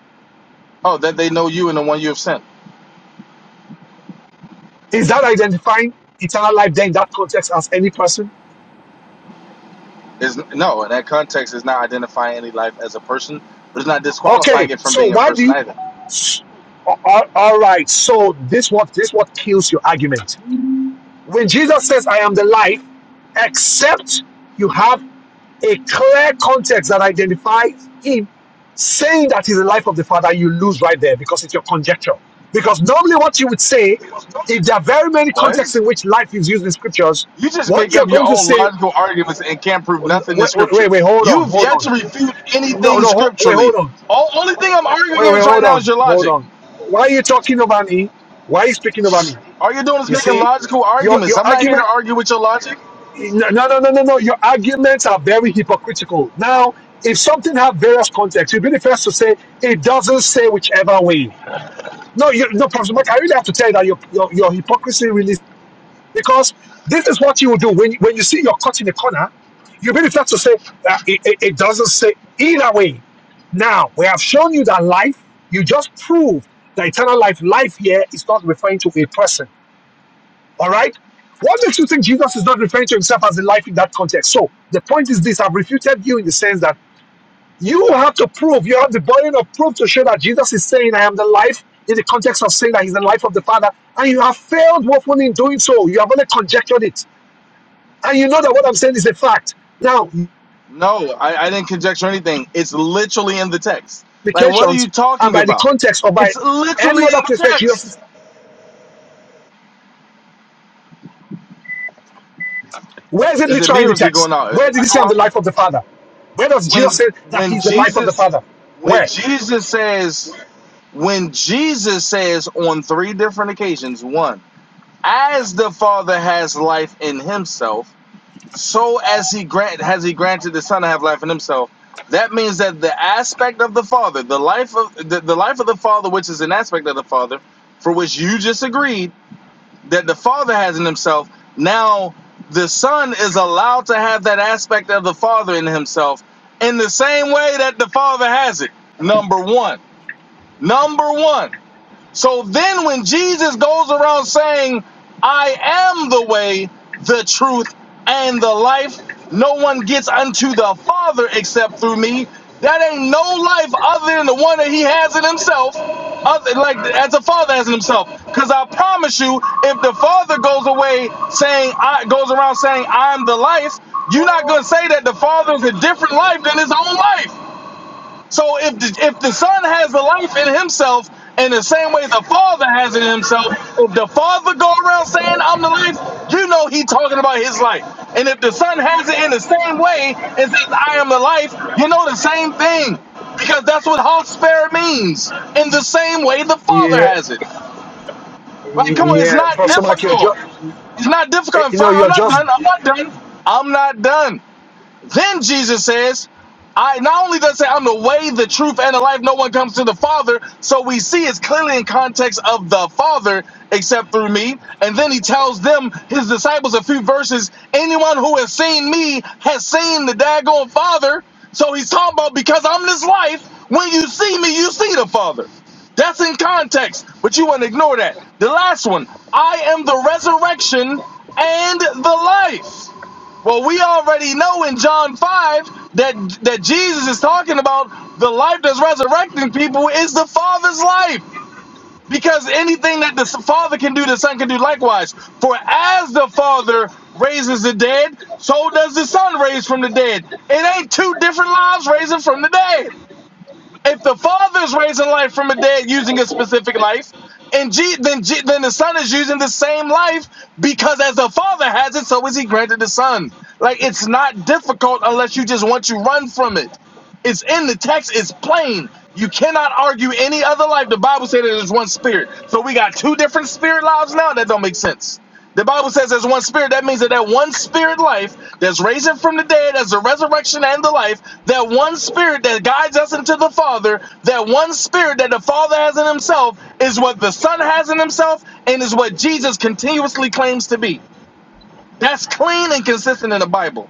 [SPEAKER 8] Oh, that they know you and the one you have sent.
[SPEAKER 2] Is that identifying eternal life there in that context as any person?
[SPEAKER 8] Is no, in that context, is not identifying any life as a person, but it's not
[SPEAKER 2] Okay,
[SPEAKER 8] disqualifying it from
[SPEAKER 2] so
[SPEAKER 8] being a
[SPEAKER 2] why do
[SPEAKER 8] person
[SPEAKER 2] you?
[SPEAKER 8] either.
[SPEAKER 2] s- a- a- all right, so this what this what kills your argument. When Jesus says, "I am the life," except you have a clear context that identifies him saying that he's the life of the Father, you lose right there because it's your conjecture. Because normally, what you would say, if there are very many contexts
[SPEAKER 8] What?
[SPEAKER 2] in which life is used in scriptures,
[SPEAKER 8] You just
[SPEAKER 2] what
[SPEAKER 8] make up
[SPEAKER 2] you're
[SPEAKER 8] your
[SPEAKER 2] going to
[SPEAKER 8] own
[SPEAKER 2] say,
[SPEAKER 8] logical arguments and can't prove nothing in
[SPEAKER 2] wait,
[SPEAKER 8] scripture.
[SPEAKER 2] wait, wait, hold on,
[SPEAKER 8] You've
[SPEAKER 2] hold
[SPEAKER 8] yet to
[SPEAKER 2] on.
[SPEAKER 8] refute
[SPEAKER 2] No,
[SPEAKER 8] anything
[SPEAKER 2] no, ho- wait,
[SPEAKER 8] scripturally.
[SPEAKER 2] hold on.
[SPEAKER 8] All only thing I'm arguing
[SPEAKER 2] Wait, wait,
[SPEAKER 8] against right
[SPEAKER 2] hold
[SPEAKER 8] now is
[SPEAKER 2] on,
[SPEAKER 8] your
[SPEAKER 2] hold
[SPEAKER 8] logic.
[SPEAKER 2] on. Why are you talking over me? Why are you speaking over me?
[SPEAKER 8] All you're doing is
[SPEAKER 2] You
[SPEAKER 8] making
[SPEAKER 2] see,
[SPEAKER 8] logical
[SPEAKER 2] your
[SPEAKER 8] arguments.
[SPEAKER 2] your
[SPEAKER 8] I'm not here to
[SPEAKER 2] argument.
[SPEAKER 8] argue with your logic.
[SPEAKER 2] No, no, no, no, no. Your arguments are very hypocritical. Now, if something have various contexts, you'll be the first to say it doesn't say whichever way. No, you, no, Professor Mark, I really have to tell you that your your, your hypocrisy really because this is what you will do when when you see you're caught in a corner. You really have to say that it, it, it doesn't say either way. Now we have shown you that life. You just proved that eternal life. Life here is not referring to a person. All right. What makes you think Jesus is not referring to himself as the life in that context? So the point is this: I've refuted you in the sense that you have to prove. You have the burden of proof to show that Jesus is saying, "I am the life." In the context of saying that he's the life of the Father, and you have failed woefully in doing so. You have only conjectured it. And you know that what I'm saying is a fact. Now,
[SPEAKER 8] No, I, I didn't conjecture anything. It's literally in the text. Like, what are
[SPEAKER 2] implications,
[SPEAKER 8] you
[SPEAKER 2] and
[SPEAKER 8] talking
[SPEAKER 2] by the
[SPEAKER 8] about?
[SPEAKER 2] context or by
[SPEAKER 8] It's
[SPEAKER 2] any
[SPEAKER 8] literally
[SPEAKER 2] other
[SPEAKER 8] in
[SPEAKER 2] place
[SPEAKER 8] the
[SPEAKER 2] where Jesus
[SPEAKER 8] text.
[SPEAKER 2] is, where is it
[SPEAKER 8] Is it
[SPEAKER 2] literally
[SPEAKER 8] me
[SPEAKER 2] in
[SPEAKER 8] or
[SPEAKER 2] the
[SPEAKER 8] is he going
[SPEAKER 2] text?
[SPEAKER 8] out? Did
[SPEAKER 2] Where did
[SPEAKER 8] I
[SPEAKER 2] he say
[SPEAKER 8] go
[SPEAKER 2] I'm the
[SPEAKER 8] out.
[SPEAKER 2] life of the Father? Where does Jesus
[SPEAKER 8] when
[SPEAKER 2] say that
[SPEAKER 8] when
[SPEAKER 2] he's the life of the
[SPEAKER 8] Jesus
[SPEAKER 2] Father?
[SPEAKER 8] when
[SPEAKER 2] Where?
[SPEAKER 8] Jesus says when Jesus says on three different occasions, one, as the Father has life in himself, so as he grant has he granted the Son to have life in himself. That means that the aspect of the Father, the life of the, the life of the Father, which is an aspect of the Father, for which you just agreed, that the father has in himself now the son is allowed to have that aspect of the father in himself in the same way that the father has it number one number one so then, when Jesus goes around saying, I am the way, the truth, and the life, no one gets unto the Father except through me, that ain't no life other than the one that he has in himself, other, like as the Father has in himself. Because I promise you, if the Father goes away saying, I goes around saying, I'm the life, you're not going to say that the Father is a different life than his own life. So if the, if the son has the life in himself, in the same way the father has it in himself, if the father go around saying I'm the life, you know he talking about his life. And if the son has it in the same way and says I am the life, you know the same thing. Because that's what Hosper means. In the same way the father
[SPEAKER 2] Yeah,
[SPEAKER 8] has it. Like come on, it's
[SPEAKER 2] yeah,
[SPEAKER 8] not
[SPEAKER 2] Professor Mark, you're
[SPEAKER 8] difficult.
[SPEAKER 2] just, you
[SPEAKER 8] It's not difficult.
[SPEAKER 2] know,
[SPEAKER 8] Fine, I'm
[SPEAKER 2] you're
[SPEAKER 8] not
[SPEAKER 2] just
[SPEAKER 8] done. I'm not done. I'm not done. Then Jesus says, I not only does it say I'm the way, the truth, and the life, no one comes to the Father. So we see it's clearly in context of the Father, except through me. And then he tells them, his disciples, a few verses, anyone who has seen me has seen the daggone Father. So he's talking about because I'm this life, when you see me, you see the Father. That's in context, but you want to ignore that. The last one I am the resurrection and the life. Well, we already know in John 5 that that Jesus is talking about the life that's resurrecting people is the Father's life. Because anything that the Father can do, the Son can do likewise. For as the Father raises the dead, so does the Son raise from the dead. It ain't two different lives raising from the dead if the Father is raising life from the dead using a specific life, and G, then G, then the Son is using the same life because as the Father has it, so is He granted the Son. Like it's not difficult unless you just want to run from it. It's in the text. It's plain. You cannot argue any other life. The Bible said that there's one spirit. So we got two different spirit lives now. That don't make sense. The Bible says there's one spirit. That means that that one spirit life that's raising from the dead as the resurrection and the life, that one spirit that guides us into the Father, that one spirit that the Father has in himself is what the Son has in himself and is what Jesus continuously claims to be. That's clean and consistent in the Bible.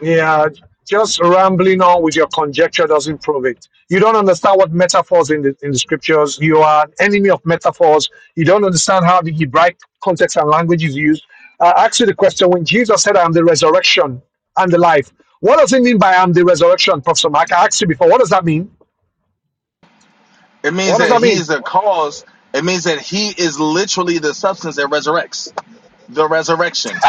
[SPEAKER 2] Yeah, just rambling on with your conjecture doesn't prove it. You don't understand what metaphors in the in the scriptures. You are an enemy of metaphors. You don't understand how the Hebraic context and language is used. I ask you the question when Jesus said, "I am the resurrection and the life." What does it mean by "I am the resurrection"? Professor Mark, I asked you before. What does that mean?
[SPEAKER 8] It means
[SPEAKER 2] What does
[SPEAKER 8] that
[SPEAKER 2] that
[SPEAKER 8] he
[SPEAKER 2] mean?
[SPEAKER 8] is the cause. It means that he is literally the substance that resurrects. The resurrection.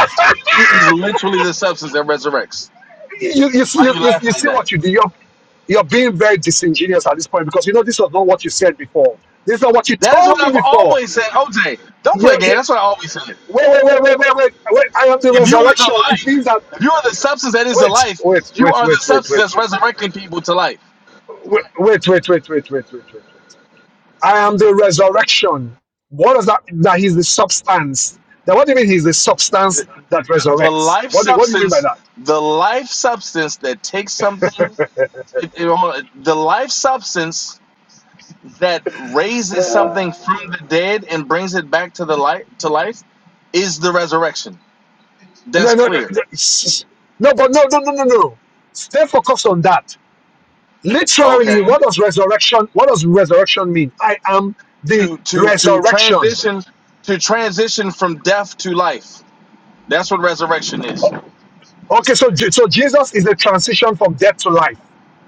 [SPEAKER 8] He is literally the substance that resurrects.
[SPEAKER 2] You you see- you,
[SPEAKER 8] You
[SPEAKER 2] you, you
[SPEAKER 8] laughing at
[SPEAKER 2] see
[SPEAKER 8] that?
[SPEAKER 2] what you do. You're you're being very disingenuous at this point because you know this was not what you said before. This is not what you
[SPEAKER 8] That is
[SPEAKER 2] told
[SPEAKER 8] what
[SPEAKER 2] me
[SPEAKER 8] I've
[SPEAKER 2] before.
[SPEAKER 8] always said. OJ, don't play game. That's what I always said.
[SPEAKER 2] Wait, wait, wait, wait, wait, wait, wait. I am the
[SPEAKER 8] If you are the
[SPEAKER 2] resurrection. It
[SPEAKER 8] life,
[SPEAKER 2] means that
[SPEAKER 8] if you are the substance that is the
[SPEAKER 2] wait,
[SPEAKER 8] life,
[SPEAKER 2] wait,
[SPEAKER 8] you
[SPEAKER 2] wait,
[SPEAKER 8] are the
[SPEAKER 2] wait, wait, wait, wait,
[SPEAKER 8] substance that's resurrecting people to life.
[SPEAKER 2] wait, wait, wait, wait, wait, wait, wait, wait, wait. I am the resurrection. What does that? That he's the substance. Now, what do you mean he's the
[SPEAKER 8] The,
[SPEAKER 2] substance
[SPEAKER 8] the-
[SPEAKER 2] that
[SPEAKER 8] the
[SPEAKER 2] resurrects?
[SPEAKER 8] life
[SPEAKER 2] What do, what do you mean by
[SPEAKER 8] substance,
[SPEAKER 2] that?
[SPEAKER 8] the life substance that takes something, it- it- the life substance that raises something from the dead and brings it back to the light to life is the resurrection.
[SPEAKER 2] And
[SPEAKER 8] That's
[SPEAKER 2] then, no, no,
[SPEAKER 8] clear.
[SPEAKER 2] no, s- no, but no, no, no, no, no. Stay focused on that. Literally,
[SPEAKER 8] Okay.
[SPEAKER 2] what does resurrection? What does resurrection mean? I am the
[SPEAKER 8] To to to
[SPEAKER 2] resurrection.
[SPEAKER 8] transition to transition from death to life. That's what resurrection is.
[SPEAKER 2] Okay, so Je- so Jesus is the transition from death to life.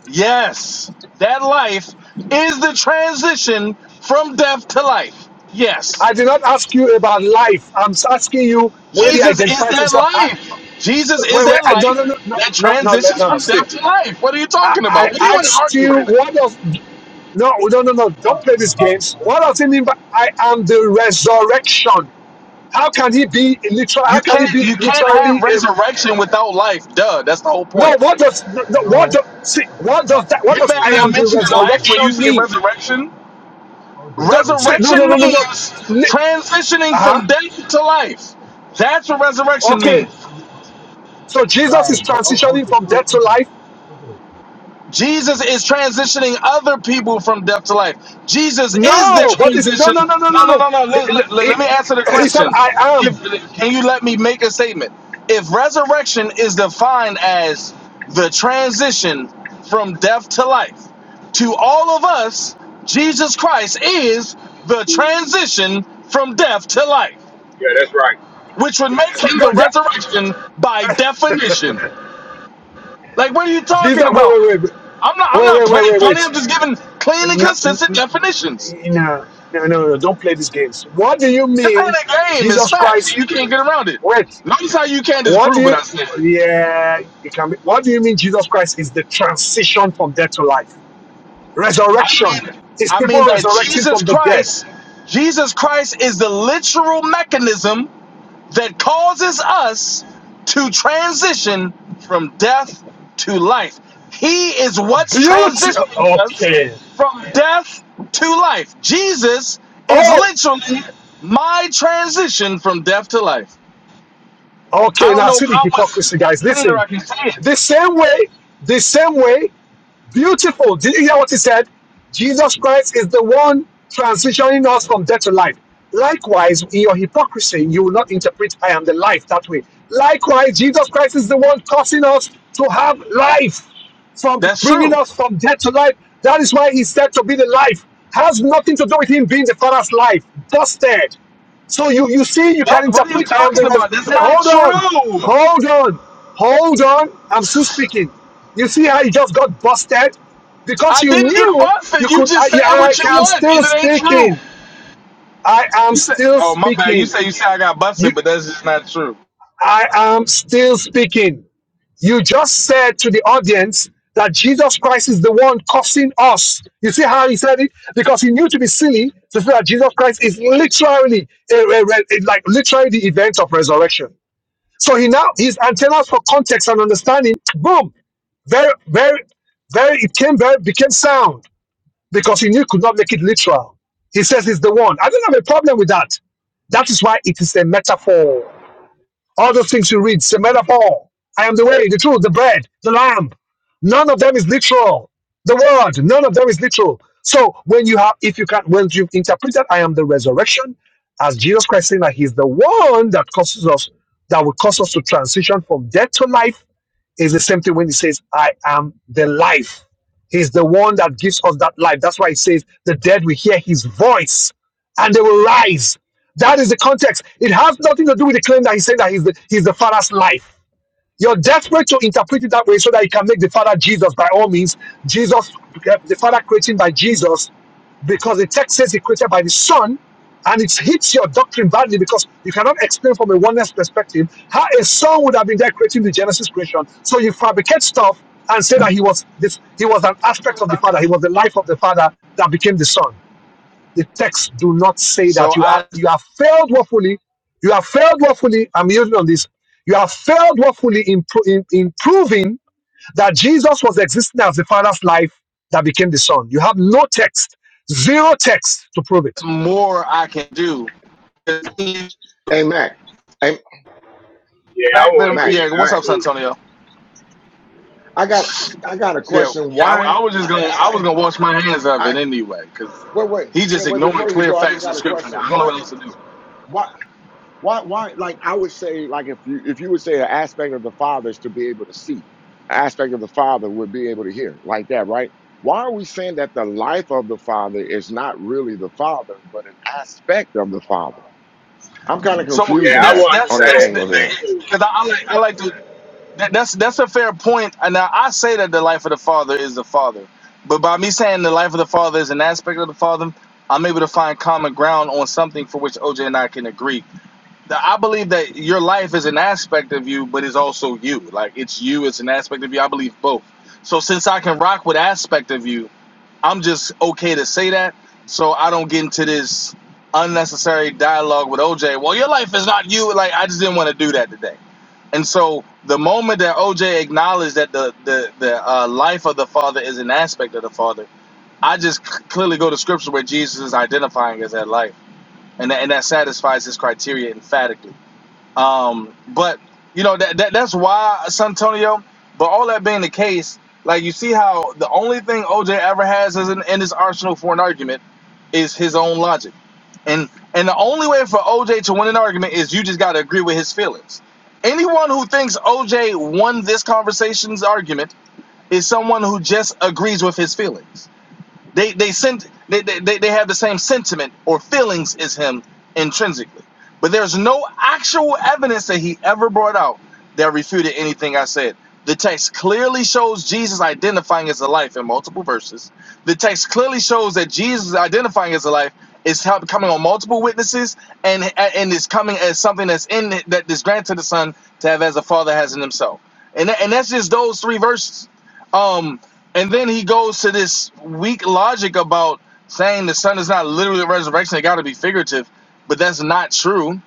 [SPEAKER 8] Yes. That life is the transition from death to life. Yes.
[SPEAKER 2] I did not ask you about life. I'm asking you where he
[SPEAKER 8] Jesus is
[SPEAKER 2] identifies
[SPEAKER 8] that
[SPEAKER 2] himself. I,
[SPEAKER 8] life. Jesus is
[SPEAKER 2] wait, wait.
[SPEAKER 8] that
[SPEAKER 2] I don't no,
[SPEAKER 8] life
[SPEAKER 2] no, no,
[SPEAKER 8] that
[SPEAKER 2] no, no, no,
[SPEAKER 8] transitions
[SPEAKER 2] no. no,
[SPEAKER 8] from
[SPEAKER 2] See,
[SPEAKER 8] death to life. What are you
[SPEAKER 2] I,
[SPEAKER 8] talking
[SPEAKER 2] I
[SPEAKER 8] about? What do you want to
[SPEAKER 2] asked
[SPEAKER 8] argue
[SPEAKER 2] you
[SPEAKER 8] right now?
[SPEAKER 2] what does no, no, no, no. Don't play
[SPEAKER 13] talking
[SPEAKER 2] these
[SPEAKER 13] about
[SPEAKER 2] games.
[SPEAKER 13] us.
[SPEAKER 2] What does he mean by I am the resurrection? How can he be literal? How
[SPEAKER 8] You
[SPEAKER 2] can he
[SPEAKER 8] can't
[SPEAKER 2] be
[SPEAKER 8] you can't have
[SPEAKER 2] literally? uh,
[SPEAKER 8] resurrection without life. Duh, that's the whole
[SPEAKER 2] No.
[SPEAKER 8] point.
[SPEAKER 2] What does no, no, what
[SPEAKER 13] No,
[SPEAKER 2] do, see? What
[SPEAKER 13] Professor.
[SPEAKER 2] does that? What
[SPEAKER 8] You're
[SPEAKER 2] does
[SPEAKER 8] not
[SPEAKER 13] Hey,
[SPEAKER 2] I
[SPEAKER 8] gonna
[SPEAKER 2] am the
[SPEAKER 13] OJ,
[SPEAKER 8] mention
[SPEAKER 13] OJ,
[SPEAKER 8] life when you
[SPEAKER 2] resurrection
[SPEAKER 8] say
[SPEAKER 2] mean?
[SPEAKER 8] resurrection.
[SPEAKER 13] OJ,
[SPEAKER 2] No.
[SPEAKER 13] OJ,
[SPEAKER 2] See, no, no,
[SPEAKER 8] Resurrection
[SPEAKER 2] no, no, no.
[SPEAKER 13] OJ.
[SPEAKER 8] means transitioning
[SPEAKER 2] Uh
[SPEAKER 8] from death to life. That's what
[SPEAKER 2] huh.
[SPEAKER 8] resurrection
[SPEAKER 2] Okay.
[SPEAKER 8] means.
[SPEAKER 2] So Jesus
[SPEAKER 13] Right,
[SPEAKER 2] is
[SPEAKER 13] but O-
[SPEAKER 2] transitioning
[SPEAKER 13] OJ,
[SPEAKER 2] from death to
[SPEAKER 13] OJ,
[SPEAKER 2] life.
[SPEAKER 13] OJ.
[SPEAKER 8] Jesus is transitioning other people from death to life. Jesus is the
[SPEAKER 2] No, but it's no,
[SPEAKER 8] transition.
[SPEAKER 2] no, no, no, no,
[SPEAKER 8] No, no,
[SPEAKER 2] no.
[SPEAKER 8] no, no.
[SPEAKER 2] He,
[SPEAKER 8] Let, let- let-
[SPEAKER 2] he,
[SPEAKER 8] me answer the
[SPEAKER 2] he said,
[SPEAKER 8] question.
[SPEAKER 2] "I
[SPEAKER 8] If
[SPEAKER 2] am."
[SPEAKER 8] can you let me make a statement? If resurrection is defined as the transition from death to life, to all of us, Jesus Christ is the transition from death to life,
[SPEAKER 12] Yeah, that's right.
[SPEAKER 8] which would make
[SPEAKER 2] So
[SPEAKER 8] him
[SPEAKER 2] no,
[SPEAKER 8] the
[SPEAKER 2] yeah,
[SPEAKER 8] resurrection by definition. Like, what are you
[SPEAKER 2] Jesus,
[SPEAKER 8] talking about?
[SPEAKER 2] wait, wait, wait,
[SPEAKER 8] I'm not.
[SPEAKER 2] wait,
[SPEAKER 8] I'm not
[SPEAKER 2] wait,
[SPEAKER 8] playing
[SPEAKER 2] wait, wait,
[SPEAKER 8] funny.
[SPEAKER 2] wait.
[SPEAKER 8] I'm just giving clean and
[SPEAKER 2] No,
[SPEAKER 8] consistent definitions.
[SPEAKER 2] no, no, no, no, don't play these games. What do you
[SPEAKER 8] This ain't
[SPEAKER 2] mean,
[SPEAKER 8] a game. It's
[SPEAKER 2] Jesus
[SPEAKER 8] facts.
[SPEAKER 2] Christ?
[SPEAKER 8] You can't get around it.
[SPEAKER 2] Wait,
[SPEAKER 8] Notice how you can't
[SPEAKER 2] what do
[SPEAKER 8] disprove what
[SPEAKER 2] you?
[SPEAKER 8] I said.
[SPEAKER 2] Yeah, you can. Be, what do you mean, Jesus Christ is the transition from death to life?
[SPEAKER 8] I
[SPEAKER 2] Resurrection
[SPEAKER 8] mean,
[SPEAKER 2] is
[SPEAKER 8] I mean
[SPEAKER 2] people
[SPEAKER 8] that
[SPEAKER 2] resurrecting
[SPEAKER 8] Jesus
[SPEAKER 2] from the dead.
[SPEAKER 8] Christ, Jesus Christ is the literal mechanism that causes us to transition from death to life. He is what's
[SPEAKER 2] Beauty.
[SPEAKER 8] transitioning us
[SPEAKER 2] Okay.
[SPEAKER 8] from death to life. Jesus is
[SPEAKER 2] Oh.
[SPEAKER 8] literally my transition from death to life. I
[SPEAKER 2] Okay,
[SPEAKER 8] don't
[SPEAKER 2] now
[SPEAKER 8] know
[SPEAKER 2] see the
[SPEAKER 8] how much
[SPEAKER 2] hypocrisy, guys.
[SPEAKER 8] cleaner
[SPEAKER 2] Listen,
[SPEAKER 8] I can say it.
[SPEAKER 2] the same way, the same way Beautiful. Did you hear what he said? Jesus Christ is the one transitioning us from death to life. Likewise, in your hypocrisy, you will not interpret I am the life that way. Likewise, Jesus Christ is the one causing us to have life, from
[SPEAKER 8] That's
[SPEAKER 2] bringing
[SPEAKER 8] true.
[SPEAKER 2] us from death to life. That is why he said to be the life. Has nothing to do with him being the Father's life. Busted. So you, you see, you can
[SPEAKER 8] What? What are you
[SPEAKER 2] interpret I am
[SPEAKER 8] talking
[SPEAKER 2] the res-
[SPEAKER 8] about? That's
[SPEAKER 2] Wait,
[SPEAKER 8] not
[SPEAKER 2] hold on.
[SPEAKER 8] true.
[SPEAKER 2] Hold on. Hold on. I'm still speaking. You see how you just got busted? Because
[SPEAKER 8] I
[SPEAKER 2] you
[SPEAKER 8] didn't get
[SPEAKER 2] knew
[SPEAKER 8] busted.
[SPEAKER 2] you
[SPEAKER 8] You
[SPEAKER 2] could.
[SPEAKER 8] just
[SPEAKER 2] I, yeah,
[SPEAKER 8] saying
[SPEAKER 2] I
[SPEAKER 8] what you
[SPEAKER 2] am
[SPEAKER 8] want, and
[SPEAKER 2] still
[SPEAKER 8] it ain't true.
[SPEAKER 2] speaking. I am
[SPEAKER 8] You said,
[SPEAKER 2] still
[SPEAKER 8] "Oh my bad." You
[SPEAKER 2] speaking.
[SPEAKER 8] say you say I got
[SPEAKER 2] You,
[SPEAKER 8] busted, but that's just not true.
[SPEAKER 2] I am still speaking. You just said to the audience that Jesus Christ is the one cursing us. You see how he said it? Because he knew to be silly to say that Jesus Christ is literally, a, a- a- like literally the event of resurrection. So he now, his antennas for context and understanding, boom, very, very, very, it came very, became sound because he knew he could not make it literal. He says he's the one. I don't have a problem with that. That is why it is a metaphor. All those things you read, it's a metaphor. I am the way, the truth, the bread, the lamb. None of them is literal. The word, none of them is literal. So when you have, if you can, when you've interpreted, I am the resurrection, as Jesus Christ saying that he's the one that causes us, that will cause us to transition from death to life it's the same thing when he says, I am the life. He's the one that gives us that life. That's why he says, the dead will hear his voice and they will rise. That is the context. It has nothing to do with the claim that he said that he's the, he's the father's life. You're desperate to interpret it that way so that you can make the Father Jesus by all means. Jesus, the Father creating by Jesus, because the text says he created by the Son, and it hits your doctrine badly because you cannot explain from a oneness perspective how a son would have been there creating the Genesis creation. So you fabricate stuff and say that he was this, he was an aspect of the Father, he was the life of the Father that became the Son the text do not say
[SPEAKER 8] So
[SPEAKER 2] that you are
[SPEAKER 8] I
[SPEAKER 2] you have failed woefully. You have failed woefully. I'm using on this. You have failed woefully in, pro- in, in proving that Jesus was existing as the Father's life that became the Son. You have no text, zero text to prove it.
[SPEAKER 8] more I can do the
[SPEAKER 14] Hey Mac, hey
[SPEAKER 12] Yeah, I
[SPEAKER 8] fact
[SPEAKER 12] want
[SPEAKER 8] that-
[SPEAKER 12] to get
[SPEAKER 14] Mac,
[SPEAKER 12] in
[SPEAKER 8] yeah, what's
[SPEAKER 12] there
[SPEAKER 14] Mac.
[SPEAKER 8] up,
[SPEAKER 12] too.
[SPEAKER 8] Santonio?
[SPEAKER 14] I got, I got a
[SPEAKER 8] Yeah,
[SPEAKER 14] question.
[SPEAKER 8] yeah.
[SPEAKER 14] Why?
[SPEAKER 8] I, I was
[SPEAKER 14] I,
[SPEAKER 8] just gonna I was
[SPEAKER 14] I,
[SPEAKER 8] gonna wash my hands of
[SPEAKER 14] I
[SPEAKER 8] it anyway because
[SPEAKER 14] wait, wait,
[SPEAKER 8] he's just
[SPEAKER 14] wait, wait.
[SPEAKER 8] ignoring
[SPEAKER 14] Before you
[SPEAKER 8] clear
[SPEAKER 14] go, I just
[SPEAKER 8] facts in
[SPEAKER 14] got a
[SPEAKER 8] scripture. I
[SPEAKER 14] question.
[SPEAKER 8] don't know
[SPEAKER 14] Why,
[SPEAKER 8] what else to do.
[SPEAKER 14] why, why, why? Like I would say, like if you, if you would say an aspect of the father is to be able to see, an aspect of the father would be able to hear, like that, right? Why are we saying that the life of the father is not really the father, but an aspect of the father? I'm kind of
[SPEAKER 8] So yeah,
[SPEAKER 12] Yeah,
[SPEAKER 14] confused on
[SPEAKER 12] I
[SPEAKER 8] that's
[SPEAKER 14] that
[SPEAKER 12] wanted to
[SPEAKER 8] that's
[SPEAKER 14] on
[SPEAKER 12] say
[SPEAKER 14] that
[SPEAKER 8] that's
[SPEAKER 12] that
[SPEAKER 14] angle
[SPEAKER 12] to
[SPEAKER 14] there.
[SPEAKER 12] Mac too.
[SPEAKER 8] because I, I like I like to that, that's that's a fair point. And now I say that the life of the father is the father, but by me saying the life of the father is an aspect of the father, I'm able to find common ground on something for which OJ and I can agree. the- I believe that your life is an aspect of you, but it's also you. Like it's you, it's an aspect of you. I believe both. So since I can rock with aspect of you, I'm just okay to say that. So I don't get into this unnecessary dialogue with OJ. Well, your life is not you. Like I just didn't want to do that today. And so the moment that OJ acknowledged that the the, the uh, life of the father is an aspect of the father, I just c- clearly go to scripture where Jesus is identifying as that life, and that, and that satisfies his criteria emphatically. Um, but you know that, that that's why Santonio. But all that being the case, like you see how the only thing OJ ever has is in, in his arsenal for an argument is his own logic, and and the only way for OJ to win an argument is you just got to agree with his feelings. Anyone who thinks OJ won this conversation's argument is someone who just agrees with his feelings they they sent they, they, they have the same sentiment or feelings as him intrinsically. But there's no actual evidence that he ever brought out that refuted anything I said. The text clearly shows Jesus identifying as the life in multiple verses. The text clearly shows that Jesus identifying as the life is coming on multiple witnesses and and is coming as something that's in that is granted the Son to have as the Father has in himself. And that, and that's just those three verses. Um, and then he goes to this weak logic about saying the son is not literally a resurrection; it got to be figurative. But that's not true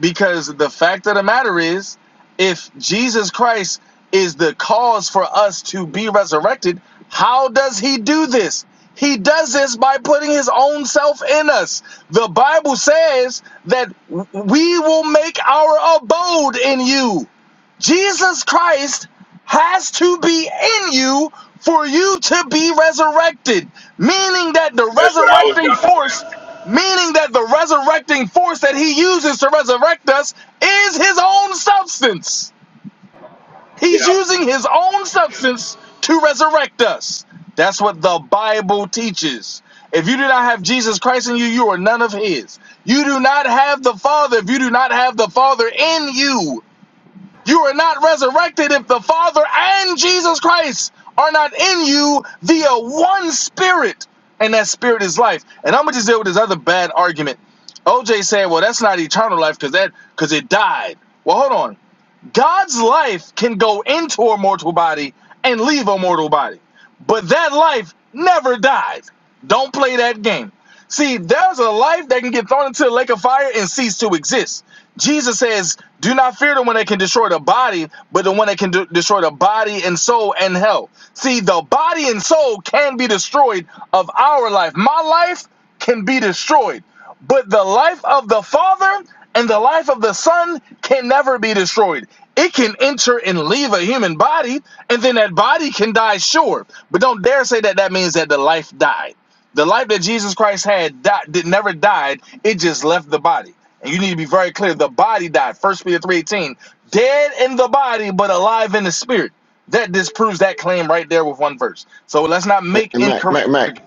[SPEAKER 8] because the fact of the matter is, if Jesus Christ is the cause for us to be resurrected, how does he do this? He does this by putting his own self in us. The Bible says that we will make our abode in you. Jesus Christ has to be in you for you to be resurrected, meaning that the
[SPEAKER 12] That's what I was
[SPEAKER 8] resurrecting
[SPEAKER 12] gonna say.
[SPEAKER 8] force, meaning that the resurrecting force that he uses to resurrect us is his own substance. He's
[SPEAKER 12] Yeah.
[SPEAKER 8] using his own substance to resurrect us. That's what the Bible teaches. If you do not have Jesus Christ in you, you are none of his. You do not have the Father if you do not have the Father in you. You are not resurrected if the Father and Jesus Christ are not in you via one spirit, and that spirit is life. And I'm gonna just deal with this other bad argument. OJ said, "Well, that's not eternal life because that because it died." Well, hold on. God's life can go into a mortal body and leave a mortal body, but that life never dies. Don't play that game. See, there's a life that can get thrown into the lake of fire and cease to exist. Jesus says, Do not fear the one that can destroy the body, but the one that can de- destroy the body and soul and hell. See, the body and soul can be destroyed of our life. My life can be destroyed. But the life of the Father and the life of the Son can never be destroyed. It can enter and leave a human body, and then that body can die, sure. But don't dare say that that means that the life died. The life that Jesus Christ had di- did never died. It just left the body. And you need to be very clear. The body died. First Peter three eighteen, dead in the body, but alive in the spirit. That disproves that claim right there with one verse. So let's not
[SPEAKER 14] And,
[SPEAKER 8] make
[SPEAKER 14] and Mac, Mac, Mac.
[SPEAKER 8] incorrect.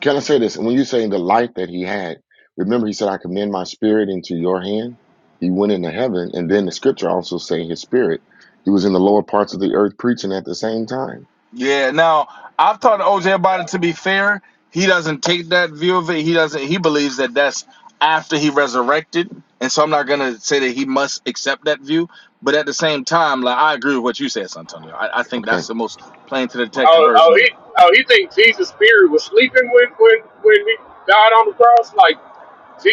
[SPEAKER 14] Can I say this? When you're saying the life that he had, remember he said, I commend my spirit into your hand. He went into heaven. And then the scripture also say his spirit. He was in the lower parts of the earth preaching at the same time.
[SPEAKER 8] Yeah. Now I've talked to OJ about it. To be fair, he doesn't take that view of it. He doesn't. He believes that that's after he resurrected, and so I'm not gonna say that he must accept that view. But at the same time, like I agree with what you said, Santonio. I, I think that's
[SPEAKER 14] Okay.
[SPEAKER 8] the most plain to the text
[SPEAKER 12] Oh, oh,
[SPEAKER 8] version of that.
[SPEAKER 12] he, oh, he think Jesus' spirit was sleeping when when when he died on the cross, like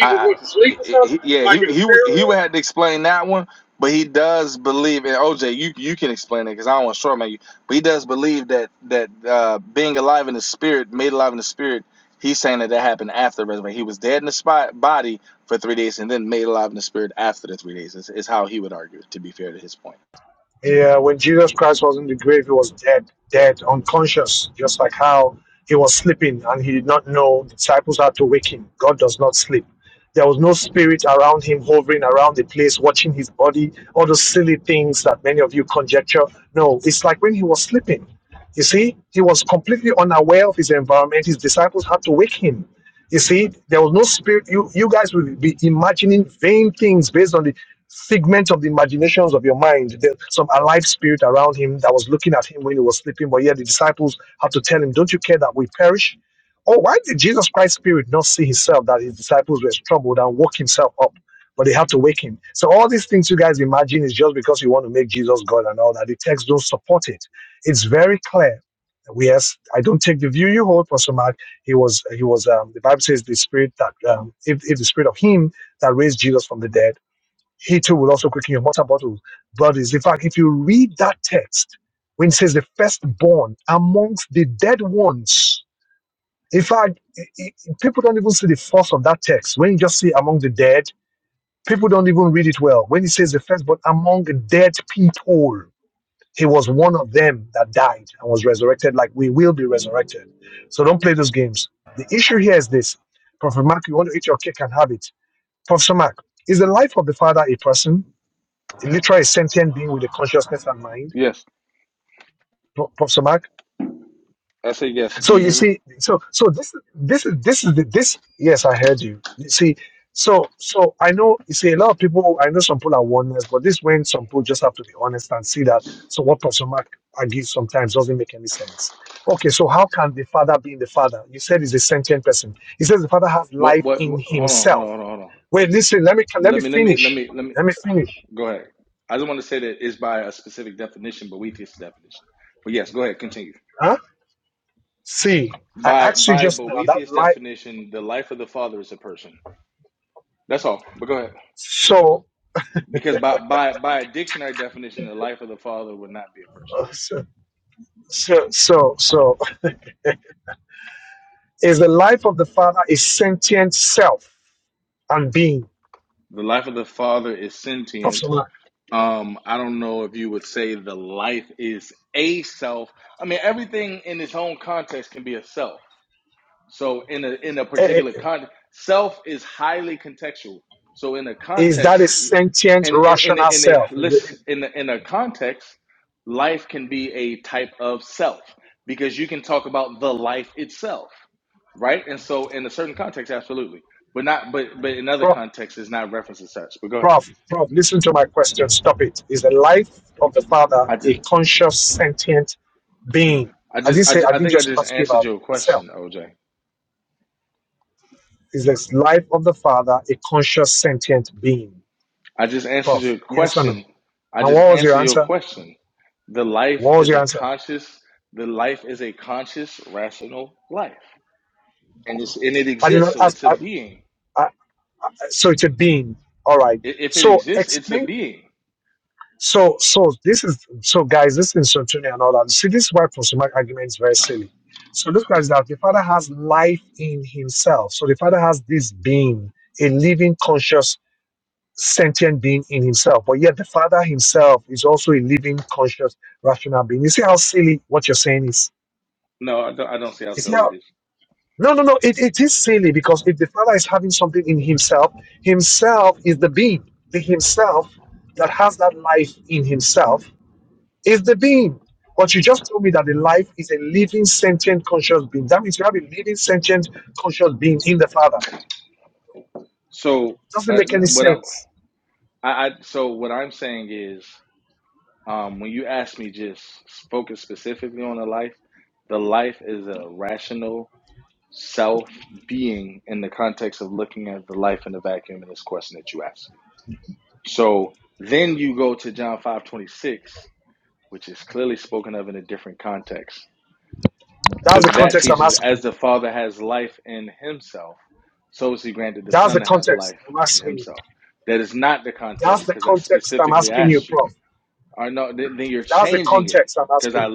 [SPEAKER 8] I, I
[SPEAKER 12] went to sleep or something,
[SPEAKER 8] he, yeah,
[SPEAKER 12] like in
[SPEAKER 8] he
[SPEAKER 12] the
[SPEAKER 8] he
[SPEAKER 12] spirit
[SPEAKER 8] he
[SPEAKER 12] realm.
[SPEAKER 8] would have to explain that one, but he does believe and OJ. You you can explain it because I don't want to short man you, but he does believe that that uh, being alive in the spirit, made alive in the spirit. He's saying that that happened after the resurrection. He was dead in the spot, body for three days and then made alive in the spirit after the three days. Is, is how he would argue. To be fair to his point.
[SPEAKER 2] Yeah, when Jesus Christ was in the grave, he was dead, dead, unconscious, just like how he was sleeping and he did not know the disciples had to wake him. God does not sleep. There was no spirit around him hovering around the place, watching his body, all those silly things that many of you conjecture. No, it's like when he was sleeping. You see, he was completely unaware of his environment. His disciples had to wake him. You see, there was no spirit. You you guys will be imagining vain things based on the Segments of the imaginations of your mind. There's some alive spirit around him that was looking at him when he was sleeping, but yet the disciples had to tell him, Don't you care that we perish? Oh, why did Jesus Christ's spirit not see himself that his disciples were troubled and woke himself up? But they had to wake him. So all these things you guys imagine is just because you want to make Jesus God and all that. The text don't support it. It's very clear. Yes, I don't take the view you hold, Pastor Mark. He was, he was. Um, the Bible says the spirit that, um, if, if the spirit of him that raised Jesus from the dead he too will also quicken your mortal bottles, bodies. In fact, if you read that text, when it says the firstborn amongst the dead ones, in fact, i- i- people don't even see the force of that text. When you just see among the dead, people don't even read it well. When it says the firstborn among the dead people, he was one of them that died and was resurrected, like we will be resurrected. So don't play those games. The issue here is this Prophet Mark, you want to eat your cake and have it. Prophet Mark, is the life of the Father a person? literally a sentient being with a consciousness and mind, Pro- Professor Mark. So you see, so so this this is this is the this yes, I heard you. You see, so so I know you see a lot of people I know some people are oneness, but this is when some people just have to be honest and see that so what Professor Mark argues sometimes doesn't make any sense. Okay, so how can the father be in the father? You said he's a sentient person. He says the father has life in himself. Wait, listen, let me let me finish. Let me finish. Huh? See, I asked you just now that life. So, uh, so, so, so, so is the life of the Father a sentient self and being? Professor Mark, eh, eh, is that a sentient, rational self? Is it- Prof, prof, prof, listen to my question. Stop it. Is the life of the Father a conscious, sentient being? I didn't say. I didn't just ask you about self. Is this life of the Father a conscious, sentient being? Prof, yes or no? And what was your answer? What was your answer? I did not ask. I, I, so it's a bean all right so explain so so this is so guys this instruction and all that see this is why prosemic argument is very silly so look guys that the father has life in himself so the father has this being a living conscious sentient being in himself but yet the father himself is also a living conscious rational being you see how silly what you're saying is you see how No, no, no. It, it is silly because if the Father is having something in Himself, Himself is the being. The Himself that has that life in Himself is the being. But you just told me that the life is a living, sentient, conscious being. That means you have a living, sentient, conscious being in the Father. Doesn't make any sense. That's the context I'm asking you. That's the context I'm asking you. That's the context I'm asking you, Prof. That's the context I'm asking you.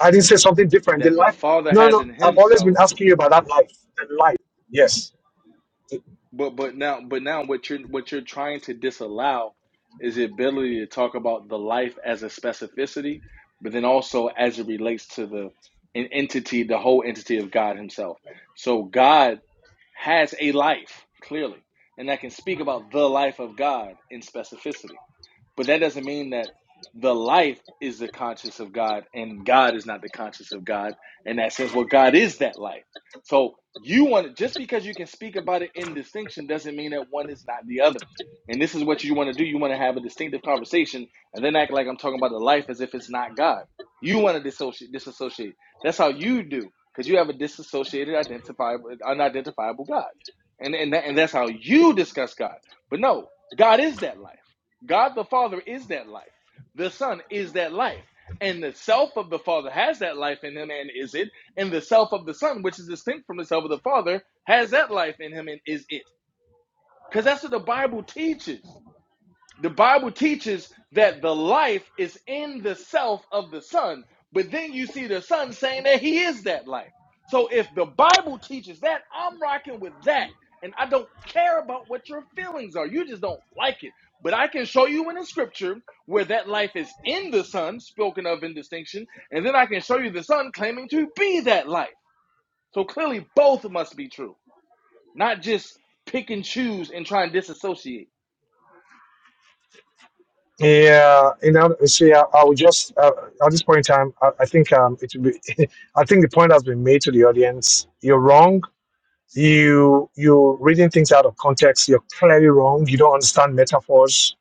[SPEAKER 2] I didn't say something different. The life. No, no. I've always been asking you about that life. The life. Yes. Yeah. You know. See, I, I would just uh, at this point in time, I, I think um, it would be. (laughs) I think the point has been made to the audience. You're wrong you you're reading things out of context you're clearly wrong you don't understand metaphors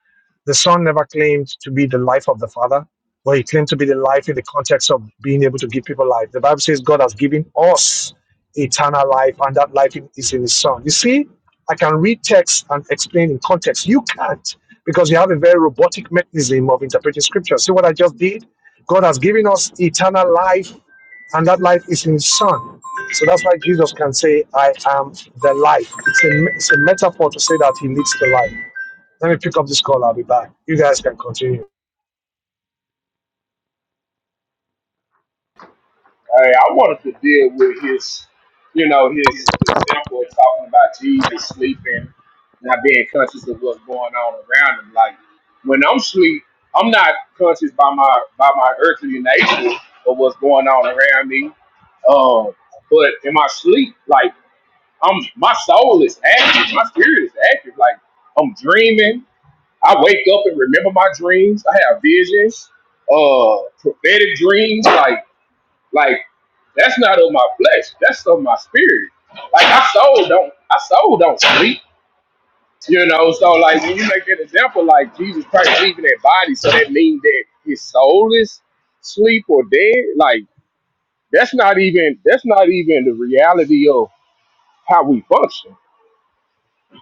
[SPEAKER 2] the son never claimed to be the life of the father but he claimed to be the life in the context of being able to give people life the bible says god has given us eternal life and that life in- is in his son you see i can read text and explain in context you can't because you have a very robotic mechanism of interpreting scripture see what i just did god has given us eternal life and that life is in his son. So that's why Jesus can say, I am the life. It's a, it's a metaphor to say that he leads the life. Let me pick up this call. I'll be back. You guys can continue.
[SPEAKER 12] Hey, I wanted to deal with his, you know, his example of talking about Jesus sleeping, not being conscious of what's going on around him. Like when I'm sleep, I'm not conscious by my by my earthly nature of what's going on around me. Um, but in my sleep, like I'm my soul is active, my spirit is active. Like I'm dreaming. I wake up and remember my dreams. I have visions, uh, prophetic dreams, like. Like that's not of my flesh. That's of my spirit. Like I soul don't I soul don't sleep. You know, so like when you make that example, like Jesus Christ leaving that body, so that means that his soul is sleep or dead. Like that's not even that's not even the reality of how we function.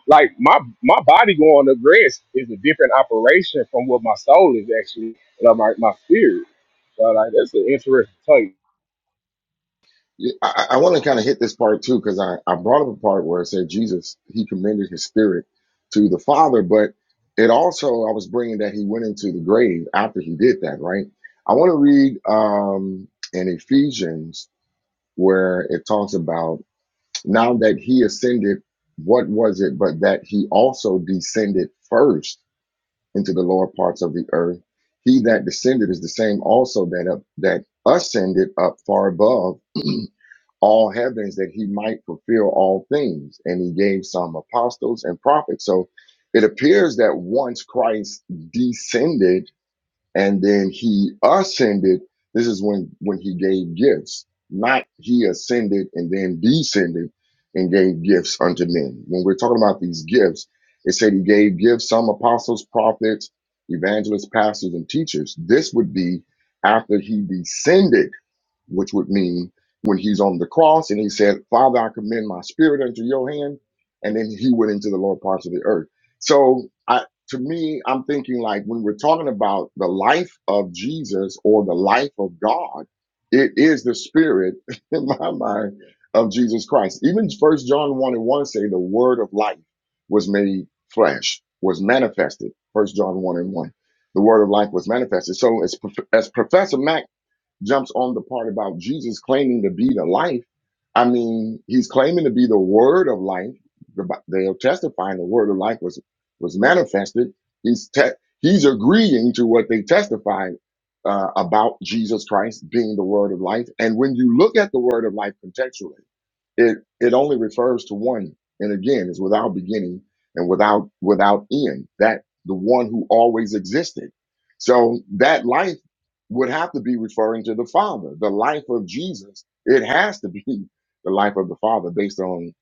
[SPEAKER 12] Like my my body going to rest is a different operation from what my soul is actually, and my my spirit. So like that's an interesting take.
[SPEAKER 14] I, I want to kind of hit this part too, because I, I brought up a part where it said Jesus, he commended his spirit to the Father, but it also, I was bringing that he went into the grave after he did that, right? I want to read um, in Ephesians where it talks about Now that he ascended, what was it but that he also descended first into the lower parts of the earth? He that descended is the same also that up, that ascended up far above (clears throat) all heavens that he might fulfill all things. And he gave some apostles and prophets. So it appears that once Christ descended, and then he ascended this is when when he gave gifts not he ascended and then descended and gave gifts unto men when we're talking about these gifts it said he gave gifts some apostles prophets evangelists pastors and teachers this would be after he descended which would mean when he's on the cross and he said, Father, I commend my spirit unto your hand. And then he went into the lower parts of the earth. So I, to me, I'm thinking like when we're talking about the life of Jesus or the life of God, it is the spirit (laughs) in my mind of Jesus Christ. Even first John 1 and 1 say the word of life was made flesh, was manifested. First John 1 and 1. The word of life was manifested. So as, Prof- as Professor Mac jumps on the part about Jesus claiming to be the life, I mean, he's claiming to be the word of life. The Bi- They're testifying the word of life was was manifested. He's te- he's agreeing to what they testified uh, about Jesus Christ being the word of life. And when you look at the word of life contextually it it only refers to one, and again, is without beginning and without without end. That the one who always existed. So that life would have to be referring to the Father. The life of Jesus. It has to be (laughs) the life of the Father, based on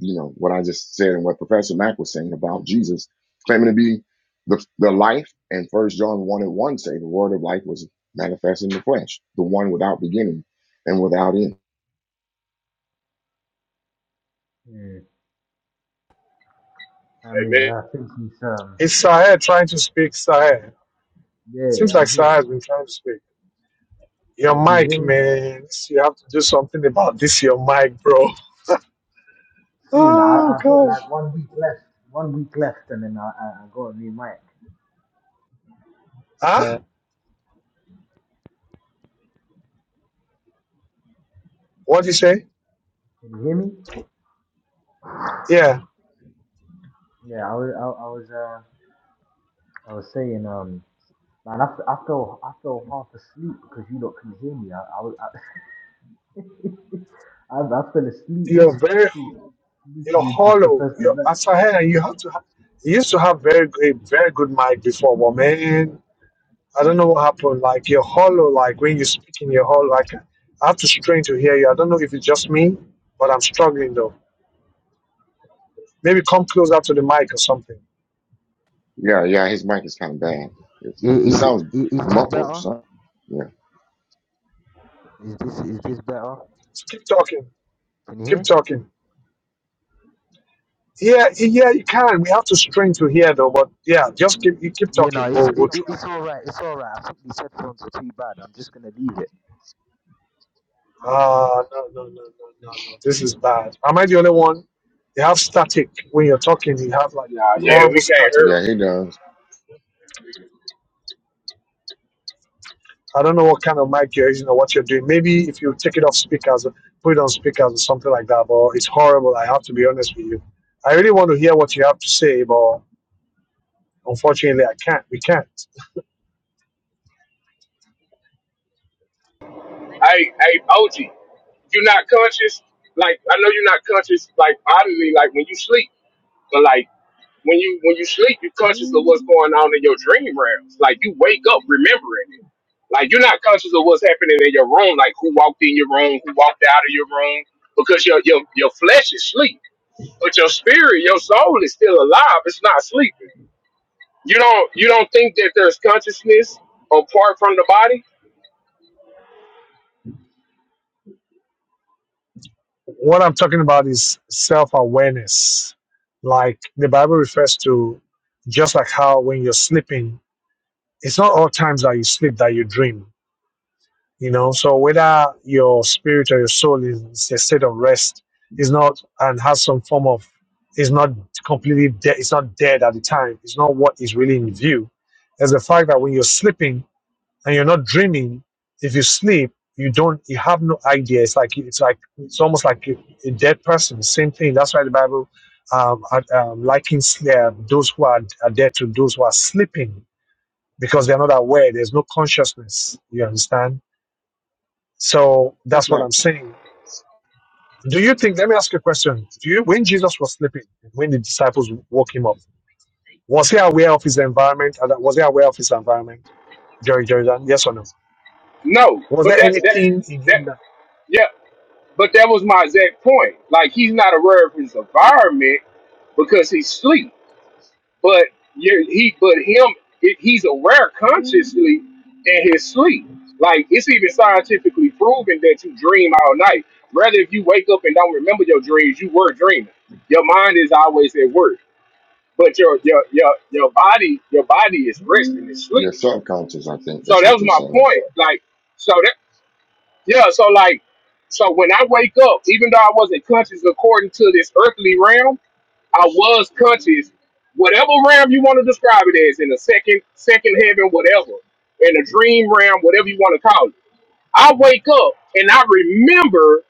[SPEAKER 14] you know what I just said and what Professor Mack was saying about Jesus claiming to be the the life. And First John one and one say the Word of life was manifest in the flesh, the one without beginning and without end.
[SPEAKER 13] Yeah, I mean,
[SPEAKER 12] Amen.
[SPEAKER 13] I think he's um.
[SPEAKER 2] It's Sahel trying to speak. Sahel. Seems
[SPEAKER 13] Yeah,
[SPEAKER 2] like
[SPEAKER 13] I'm
[SPEAKER 2] Sahel
[SPEAKER 13] here.
[SPEAKER 2] has been trying to speak. Your
[SPEAKER 13] Yeah, can you hear
[SPEAKER 2] mic,
[SPEAKER 13] me?
[SPEAKER 2] man. You have to do something about this, your mic, bro.
[SPEAKER 13] Soon, I
[SPEAKER 2] Oh,
[SPEAKER 13] I got
[SPEAKER 2] gosh.
[SPEAKER 13] like one week left. One week left, and then I I, I got a new mic.
[SPEAKER 2] Huh? What do you say?
[SPEAKER 13] Can you hear me?
[SPEAKER 2] Yeah.
[SPEAKER 13] Yeah, I was I, I was uh I was saying um man I, f- I fell I fell half asleep because you lot couldn't hear me. I, I was I, (laughs) I, I fell asleep (laughs)
[SPEAKER 2] You're
[SPEAKER 13] listening
[SPEAKER 2] very,
[SPEAKER 13] to you,
[SPEAKER 2] you're
[SPEAKER 13] listening to
[SPEAKER 2] hollow.
[SPEAKER 13] Professor
[SPEAKER 2] You're,
[SPEAKER 13] Matt.
[SPEAKER 2] Sahel, you have to, ha- you used to have very, a very good mic before, but man. I don't know what happened. Like you're hollow. Like when you speak in you're hollow, like I have to strain to hear you. I don't know if it's just me, but I'm struggling though. Maybe come closer to the mic or something.
[SPEAKER 14] Yeah, yeah, his mic is kind of bad. It's,
[SPEAKER 13] Is,
[SPEAKER 14] he
[SPEAKER 13] is,
[SPEAKER 14] sounds
[SPEAKER 13] is this
[SPEAKER 14] muffled or
[SPEAKER 13] better?
[SPEAKER 14] something. Yeah,
[SPEAKER 13] Is this is this better?
[SPEAKER 2] Just keep talking.
[SPEAKER 13] Can you
[SPEAKER 2] Keep
[SPEAKER 13] hear?
[SPEAKER 2] talking. Yeah, yeah, you can. We have to strain to hear though. But yeah, just keep you keep
[SPEAKER 13] Yeah,
[SPEAKER 2] talking.
[SPEAKER 13] no, it's
[SPEAKER 2] We'll
[SPEAKER 13] it,
[SPEAKER 2] we'll
[SPEAKER 13] it-
[SPEAKER 2] try.
[SPEAKER 13] it's all right. It's all right. I think these headphones are too bad. I'm just gonna leave it.
[SPEAKER 2] Ah, no, no, no, no, no, no. This is bad. Am I the only one? You have static when you're talking. You have like
[SPEAKER 12] Nah,
[SPEAKER 14] yeah,
[SPEAKER 12] yeah,
[SPEAKER 2] horrible
[SPEAKER 12] we can't
[SPEAKER 2] static.
[SPEAKER 12] hear
[SPEAKER 14] yeah,
[SPEAKER 12] 'em.
[SPEAKER 14] he does.
[SPEAKER 2] I don't know what kind of mic you're using or what you're doing. Maybe if you take it off speakers, put it on speakers or something like that. But it's horrible. I have to be honest with you. I really want to hear what you have to say, but unfortunately, I can't. We can't.
[SPEAKER 12] Hey, hey, OG, you're not conscious. Like I know you're not conscious. Like obviously, like when you sleep, but like when you when you sleep, you're conscious of what's going on in your dream realms. Like you wake up remembering it. Like you're not conscious of what's happening in your room. Like who walked in your room, who walked out of your room, because your your your flesh is asleep, but your spirit, your soul is still alive. It's not sleeping. You don't you don't think that there's consciousness apart from the body?
[SPEAKER 2] What I'm talking about is self awareness. Like the Bible refers to, just like how when you're sleeping, it's not all times that you sleep that you dream. You know, so whether your spirit or your soul is, is a state of rest, is not and has some form of is not completely dead. It's not dead at the time. It's not what is really in view. There's the fact that when you're sleeping and you're not dreaming, if you sleep, you don't you have no idea. It's like it's like it's almost like a, a dead person. Same thing. That's why the Bible um, at- um, likens uh, those who are, are dead to those who are sleeping because they're not aware. There's no consciousness. You understand? So
[SPEAKER 14] That's
[SPEAKER 2] that's what
[SPEAKER 14] not
[SPEAKER 2] I'm saying. Do you think, let me ask you a question. Do you, when Jesus was sleeping, when the disciples woke him up, was he aware of his environment? And Was he aware of his environment, Jerry Jordan? Yes or no?
[SPEAKER 12] No,
[SPEAKER 2] Was
[SPEAKER 12] but
[SPEAKER 2] there
[SPEAKER 12] that that
[SPEAKER 2] anything in
[SPEAKER 12] that
[SPEAKER 2] him that,
[SPEAKER 12] yeah. But that was my exact point. Like he's not aware of his environment because he's asleep. But you he, but him, it, he's aware consciously in his sleep. Like it's even scientifically proven that you dream all night. Rather, if you wake up and don't remember your dreams, you were dreaming. Your mind is always at work, but your your your your body your body is resting, it's sleep.
[SPEAKER 14] your subconscious, I think.
[SPEAKER 12] So
[SPEAKER 14] That's
[SPEAKER 12] that
[SPEAKER 14] what
[SPEAKER 12] was
[SPEAKER 14] you're
[SPEAKER 12] my
[SPEAKER 14] saying.
[SPEAKER 12] point. Like so yeah, so like, so when I wake up, even though I wasn't conscious according to this earthly realm, I was conscious, whatever realm you want to describe it as, in the second, second heaven, whatever, in the dream realm, whatever you want to call it. I wake up and I remember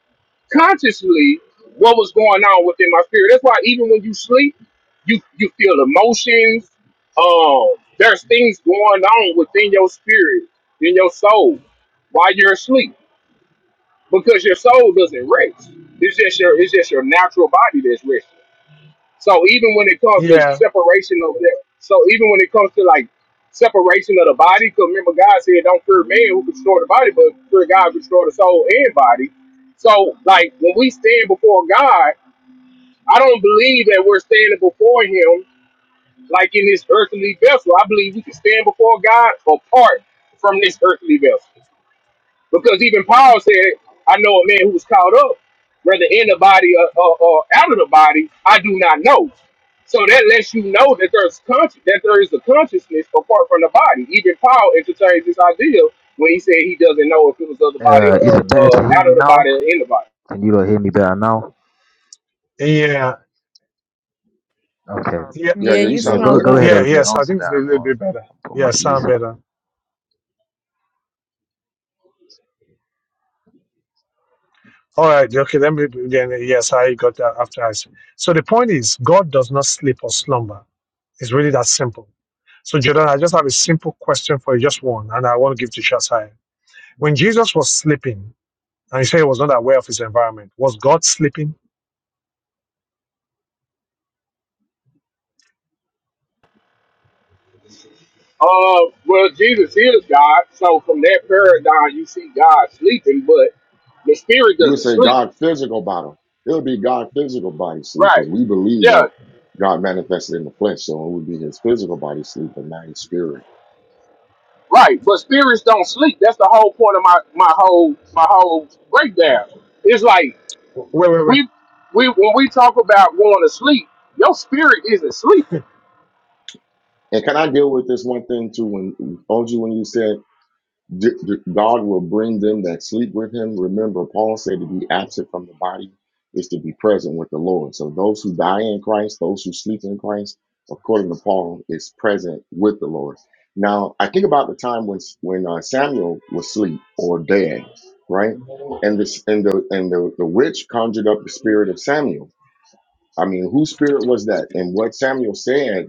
[SPEAKER 12] consciously what was going on within my spirit. That's why even when you sleep, you you feel emotions. Um, there's things going on within your spirit, in your soul, while you're asleep because your soul doesn't rest. It's just your it's just your natural body that's resting. So even when it comes to
[SPEAKER 2] yeah,
[SPEAKER 12] separation of that, so even when it comes to like separation of the body, because remember God said, "Don't fear man who can destroy the body, but fear God who can destroy the soul and body." So like when we stand before God, I don't believe that we're standing before Him like in this earthly vessel. I believe we can stand before God apart from this earthly vessel. Because even Paul said, I know a man who was caught up, whether in the body or, or, or out of the body, I do not know. So that lets you know that there's conscious that there is a consciousness apart from the body. Even Paul entertains this idea when he said he doesn't know if it was of the body
[SPEAKER 13] Uh, is
[SPEAKER 12] or
[SPEAKER 13] it better
[SPEAKER 12] uh, uh,
[SPEAKER 13] to hear
[SPEAKER 12] out
[SPEAKER 13] me
[SPEAKER 12] of the
[SPEAKER 13] now?
[SPEAKER 12] body or in the body.
[SPEAKER 13] Can you not hear me better now?
[SPEAKER 2] yeah,
[SPEAKER 13] Okay.
[SPEAKER 2] yeah,
[SPEAKER 14] Yeah,
[SPEAKER 4] Yeah,
[SPEAKER 14] yeah, you
[SPEAKER 4] you
[SPEAKER 13] Yeah,
[SPEAKER 14] sound
[SPEAKER 13] go
[SPEAKER 4] sound
[SPEAKER 14] good,
[SPEAKER 13] go
[SPEAKER 14] man.
[SPEAKER 13] ahead,
[SPEAKER 4] better.
[SPEAKER 2] yeah,
[SPEAKER 13] OJ.
[SPEAKER 2] yes, I
[SPEAKER 13] Answer
[SPEAKER 2] think it's a
[SPEAKER 13] that, and
[SPEAKER 2] little
[SPEAKER 13] I'll,
[SPEAKER 2] bit better.
[SPEAKER 13] I'll put my
[SPEAKER 2] Yeah,
[SPEAKER 13] piece.
[SPEAKER 2] sound better. All right, okay, let me, then, yes, I got that after I. said. So the point is, God does not sleep or slumber. It's really that simple. So, Jordan, I just have a simple question for you, just one, and I want to give to Shasai When Jesus was sleeping, and he said he was not aware of his environment, was God sleeping?
[SPEAKER 12] Uh, well, Jesus is God, so from that paradigm you see God sleeping, but the spirit
[SPEAKER 14] You would
[SPEAKER 12] doesn't
[SPEAKER 14] say
[SPEAKER 12] sleep.
[SPEAKER 14] God physical body. It would be God physical body sleep
[SPEAKER 12] Right.
[SPEAKER 14] because we believe
[SPEAKER 12] Yeah.
[SPEAKER 14] that God manifested in the flesh. So it would be his physical body sleep, but not his spirit.
[SPEAKER 12] Right, but spirits don't sleep. That's the whole point of my my whole my whole breakdown. It's like
[SPEAKER 2] Wait, wait, wait.
[SPEAKER 12] we we when we talk about going to sleep, your spirit isn't sleeping.
[SPEAKER 14] And can I deal with this one thing too? When, OG, when you said D- d- God will bring them that sleep with him. Remember, Paul said to be absent from the body is to be present with the Lord. So those who die in Christ, those who sleep in Christ, according to Paul, is present with the Lord. Now, I think about the time when when uh, Samuel was asleep or dead, right? And this and the and the, the witch conjured up the spirit of Samuel. I mean, whose spirit was that? And what Samuel said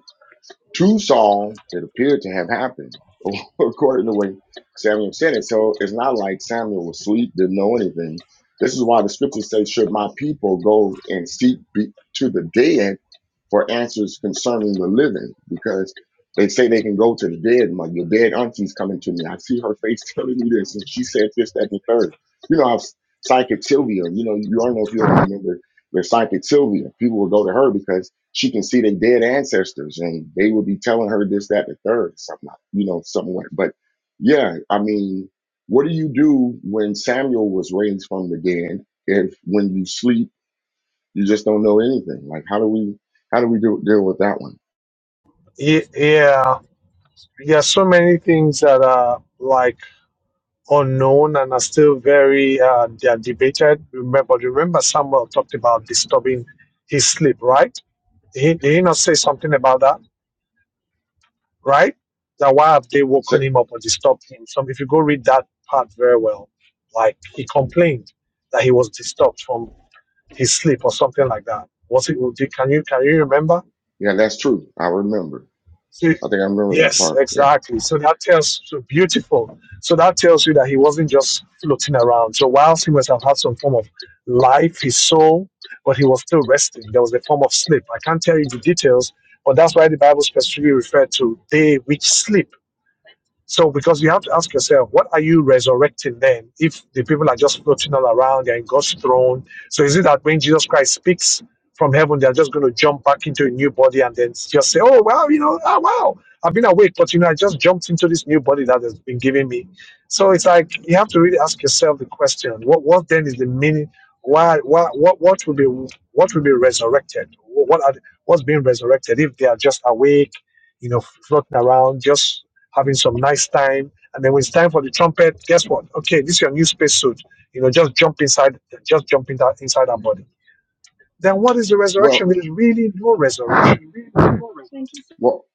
[SPEAKER 14] true Saul that appeared to have happened, (laughs) according to the way Samuel said it. So it's not like Samuel was asleep, didn't know anything. This is why the scriptures say, Should my people go and seek be- to the dead for answers concerning the living? Because they say they can go to the dead. My your dead auntie's coming to me. I see her face (laughs) telling me this, and she said this, that, and the third. You know, how psychic Sylvia. You know, you all know if you ever remember the psychic Sylvia. People would go to her because she can see their dead ancestors and they will be telling her this, that, the third, something like, you know, something like but yeah, I mean, what do you do when Samuel was raised from the dead if when you sleep you just don't know anything? Like how do we how do we do deal with that one?
[SPEAKER 2] Ye- Yeah, there are so many things that are like unknown and are still very uh, they are debated. Remember, remember, Samuel talked about disturbing his sleep, right? He, did he not say something about that, right? That why have they
[SPEAKER 14] So,
[SPEAKER 2] woken him up or disturbed him? So if you go read that part very well, like he complained that he was disturbed from his sleep or something like that. Was it Udi? Can you can you remember?
[SPEAKER 14] yeah, that's true. I remember.
[SPEAKER 2] See,
[SPEAKER 14] I think I remember that
[SPEAKER 2] yes,
[SPEAKER 14] part. Yeah.
[SPEAKER 2] exactly. So that tells so beautiful. So that tells you that he wasn't just floating around. So whilst he must have had some form of life, his soul, but he was still resting. There was a form of sleep. I can't tell you the details, but that's why the Bible specifically referred to they which sleep. So, because you have to ask yourself, what are you resurrecting then if the people are just floating all around, they're in God's throne? So, is it that when Jesus Christ speaks from heaven, they're just going to jump back into a new body and then just say, oh, wow, you know, ah, wow, I've been awake, but you know, I just jumped into this new body that has been given me. So, it's like you have to really ask yourself the question, what, what then is the meaning? Why, why, what, what will be, what will be resurrected? What are, what's being resurrected if they are just awake, you know, floating around, just having some nice time. And then when it's time for the trumpet, guess what? Okay, this is your new spacesuit. You know, just jump inside, just jump in that, inside our body. Then what is the
[SPEAKER 14] Well,
[SPEAKER 2] resurrection? There is really no
[SPEAKER 13] (laughs)
[SPEAKER 2] resurrection.
[SPEAKER 14] Well,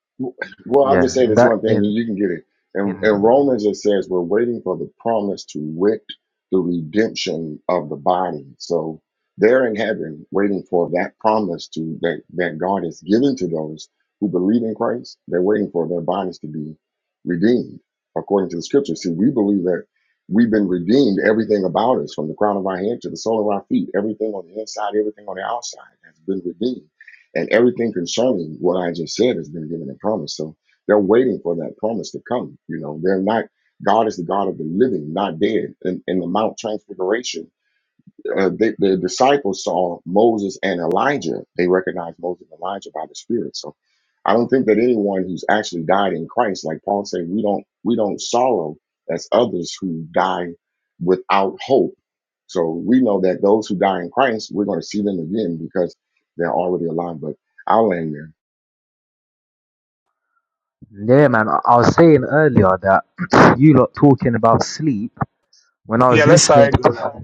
[SPEAKER 14] well, I'll
[SPEAKER 13] yeah,
[SPEAKER 14] just say
[SPEAKER 13] in
[SPEAKER 14] this
[SPEAKER 13] that
[SPEAKER 14] one thing, and
[SPEAKER 13] in
[SPEAKER 14] you can get it. And, and
[SPEAKER 13] in.
[SPEAKER 14] Romans it says we're waiting for the promise to wit the redemption of the body. So they're in heaven waiting for that promise to that, that God has given to those who believe in Christ. They're waiting for their bodies to be redeemed according to the scripture. See, we believe that we've been redeemed, everything about us, from the crown of our head to the sole of our feet, everything on the inside, everything on the outside has been redeemed and everything concerning what I just said has been given a promise. So they're waiting for that promise to come. You know, they're not, God is the God of the living, not dead. In, in the Mount Transfiguration, uh, the, the disciples saw Moses and Elijah. They recognized Moses and Elijah by the Spirit. So I don't think that anyone who's actually died in Christ, like Paul said, we don't we don't sorrow as others who die without hope. So we know that those who die in Christ, we're going to see them again because they're already alive. But I'll end there.
[SPEAKER 13] Yeah, man. I I was saying earlier that (clears throat) you lot talking about sleep. When I
[SPEAKER 2] Yeah,
[SPEAKER 13] was
[SPEAKER 2] let's say
[SPEAKER 13] listening
[SPEAKER 2] I
[SPEAKER 13] to
[SPEAKER 2] go now.
[SPEAKER 13] Prof-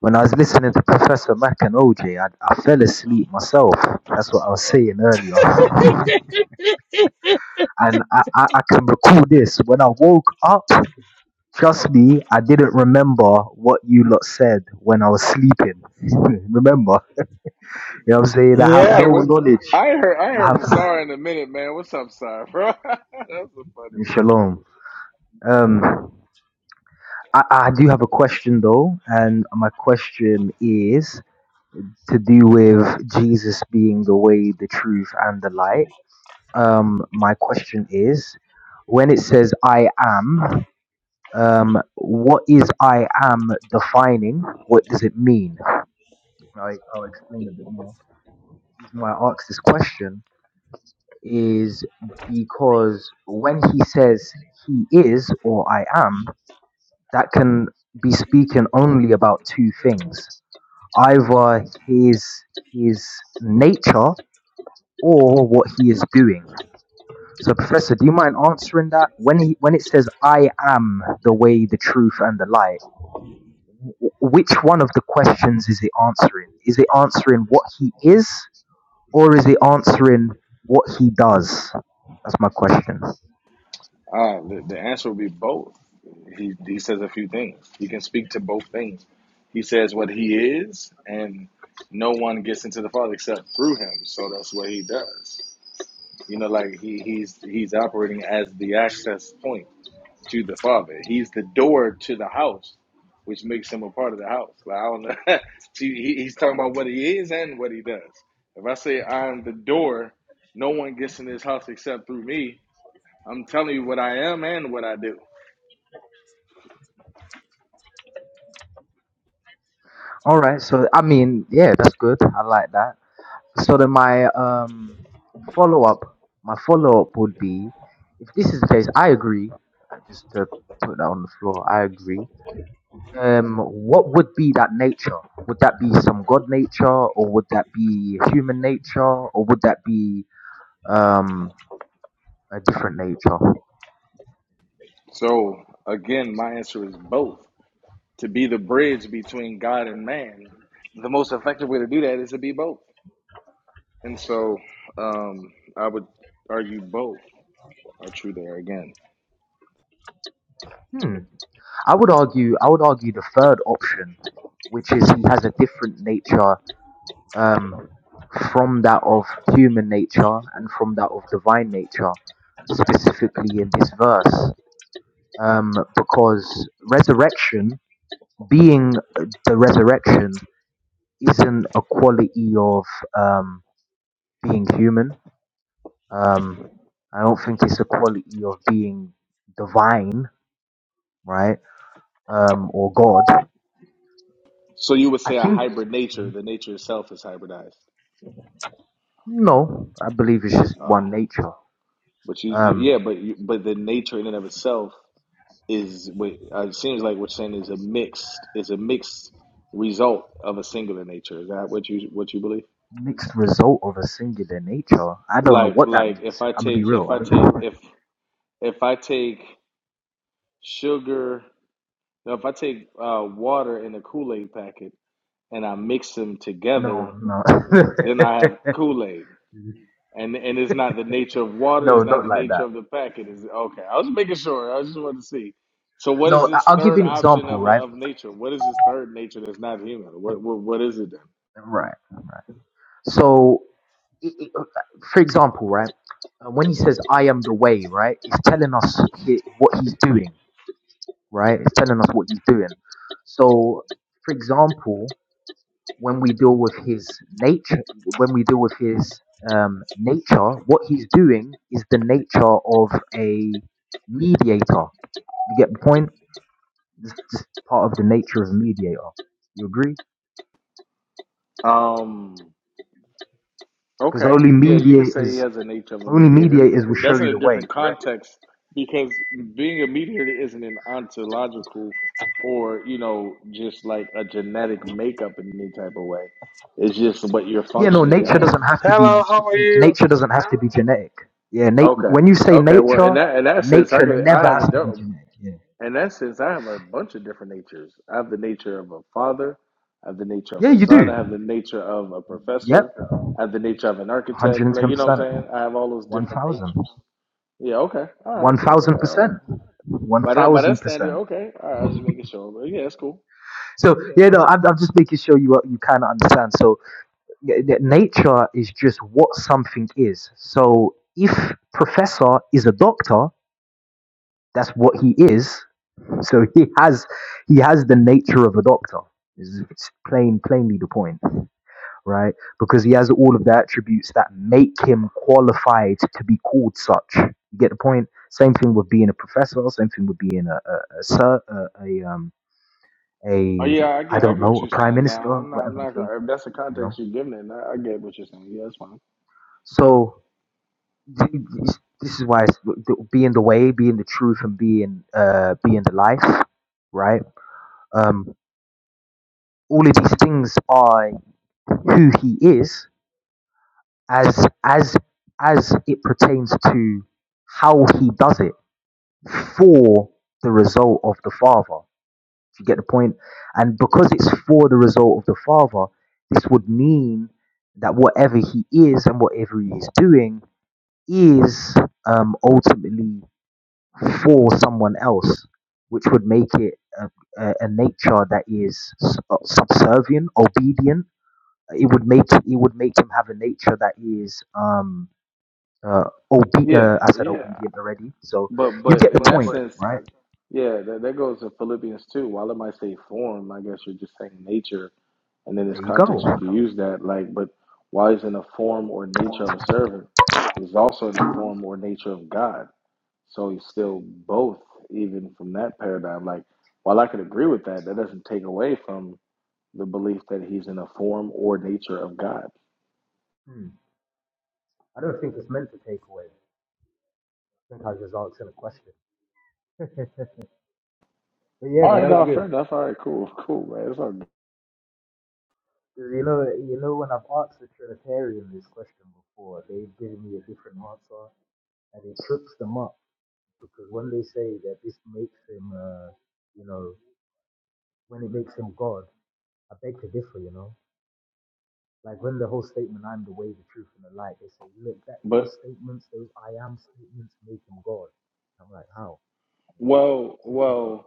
[SPEAKER 13] when I was listening to Professor Mac and OJ, I, I fell asleep myself. That's what I was saying earlier. (laughs) and I, I, I can recall this. When I woke up, trust me, I didn't remember what you lot said when I was sleeping. (laughs) remember? You know what I'm saying? I have
[SPEAKER 2] Yeah,
[SPEAKER 13] no knowledge. I have (laughs) shalom. Um, I, I do have a question though, and my question is to do with Jesus being the way, the truth, and the light. Um, my question is when it says I am, um, what is I am defining? What does it mean? I, I'll explain a bit more. The reason why I ask this question is because when he says he is or I am, that can be speaking only about two things either his his nature or what he is doing. So, Professor, do you mind answering that? When he when it says "I am the way, the truth, and the light," wh- which one of the questions is it answering? Is it answering what he is, or is it answering what he does? That's my question. All right. So, I mean, yeah, that's good. I like that. So then my um follow up, my follow up would be, if this is the case, I agree. I Just to put that on the floor, I agree. Um, what would be that nature? Would that be some god nature, or would that be human nature, or would that be um a different nature? Hmm. I would argue. I would argue the third option, which is he has a different nature um, from that of human nature and from that of divine nature, specifically in this verse. Um, because resurrection, being the resurrection, isn't a quality of um, being human. Um, I don't think it's a quality of being divine, right? Um, or God. I think, no, I believe it's just one nature. Um, Mixed result of a singular nature. I don't know what that means. I'm gonna be real. I don't- No, no, (laughs) no, not like that. No, I- I'll give you an example, right? Right, right. So, it, it, for example, right, uh, when he says "I am the way," right, it's telling us he, what he's doing, right? It's telling us what he's doing. So, for example, when we deal with his nature, when we deal with his um, nature, what he's doing is the nature of a mediator. You get the point? It's just part of the nature of a mediator. You agree? Because only mediators, only mediators will show you the way. Correct? Yeah. No, nature doesn't have to be.
[SPEAKER 2] Hello, how are you?
[SPEAKER 13] Nature doesn't have to be genetic. Yeah. Nat- when you say nature, nature never has to be genetic. Yeah. Yeah, you do. Yep. One hundred and ten percent. One thousand. One thousand percent. One thousand percent. So yeah, no, I'm, I'm just making sure you you kind of understand. So yeah, yeah, nature is just what something is. So if professor is a doctor, that's what he is. So (laughs) he has he has the nature of a doctor. Is it's plain plainly the point, right? Because he has all of the attributes that make him qualified to be called such. You get the point. Same thing with being a professor. Same thing with being a a, a, sir- a, a um a I don't know a prime minister, whatever the case, you know. So th- th- this is why it's, being the way, being the truth, and being uh being the life, right? Um, all of these things are who he is as as as it pertains to how he does it for the result of the father. If you get the point, and because it's for the result of the Father, this would mean that whatever He is and whatever He is doing is um, ultimately for someone else, which would make it a, a, a nature that is subservient, obedient. It would make it would make him have a nature that is um uh, obe- uh I said Yeah, obedient already. So you get the point, right? There you go. Hmm. I don't think it's meant to take away. I think I was just asking a question. But yeah, man, that was good. 'Cause you know, you know, when I've asked the Trinitarian this question before, they've given me a different answer, and it trips them up because when they say that this makes him, uh, you know, when it makes him God, I beg to differ. You know, like when the whole statement "I'm the way, the truth, and the light," they say, look, that those statements, those I am statements, make him God. I'm like, how? You know, (laughs)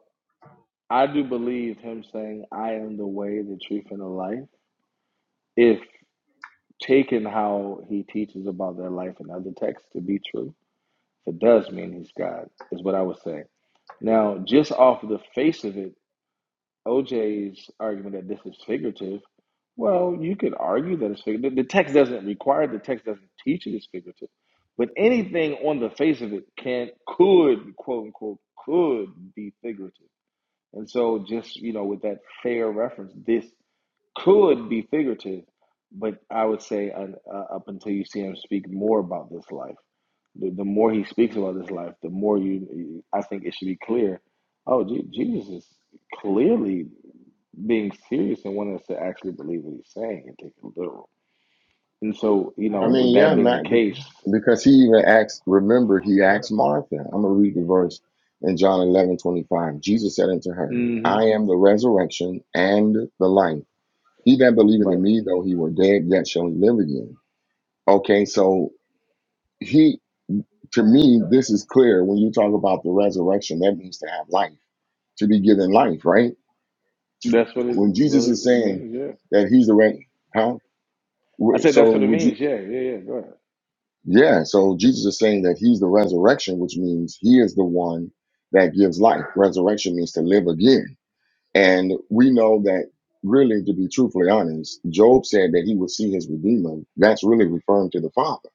[SPEAKER 13] like,
[SPEAKER 14] I
[SPEAKER 13] let
[SPEAKER 14] mean,
[SPEAKER 13] me,
[SPEAKER 14] yeah,
[SPEAKER 13] let me,
[SPEAKER 14] Matt, be- because he even asked, remember, he
[SPEAKER 13] yeah.
[SPEAKER 14] asked Martha. I'm going to read the verse in John 11:25. Jesus said unto her, I am the resurrection and the life. He that believeth in me, though he were dead, yet shall he live again. Okay, so he, to me, this is clear. When you talk about the resurrection, that means to have life, to be given life, right? When Jesus is saying that he's the, re- huh? Wh- So would you? Yeah, so Jesus is saying that he's the resurrection, which means he is the one that gives life. Resurrection means to live again. And we know that, really, to be truthfully honest, Job said that he would see his Redeemer. That's really referring to the Father,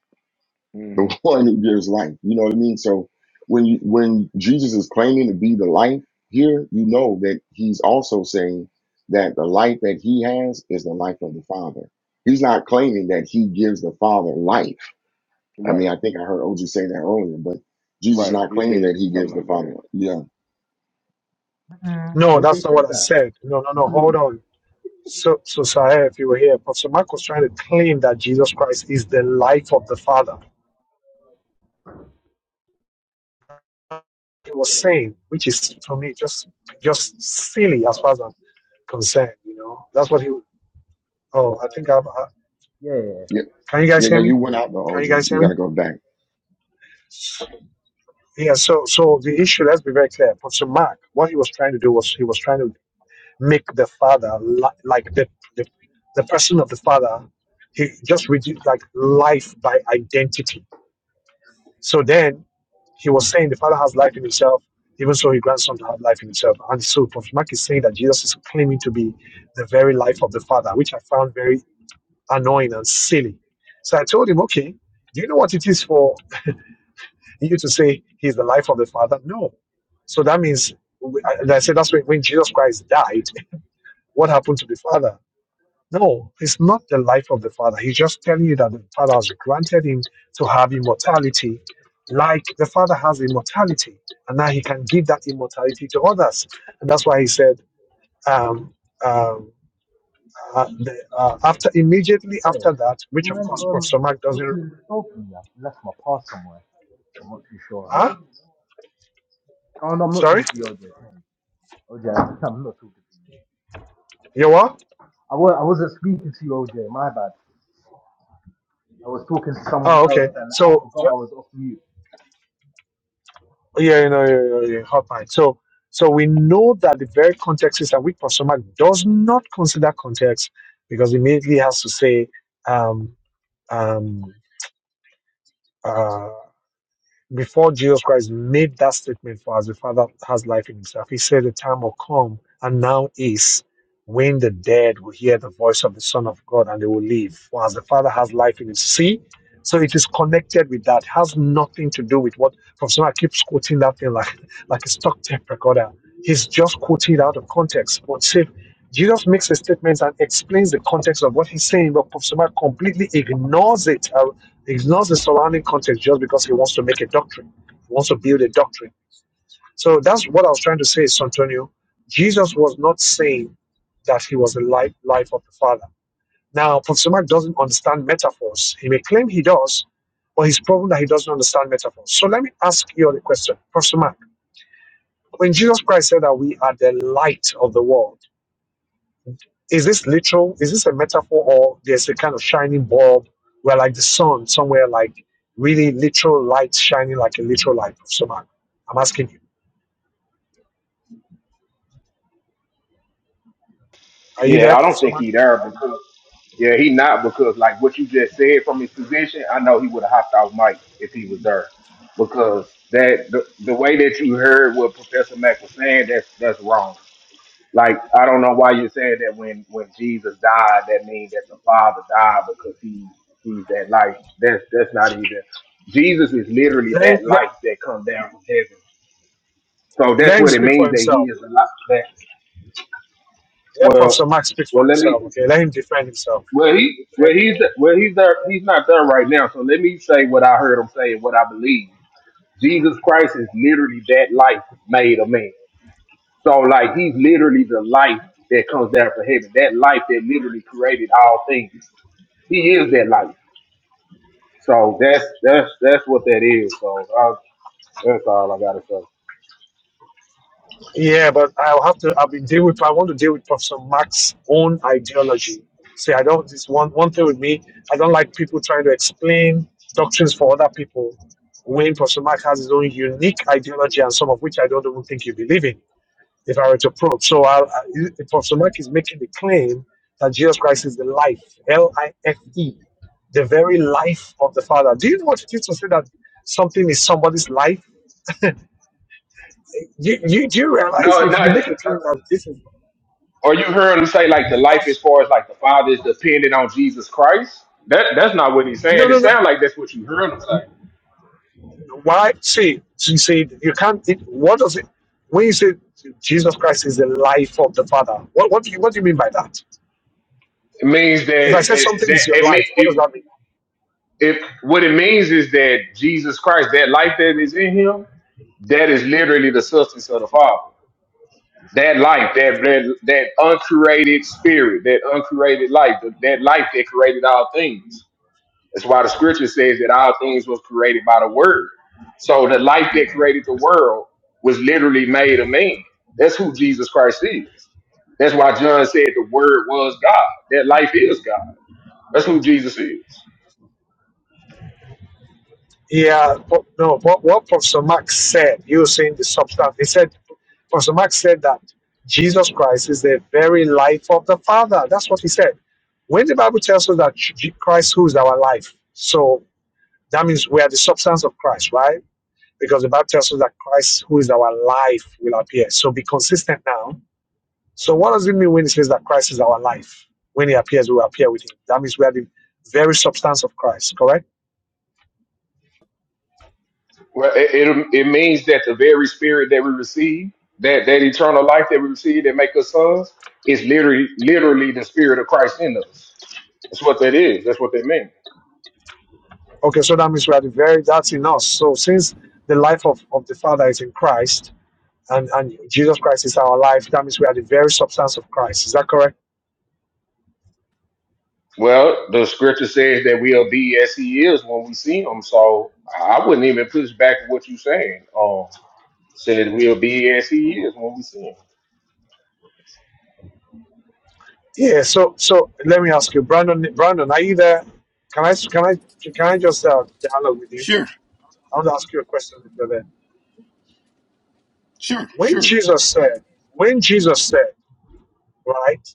[SPEAKER 14] the (laughs) one who gives life. You know what I mean? So when, you, when Jesus is claiming to be the life here, you know that he's also saying that the life that he has is the life of the Father. He's not claiming that he gives the Father life I mean, I think I heard OG say that earlier, but Jesus not claiming that he gives the Father. Yeah.
[SPEAKER 13] Mm-mm.
[SPEAKER 2] No, that's
[SPEAKER 13] OJ
[SPEAKER 2] not
[SPEAKER 13] said
[SPEAKER 2] what I
[SPEAKER 13] that.
[SPEAKER 2] said. No, no, no. Hold on. So, so Sahel, if you were here, Professor Mark was trying to claim that Jesus Christ is the life of the Father. He was saying, which is to me just just silly as far as I'm concerned. You know, that's what he. Oh, I think I've
[SPEAKER 13] Yeah, yeah,
[SPEAKER 14] Yeah.
[SPEAKER 2] Can you
[SPEAKER 14] Yeah.
[SPEAKER 2] guys
[SPEAKER 13] yeah,
[SPEAKER 14] yeah
[SPEAKER 2] hear
[SPEAKER 13] we
[SPEAKER 2] me?
[SPEAKER 14] you
[SPEAKER 13] can hear
[SPEAKER 14] went
[SPEAKER 13] you.
[SPEAKER 14] out though,
[SPEAKER 2] Can
[SPEAKER 14] OG.
[SPEAKER 2] you guys
[SPEAKER 14] You
[SPEAKER 2] hear
[SPEAKER 14] got
[SPEAKER 2] me?
[SPEAKER 14] to go back.
[SPEAKER 2] Yeah, so so the issue, let's be very clear. Professor Mark, what he was trying to do was he was trying to make the father li- like the, the the person of the father, he just reduced like life by identity. So then he was saying the father has life in himself, even so his grandson has life in himself. And so Professor Mark is saying that Jesus is claiming to be the very life of the father, which I found very annoying and silly. So I told him, okay, do you know what it is for? you to say he's the life of the Father? No. So that means, and I say that's when, when Jesus Christ died, what happened to the Father? No, it's not the life of the Father. He's just telling you that the Father has granted him to have immortality, like the Father has immortality, and now he can give that immortality to others. And that's why he said, um, um, uh, the, uh, after immediately
[SPEAKER 13] So,
[SPEAKER 2] after that,
[SPEAKER 13] do you
[SPEAKER 2] which of
[SPEAKER 13] mind
[SPEAKER 2] course
[SPEAKER 13] um,
[SPEAKER 2] Professor Mark doesn't.
[SPEAKER 13] opening the door for me? I've left my pass somewhere. I'm not too sure.
[SPEAKER 2] Huh?
[SPEAKER 13] Oh, no, I'm not
[SPEAKER 2] Sorry,
[SPEAKER 13] talking to you, OJ. OJ, (laughs) I'm not talking to you.
[SPEAKER 2] you what?
[SPEAKER 13] I, wa- I wasn't speaking to you, OJ, my bad. I was talking to someone
[SPEAKER 2] Oh,
[SPEAKER 13] else
[SPEAKER 2] okay.
[SPEAKER 13] and I
[SPEAKER 2] So
[SPEAKER 13] forgot I was off mute.
[SPEAKER 2] Yeah, you know, yeah, yeah, yeah, hotline. So, so we know that the very context is that weak person does not consider context because immediately has to say um, um, uh, before Jesus Christ made that statement for us, the Father has life in himself. He said, The time will come and now is when the dead will hear the voice of the Son of God and they will live. For as the Father has life in him. See? So it is connected with that. Has nothing to do with what Professor Mark keeps quoting that thing like like a stock tape recorder. He's just quoting out of context. But see, Jesus makes a statement and explains the context of what he's saying, but Professor Mark completely ignores it ignores the surrounding context just because he wants to make a doctrine, he wants to build a doctrine. So that's what I was trying to say, Santonio. Jesus was not saying that he was the life, life of the Father. Now, Professor Mark doesn't understand metaphors. He may claim he does, but he's proven that he doesn't understand metaphors. So let me ask you the question, Professor Mark. When Jesus Christ said that we are the light of the world, Is this literal? Is this a metaphor, or there's a kind of shining bulb where, like the sun, somewhere like really literal light shining like a literal light, Professor Mark? I'm asking you. Are you there,
[SPEAKER 12] Yeah, I don't
[SPEAKER 2] Professor
[SPEAKER 12] think
[SPEAKER 2] Mark?
[SPEAKER 12] he there because yeah, he not because like what you just said from his position, I know he would have hopped off mic if he was there. Because that the, the way that you heard what Professor Mack was saying, that's that's wrong. Like I don't know why you're saying that when when Jesus died, that means that the Father died because he he's that life. That's that's not even. Jesus is literally
[SPEAKER 2] Let him,
[SPEAKER 12] that
[SPEAKER 2] let,
[SPEAKER 12] life that come down from heaven. So that's
[SPEAKER 2] let him
[SPEAKER 12] what it
[SPEAKER 2] speak for
[SPEAKER 12] means that he
[SPEAKER 2] himself.
[SPEAKER 12] is a life. That
[SPEAKER 2] Let Professor
[SPEAKER 12] well,
[SPEAKER 2] Mark speak for
[SPEAKER 12] well let me.
[SPEAKER 2] himself. Okay, let him defend himself.
[SPEAKER 12] Well he
[SPEAKER 2] Okay.
[SPEAKER 12] well he's well he's there. He's not there right now. So let me say what I heard him say and what I believe. Jesus Christ is literally that life made a man. So like he's literally the life that comes down from heaven. That life that literally created all things. He is that life. So that's that's that's what that is. So uh, that's all I gotta say.
[SPEAKER 2] Yeah, but I'll have to. I'll be deal with. I want to deal with Professor Marx's own ideology. See, I don't. This one one thing with me. I don't like people trying to explain doctrines for other people. When Professor Marx has his own unique ideology, and some of which I don't even think you believe in, if I were to probe. So, i I, if Professor Marx is making the claim that Jesus Christ is the life, L I F E, the very life of the Father. Do you know what it is to say that something is somebody's life? You, you do you realize
[SPEAKER 12] No,
[SPEAKER 2] if you
[SPEAKER 12] no.
[SPEAKER 2] make a claim that this is
[SPEAKER 12] Or you heard him say like the life as
[SPEAKER 2] That's
[SPEAKER 12] far as like the Father is dependent on Jesus Christ. That that's not what he's
[SPEAKER 2] no,
[SPEAKER 12] saying. It
[SPEAKER 2] no, no.
[SPEAKER 12] sounds like that's what you heard him say.
[SPEAKER 2] Why? See, you see, you can't. It, what does it? When you say Jesus Christ is the life of the Father, what, what do you what do you mean by that?
[SPEAKER 12] It means
[SPEAKER 2] If
[SPEAKER 12] that
[SPEAKER 2] I say
[SPEAKER 12] that,
[SPEAKER 2] something
[SPEAKER 12] that
[SPEAKER 2] is your
[SPEAKER 12] it, me-
[SPEAKER 2] life, what
[SPEAKER 12] it,
[SPEAKER 2] does that mean?
[SPEAKER 12] it what it means is that Jesus Christ, that life that is in him, that is literally the substance of the Father. that life, that that, that uncreated spirit, that uncreated life, that, that life that created all things. That's why the scripture says that all things was created by the word. So the life that created the world was literally made a man. That's who Jesus Christ is. That's why John said the word was God. That life is God. That's who Jesus is.
[SPEAKER 2] Yeah, but no. What what Professor Max said, you were saying the substance. He said, Professor Max said that Jesus Christ is the very life of the Father. That's what he said. When the Bible tells us that Christ, who is our life, so that means we are the substance of Christ, right? because the Bible tells us that Christ, who is our life, will appear. So be consistent now. So what does it mean when it says that Christ is our life? When he appears, we will appear with him. That means we are the very substance of Christ, correct?
[SPEAKER 12] Well, it, it it means that the very spirit that we receive, that that eternal life that we receive, that make us sons, is literally literally the spirit of Christ in us. That's what that is. That's what they mean.
[SPEAKER 2] Okay, so that means we are the very that's in us. So since the life of, of the Father is in Christ and, and Jesus Christ is our life, that means we are the very substance of Christ. Is that correct?
[SPEAKER 12] Well, the scripture says that we'll be as he is when we see him. So I wouldn't even push back what you're saying. Um, said we'll be as he is when we see him.
[SPEAKER 2] Yeah, so so let me ask you, Brandon Brandon, are you there? Can I can I can I just uh, dialogue with you?
[SPEAKER 5] Sure,
[SPEAKER 2] I want to ask you a question if you're there.
[SPEAKER 5] sure,
[SPEAKER 2] When
[SPEAKER 5] sure.
[SPEAKER 2] Jesus said, when Jesus said, right,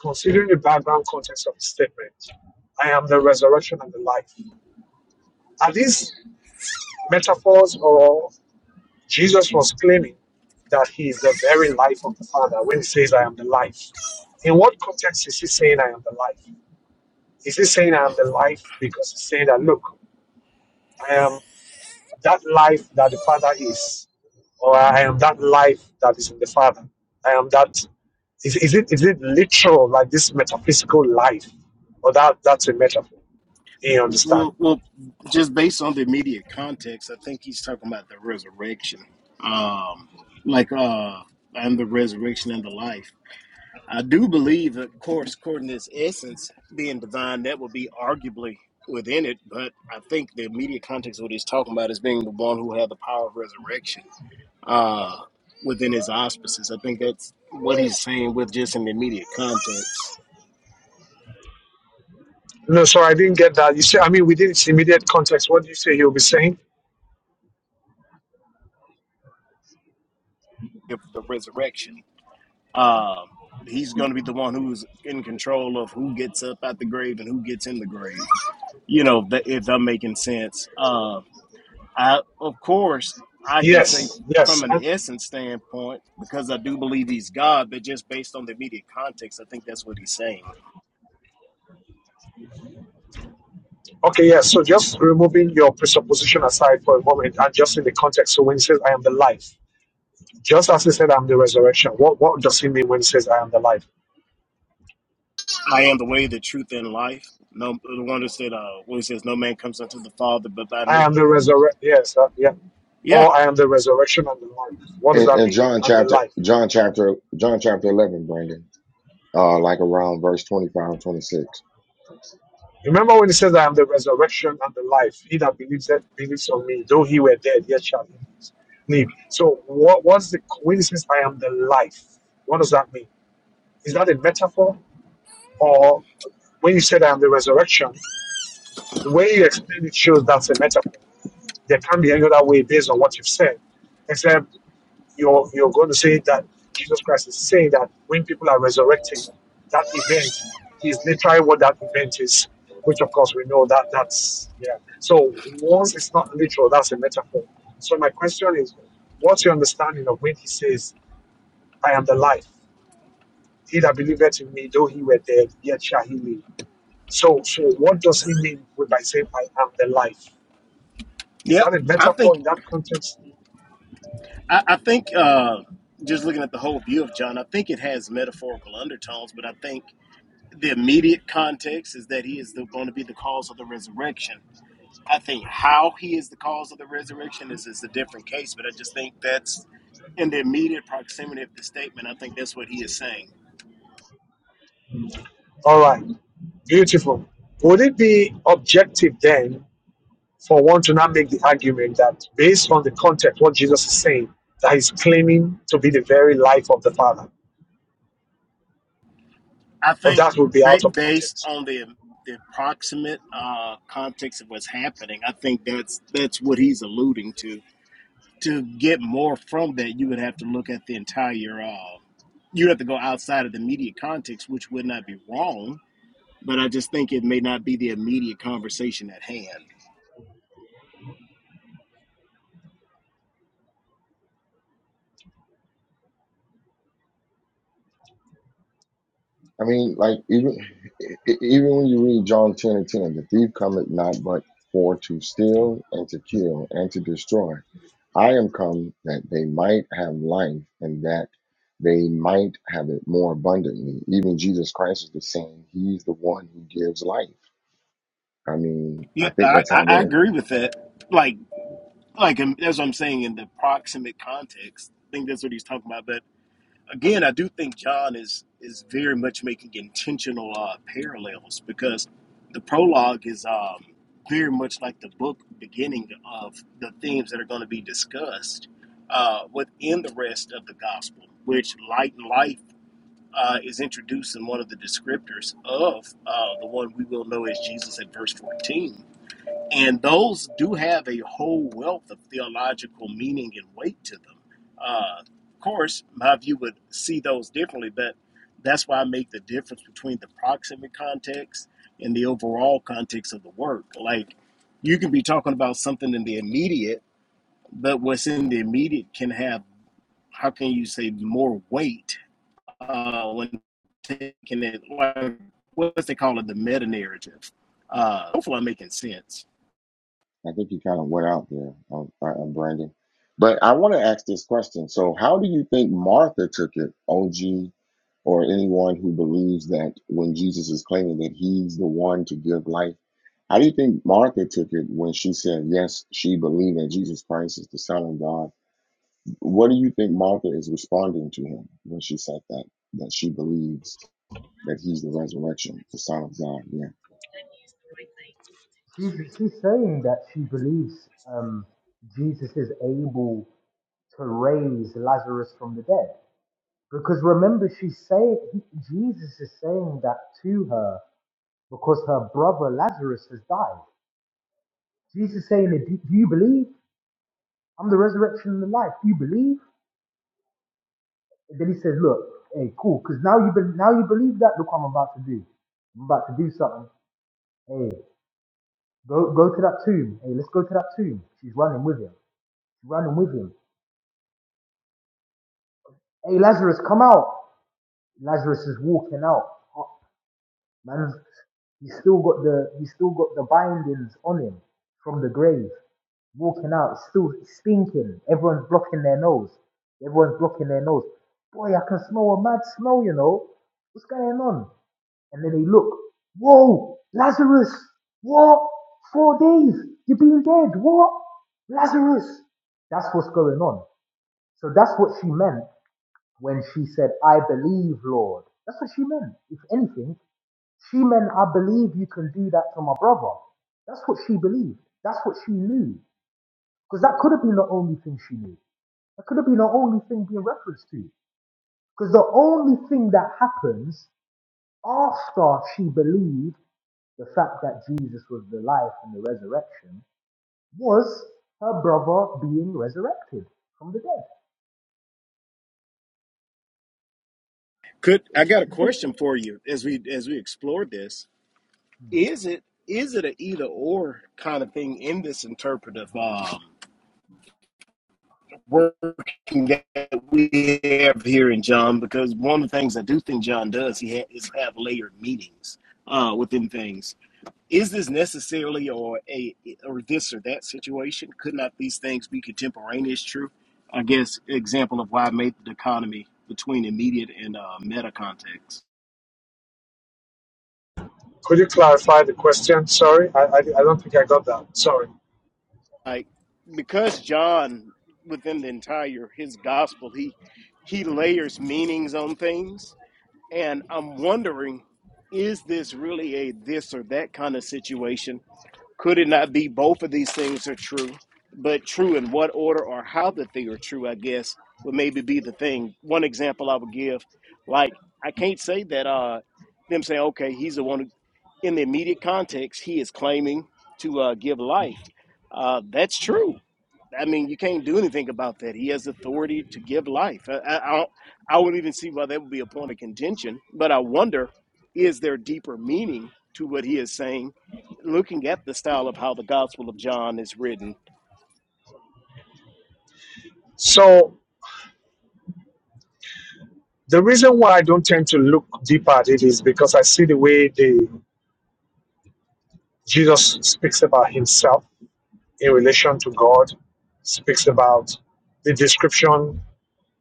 [SPEAKER 2] considering the background context of the statement, I am the resurrection and the life. Are these metaphors or Jesus was claiming that he is the very life of the Father when he says, I am the life? In what context is he saying, I am the life? Is he saying, I am the life because he's saying that, look, I am. that life that the Father is, or I am that life that is in the Father. I am that. Is, is it is it literal like this metaphysical life, or that that's a metaphor? You understand?
[SPEAKER 5] Well, well, just based on the immediate context, I think he's talking about the resurrection, um, like uh, and the resurrection and the life. I do believe, of course, according to its essence being divine, that would be arguably within it. But I think the immediate context of what he's talking about is being the one who had the power of resurrection uh, within his auspices. I think that's what he's saying with just an immediate context
[SPEAKER 2] No, so I didn't get that. You see, I mean, within its immediate context, what do you say you'll be saying?
[SPEAKER 5] of the resurrection. Um, he's going to be the one who's in control of who gets up at the grave and who gets in the grave. You know, th- if I'm making sense. Uh, I, of course, I can say
[SPEAKER 2] Yes,
[SPEAKER 5] from
[SPEAKER 2] yes.
[SPEAKER 5] an
[SPEAKER 2] And,
[SPEAKER 5] essence standpoint, because I do believe he's God, but just based on the immediate context, I think that's what he's saying.
[SPEAKER 2] okay, yes. So just removing your presupposition aside for a moment and just in the context. So when he says, I am the life, just as he said, I'm the resurrection, what, what does he mean when he says, I am the life?
[SPEAKER 5] I am the way, the truth, and life. No, the one that said, uh, what he says, no man comes unto the Father but by
[SPEAKER 2] I
[SPEAKER 5] me.
[SPEAKER 2] am the resurrection. Yes, uh, yeah.
[SPEAKER 5] Yeah,
[SPEAKER 2] Or I am the resurrection and the life. What does
[SPEAKER 14] In,
[SPEAKER 2] that
[SPEAKER 14] in
[SPEAKER 2] mean?
[SPEAKER 14] John
[SPEAKER 2] And the
[SPEAKER 14] chapter,
[SPEAKER 2] life.
[SPEAKER 14] John chapter, John chapter 11, Brandon, uh, like around verse 25, 26.
[SPEAKER 2] Remember when he says, I am the resurrection and the life. He that believes that believes on me, though he were dead, yet shall he live. So what what's the when he says I am the life? What does that mean? Is that a metaphor? Or when you said I am the resurrection, the way you explain it shows that's a metaphor. There can't be any other way based on what you've said, except you're you're going to say that Jesus Christ is saying that when people are resurrecting, that event is literally what that event is, which of course we know that that's yeah. So once it's not literal, that's a metaphor. So my question is, what's your understanding of when he says, "I am the life"? He that believeth in me, though he were dead, yet shall he live. So, so what does he mean with by saying, "I am the life"? Is
[SPEAKER 5] yeah.
[SPEAKER 2] that a
[SPEAKER 5] I think
[SPEAKER 2] metaphor in that context?
[SPEAKER 5] I, I think uh, just looking at the whole view of John, I think it has metaphorical undertones, but I think the immediate context is that he is the, going to be the cause of the resurrection. I think how he is the cause of the resurrection is, is a different case, but I just think that's in the immediate proximity of the statement. I think that's what he is saying.
[SPEAKER 2] All right, beautiful. Would it be objective then for one to not make the argument that based on the context, what Jesus is saying, that he's claiming to be the very life of the Father.
[SPEAKER 5] I
[SPEAKER 2] But
[SPEAKER 5] think
[SPEAKER 2] that would be
[SPEAKER 5] ba-
[SPEAKER 2] out of
[SPEAKER 5] based
[SPEAKER 2] context.
[SPEAKER 5] on the the approximate uh, context of what's happening, I think that's that's what he's alluding to. to get more from that, you would have to look at the entire. Uh, you'd have to go outside of the immediate context, which would not be wrong, but I just think it may not be the immediate conversation at hand.
[SPEAKER 14] I mean, like even e- even when you read John ten and ten, the thief cometh not but for to steal and to kill and to destroy. I am come that they might have life and that they might have it more abundantly. Even Jesus Christ is the same. He's the one who gives life. I mean, I
[SPEAKER 5] Yeah,
[SPEAKER 14] think
[SPEAKER 5] I,
[SPEAKER 14] that's how
[SPEAKER 5] I
[SPEAKER 14] they're
[SPEAKER 5] agree with that. Like, like um, that's what I'm saying in the proximate context. I think that's what he's talking about. But again, I do think John is is very much making intentional uh, parallels because the prologue is um, very much like the book beginning of the themes that are going to be discussed uh, within the rest of the gospel, which light and life uh, is introduced in one of the descriptors of uh, the one we will know as Jesus at verse 14 and those do have a whole wealth of theological meaning and weight to them. Uh, of course, my view would see those differently, but that's why I make the difference between the proximate context and the overall context of the work. Like, you can be talking about something in the immediate, but what's in the immediate can have, how can you say, more weight uh, when taking it, like, what's they call it, the meta narrative. Uh, hopefully, I'm making sense.
[SPEAKER 14] I think you kind of went out there, um, uh, uh, Brandon. But I want to ask this question. So, how do you think Martha took it, OG, or anyone who believes that when Jesus is claiming that he's the one to give life? How do you think Martha took it when she said, yes, she believed that Jesus Christ is the Son of God? What do you think Martha is responding to him when she said that, that she believes that he's the resurrection, the Son of God?
[SPEAKER 13] She's, she's saying that she believes um, Jesus is able to raise Lazarus from the dead. Because remember, she's saying, Jesus is saying that to her because her brother Lazarus has died. Jesus is saying, do, do you believe? I'm the resurrection and the life. Do you believe? And then he says, look, hey, cool, because now you be, now you believe that. Look what I'm about to do. I'm about to do something. Hey, go go to that tomb. Hey, let's go to that tomb. She's running with him. She's running with him. Hey, Lazarus, come out. Lazarus is walking out. Oh, Man, he's still got the he's still got the bindings on him from the grave. Walking out, it's still stinking. Everyone's blocking their nose. Everyone's blocking their nose. Boy, I can smell a mad smell, you know. What's going on? And then they look. Whoa, Lazarus. What? Four days. You've been dead. What? Lazarus. That's what's going on. So that's what she meant when she said, I believe, Lord. That's what she meant. If anything, she meant, I believe you can do that to my brother. That's what she believed. That's what she knew. Because that could have been the only thing she knew. That could have been the only thing being referenced to. Because the only thing that happens after she believed the fact that Jesus was the life and the resurrection was her brother being resurrected from the dead.
[SPEAKER 5] Could I
[SPEAKER 13] It's-
[SPEAKER 5] got a
[SPEAKER 13] it's-
[SPEAKER 5] question for you as we as we explore this?
[SPEAKER 13] it's,
[SPEAKER 5] Is it is it a either or kind of thing in this interpretive um, working that we have here in John? Because one of the things I do think John does he ha- is have layered meanings uh, within things. Is this necessarily or a or this or that situation? Could not these things be contemporaneous? True, I guess example of why I made the dichotomy between immediate and uh, meta context.
[SPEAKER 2] Could you clarify the question? Sorry, I, I, I don't think I got that. Sorry.
[SPEAKER 5] like because John within the entire his gospel he he layers meanings on things and I'm wondering is this really a this or that kind of situation could it not be both of these things are true, but true in what order or how that they are true, I guess, would maybe be the thing. One example I would give, like, I can't say that uh them saying, okay, he's the one who, in the immediate context, he is claiming to uh, give life. Uh, that's true. I mean, you can't do anything about that. He has authority to give life. I, I, I, don't, I wouldn't even see why that would be a point of contention, but I wonder is there deeper meaning to what he is saying looking at the style of how the Gospel of John is written.
[SPEAKER 2] So the reason why I don't tend to look deeper at it is because I see the way the Jesus speaks about himself in relation to God, speaks about the description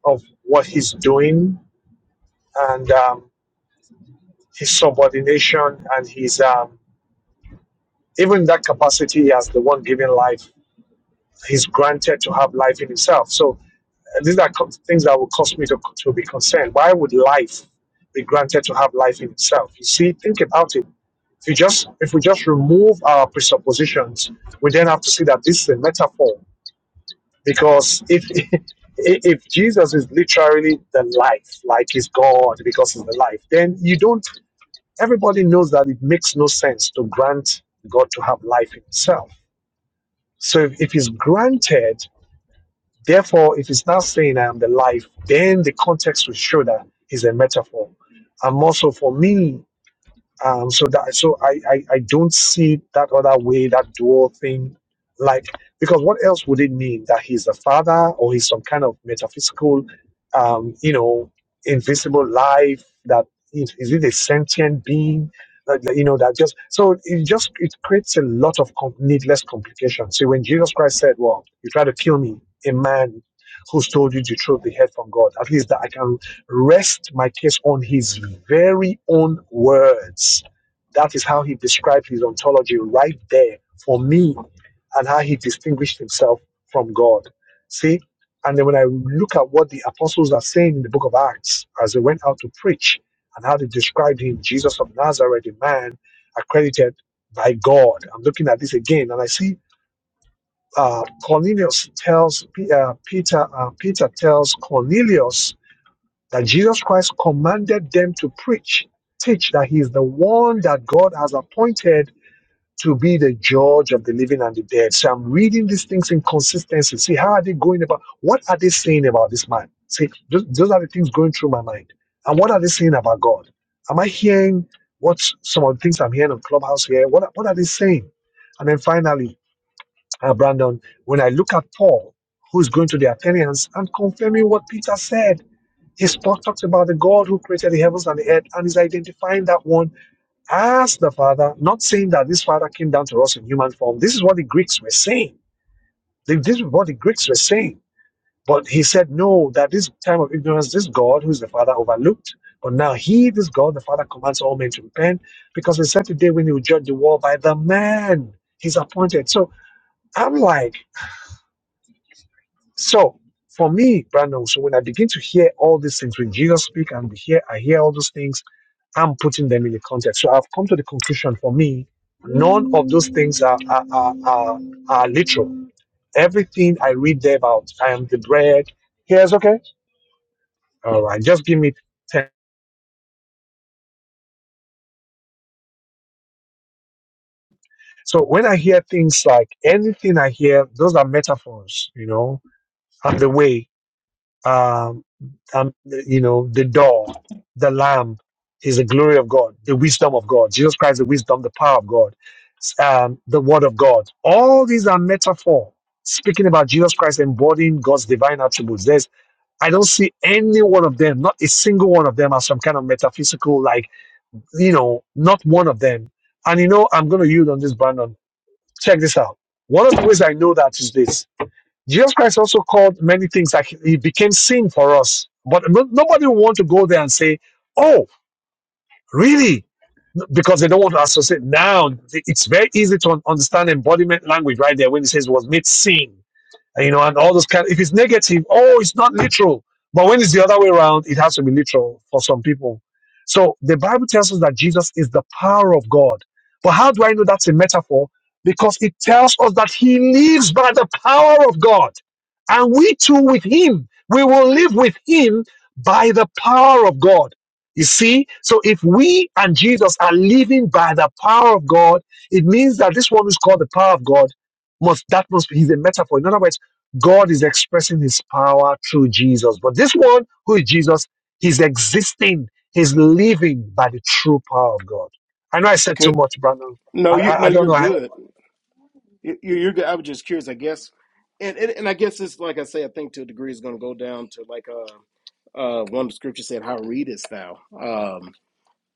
[SPEAKER 2] of what he's doing and um, his subordination and his um, even in that capacity as the one giving life, he's granted to have life in himself. So uh, these are co- things that would cause me to, to be concerned. Why would life be granted to have life in itself? You see, think about it. If you just if we just remove our presuppositions, we then have to see that this is a metaphor. Because if (laughs) if Jesus is literally the life, like he's God because he's the life, then you don't everybody knows that it makes no sense to grant God to have life in itself So if, if it's granted, therefore, if it's not saying I am the life, then the context will show that is a metaphor. And also for me, um, so that so I, I I don't see that other way that dual thing, like because what else would it mean that he's the father or he's some kind of metaphysical, um, you know, invisible life that is, is it a sentient being, that, that, you know that just so it just it creates a lot of com- needless complications. See when Jesus Christ said, "Well, you try to kill me, a man who's told you the truth, the head from God," at least that I can rest my case on his very own words. That is how he described his ontology right there for me and how he distinguished himself from God. See? And then when I look at what the apostles are saying in the book of Acts as they went out to preach and how they described him, Jesus of Nazareth, a man accredited by God. I'm looking at this again and I see uh, Cornelius tells P- uh, Peter, uh, Peter tells Cornelius that Jesus Christ commanded them to preach, teach that He is the one that God has appointed to be the judge of the living and the dead. So I'm reading these things in consistency. See, how are they going about? What are they saying about this man? See, those, those are the things going through my mind. And what are they saying about God? Am I hearing what some of the things I'm hearing on Clubhouse here? What, what are they saying? And then finally, uh, Brandon, when I look at Paul, who's going to the Athenians and confirming what Peter said, his talk talks about the God who created the heavens and the earth, and he's identifying that one as the Father, not saying that this Father came down to us in human form. This is what the Greeks were saying. They- This is what the Greeks were saying. But he said, no, that this time of ignorance, this God, who is the Father, overlooked. But now he, this God, the Father, commands all men to repent because he said today when he will judge the world by the man he's appointed. So I'm like, So for me, Brandon, so when I begin to hear all these things, when Jesus speak and we hear, I hear all those things, I'm putting them in the context. So I've come to the conclusion for me, none of those things are are, are, are, are literal. Everything I read there about, I am the bread. Here's okay. All right, just give me ten. So when I hear things like anything I hear, those are metaphors, you know, and the way. um, um, you know, the door, the lamb is the glory of God, the wisdom of God, Jesus Christ, the wisdom, the power of God, um, the word of God. All these are metaphor speaking about Jesus Christ embodying God's divine attributes. There's, I don't see any one of them, not a single one of them as some kind of metaphysical, like, you know, not one of them. And you know, I'm going to yield on this, Brandon. Check this out. One of the ways I know that is this. Jesus Christ also called many things like he became sin for us. But no, nobody will want to go there and say, oh, really? No, Because they don't want to associate. Now, it's very easy to un- understand embodiment language right there when it says was made sin and, you know, and all those kind. If it's negative, oh, it's not literal. But when it's the other way around, it has to be literal for some people. So the Bible tells us that Jesus is the power of God. But how do I know that's a metaphor? Because it tells us that He lives by the power of God, and we too with Him, we will live with Him by the power of God. You see, so if we and Jesus are living by the power of God, it means that this one who's called the power of God must that must be he's a metaphor. In other words God is expressing his power through Jesus. But this one, who is Jesus, he's existing, he's living by the true power of God. I know I said too
[SPEAKER 5] Could,
[SPEAKER 2] much, Brandon.
[SPEAKER 5] no,
[SPEAKER 2] I,
[SPEAKER 5] you
[SPEAKER 2] I,
[SPEAKER 5] no,
[SPEAKER 2] I don't
[SPEAKER 5] you're
[SPEAKER 2] know. I,
[SPEAKER 5] good. You, you- are good. I was just curious, I guess, and, and and I guess it's like I say, I think to a degree is going to go down to like uh uh one of the scriptures said, "How readest thou?" Um,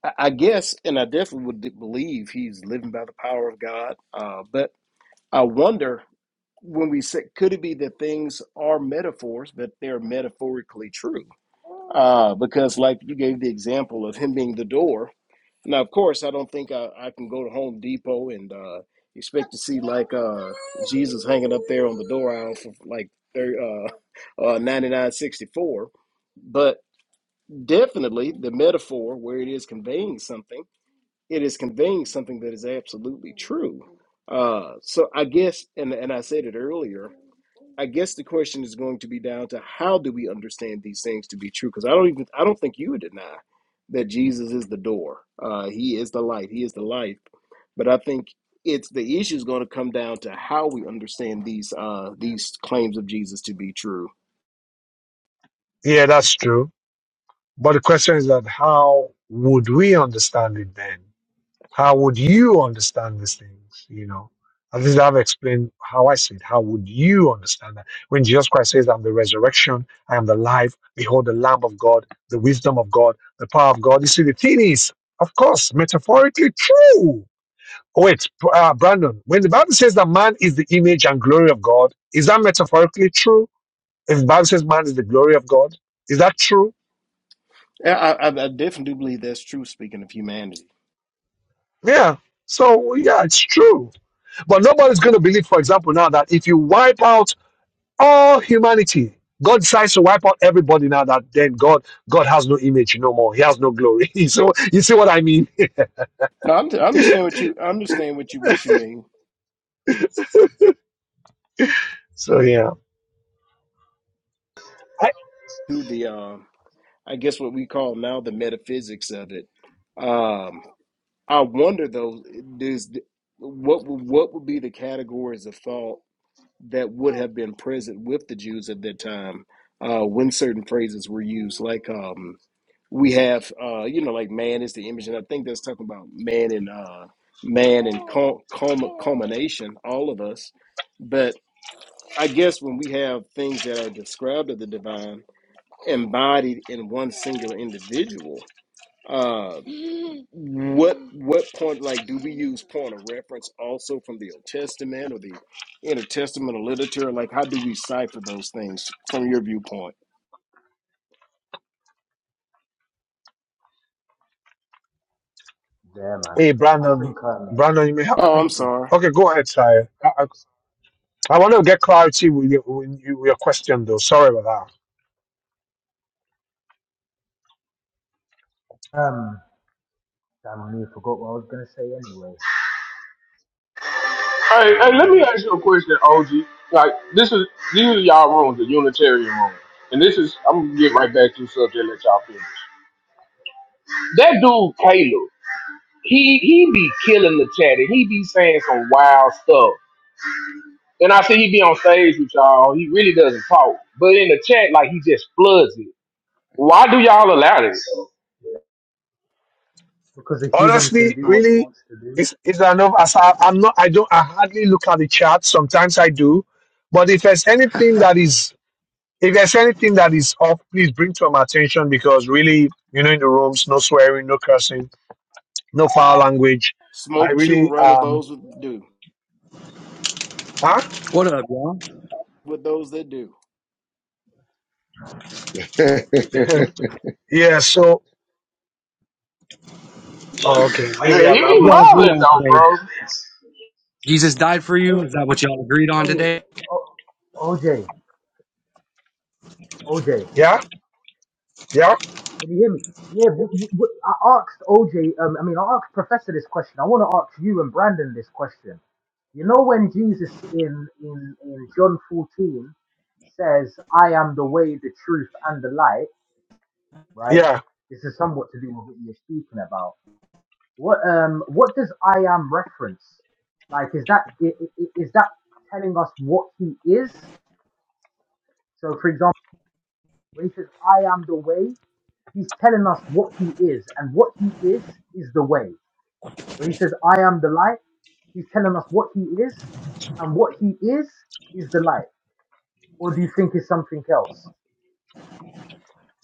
[SPEAKER 5] I, I guess, and I definitely would believe he's living by the power of God. Uh, but I wonder when we say, could it be that things are metaphors, but they're metaphorically true? Uh, because like you gave the example of him being the door Now, of course, I don't think I, I can go to Home Depot and uh, expect to see like uh, Jesus hanging up there on the door aisle for like thir- uh, (laughs) uh, ninety nine sixty four. But definitely, the metaphor where it is conveying something, it is conveying something that is absolutely true. Uh, so I guess, and and I said it earlier. I guess the question is going to be down to how do we understand these things to be true? Because I don't even I don't think you would deny that Jesus is the door. Uh, he is the light. He is the life. But I think it's the issue is going to come down to how we understand these uh, these claims of Jesus to be true.
[SPEAKER 2] yeah, that's true. But the question is that how would we understand it then? How would you understand these things? You know, at least I've explained how I see it. How would you understand that? When Jesus Christ says, I'm the resurrection, I am the life, behold, the Lamb of God, the wisdom of God, the power of God. You see, the thing is, of course, metaphorically true. Oh, wait, uh, Brandon, when the Bible says that man is the image and glory of God, is that metaphorically true? If the Bible says man is the glory of God, is that true?
[SPEAKER 5] Yeah, I, I, I definitely do believe that's true. Speaking of humanity,
[SPEAKER 2] Yeah. So, yeah, it's true. But nobody's going to believe, for example, now that if you wipe out all humanity. God decides to wipe out everybody now that then God God has no image no more. He has no glory. (laughs) so you see what I mean?
[SPEAKER 5] no, I'm, I
[SPEAKER 2] (laughs)
[SPEAKER 5] understand what you I understand what you what you mean
[SPEAKER 2] so yeah. I-
[SPEAKER 5] to the uh, I guess what we call now the metaphysics of it. Um, I wonder though, does what would- what would be the categories of thought that would have been present with the Jews at that time uh, when certain phrases were used, like um, we have, uh, you know, like man is the image, and I think that's talking about man and uh, man and cul- culmi- culmination, all of us. But I guess when we have things that are described of the divine embodied in one singular individual. uh, what what point like do we use point of reference also from the old testament or the intertestamental literature like how do we cipher those things from your viewpoint
[SPEAKER 13] there, man.
[SPEAKER 2] Hey
[SPEAKER 13] I
[SPEAKER 2] Brandon,
[SPEAKER 13] think um,
[SPEAKER 2] Brandon, you may have
[SPEAKER 13] I
[SPEAKER 5] oh i'm
[SPEAKER 13] think
[SPEAKER 5] sorry
[SPEAKER 2] okay, go ahead, sire. I want to get clarity with your, with you- with your question though. Sorry about
[SPEAKER 13] um, damn, I nearly forgot what I was gonna say anyway.
[SPEAKER 12] Hey, hey, let me
[SPEAKER 13] Uh,
[SPEAKER 12] ask you a question, OG. Like this is these are y'all rooms, the Unitarian room, and this is I'm gonna get right back to the subject. Let y'all finish. That dude Caleb, he he be killing the chat and he be saying some wild stuff. And I see he be on stage with y'all. He really doesn't talk, but in the chat, like he just floods it. Why do y'all allow this?
[SPEAKER 13] because a
[SPEAKER 2] that.
[SPEAKER 13] human can
[SPEAKER 2] Honestly,
[SPEAKER 13] do what he
[SPEAKER 2] really,
[SPEAKER 13] wants to do.
[SPEAKER 2] is is there enough as I, I'm not I don't I hardly look at the chat. Sometimes I do. But if there's anything that is If there's anything that is off, please bring to my attention because really, you know, in the rooms, no swearing, no cursing, no foul language. I
[SPEAKER 5] smoke chew or
[SPEAKER 2] really
[SPEAKER 5] run of
[SPEAKER 2] um
[SPEAKER 5] those that do
[SPEAKER 2] huh?
[SPEAKER 15] What up, y'all?
[SPEAKER 5] with those that do
[SPEAKER 14] Yeah. (laughs)
[SPEAKER 2] (laughs) yeah, so oh, okay, maybe
[SPEAKER 12] Yeah, he
[SPEAKER 2] I'm,
[SPEAKER 12] be
[SPEAKER 2] I'm
[SPEAKER 15] What
[SPEAKER 2] not
[SPEAKER 15] Y'all agree
[SPEAKER 12] wilding
[SPEAKER 15] on
[SPEAKER 12] though,
[SPEAKER 15] today?
[SPEAKER 12] bro.
[SPEAKER 15] Jesus died for
[SPEAKER 13] Hey,
[SPEAKER 15] you. Is that what y'all agreed on
[SPEAKER 13] hey, hey,
[SPEAKER 15] today?
[SPEAKER 13] oh, O- OJ, OJ.
[SPEAKER 2] yeah, yeah,
[SPEAKER 13] Can you hear me? Yeah, w- w- w- I asked OJ, um, I mean, I asked Professor this question. I want to ask you and Brandon this question. You know, when Jesus in, in, in John 14 says, I am the way, the truth, and the light, right?
[SPEAKER 2] yeah.
[SPEAKER 13] This is somewhat to do with what you were speaking about. What, um, what does I am reference? Like, is that, i- i- i- is that telling us what he is? So, for example, when he says, I am the way, he's telling us what he is, and what he is is the way. where he says, I am the light. He's telling us what he is, and what he is is the light. Or do you think it's something else?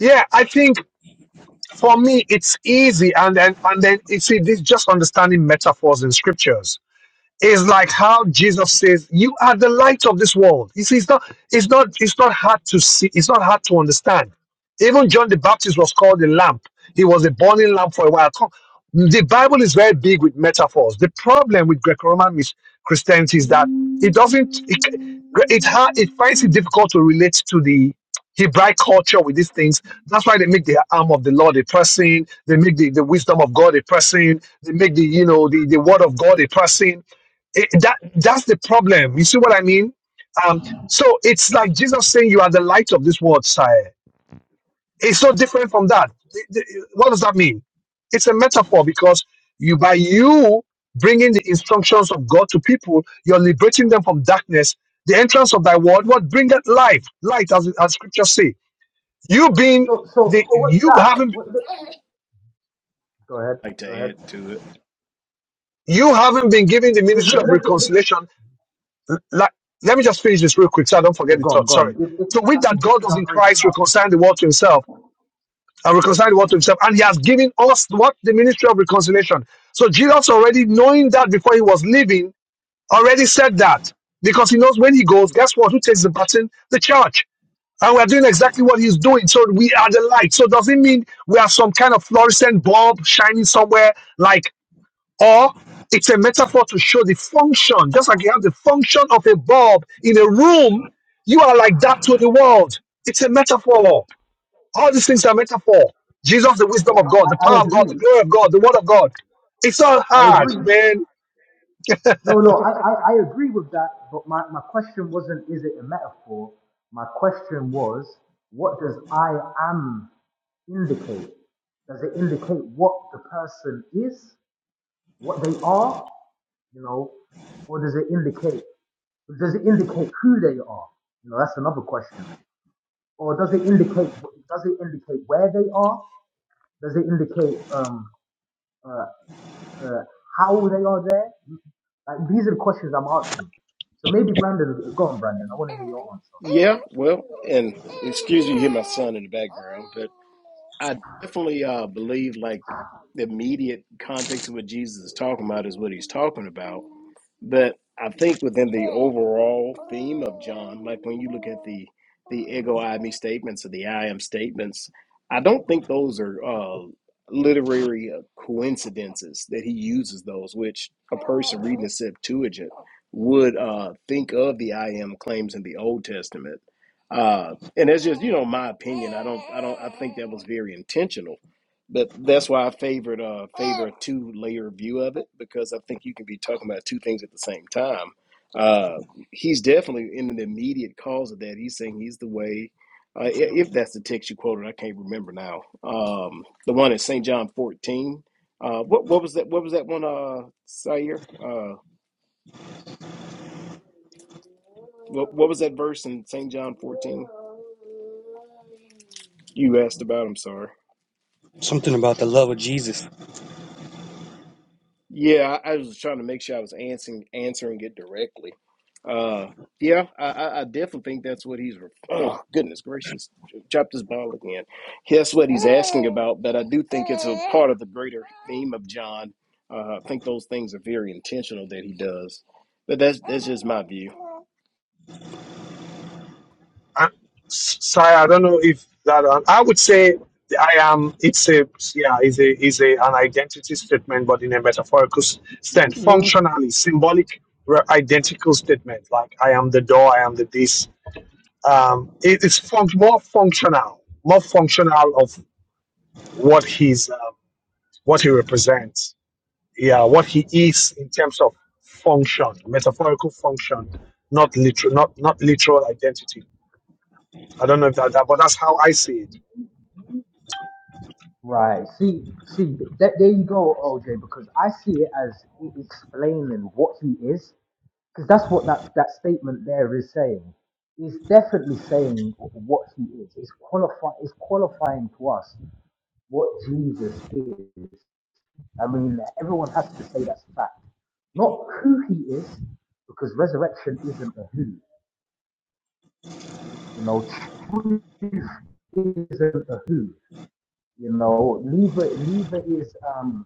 [SPEAKER 2] Yeah, I think for me it's easy and then and then you see this just understanding metaphors in scriptures is like how Jesus says, "You are the light of this world." You see, it's not, it's not, it's not hard to see. It's not hard to understand. Even John the Baptist was called a lamp. He was a burning lamp for a while. Co- The Bible is very big with metaphors. The problem with Greco-Roman mis- Christianity is that it doesn't. It, it, ha- it finds it difficult to relate to the Hebraic culture with these things. That's why they make the arm of the Lord a person. They make the, the wisdom of God a person. They make the you know the, the word of God a person it- that that's the problem. You see what I mean? Um, so it's like Jesus saying, "You are the light of this world, sire." It's so different from that. The- the- What does that mean? It's a metaphor because you, by you bringing the instructions of God to people, you're liberating them from darkness. The entrance of thy word, what bringeth life, light, as as scriptures say. You being
[SPEAKER 13] So, so,
[SPEAKER 2] the
[SPEAKER 13] so what's
[SPEAKER 2] you
[SPEAKER 13] that?
[SPEAKER 2] haven't
[SPEAKER 13] What's the, go ahead,
[SPEAKER 5] like to
[SPEAKER 13] go ahead.
[SPEAKER 5] add to it
[SPEAKER 2] you haven't been given the
[SPEAKER 13] Because
[SPEAKER 2] ministry
[SPEAKER 13] look,
[SPEAKER 2] of
[SPEAKER 13] look, look, look-
[SPEAKER 2] reconciliation like, let me just finish this real quick so I don't
[SPEAKER 13] yeah,
[SPEAKER 2] forget the
[SPEAKER 13] go on,
[SPEAKER 2] thought.
[SPEAKER 13] go on.
[SPEAKER 2] Sorry.
[SPEAKER 13] It, it,
[SPEAKER 2] So
[SPEAKER 13] I
[SPEAKER 2] with
[SPEAKER 13] think
[SPEAKER 2] that,
[SPEAKER 13] it's
[SPEAKER 2] God
[SPEAKER 13] because
[SPEAKER 2] was
[SPEAKER 13] I'm
[SPEAKER 2] in
[SPEAKER 13] breaking
[SPEAKER 2] Christ
[SPEAKER 13] up.
[SPEAKER 2] reconciling the world to himself and reconciling the world to himself. And he has given us what? The ministry of reconciliation. So Jesus already knowing that before he was leaving, already said that. Because he knows when he goes, guess what? Who takes the baton? The church. And we're doing exactly what he's doing. So we are the light. So does it mean we are some kind of fluorescent bulb shining somewhere? Like or it's a metaphor to show the function. Just like you have the function of a bulb in a room, you are like that to the world. It's a metaphor. All these things are metaphor. Jesus, the wisdom
[SPEAKER 13] Yeah,
[SPEAKER 2] of
[SPEAKER 13] I,
[SPEAKER 2] God, the
[SPEAKER 13] I, I
[SPEAKER 2] power of God,
[SPEAKER 13] agree.
[SPEAKER 2] the glory of God, the word of God. It's all
[SPEAKER 13] I
[SPEAKER 2] hard,
[SPEAKER 13] agree.
[SPEAKER 2] man.
[SPEAKER 13] No, no, I, I, I agree with that. But my, my question wasn't, is it a metaphor? My question was, what does I am indicate? Does it indicate what the person is, what they are, you know, or does it indicate does it indicate who they are? You know, that's another question. Or does it indicate does it indicate where they are? Does it indicate um uh, uh how they are there? Like these are the questions I'm asking. So maybe Brandon, go on, Brandon. I want to hear your answer.
[SPEAKER 5] yeah well and excuse me you hear my son in the background I definitely uh, believe like the immediate context of what Jesus is talking about is what he's talking about. But I think within the overall theme of John, like when you look at the the ego I me statements or the I am statements, I don't think those are uh, literary uh, coincidences that he uses those, which a person reading the Septuagint would uh, think of the I am claims in the Old Testament. Uh, and that's just you know my opinion. I don't I don't I think that was very intentional. But that's why I favored uh favor a two layer view of it because I think you can be talking about two things at the same time. Uh, he's definitely in the immediate cause of that. He's saying he's the way. Uh, i- if that's the text you quoted, I can't remember now. Um, the one at St. John 14. Uh, what what was that? What was that one? Uh, Sayer. Uh, what what was that verse in St. John 14? You asked about. I'm sorry.
[SPEAKER 15] Something about the love of Jesus.
[SPEAKER 5] Yeah, I I was trying to make sure I was answering answering it directly. Uh, yeah, I, I I definitely think that's what he's. re- (clears throat) Oh goodness gracious! Dropped his ball again. That's what he's asking about, but I do think it's a part of the greater theme of John. Uh, I think those things are very intentional that he does. But that's that's just my view.
[SPEAKER 2] I'm sorry, I don't know if that. I would say I am. It's a yeah, is a is a an identity statement, but in a metaphorical s- sense,
[SPEAKER 15] Well,
[SPEAKER 2] functionally symbolic, re- identical statement. Like I am the door, I am the this. um, it is fun- more functional, more functional of what he's, um, what he represents. Yeah, what he is in terms of function, metaphorical function, not literal, not not literal identity. I don't know if that, that, but that's how I see it.
[SPEAKER 13] Right. See, see, that, there you go, OJ. Because I see it as it explaining what he is because that's what that, that statement there is saying. He's definitely saying what he is. It's qualifying. It's qualifying to us what Jesus is. I mean, everyone has to say that's a fact, not who he is, because resurrection isn't a who. You know, truly isn't a who. You know, lever lever is um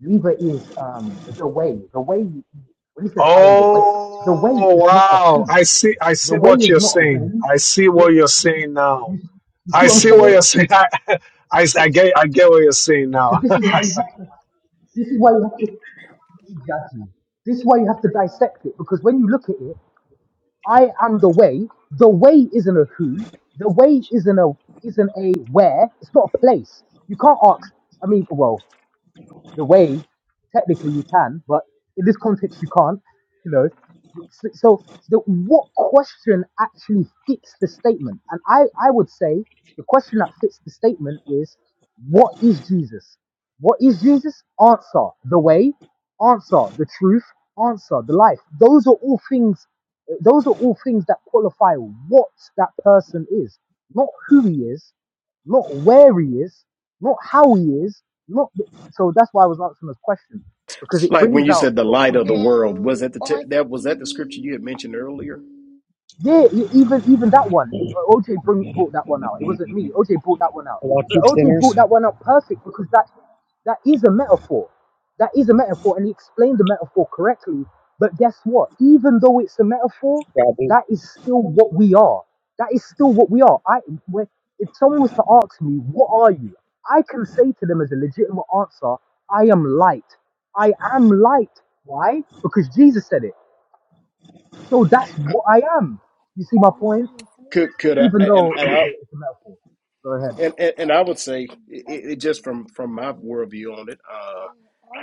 [SPEAKER 13] lever is um the way. The way when he says I am the way, the way
[SPEAKER 2] Oh
[SPEAKER 13] is not a
[SPEAKER 2] wow!
[SPEAKER 13] who.
[SPEAKER 2] I see, I
[SPEAKER 13] The
[SPEAKER 2] see
[SPEAKER 13] way
[SPEAKER 2] what
[SPEAKER 13] is
[SPEAKER 2] you're
[SPEAKER 13] not a
[SPEAKER 2] saying.
[SPEAKER 13] when.
[SPEAKER 2] I see
[SPEAKER 13] The,
[SPEAKER 2] what you're saying now.
[SPEAKER 13] you, you see
[SPEAKER 2] I
[SPEAKER 13] what I'm
[SPEAKER 2] see what
[SPEAKER 13] saying?
[SPEAKER 2] you're saying. (laughs) I, I, I
[SPEAKER 13] It's-
[SPEAKER 2] get, I get what you're saying
[SPEAKER 13] so
[SPEAKER 2] now. (laughs)
[SPEAKER 13] this is why you have to. This is why you have to exactly. This is why you have to dissect it because when you look at it, I am the way. The way isn't a who. The way isn't a isn't a where. It's not a place. You can't ask. I mean, well, the way technically you can, but in this context you can't. You know, so, so the, what question actually fits the statement? And I I would say the question that fits the statement is what is Jesus? What is Jesus? Answer the way, answer the truth, answer the life. Those are all things. Those are all things that qualify what that person is, not who he is, not where he is, not how he is, not. So that's why I was answering this question because
[SPEAKER 5] It's
[SPEAKER 13] it
[SPEAKER 5] like when
[SPEAKER 13] brings
[SPEAKER 5] you
[SPEAKER 13] out
[SPEAKER 5] said the
[SPEAKER 13] a
[SPEAKER 5] light of
[SPEAKER 13] point
[SPEAKER 5] the
[SPEAKER 13] more.
[SPEAKER 5] world was that the te- that was that the scripture you had mentioned earlier.
[SPEAKER 13] Yeah, e- even even that one, OJ bring, brought that one out. It wasn't me. OJ brought that one out,
[SPEAKER 15] y'all
[SPEAKER 13] but
[SPEAKER 15] keep
[SPEAKER 13] OJ brought
[SPEAKER 15] sinners.
[SPEAKER 13] that one out perfect because that's. That is a metaphor. That is a metaphor, and he explained the metaphor correctly. But guess what? Even though it's a metaphor,
[SPEAKER 15] Yeah, I do.
[SPEAKER 13] that is still what we are. That is still what we are. I, when, if someone was to ask me, "What are you?" I can say to them as a legitimate answer, "I am light. I am light." Why? Because Jesus said it. So that's what I am. You see my point?
[SPEAKER 5] Could could I
[SPEAKER 13] Even
[SPEAKER 5] and
[SPEAKER 13] though
[SPEAKER 5] and
[SPEAKER 13] it's
[SPEAKER 5] I
[SPEAKER 13] a, it's a metaphor. Go ahead.
[SPEAKER 5] And, and and I would say it, it just from from my worldview on it, uh,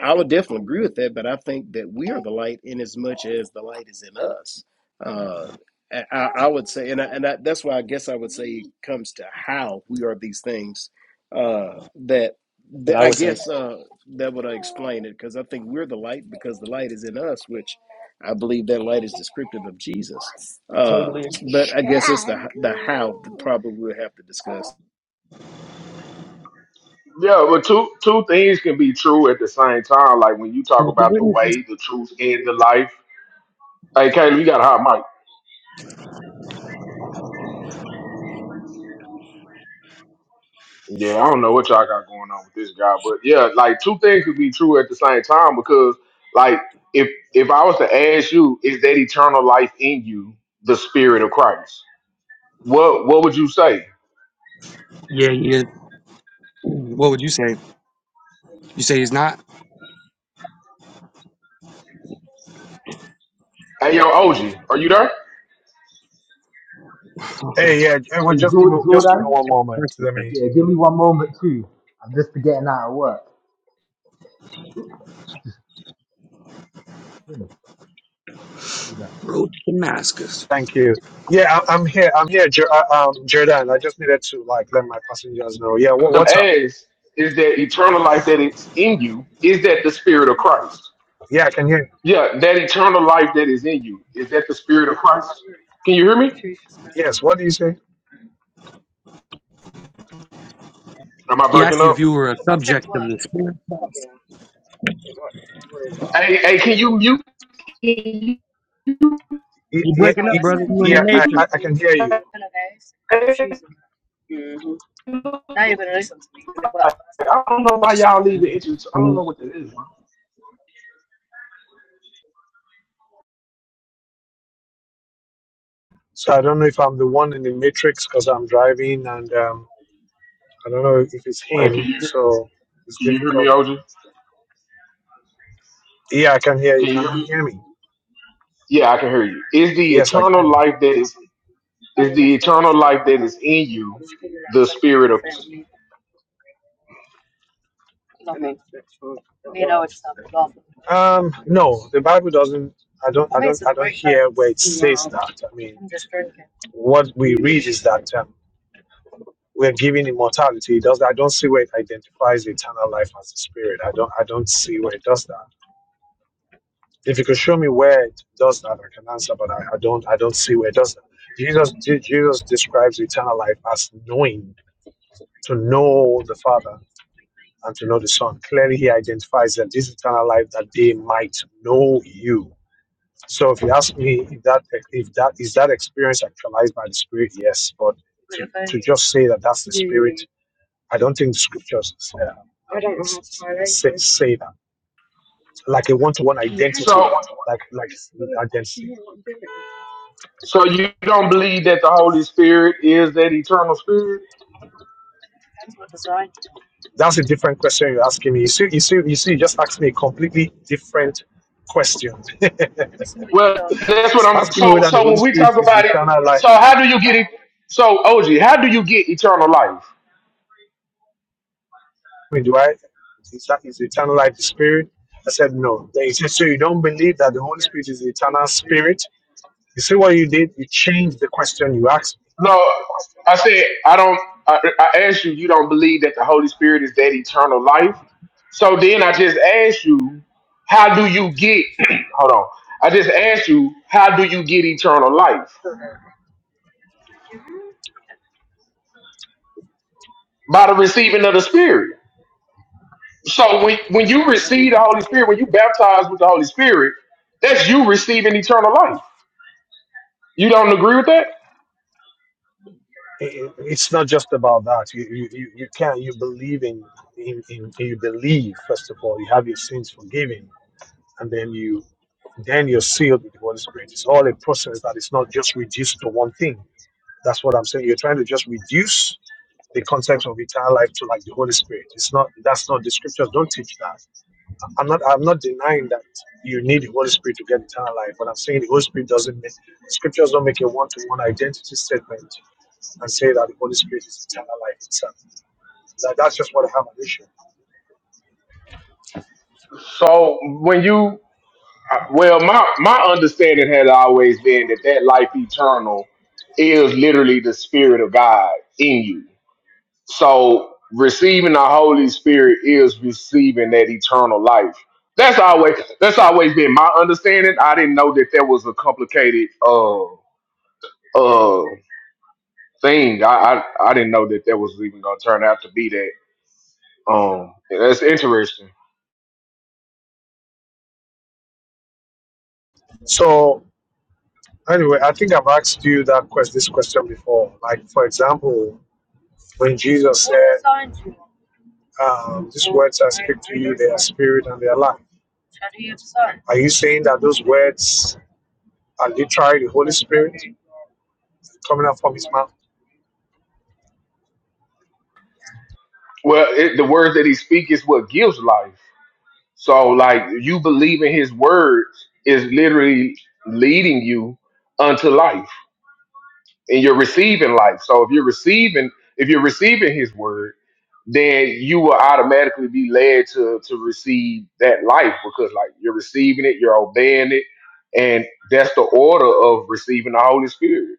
[SPEAKER 5] I would definitely agree with that. But I think that we are the light in as much as the light is in us. Uh, I, I I would say, and I, and I, that's why I guess I would say it comes to how we are these things. Uh, that
[SPEAKER 15] That's
[SPEAKER 5] that
[SPEAKER 15] what I
[SPEAKER 5] I
[SPEAKER 15] would say.
[SPEAKER 5] guess uh, that would explain it because I think we're the light because the light is in us, which I believe that light is descriptive of Jesus. Uh,
[SPEAKER 15] Totally.
[SPEAKER 5] but I guess it's the the how that probably we'll have to discuss.
[SPEAKER 12] Yeah, but two two things can be true at the same time. Like when you talk
[SPEAKER 15] You can
[SPEAKER 12] about the
[SPEAKER 15] witness this.
[SPEAKER 12] way, the truth, and the life. Hey, Caleb, you got a hot mic. Yeah, I don't know what y'all got going on with this guy, but yeah, like two things could be true at the same time because, like, if if I was to ask you, is that eternal life in you the spirit of Christ? What what would you say?
[SPEAKER 15] Yeah, he is. What would you say? You say he's not.
[SPEAKER 12] Hey, yo, OG, are you there?
[SPEAKER 15] That's
[SPEAKER 2] hey, yeah, hey, well,
[SPEAKER 13] Hey,
[SPEAKER 2] just give me, just give me
[SPEAKER 15] what
[SPEAKER 13] Jordan.
[SPEAKER 2] one
[SPEAKER 15] the
[SPEAKER 2] moment.
[SPEAKER 15] person
[SPEAKER 2] Let me.
[SPEAKER 15] said.
[SPEAKER 13] Yeah, give me one moment too. I'm just getting out of work. I just didn't feel that.
[SPEAKER 15] Road to Damascus.
[SPEAKER 2] Thank you. Yeah, I, I'm here. I'm here, Jer- uh, um, Jordan. I just needed to like let my passengers know. Yeah, what,
[SPEAKER 12] The
[SPEAKER 2] what's up?
[SPEAKER 12] ask is that eternal life that is in you is that the spirit of Christ?
[SPEAKER 2] Yeah, I can hear.
[SPEAKER 12] Yeah, that eternal life that is in you is that the spirit of Christ? Can you hear me?
[SPEAKER 2] You. Yes. What do you say?
[SPEAKER 12] Am I
[SPEAKER 15] He asked
[SPEAKER 12] breaking
[SPEAKER 15] you if
[SPEAKER 12] up?
[SPEAKER 15] you were a subject of the Spirit. of Christ.
[SPEAKER 12] Hey, hey, can you mute?
[SPEAKER 2] Yeah,
[SPEAKER 15] You
[SPEAKER 2] yeah,
[SPEAKER 15] breaking up,
[SPEAKER 2] yeah
[SPEAKER 15] brother? You in
[SPEAKER 2] yeah, I,
[SPEAKER 15] the
[SPEAKER 2] I I can hear you.
[SPEAKER 15] matrix?
[SPEAKER 2] So I don't know if I'm the one in the matrix because I'm driving, and um, I don't know if it's
[SPEAKER 12] Hey, can
[SPEAKER 2] him.
[SPEAKER 12] you
[SPEAKER 2] So it's
[SPEAKER 12] can you hear me,
[SPEAKER 2] difficult.
[SPEAKER 12] OG?
[SPEAKER 2] Yeah, I can hear you.
[SPEAKER 12] Can you hear
[SPEAKER 2] Can
[SPEAKER 12] me?
[SPEAKER 2] you hear me?
[SPEAKER 12] Yeah, I can hear you. Is the
[SPEAKER 2] Yes, I
[SPEAKER 12] eternal
[SPEAKER 2] can.
[SPEAKER 12] life that is is the eternal life that is in you the spirit of
[SPEAKER 2] Um, no, the Bible doesn't. I don't. I don't. I don't hear where it says that. I mean, what we read is that. Um, we're giving immortality. It does I don't see where it identifies eternal life as the spirit. I don't I don't see where it does that. If you could show me where it does that, I can answer, but I, I don't I don't see where it does that. Jesus Je- Jesus describes eternal life as knowing, to know the Father and to know the Son. Clearly he identifies that this eternal life that they might know you. So if you ask me if that if that is that experience actualized by the spirit, yes, but to, to just say that that's the spirit I don't think the scriptures uh, buy s- say, say that like a one-to-one Yeah. identity
[SPEAKER 12] so
[SPEAKER 2] like like identity
[SPEAKER 12] so you don't believe that the Holy Spirit is that eternal spirit?
[SPEAKER 2] that's a different question you're asking me you see you see you see you just asked me a completely different question (laughs)
[SPEAKER 12] Well, that's what
[SPEAKER 2] It's
[SPEAKER 12] I'm
[SPEAKER 2] asking me
[SPEAKER 12] so
[SPEAKER 2] whether the
[SPEAKER 12] so
[SPEAKER 2] holy
[SPEAKER 12] when we
[SPEAKER 2] spirit
[SPEAKER 12] talk
[SPEAKER 2] is
[SPEAKER 12] about it,
[SPEAKER 2] eternal
[SPEAKER 12] so
[SPEAKER 2] life
[SPEAKER 12] how do you get it so OG, how do you get eternal life?
[SPEAKER 2] I mean, do i is that is eternal life the spirit i said no then he said so you don't believe that the holy spirit is the eternal spirit you see what you did you changed the question you asked
[SPEAKER 12] No, I said I don't. I, I asked you. You don't believe that the Holy Spirit is that eternal life. So then I just asked you, how do you get? (clears throat) hold on. I just asked you, how do you get eternal life by the receiving of the Spirit? So when when you receive the Holy Spirit, when you baptize with the Holy Spirit, that's you receiving eternal life. You don't agree with that?
[SPEAKER 2] it, it's not just about that. You you you, you can you believe in, in in you believe first of all. You have your sins forgiven, and then you then you're sealed with the Holy Spirit. It's all a process that is not just reduced to one thing. That's what I'm saying. You're trying to just reduce the concept of eternal life to like the Holy Spirit. It's not that's not the scriptures don't teach that. I'm not I'm not denying that you need the Holy Spirit to get eternal life, but I'm saying the Holy Spirit doesn't make scriptures don't make a one-to-one identity statement and say that the Holy Spirit is eternal life itself. That, that's just what I have an issue.
[SPEAKER 12] So when you I- well, my my understanding had always been that that life eternal is literally the spirit of God in you. So receiving the Holy Spirit is receiving that eternal life. That's always that's always been my understanding. I didn't know that that was a complicated uh uh thing. I I, I didn't know that that was even going to turn out to be that. Um, that's interesting.
[SPEAKER 2] So anyway, I think I've asked you that quest this question before. Like for example, when Jesus said, um, "These words I speak to you, they are spirit and they are life." Are you saying that those words are literally the Holy Spirit coming out from His mouth?
[SPEAKER 12] Well, it, the words that he speaks is what gives life. So like you believing his words is literally leading you unto life and you're receiving life. So if you're receiving if you're receiving his word, then you will automatically be led to to receive that life because like you're receiving it, you're obeying it, and that's the order of receiving the Holy Spirit.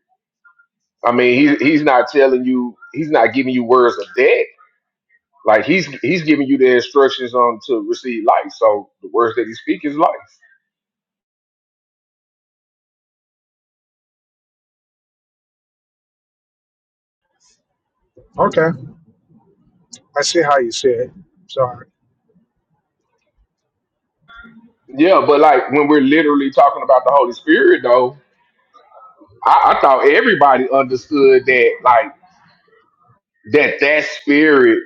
[SPEAKER 12] I mean, he, he's not telling you, he's not giving you words of death. Like he's he's giving you the instructions on to receive life. So the words that he speaks is life.
[SPEAKER 2] Okay, I see how you see it. So
[SPEAKER 12] Yeah, but like when we're literally talking about the Holy Spirit, though, I, I thought everybody understood that, like that that spirit,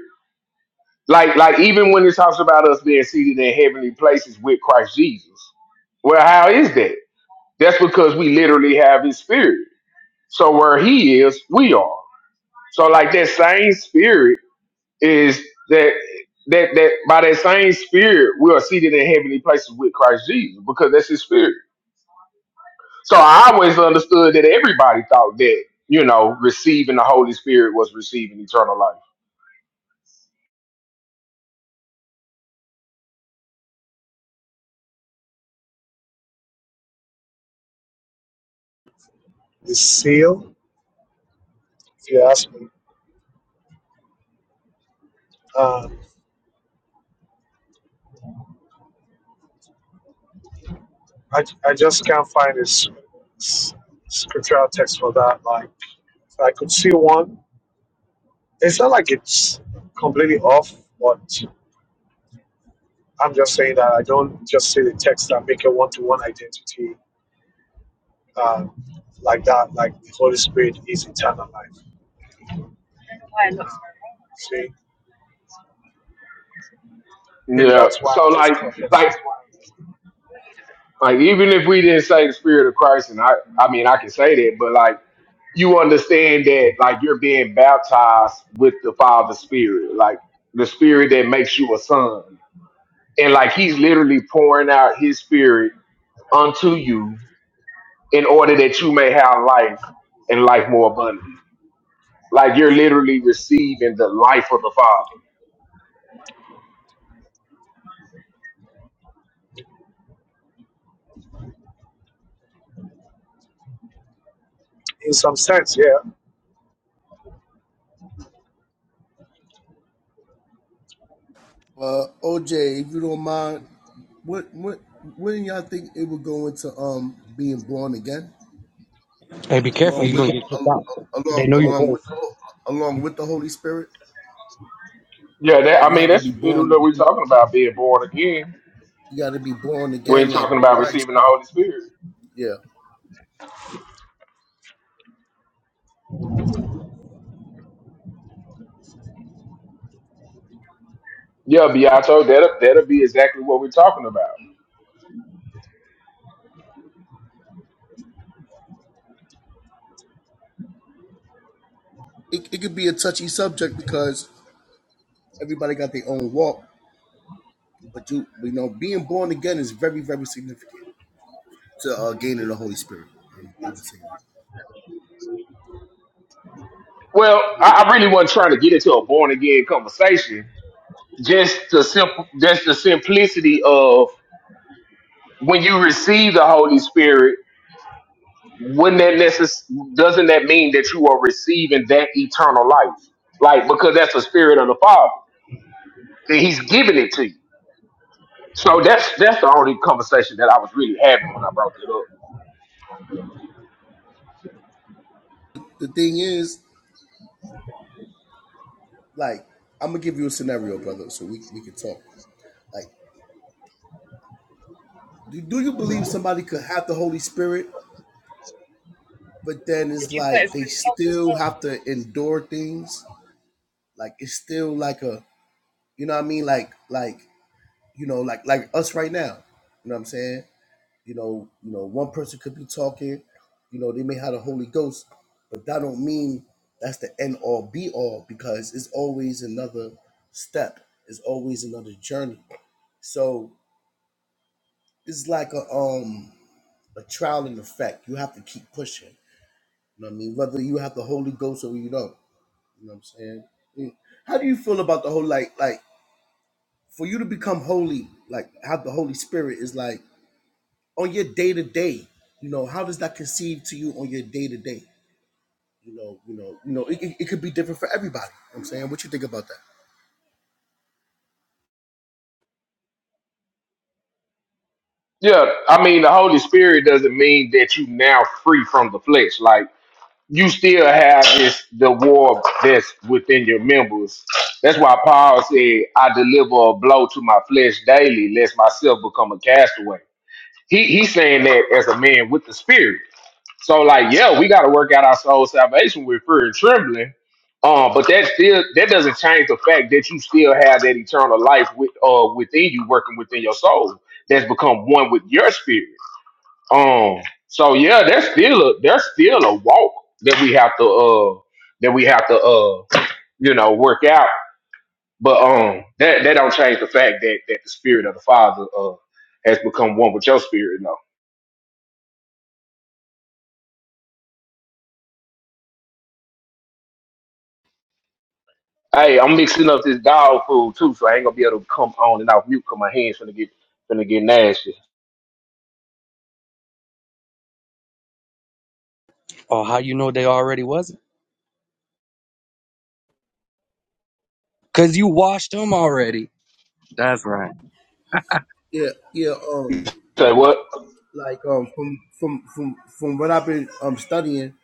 [SPEAKER 12] like like even when it talks about us being seated in heavenly places with Christ Jesus. Well, how is that? That's because we literally have His Spirit. So where He is, we are. So like that same Spirit is that that that by that same Spirit we are seated in heavenly places with Christ Jesus because that's His Spirit. So I always understood that everybody thought that, you know, receiving the Holy Spirit was receiving eternal life.
[SPEAKER 2] the seal, if you ask me, um, I I just can't find a s- s- scriptural text for that. Like So I could see one. It's not like it's completely off, but I'm just saying that I don't just see the text that make a one to one identity um, like that, like the Holy Spirit is eternal life. See, maybe
[SPEAKER 12] Yeah.
[SPEAKER 2] that's why I'm
[SPEAKER 12] So
[SPEAKER 2] just
[SPEAKER 12] like
[SPEAKER 2] cautious.
[SPEAKER 12] like like even if we didn't say the spirit of Christ and I I mean I can say that, but like you understand that like you're being baptized with the Father's Spirit, like the spirit that makes you a son. And like he's literally pouring out his spirit unto you in order that you may have life and life more abundantly. Like you're literally receiving the life of the Father.
[SPEAKER 2] In some sense, yeah,
[SPEAKER 16] Uh, OJ, if you don't mind, what what when do y'all think it would go into um being born again,
[SPEAKER 15] Hey, be careful.
[SPEAKER 16] along
[SPEAKER 15] You're
[SPEAKER 16] with
[SPEAKER 15] gonna get kicked out.
[SPEAKER 16] al-
[SPEAKER 15] They
[SPEAKER 16] along
[SPEAKER 15] know your
[SPEAKER 16] along with
[SPEAKER 15] voice.
[SPEAKER 16] the Ho- along with the Holy Spirit?
[SPEAKER 12] Yeah, that,
[SPEAKER 16] Like
[SPEAKER 12] I
[SPEAKER 16] you
[SPEAKER 12] mean
[SPEAKER 16] have to be
[SPEAKER 12] that's
[SPEAKER 16] born
[SPEAKER 12] literally what we're
[SPEAKER 16] again.
[SPEAKER 12] talking about being born again.
[SPEAKER 16] You got to be born again,
[SPEAKER 12] We're
[SPEAKER 16] like
[SPEAKER 12] talking
[SPEAKER 16] through
[SPEAKER 12] about
[SPEAKER 16] Christ.
[SPEAKER 12] receiving the Holy Spirit.
[SPEAKER 16] Yeah,
[SPEAKER 12] Yeah, Beato, that'll that'll be exactly what we're talking about.
[SPEAKER 16] it it could be a touchy subject because everybody got their own walk, but you you know being born again is very very significant to uh, gaining the Holy Spirit. I, mean, I would say that.
[SPEAKER 12] Well, I, I really wasn't trying to get into a born again conversation. Just the simple, just the simplicity of when you receive the Holy Spirit. wouldn't that necess- doesn't that mean that you are receiving that eternal life? Like because that's the Spirit of the Father, and He's giving it to you. So that's that's the only conversation that I was really having when I brought it up.
[SPEAKER 16] The thing is, like, I'm gonna give you a scenario, brother, so we we can talk. Like, do, do you believe somebody could have the Holy Spirit, but then it's like they still have to endure things? Like it's still like a, you know what I mean? Like like you know like like us right now. You know what I'm saying? You know you know one person could be talking, you know they may have the Holy Ghost, but that don't mean that's the end all be all because it's always another step. It's always another journey. So it's like a um a trial and effect. You have to keep pushing. You know what I mean? Whether you have the Holy Ghost or you don't. You know what I'm saying? Mm. How do you feel about the whole like like for you to become holy, like have the Holy Spirit is like on your day to day, you know, how does that conceive to you on your day to day? You know, you know, you know, it, it, it could be different for everybody. You know what I'm saying, what you think about that?
[SPEAKER 12] Yeah, I mean the Holy Spirit doesn't mean that you now free from the flesh. Like you still have this the war that's within your members. That's why Paul said, "I deliver a blow to my flesh daily, lest myself become a castaway." He he's saying that as a man with the Spirit. So like, yeah, we got to work out our soul salvation with fear and trembling. Um, but that still that doesn't change the fact that you still have that eternal life with uh within you working within your soul that's become one with your spirit. Um, so yeah, that's still a that's still a walk that we have to uh that we have to uh you know work out. But um that that don't change the fact that that the spirit of the Father uh has become one with your spirit. no. Hey, I'm mixing up this dog food too, so I ain't gonna be able to come on and off mute because my hands finna get finna get nasty.
[SPEAKER 15] Oh, how you know they already wasn't? Cause you washed them already. That's right.
[SPEAKER 16] Yeah, yeah, um,
[SPEAKER 12] Say what?
[SPEAKER 16] like um from from from from what I've been um studying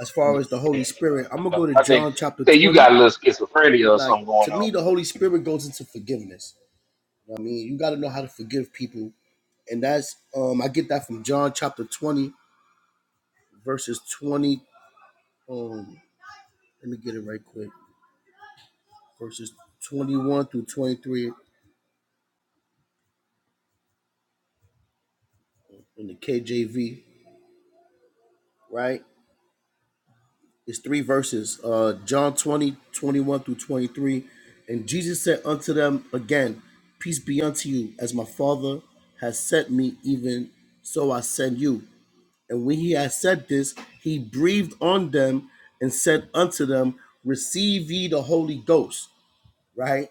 [SPEAKER 16] as
[SPEAKER 12] Yeah.
[SPEAKER 16] far as the Holy Spirit, I'm gonna go to
[SPEAKER 12] I think
[SPEAKER 16] John chapter
[SPEAKER 12] say you
[SPEAKER 16] 20.
[SPEAKER 12] got a little schizophrenia or
[SPEAKER 16] Like
[SPEAKER 12] something going
[SPEAKER 16] to me,
[SPEAKER 12] on.
[SPEAKER 16] the Holy Spirit goes into forgiveness. I mean, you got to know how to forgive people, and that's um I get that from John chapter twenty, verses twenty. Um, let me get it right quick. Verses twenty-one through twenty-three in the KJV. Right, it's three verses. Uh, John 20, 21 through twenty-three, and Jesus said unto them again, Peace be unto you, as my Father has sent me, even so I send you. And when he had said this, he breathed on them and said unto them, Receive ye the Holy Ghost. Right?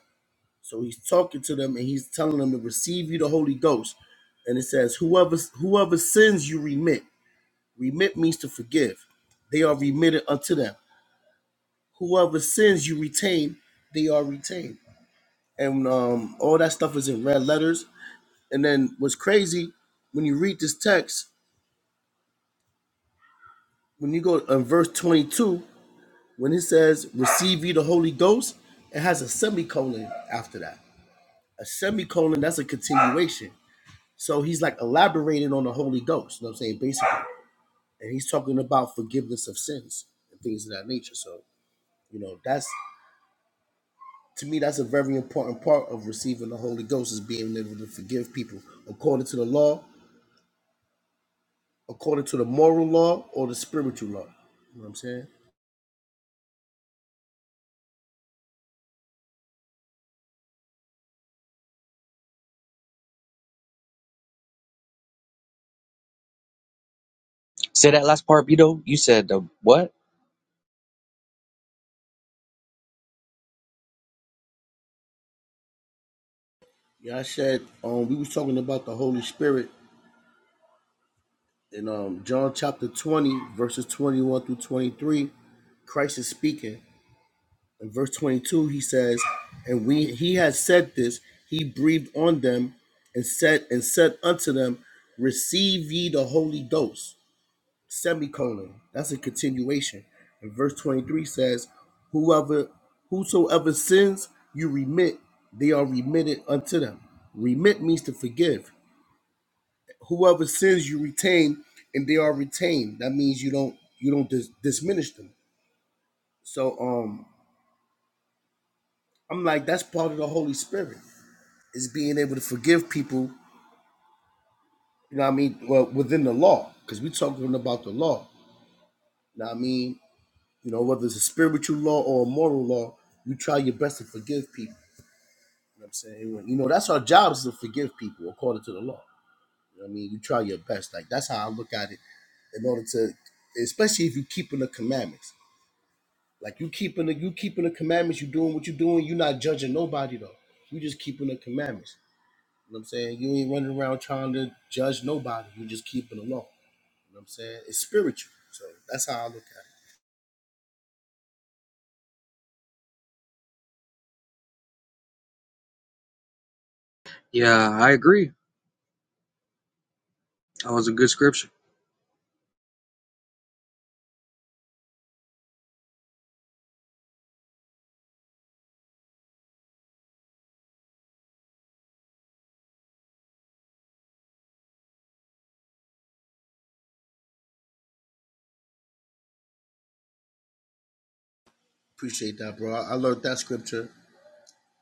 [SPEAKER 16] So he's talking to them and he's telling them to receive ye the Holy Ghost. And it says, Whoever whoever sins you remit. Remit means to forgive. They are remitted unto them. Whoever sins you retain, they are retained. And um, all that stuff is in red letters. And then what's crazy, when you read this text, when you go in verse 22 When it says receive ye the Holy Ghost, it has a semicolon after that. A semicolon, that's a continuation. So he's like elaborating on the Holy Ghost, you know what I'm saying? Basically. And he's talking about forgiveness of sins and things of that nature. So, you know, that's to me, that's a very important part of receiving the Holy Ghost is being able to forgive people according to the law, according to the moral law or the spiritual law. You know what I'm saying?
[SPEAKER 15] Say that last part, Vito. You said the what?
[SPEAKER 16] Yeah, I said um, we was talking about the Holy Spirit in um, John chapter 20, verses 21 through 23, Christ is speaking. In verse 22, he says, And we, he has said this, he breathed on them and said, and said unto them, Receive ye the Holy Ghost. Semicolon. That's a continuation. And verse 23 says, Whoever whosoever sins you remit, they are remitted unto them. Remit means to forgive whoever sins you retain and they are retained that means you don't you don't dis- diminish them so um i'm like that's part of the holy spirit is being able to forgive people you know what i mean well within the law because we're talking about the law you know what i mean you know whether it's a spiritual law or a moral law you try your best to forgive people you know what i'm saying you know that's our job is to forgive people according to the law you know what i mean you try your best like that's how i look at it in order to especially if you're keeping the commandments Like you keeping the you keeping the commandments, you doing what you doing, you not judging nobody though. You just keeping the commandments. You know what I'm saying? You ain't running around trying to judge nobody. You just keeping the law. You know what I'm saying? It's spiritual. So that's how I look at it.
[SPEAKER 15] Yeah, I agree. That was a good scripture.
[SPEAKER 16] Appreciate that, bro. I, I learned that scripture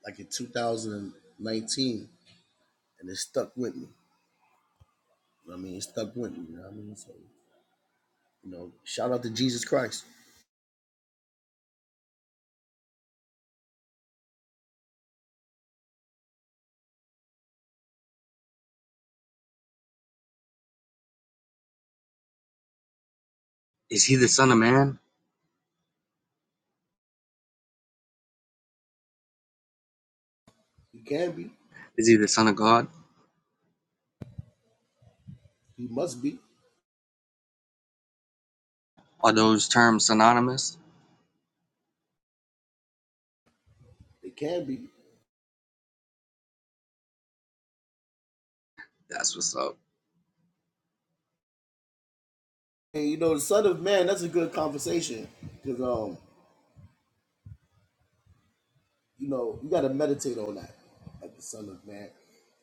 [SPEAKER 16] like in 2019 and it stuck with me. You know what I mean, it stuck with me. You know what I mean? So, you know, shout out to Jesus Christ.
[SPEAKER 15] Is he the son of man?
[SPEAKER 16] He can be.
[SPEAKER 15] Is he the son of God?
[SPEAKER 16] He must be.
[SPEAKER 15] Are those terms synonymous?
[SPEAKER 16] It can be.
[SPEAKER 15] That's what's up.
[SPEAKER 16] And you know, the Son of Man, that's a good conversation. Because um You know, you got to meditate on that, like the Son of Man.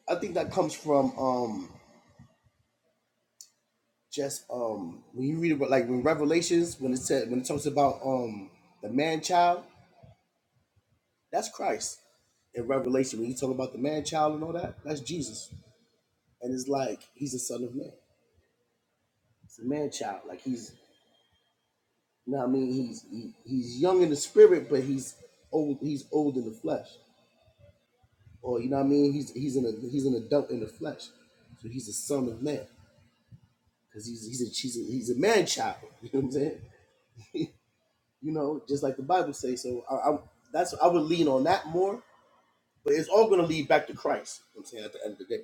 [SPEAKER 16] I think that comes from um just um when you read about like when Revelations when it said when it talks about um the man child, that's Christ. In Revelation, when you talk about the man child and all that, that's Jesus. And it's like he's the son of man. It's a man child. Like he's you know what I mean, he's he, he's young in the spirit, but he's old he's old in the flesh. Or you know what I mean? He's he's an he's an adult in the flesh. So he's a son of man. because he's he's a he's a, he's a man child. (laughs) You know what I'm saying? You know, just like the Bible says. So I, I that's I would lean on that more, but it's all going to lead back to Christ. You know what I'm saying at the end of the day,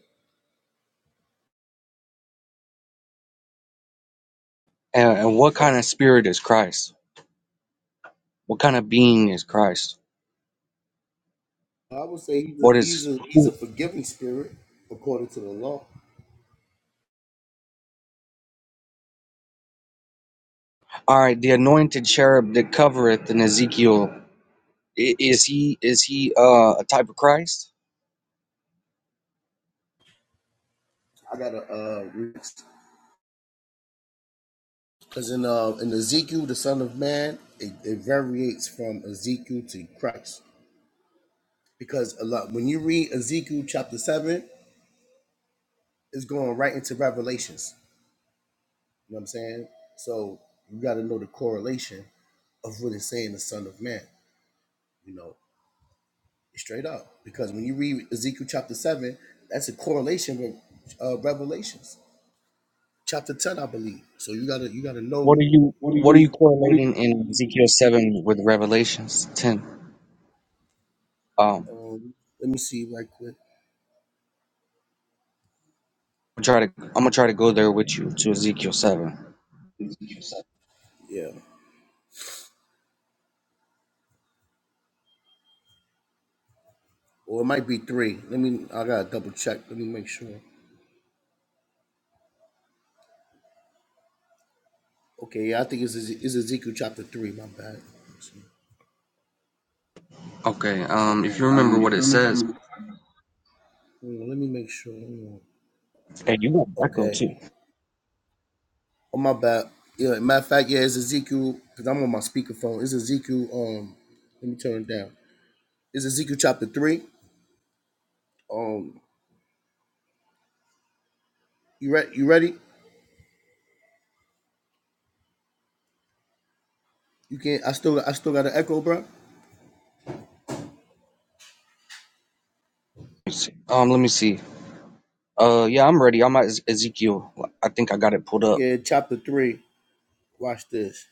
[SPEAKER 15] And, and what kind of spirit is Christ? What kind of being is Christ?
[SPEAKER 16] I would say he's a
[SPEAKER 15] What
[SPEAKER 16] he's
[SPEAKER 15] is
[SPEAKER 16] a he's a
[SPEAKER 15] who?
[SPEAKER 16] forgiving spirit according to the law.
[SPEAKER 15] All right, the anointed cherub that covereth in Ezekiel. i- Is he is he uh, a type of Christ?
[SPEAKER 16] I got to uh because in uh in Ezekiel the Son of Man it, it variates from Ezekiel to Christ because a lot when you read Ezekiel chapter seven it's going right into Revelations You know what I'm saying? So you got to know the correlation of what it's saying the Son of Man. You know, straight up. Because when you read Ezekiel chapter seven, that's a correlation with uh, Revelations chapter ten, I believe. So you gotta you gotta
[SPEAKER 15] What
[SPEAKER 16] know.
[SPEAKER 15] are you
[SPEAKER 16] What do
[SPEAKER 15] what are you
[SPEAKER 16] you what do
[SPEAKER 15] correlating in
[SPEAKER 16] you
[SPEAKER 15] Ezekiel seven with Revelations ten? Um.
[SPEAKER 16] Um, let me see right quick.
[SPEAKER 15] I'm gonna try to I'm gonna try to go there with you to Ezekiel seven.
[SPEAKER 16] Yeah, or it might be three. Let me. I gotta double check. Let me make sure. Okay, yeah, I think it's Eze- it's Ezekiel chapter three. My bad. Let's see.
[SPEAKER 15] Okay, um, if
[SPEAKER 16] Okay,
[SPEAKER 15] you remember
[SPEAKER 16] um if
[SPEAKER 15] what
[SPEAKER 16] you
[SPEAKER 15] it says,
[SPEAKER 16] remember Hmm, let me make sure. Hmm,
[SPEAKER 15] Hey, you got echo
[SPEAKER 16] Okay.
[SPEAKER 15] too.
[SPEAKER 16] Oh my bad. Yeah, matter of fact, yeah, it's Ezekiel because I'm on my speakerphone. It's Ezekiel. Um, let me turn it down. It's Ezekiel chapter three. Um, you ready? You ready? You can. I still. I still got an echo, bro.
[SPEAKER 15] Let me see. Um, let me see. Uh, yeah, I'm ready. I'm at Ez- Ezekiel. I think I got it pulled up.
[SPEAKER 16] Yeah, chapter three. Watch this.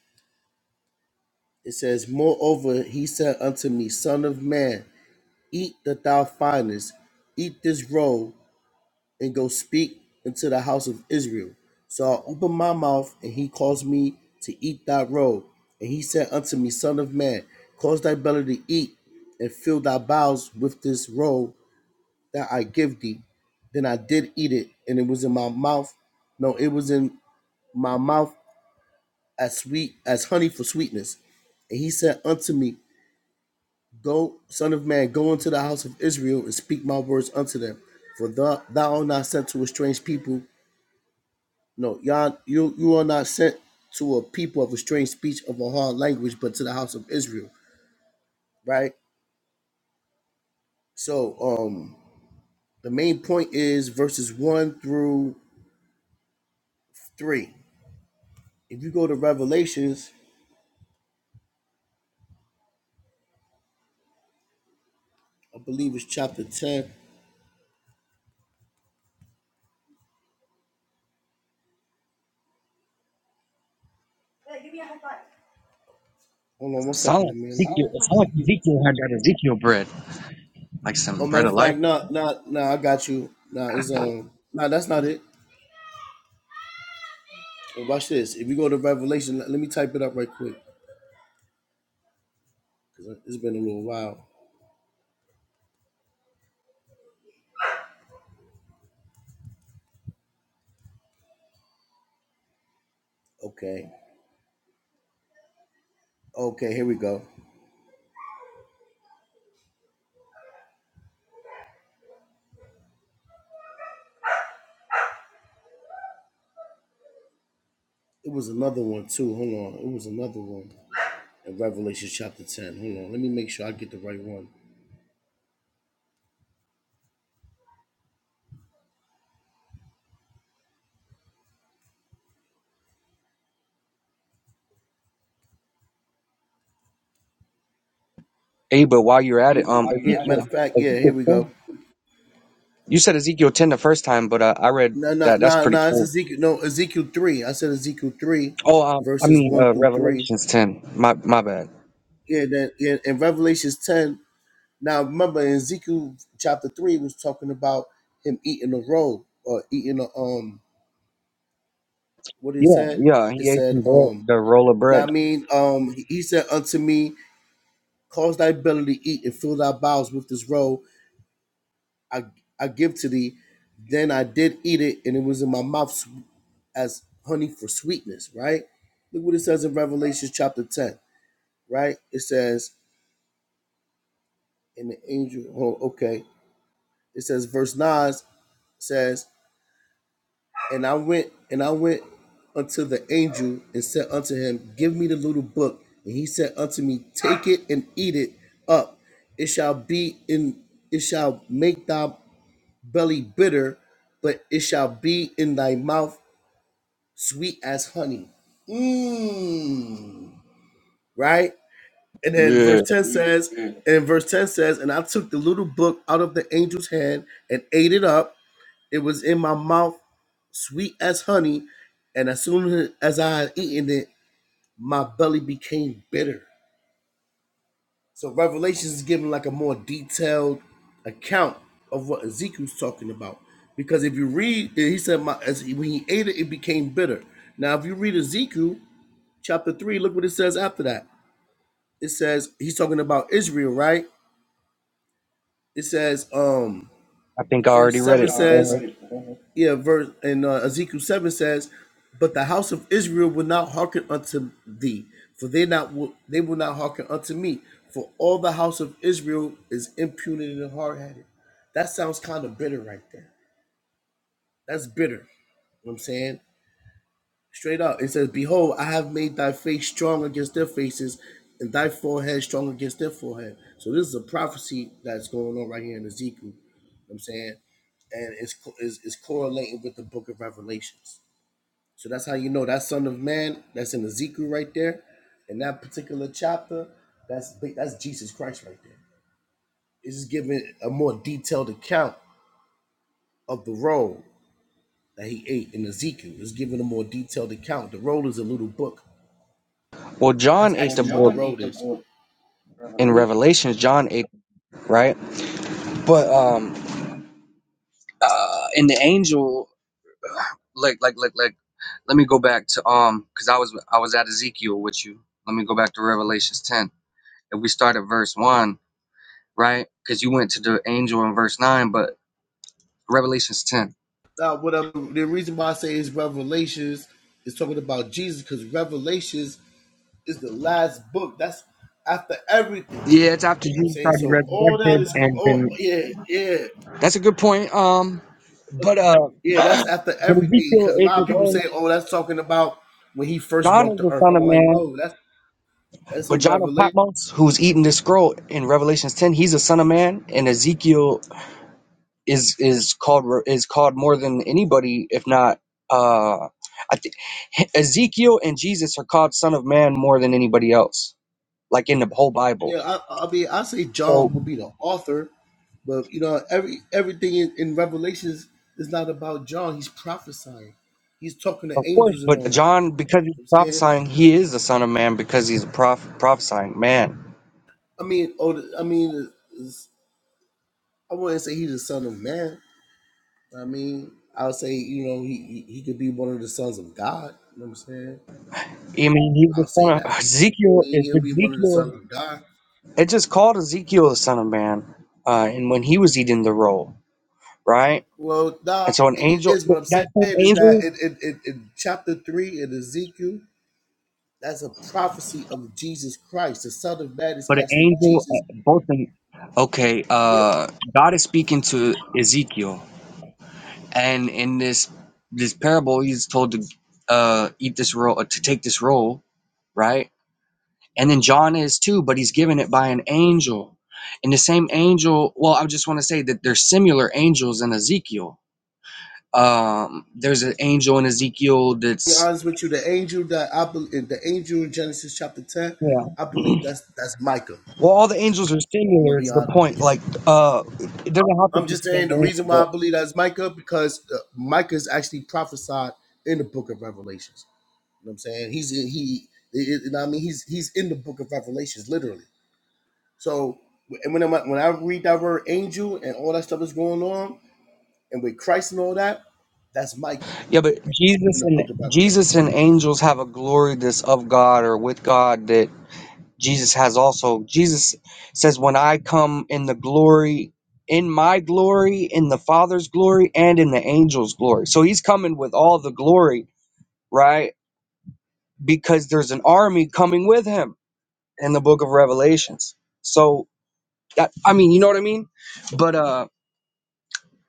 [SPEAKER 16] It says, "Moreover, he said unto me, Son of man, eat that thou findest, eat this roll, and go speak unto the house of Israel. So I opened my mouth, and he caused me to eat thy roll. And he said unto me, Son of man, cause thy belly to eat, and fill thy bowels with this roll that I give thee. Then I did eat it, and it was in my mouth. No, it was in my mouth as sweet as honey for sweetness. And he said unto me, Go, son of man, go into the house of Israel and speak my words unto them. For thou, thou art not sent to a strange people, No, y'all, you you are not sent to a people of a strange speech of a hard language, but to the house of Israel, right? So, um, the main point is verses one through three. If you go to Revelations, I believe it's chapter ten. Yeah, give me a high five. Hold on one
[SPEAKER 15] Sound
[SPEAKER 16] second,
[SPEAKER 15] like
[SPEAKER 16] man.
[SPEAKER 15] Ezekiel. It sound like Ezekiel had that Ezekiel bread, like some
[SPEAKER 16] Oh, matter
[SPEAKER 15] bread of
[SPEAKER 16] of
[SPEAKER 15] life.
[SPEAKER 16] fact, no, no, no, I got you. No, it's um, no, that's not it. Well, watch this. If you go to Revelation, let let me type it up right quick because it's been a little while. Okay, okay, here we go. It was another one too. Hold on. It was another one in Revelation chapter ten. Hold on. Let me make sure I get the right one.
[SPEAKER 15] Hey, but while you're at
[SPEAKER 16] Hey,
[SPEAKER 15] it,
[SPEAKER 16] but
[SPEAKER 15] um,
[SPEAKER 16] while you're Yeah, at matter of
[SPEAKER 15] Ezekiel,
[SPEAKER 16] it, fact, yeah, here
[SPEAKER 15] Ezekiel
[SPEAKER 16] we
[SPEAKER 15] 10.
[SPEAKER 16] go.
[SPEAKER 15] You said Ezekiel 10 the first time, but uh, I read
[SPEAKER 16] No, no,
[SPEAKER 15] that. That's
[SPEAKER 16] no,
[SPEAKER 15] pretty
[SPEAKER 16] no, it's
[SPEAKER 15] cool.
[SPEAKER 16] Ezekiel no Ezekiel three. I said Ezekiel three
[SPEAKER 15] Oh, um, I
[SPEAKER 16] verses
[SPEAKER 15] mean,
[SPEAKER 16] one
[SPEAKER 15] uh,
[SPEAKER 16] through three.
[SPEAKER 15] Revelations 10. My my bad.
[SPEAKER 16] Yeah, then yeah, in Revelations ten. Now remember in Ezekiel chapter three it was talking about him eating a roll or eating a um what did it
[SPEAKER 15] Yeah,
[SPEAKER 16] say?
[SPEAKER 15] yeah.
[SPEAKER 16] It
[SPEAKER 15] He ate
[SPEAKER 16] said,
[SPEAKER 15] some bread,
[SPEAKER 16] um,
[SPEAKER 15] the roll of
[SPEAKER 16] now I
[SPEAKER 15] bread.
[SPEAKER 16] mean, um he he said unto me, Cause thy belly to eat and fill thy bowels with this roll I, I give to thee. Then I did eat it, and it was in my mouth as honey for sweetness, right? Look what it says in Revelation chapter 10, right? It says, and the angel, oh, okay. It says, verse 9 says, And I went, and I went unto the angel and said unto him, Give me the little book. And he said unto me, Take it and eat it up. It shall be in, it shall make thy belly bitter, but it shall be in thy mouth sweet as honey. Mmm. Right? And then
[SPEAKER 15] Yeah.
[SPEAKER 16] verse 10 says, Mhm. and verse 10 says, and I took the little book out of the angel's hand and ate it up. It was in my mouth sweet as honey. And as soon as I had eaten it, my belly became bitter. So Revelations is giving like a more detailed account of what Ezekiel's talking about. Because if you read, he said, "My as when he ate it, it became bitter." Now, if you read Ezekiel chapter three, look what it says after that. It says he's talking about Israel, right? It says, um,
[SPEAKER 15] I think I already
[SPEAKER 16] Verse
[SPEAKER 15] read it.
[SPEAKER 16] 7
[SPEAKER 15] go
[SPEAKER 16] says,
[SPEAKER 15] ahead.
[SPEAKER 16] yeah, verse and uh, Ezekiel seven says, "But the house of Israel will not hearken unto thee, for they not will, they will not hearken unto me, for all the house of Israel is impudent and hard headed." That sounds kind of bitter, right there. That's bitter. You know what I'm saying Straight up, it says, Behold, I have made thy face strong against their faces, and thy forehead strong against their forehead. So this is a prophecy that's going on right here in Ezekiel. You know what I'm saying? And it's, it's, it's correlating with the book of Revelations. So that's how you know that Son of Man that's in Ezekiel right there, in that particular chapter, that's that's Jesus Christ right there. It's just giving a more detailed account of the roll that he ate in Ezekiel. It's giving a more detailed account. The roll is a little book
[SPEAKER 15] Well,
[SPEAKER 16] That's
[SPEAKER 15] John
[SPEAKER 16] Well,
[SPEAKER 15] ate the
[SPEAKER 16] actually well, what the
[SPEAKER 15] book
[SPEAKER 16] road is.
[SPEAKER 15] in
[SPEAKER 16] revelation.
[SPEAKER 15] Revelations. John ate right, but um, uh, in the angel, like, like, like, like, let me go back to um, because I was I was at Ezekiel with you. Let me go back to Revelations ten. If we start at verse one, right? Because you went to the angel in verse nine, but Revelations ten.
[SPEAKER 16] Now, what I'm, the reason why I say is Revelations is talking about Jesus because Revelations is the last book. That's after everything.
[SPEAKER 15] Yeah, it's after
[SPEAKER 16] I'm
[SPEAKER 15] Jesus
[SPEAKER 16] saying
[SPEAKER 15] already
[SPEAKER 16] so. All that
[SPEAKER 15] resurrected
[SPEAKER 16] is.
[SPEAKER 15] and
[SPEAKER 16] Oh
[SPEAKER 15] been.
[SPEAKER 16] yeah, yeah,
[SPEAKER 15] That's a good point. Um, but uh, (coughs) (clears throat)
[SPEAKER 16] yeah. That's after
[SPEAKER 15] but
[SPEAKER 16] everything
[SPEAKER 15] Ezekiel
[SPEAKER 16] because a
[SPEAKER 15] is
[SPEAKER 16] lot of
[SPEAKER 15] his
[SPEAKER 16] people say,
[SPEAKER 15] own.
[SPEAKER 16] "Oh, that's talking about when he first
[SPEAKER 15] John
[SPEAKER 16] walked
[SPEAKER 15] is
[SPEAKER 16] the
[SPEAKER 15] the
[SPEAKER 16] earth."
[SPEAKER 15] son of
[SPEAKER 16] I'm like,
[SPEAKER 15] man.
[SPEAKER 16] no, that's that's
[SPEAKER 15] But
[SPEAKER 16] in
[SPEAKER 15] John of
[SPEAKER 16] Revelation.
[SPEAKER 15] Patmos, who's eating this scroll in Revelations ten, he's a son of man, and Ezekiel is is called is called more than anybody, if not. Uh, I think Ezekiel and Jesus are called son of man more than anybody else, like in the whole Bible.
[SPEAKER 16] Yeah, I, I mean, I say John
[SPEAKER 15] So
[SPEAKER 16] will be the author, but you know, every everything in, in Revelations is not about John. He's prophesying. He's talking to
[SPEAKER 15] of course,
[SPEAKER 16] angels and all
[SPEAKER 15] but
[SPEAKER 16] that.
[SPEAKER 15] John, because he's
[SPEAKER 16] You know what I'm saying,
[SPEAKER 15] prophesying, he is the son of man because he's a proph- prophesying man.
[SPEAKER 16] I mean, oh, the- I mean, it's- I wouldn't say he's the son of man. I mean, I would say you know he he he could be one of the sons of God. You know what I'm saying?
[SPEAKER 15] I mean, he's the
[SPEAKER 16] I'll say
[SPEAKER 15] son of
[SPEAKER 16] that. I
[SPEAKER 15] Ezekiel.
[SPEAKER 16] mean,
[SPEAKER 15] Is
[SPEAKER 16] he'll be one of the sons
[SPEAKER 15] Ezekiel?
[SPEAKER 16] of God.
[SPEAKER 15] It just called Ezekiel the son of man, uh, and when he was eating the roll, right?
[SPEAKER 16] Well, nah,
[SPEAKER 15] And so an
[SPEAKER 16] it
[SPEAKER 15] angel,
[SPEAKER 16] is what I'm saying
[SPEAKER 15] that same
[SPEAKER 16] is that
[SPEAKER 15] angel,
[SPEAKER 16] in, in, in, in chapter three in Ezekiel That's a prophecy of Jesus Christ. The Son of Man is
[SPEAKER 15] but an
[SPEAKER 16] actually
[SPEAKER 15] angel,
[SPEAKER 16] Jesus.
[SPEAKER 15] uh, both in, okay,
[SPEAKER 16] Yeah, to
[SPEAKER 15] uh, God is speaking to Ezekiel. And in this, this parable, he's told to, uh, eat this roll, uh, to take this roll, right? And then John is too, but he's given it by an angel. And the same angel, well, I just want to say that there's similar angels in Ezekiel. Um, there's an angel in Ezekiel
[SPEAKER 16] be
[SPEAKER 15] that's,
[SPEAKER 16] honest with you, the angel that I believe, the angel in Genesis chapter ten, I
[SPEAKER 15] yeah.
[SPEAKER 16] believe that's that's Micah.
[SPEAKER 15] Well, all the angels are
[SPEAKER 16] I'm gonna
[SPEAKER 15] singular.
[SPEAKER 16] be
[SPEAKER 15] Is the
[SPEAKER 16] honest with
[SPEAKER 15] point?
[SPEAKER 16] you.
[SPEAKER 15] Like, uh, it doesn't have to
[SPEAKER 16] I'm
[SPEAKER 15] be
[SPEAKER 16] just
[SPEAKER 15] the
[SPEAKER 16] saying
[SPEAKER 15] same
[SPEAKER 16] the
[SPEAKER 15] angel,
[SPEAKER 16] reason why I
[SPEAKER 15] but
[SPEAKER 16] believe that's Micah because uh, Micah is actually prophesied in the book of Revelations. You know what I'm saying? He's he, you know what I mean? He's he's in the book of Revelations literally. So and when I when I read that word angel and all that stuff is going on and with Christ and all that, that's Micah.
[SPEAKER 15] yeah, but
[SPEAKER 16] in
[SPEAKER 15] Jesus
[SPEAKER 16] the
[SPEAKER 15] and
[SPEAKER 16] book of Revelation.
[SPEAKER 15] Jesus and angels have a glory that's of God or with God that Jesus has also. Jesus says, "When I come in the glory, in my glory, in the Father's glory, and in the angels' glory." So He's coming with all the glory, right? Because there's an army coming with Him in the Book of Revelations. So, that, I mean, you know what I mean? But uh.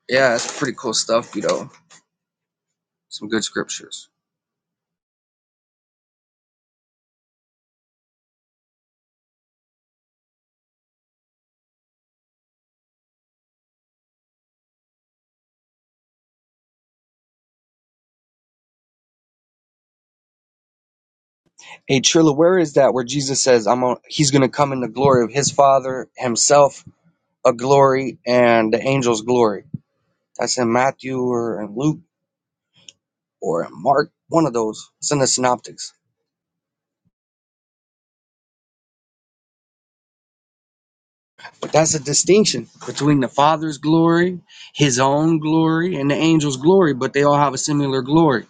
[SPEAKER 15] Yeah, it's pretty cool stuff, you know. Some good scriptures. Hey Trilla, where is that where Jesus says I'm on, he's gonna come in the glory of his father, himself a glory, and the angels glory. That's in Matthew or in Luke or in Mark, one of those. It's in the synoptics. But that's a distinction between the Father's glory, his own glory, and the angels' glory, but they all have a similar glory.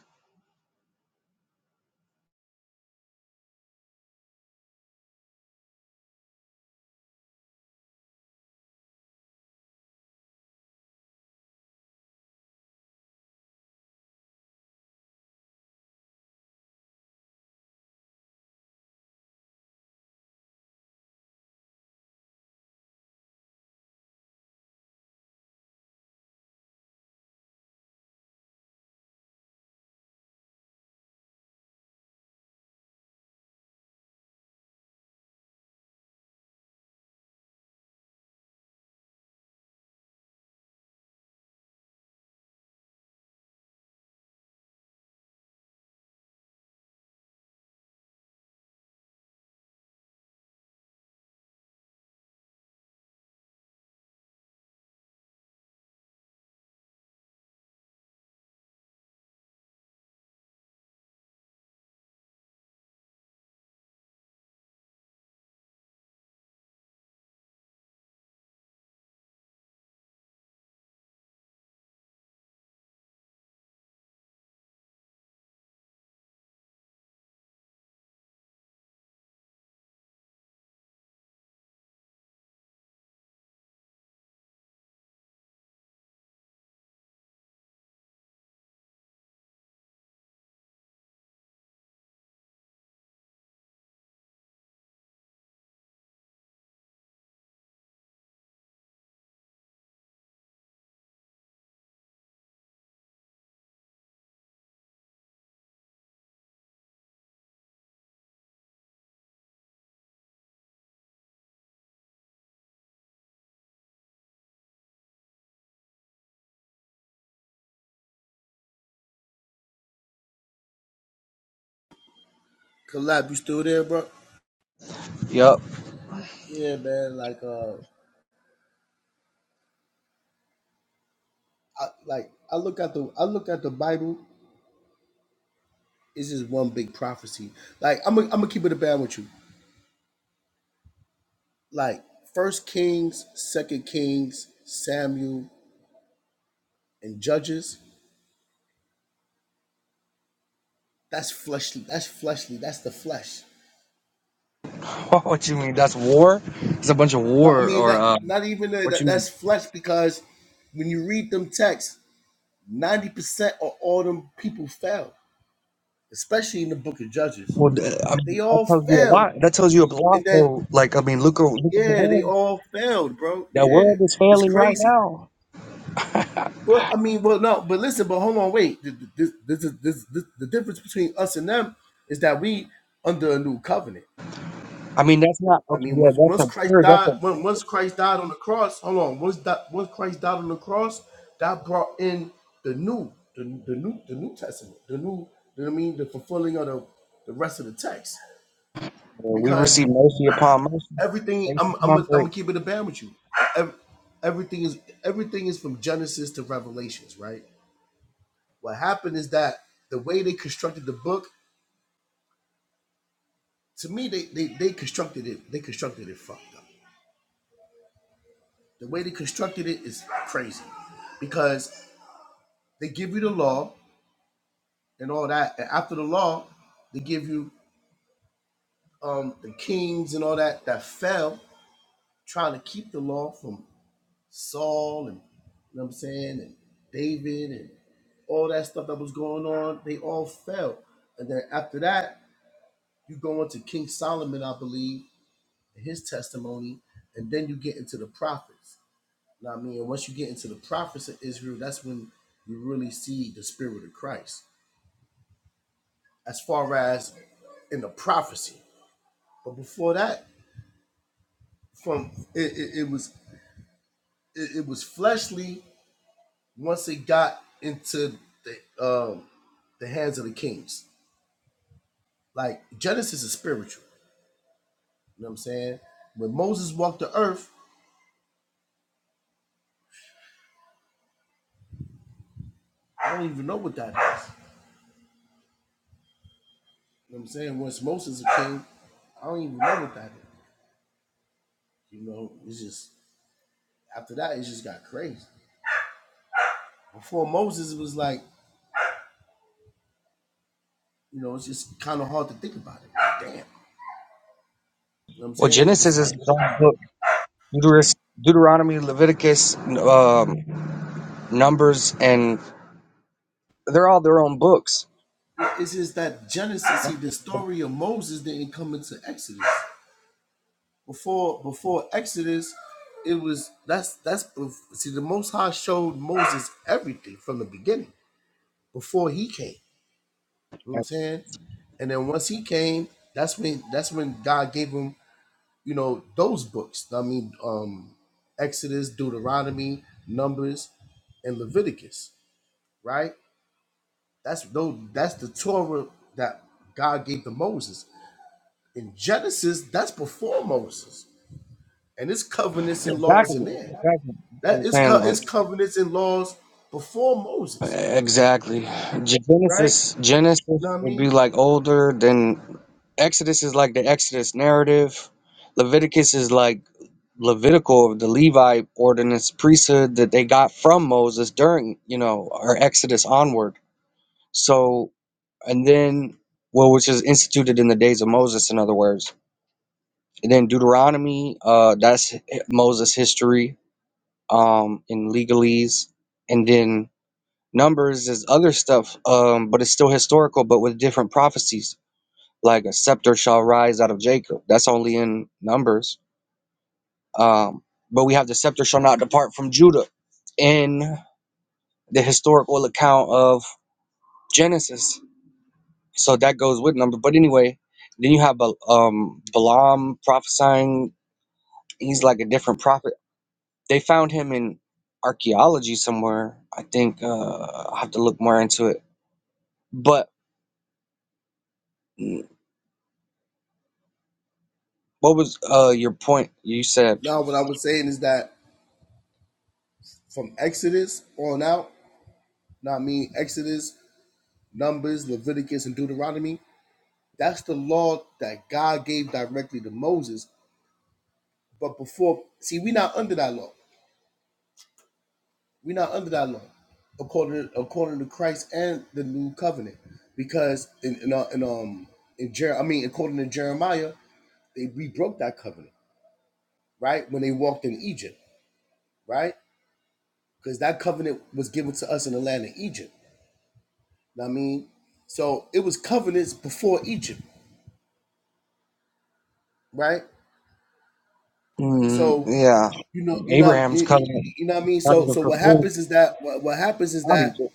[SPEAKER 16] Collab, you still there, bro?
[SPEAKER 15] Yup.
[SPEAKER 16] Yeah, man. Like, uh, I, like I look at the I look at the Bible. It's just one big prophecy. Like I'm gonna I'm gonna keep it a band with you. Like First Kings, Second Kings, Samuel, and Judges. That's fleshly. That's fleshly. That's the flesh.
[SPEAKER 15] (laughs) what you mean? That's war? It's a bunch of
[SPEAKER 16] Uh, I
[SPEAKER 15] war
[SPEAKER 16] mean,
[SPEAKER 15] or
[SPEAKER 16] not
[SPEAKER 15] uh
[SPEAKER 16] not even the,
[SPEAKER 15] what
[SPEAKER 16] that.
[SPEAKER 15] you mean?
[SPEAKER 16] That's flesh because when you read them texts, ninety percent of all them people fell, especially in the Book of Judges.
[SPEAKER 15] Well, th- I
[SPEAKER 16] They
[SPEAKER 15] mean, that
[SPEAKER 16] all
[SPEAKER 15] tells you a
[SPEAKER 16] fell,
[SPEAKER 15] lot. That tells you a
[SPEAKER 16] and
[SPEAKER 15] lot.
[SPEAKER 16] then
[SPEAKER 15] Though. Like, I mean, look, o- look at the
[SPEAKER 16] Yeah, they
[SPEAKER 15] world.
[SPEAKER 16] all failed, bro.
[SPEAKER 15] That
[SPEAKER 16] Yeah,
[SPEAKER 15] world is
[SPEAKER 16] it's
[SPEAKER 15] failing right
[SPEAKER 16] crazy.
[SPEAKER 15] now.
[SPEAKER 16] Well, I mean, well, no, but listen, but hold on, wait. Th- th- This, this, is- this, this, the difference between us and them is that we under a new covenant.
[SPEAKER 15] I mean, that's not
[SPEAKER 16] I
[SPEAKER 15] okay.
[SPEAKER 16] mean,
[SPEAKER 15] Yeah,
[SPEAKER 16] once
[SPEAKER 15] that's
[SPEAKER 16] once Christ
[SPEAKER 15] absurd. That's
[SPEAKER 16] died,
[SPEAKER 15] a
[SPEAKER 16] when once Christ died on the cross, hold on, once that once Christ died on the cross, that brought in the new, the, the new, the New Testament, the new. You know what I mean? The fulfilling of the the rest of the text,
[SPEAKER 15] we receive mercy upon mercy,
[SPEAKER 16] everything
[SPEAKER 15] grace
[SPEAKER 16] I'm I'm
[SPEAKER 15] upon
[SPEAKER 16] I'm gonna
[SPEAKER 15] grace.
[SPEAKER 16] keep it a band with you. Ev- Everything is everything is from Genesis to Revelations, right? What happened is that the way they constructed the book, to me, they they, they constructed it they constructed it fucked up. The way they constructed it is crazy, because they give you the law and all that, and after the law, they give you um the kings and all that that fell trying to keep the law from Saul and you know what I'm saying, and David and all that stuff that was going on, they all fell. And then after that, you go into King Solomon, I believe, and his testimony, and then you get into the prophets. You know what I mean? And once you get into the prophets of Israel, that's when you really see the spirit of Christ. As far as in the prophecy. But before that, from it, it, it was it, it was fleshly once it got into the um the hands of the kings. Like Genesis is spiritual. You know what I'm saying? When Moses walked the earth, I don't even know what that is. You know what I'm saying? Once Moses is a king, I don't even know what that is. You know, it's just after that it just got crazy. Before Moses it was like, you know, it's just kinda hard to think about it. Damn. You know what I'm
[SPEAKER 15] Well,
[SPEAKER 16] saying? It's
[SPEAKER 15] Genesis is
[SPEAKER 16] like
[SPEAKER 15] its own book. Deuteros- Deuteronomy, Leviticus, um, Numbers, and they're all their own books.
[SPEAKER 16] it's just that Genesis, see the
[SPEAKER 15] Exactly.
[SPEAKER 16] story of Moses didn't come into Exodus. before before Exodus, it was that's that's see the Most High showed Moses everything from the beginning before he came. You know what I'm
[SPEAKER 15] That's
[SPEAKER 16] saying? And then once he came, that's when that's when God gave him you know those books. I mean, um, Exodus, Deuteronomy, Numbers, and Leviticus. Right? That's those that's the Torah that God gave to Moses. In Genesis, that's before Moses, and it's covenants and laws
[SPEAKER 15] Exactly.
[SPEAKER 16] in there.
[SPEAKER 15] That's what
[SPEAKER 16] That
[SPEAKER 15] I'm
[SPEAKER 16] is
[SPEAKER 15] saying.
[SPEAKER 16] co-
[SPEAKER 15] like,
[SPEAKER 16] is covenants and laws before Moses,
[SPEAKER 15] Exactly.
[SPEAKER 16] right?
[SPEAKER 15] Genesis Genesis
[SPEAKER 16] Know what I
[SPEAKER 15] would be
[SPEAKER 16] mean?
[SPEAKER 15] like older than Exodus is like the Exodus narrative. Leviticus is like Levitical, the Levi ordinance priesthood that they got from Moses during, you know, or Exodus onward. So and then well, which is instituted in the days of Moses, in other words. And then Deuteronomy, uh, that's Moses' history, um, in legalese. And then Numbers is other stuff, um, but it's still historical, but with different prophecies. Like a scepter shall rise out of Jacob. That's only in Numbers. Um, but we have the scepter shall not depart from Judah in the historical account of Genesis. So that goes with number. But anyway, then you have Ba- um, Balaam prophesying. He's like a different prophet. They found him in archaeology somewhere. I think uh, I have to look more into it. But What was uh your point? You said,
[SPEAKER 16] Now what I was saying is that from Exodus on out, know what I mean Exodus, Numbers, Leviticus, and Deuteronomy, that's the law that God gave directly to Moses. But before, see, we're not under that law. We're not under that law, according to, according to Christ and the new covenant, because in in, uh, in um in Jer- I mean according to Jeremiah, they we broke that covenant, right? When they walked in Egypt right? Because that covenant was given to us in the land of Egypt. I mean, so it was covenants before Egypt, right?
[SPEAKER 15] mm,
[SPEAKER 16] So
[SPEAKER 15] yeah,
[SPEAKER 16] you know, you know, you
[SPEAKER 15] Abraham's covenant
[SPEAKER 16] you know what I mean.
[SPEAKER 15] not
[SPEAKER 16] So,
[SPEAKER 15] even
[SPEAKER 16] so what
[SPEAKER 15] fulfilled
[SPEAKER 16] happens is that what, what happens is
[SPEAKER 15] without
[SPEAKER 16] that
[SPEAKER 15] Egypt,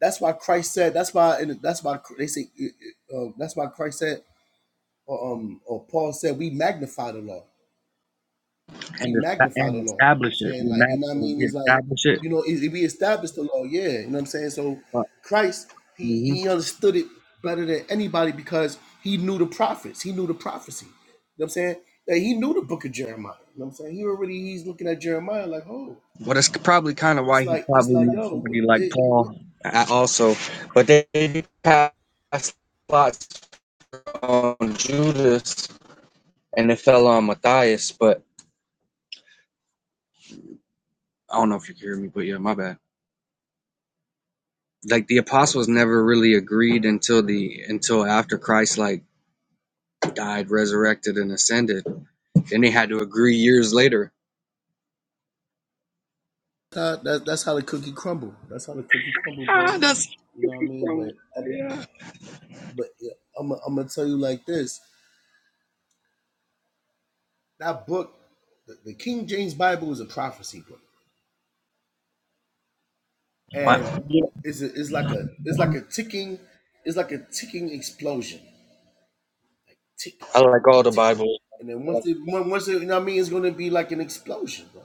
[SPEAKER 16] that's why Christ said. That's why and that's why they say. Uh, uh, that's why Christ said, or, um, or Paul said, we magnify the law. we
[SPEAKER 15] and it's not
[SPEAKER 16] magnify the law. You know what I'm
[SPEAKER 15] answered.
[SPEAKER 16] saying?
[SPEAKER 15] We
[SPEAKER 16] Like, you know what I
[SPEAKER 15] ma-
[SPEAKER 16] mean?
[SPEAKER 15] we
[SPEAKER 16] It's like,
[SPEAKER 15] establish it,
[SPEAKER 16] you know, it, it, we established the law, yeah. You know what I'm saying? So
[SPEAKER 15] but
[SPEAKER 16] Christ, he
[SPEAKER 15] mhm.
[SPEAKER 16] he understood it better than anybody because he knew the prophets, he knew the prophecy. You know what I'm saying? That he knew the book of Jeremiah. You know what I'm saying? He already he's looking at Jeremiah like, oh,
[SPEAKER 15] well, that's probably kind of
[SPEAKER 16] he's
[SPEAKER 15] why he
[SPEAKER 16] like, he's
[SPEAKER 15] probably
[SPEAKER 16] like,
[SPEAKER 15] needs
[SPEAKER 16] yo,
[SPEAKER 15] somebody
[SPEAKER 16] wh-
[SPEAKER 15] like
[SPEAKER 16] it,
[SPEAKER 15] Paul
[SPEAKER 16] wh-
[SPEAKER 15] uh, also. But they they passed lots on Judas, and it fell on Matthias. But I don't know if you can hear me, but yeah, my bad. Like the apostles never really agreed until the until after Christ like died, resurrected, and ascended Then they had to agree years later.
[SPEAKER 16] that, that's how the cookie crumble. That's how the cookie crumble,
[SPEAKER 15] Ah,
[SPEAKER 16] bro.
[SPEAKER 15] that's
[SPEAKER 16] You know what I mean? But
[SPEAKER 15] so- yeah.
[SPEAKER 16] but yeah, I'm i I'm gonna tell you like this that book, the, the King James Bible is a prophecy book, and
[SPEAKER 15] I,
[SPEAKER 16] it's a, it's like a it's like a ticking it's like a ticking explosion, tick
[SPEAKER 15] I like all the
[SPEAKER 16] tick,
[SPEAKER 15] Bible.
[SPEAKER 16] and then once
[SPEAKER 15] like
[SPEAKER 16] it once it, you know what I mean, it's going to be like an explosion, bro.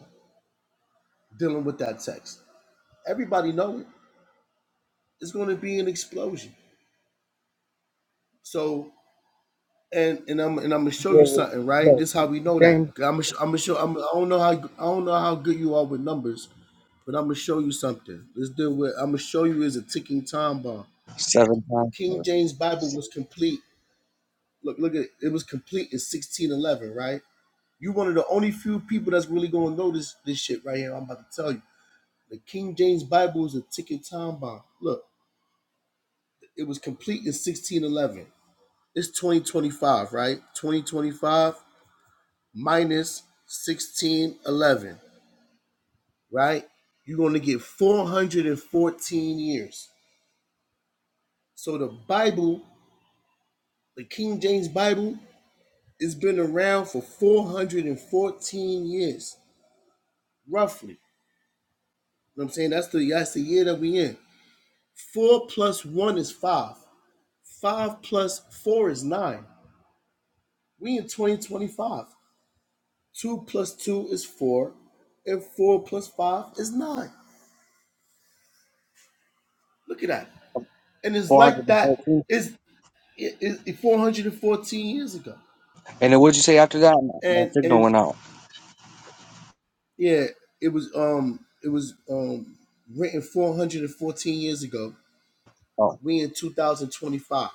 [SPEAKER 16] Dealing with that text, everybody know it. It's going to be an explosion. So. And, and I'm and I'm gonna show you something, right? This is how we know that. 'Cause I'm gonna sh- I'm gonna show I'm, I don't know how I don't know how good you are with numbers, but I'm gonna show you something. Let's deal with I'm gonna show you is a ticking time bomb.
[SPEAKER 15] Seven times,
[SPEAKER 16] King James Bible was complete. Look, look at it. It was complete in 1611, right? You are one of the only few people that's really gonna notice this shit right here. I'm about to tell you. The King James Bible is a ticking time bomb. Look, it was complete in 1611. It's 2025, right? 2025 minus 1611, right? You're gonna get 414 years. So the Bible, the King James Bible, It's been around for 414 years, roughly. You know what I'm saying? That's the that's the year that we in. Four plus one is five. Five plus four is nine. We in 2025. Two plus two is four. And four plus five is nine. Look at that. And it's
[SPEAKER 15] four
[SPEAKER 16] like
[SPEAKER 15] hundred and
[SPEAKER 16] that.
[SPEAKER 15] fourteen.
[SPEAKER 16] It's it, it, 414 years ago.
[SPEAKER 15] And then what'd you say after that? My, my
[SPEAKER 16] And
[SPEAKER 15] signal
[SPEAKER 16] and
[SPEAKER 15] went out.
[SPEAKER 16] yeah, it was um it was um written 414 years ago
[SPEAKER 15] Oh,
[SPEAKER 16] We in 2025,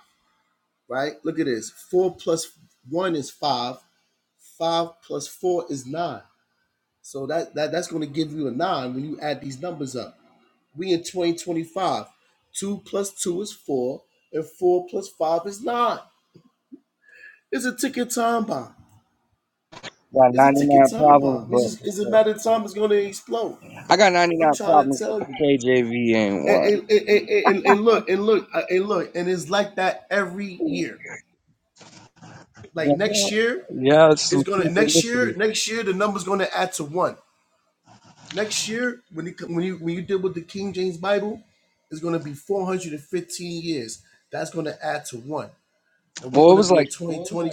[SPEAKER 16] right? Look at this. Four plus one is five. Five plus four is nine. So that, that that's going to give you a nine when you add these numbers up. We in 2025. Two plus two is four, and four plus five is nine. It's a ticket time bomb.
[SPEAKER 15] got
[SPEAKER 16] It's a
[SPEAKER 15] ninety
[SPEAKER 16] ticket
[SPEAKER 15] nine
[SPEAKER 16] time
[SPEAKER 15] problems,
[SPEAKER 16] bomb. It's
[SPEAKER 15] but,
[SPEAKER 16] just it's a matter
[SPEAKER 15] but
[SPEAKER 16] of time it's going to explode.
[SPEAKER 15] I got ninety
[SPEAKER 16] I'm
[SPEAKER 15] nine
[SPEAKER 16] trying to
[SPEAKER 15] problems, but
[SPEAKER 16] tell
[SPEAKER 15] the
[SPEAKER 16] you.
[SPEAKER 15] KJV ain't
[SPEAKER 16] And,
[SPEAKER 15] one.
[SPEAKER 16] and, and, and, and look, and look, uh, and look, and it's like that every year. Like
[SPEAKER 15] Yeah,
[SPEAKER 16] next year,
[SPEAKER 15] yeah, it's
[SPEAKER 16] It's
[SPEAKER 15] some
[SPEAKER 16] gonna next year.
[SPEAKER 15] synchronicity.
[SPEAKER 16] Next year, the number's gonna add to one. Next year, when you when you when you deal with the King James Bible, it's gonna be 415 years. That's gonna add to one, and we're
[SPEAKER 15] Well, it
[SPEAKER 16] gonna
[SPEAKER 15] was
[SPEAKER 16] be in
[SPEAKER 15] like,
[SPEAKER 16] 2020.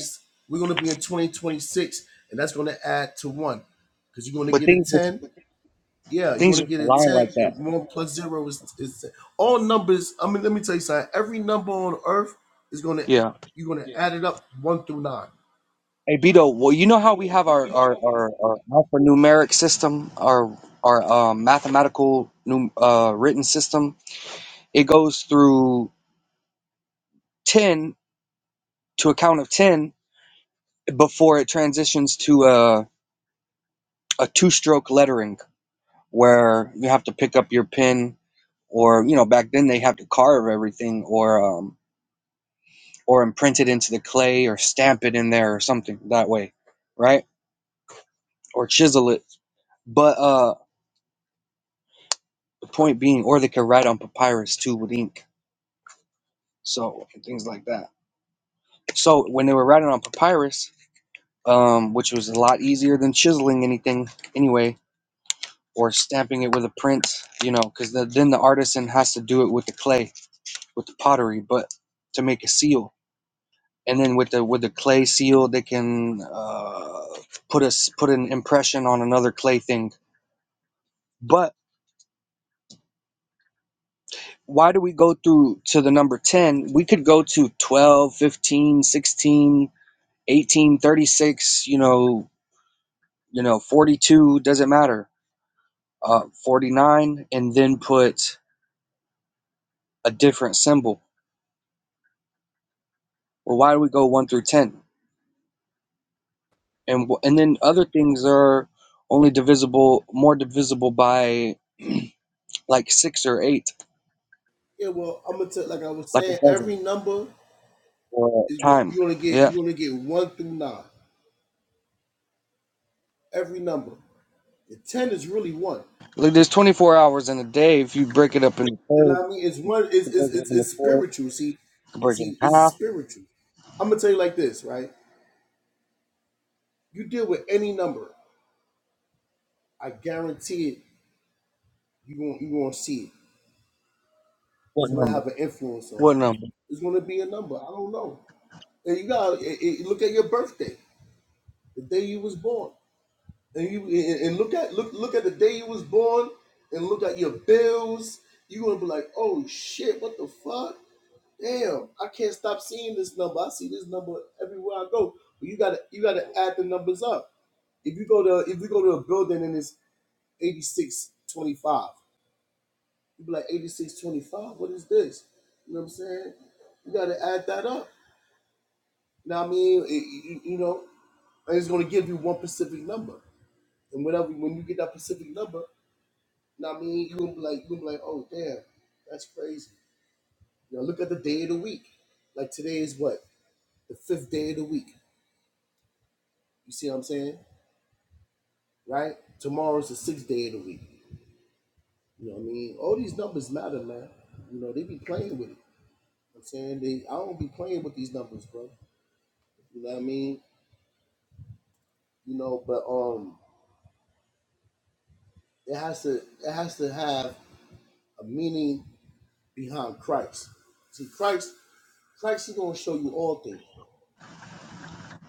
[SPEAKER 16] We're gonna be in 2026, and that's gonna add to one, because you're gonna
[SPEAKER 15] but
[SPEAKER 16] get a
[SPEAKER 15] things just
[SPEAKER 16] 10. Yeah, you're
[SPEAKER 15] things
[SPEAKER 16] gonna
[SPEAKER 15] just
[SPEAKER 16] get a
[SPEAKER 15] align
[SPEAKER 16] 10,
[SPEAKER 15] like
[SPEAKER 16] and
[SPEAKER 15] that.
[SPEAKER 16] one plus zero is is 10. all numbers. I mean, let me tell you something. Every number on earth is gonna
[SPEAKER 15] Yeah.
[SPEAKER 16] you're gonna yeah. add it up one through nine.
[SPEAKER 15] Hey Beto, well, you know
[SPEAKER 16] You
[SPEAKER 15] how we
[SPEAKER 16] know,
[SPEAKER 15] have our
[SPEAKER 16] you know
[SPEAKER 15] our
[SPEAKER 16] how we
[SPEAKER 15] our, our alphanumeric system, our our um, mathematical num- uh, written system. It goes through ten to a count of ten before it transitions to a a two-stroke lettering, where you have to pick up your pen, or you know back then they have to carve everything, or um or imprint it into the clay, or stamp it in there, or something that way, right? Or chisel it. But uh The point being, or they could write on papyrus too with ink, so and things like that. So when they were writing on papyrus, um, which was a lot easier than chiseling anything anyway, or stamping it with a print, you know, because the, then the artisan has to do it with the clay, with the pottery, but to make a seal, and then with the with the clay seal, they can uh, put us put an impression on another clay thing. But why do we go through to the number 10 we could go to 12, 15, sixteen. 18, 36. you know, you know, 42, doesn't matter, uh, 49, and then put a different symbol. Well, why do we go 1 through 10? And, and then other things are only divisible, more divisible by (clears throat) like six or eight,
[SPEAKER 16] Yeah, well, I'm gonna tell like I was
[SPEAKER 15] like a
[SPEAKER 16] saying,
[SPEAKER 15] dozen
[SPEAKER 16] every number
[SPEAKER 15] or
[SPEAKER 16] is going
[SPEAKER 15] time.
[SPEAKER 16] you're gonna get
[SPEAKER 15] Yeah.
[SPEAKER 16] you're gonna get one through nine. Every number. The ten is really one.
[SPEAKER 15] Like there's 24 hours in a day. If you break it up into
[SPEAKER 16] You know
[SPEAKER 15] thirds,
[SPEAKER 16] what I mean? It's one it's
[SPEAKER 15] you
[SPEAKER 16] it's
[SPEAKER 15] break it up
[SPEAKER 16] it's, it's
[SPEAKER 15] into fourths,
[SPEAKER 16] spiritual. See,
[SPEAKER 15] you break it in
[SPEAKER 16] see, it's
[SPEAKER 15] half,
[SPEAKER 16] spiritual. I'm gonna tell you like this, right? You deal with any number, I guarantee it, you going you gonna see it.
[SPEAKER 15] What
[SPEAKER 16] It's gonna
[SPEAKER 15] number?
[SPEAKER 16] have an influence on
[SPEAKER 15] what
[SPEAKER 16] you.
[SPEAKER 15] number?
[SPEAKER 16] It's gonna be a number. I don't know. And you gotta it, it- look at your birthday, the day you was born. and you and and look at look look at the day you was born and look at your bills, you gonna be like, oh shit, what the fuck? Damn, I can't stop seeing this number. I see this number everywhere I go. But you gotta you gotta add the numbers up. If you go to if you go to a building and it's 8625, you be like 8625, what is this? You know what I'm saying? You gotta add that up. Now I mean, it, you, you know, and it's gonna give you one specific number. And whatever when you get that specific number, Now, I mean, you gonna be like, you gonna be like, oh damn, that's crazy. You know, look at the day of the week. Like today is what the fifth day of the week. You see what I'm saying, right? Tomorrow's the sixth day of the week. You know what I mean? All these numbers matter, man. You know they be playing with it. You know what I'm saying they, I don't be playing with these numbers, bro. You know what I mean? You know, but um, it has to, it has to have a meaning behind Christ. See, Christ, Christ is gonna show you all things.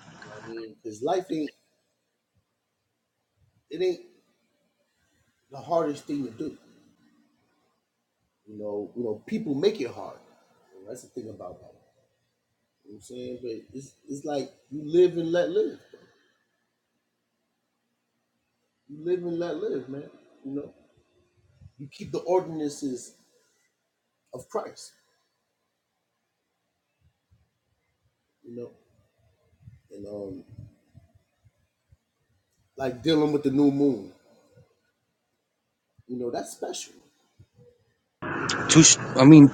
[SPEAKER 16] You know what I mean? Because life ain't, it ain't the hardest thing to do. You know, you know, people make it hard. And that's the thing about that. You know what I'm saying? But it's it's like you live and let live. bro. You live and let live, man. You know? You keep the ordinances of Christ, you know. And um like dealing with the new moon. You know, that's special.
[SPEAKER 15] Two, sh- I
[SPEAKER 16] You know,
[SPEAKER 15] mean,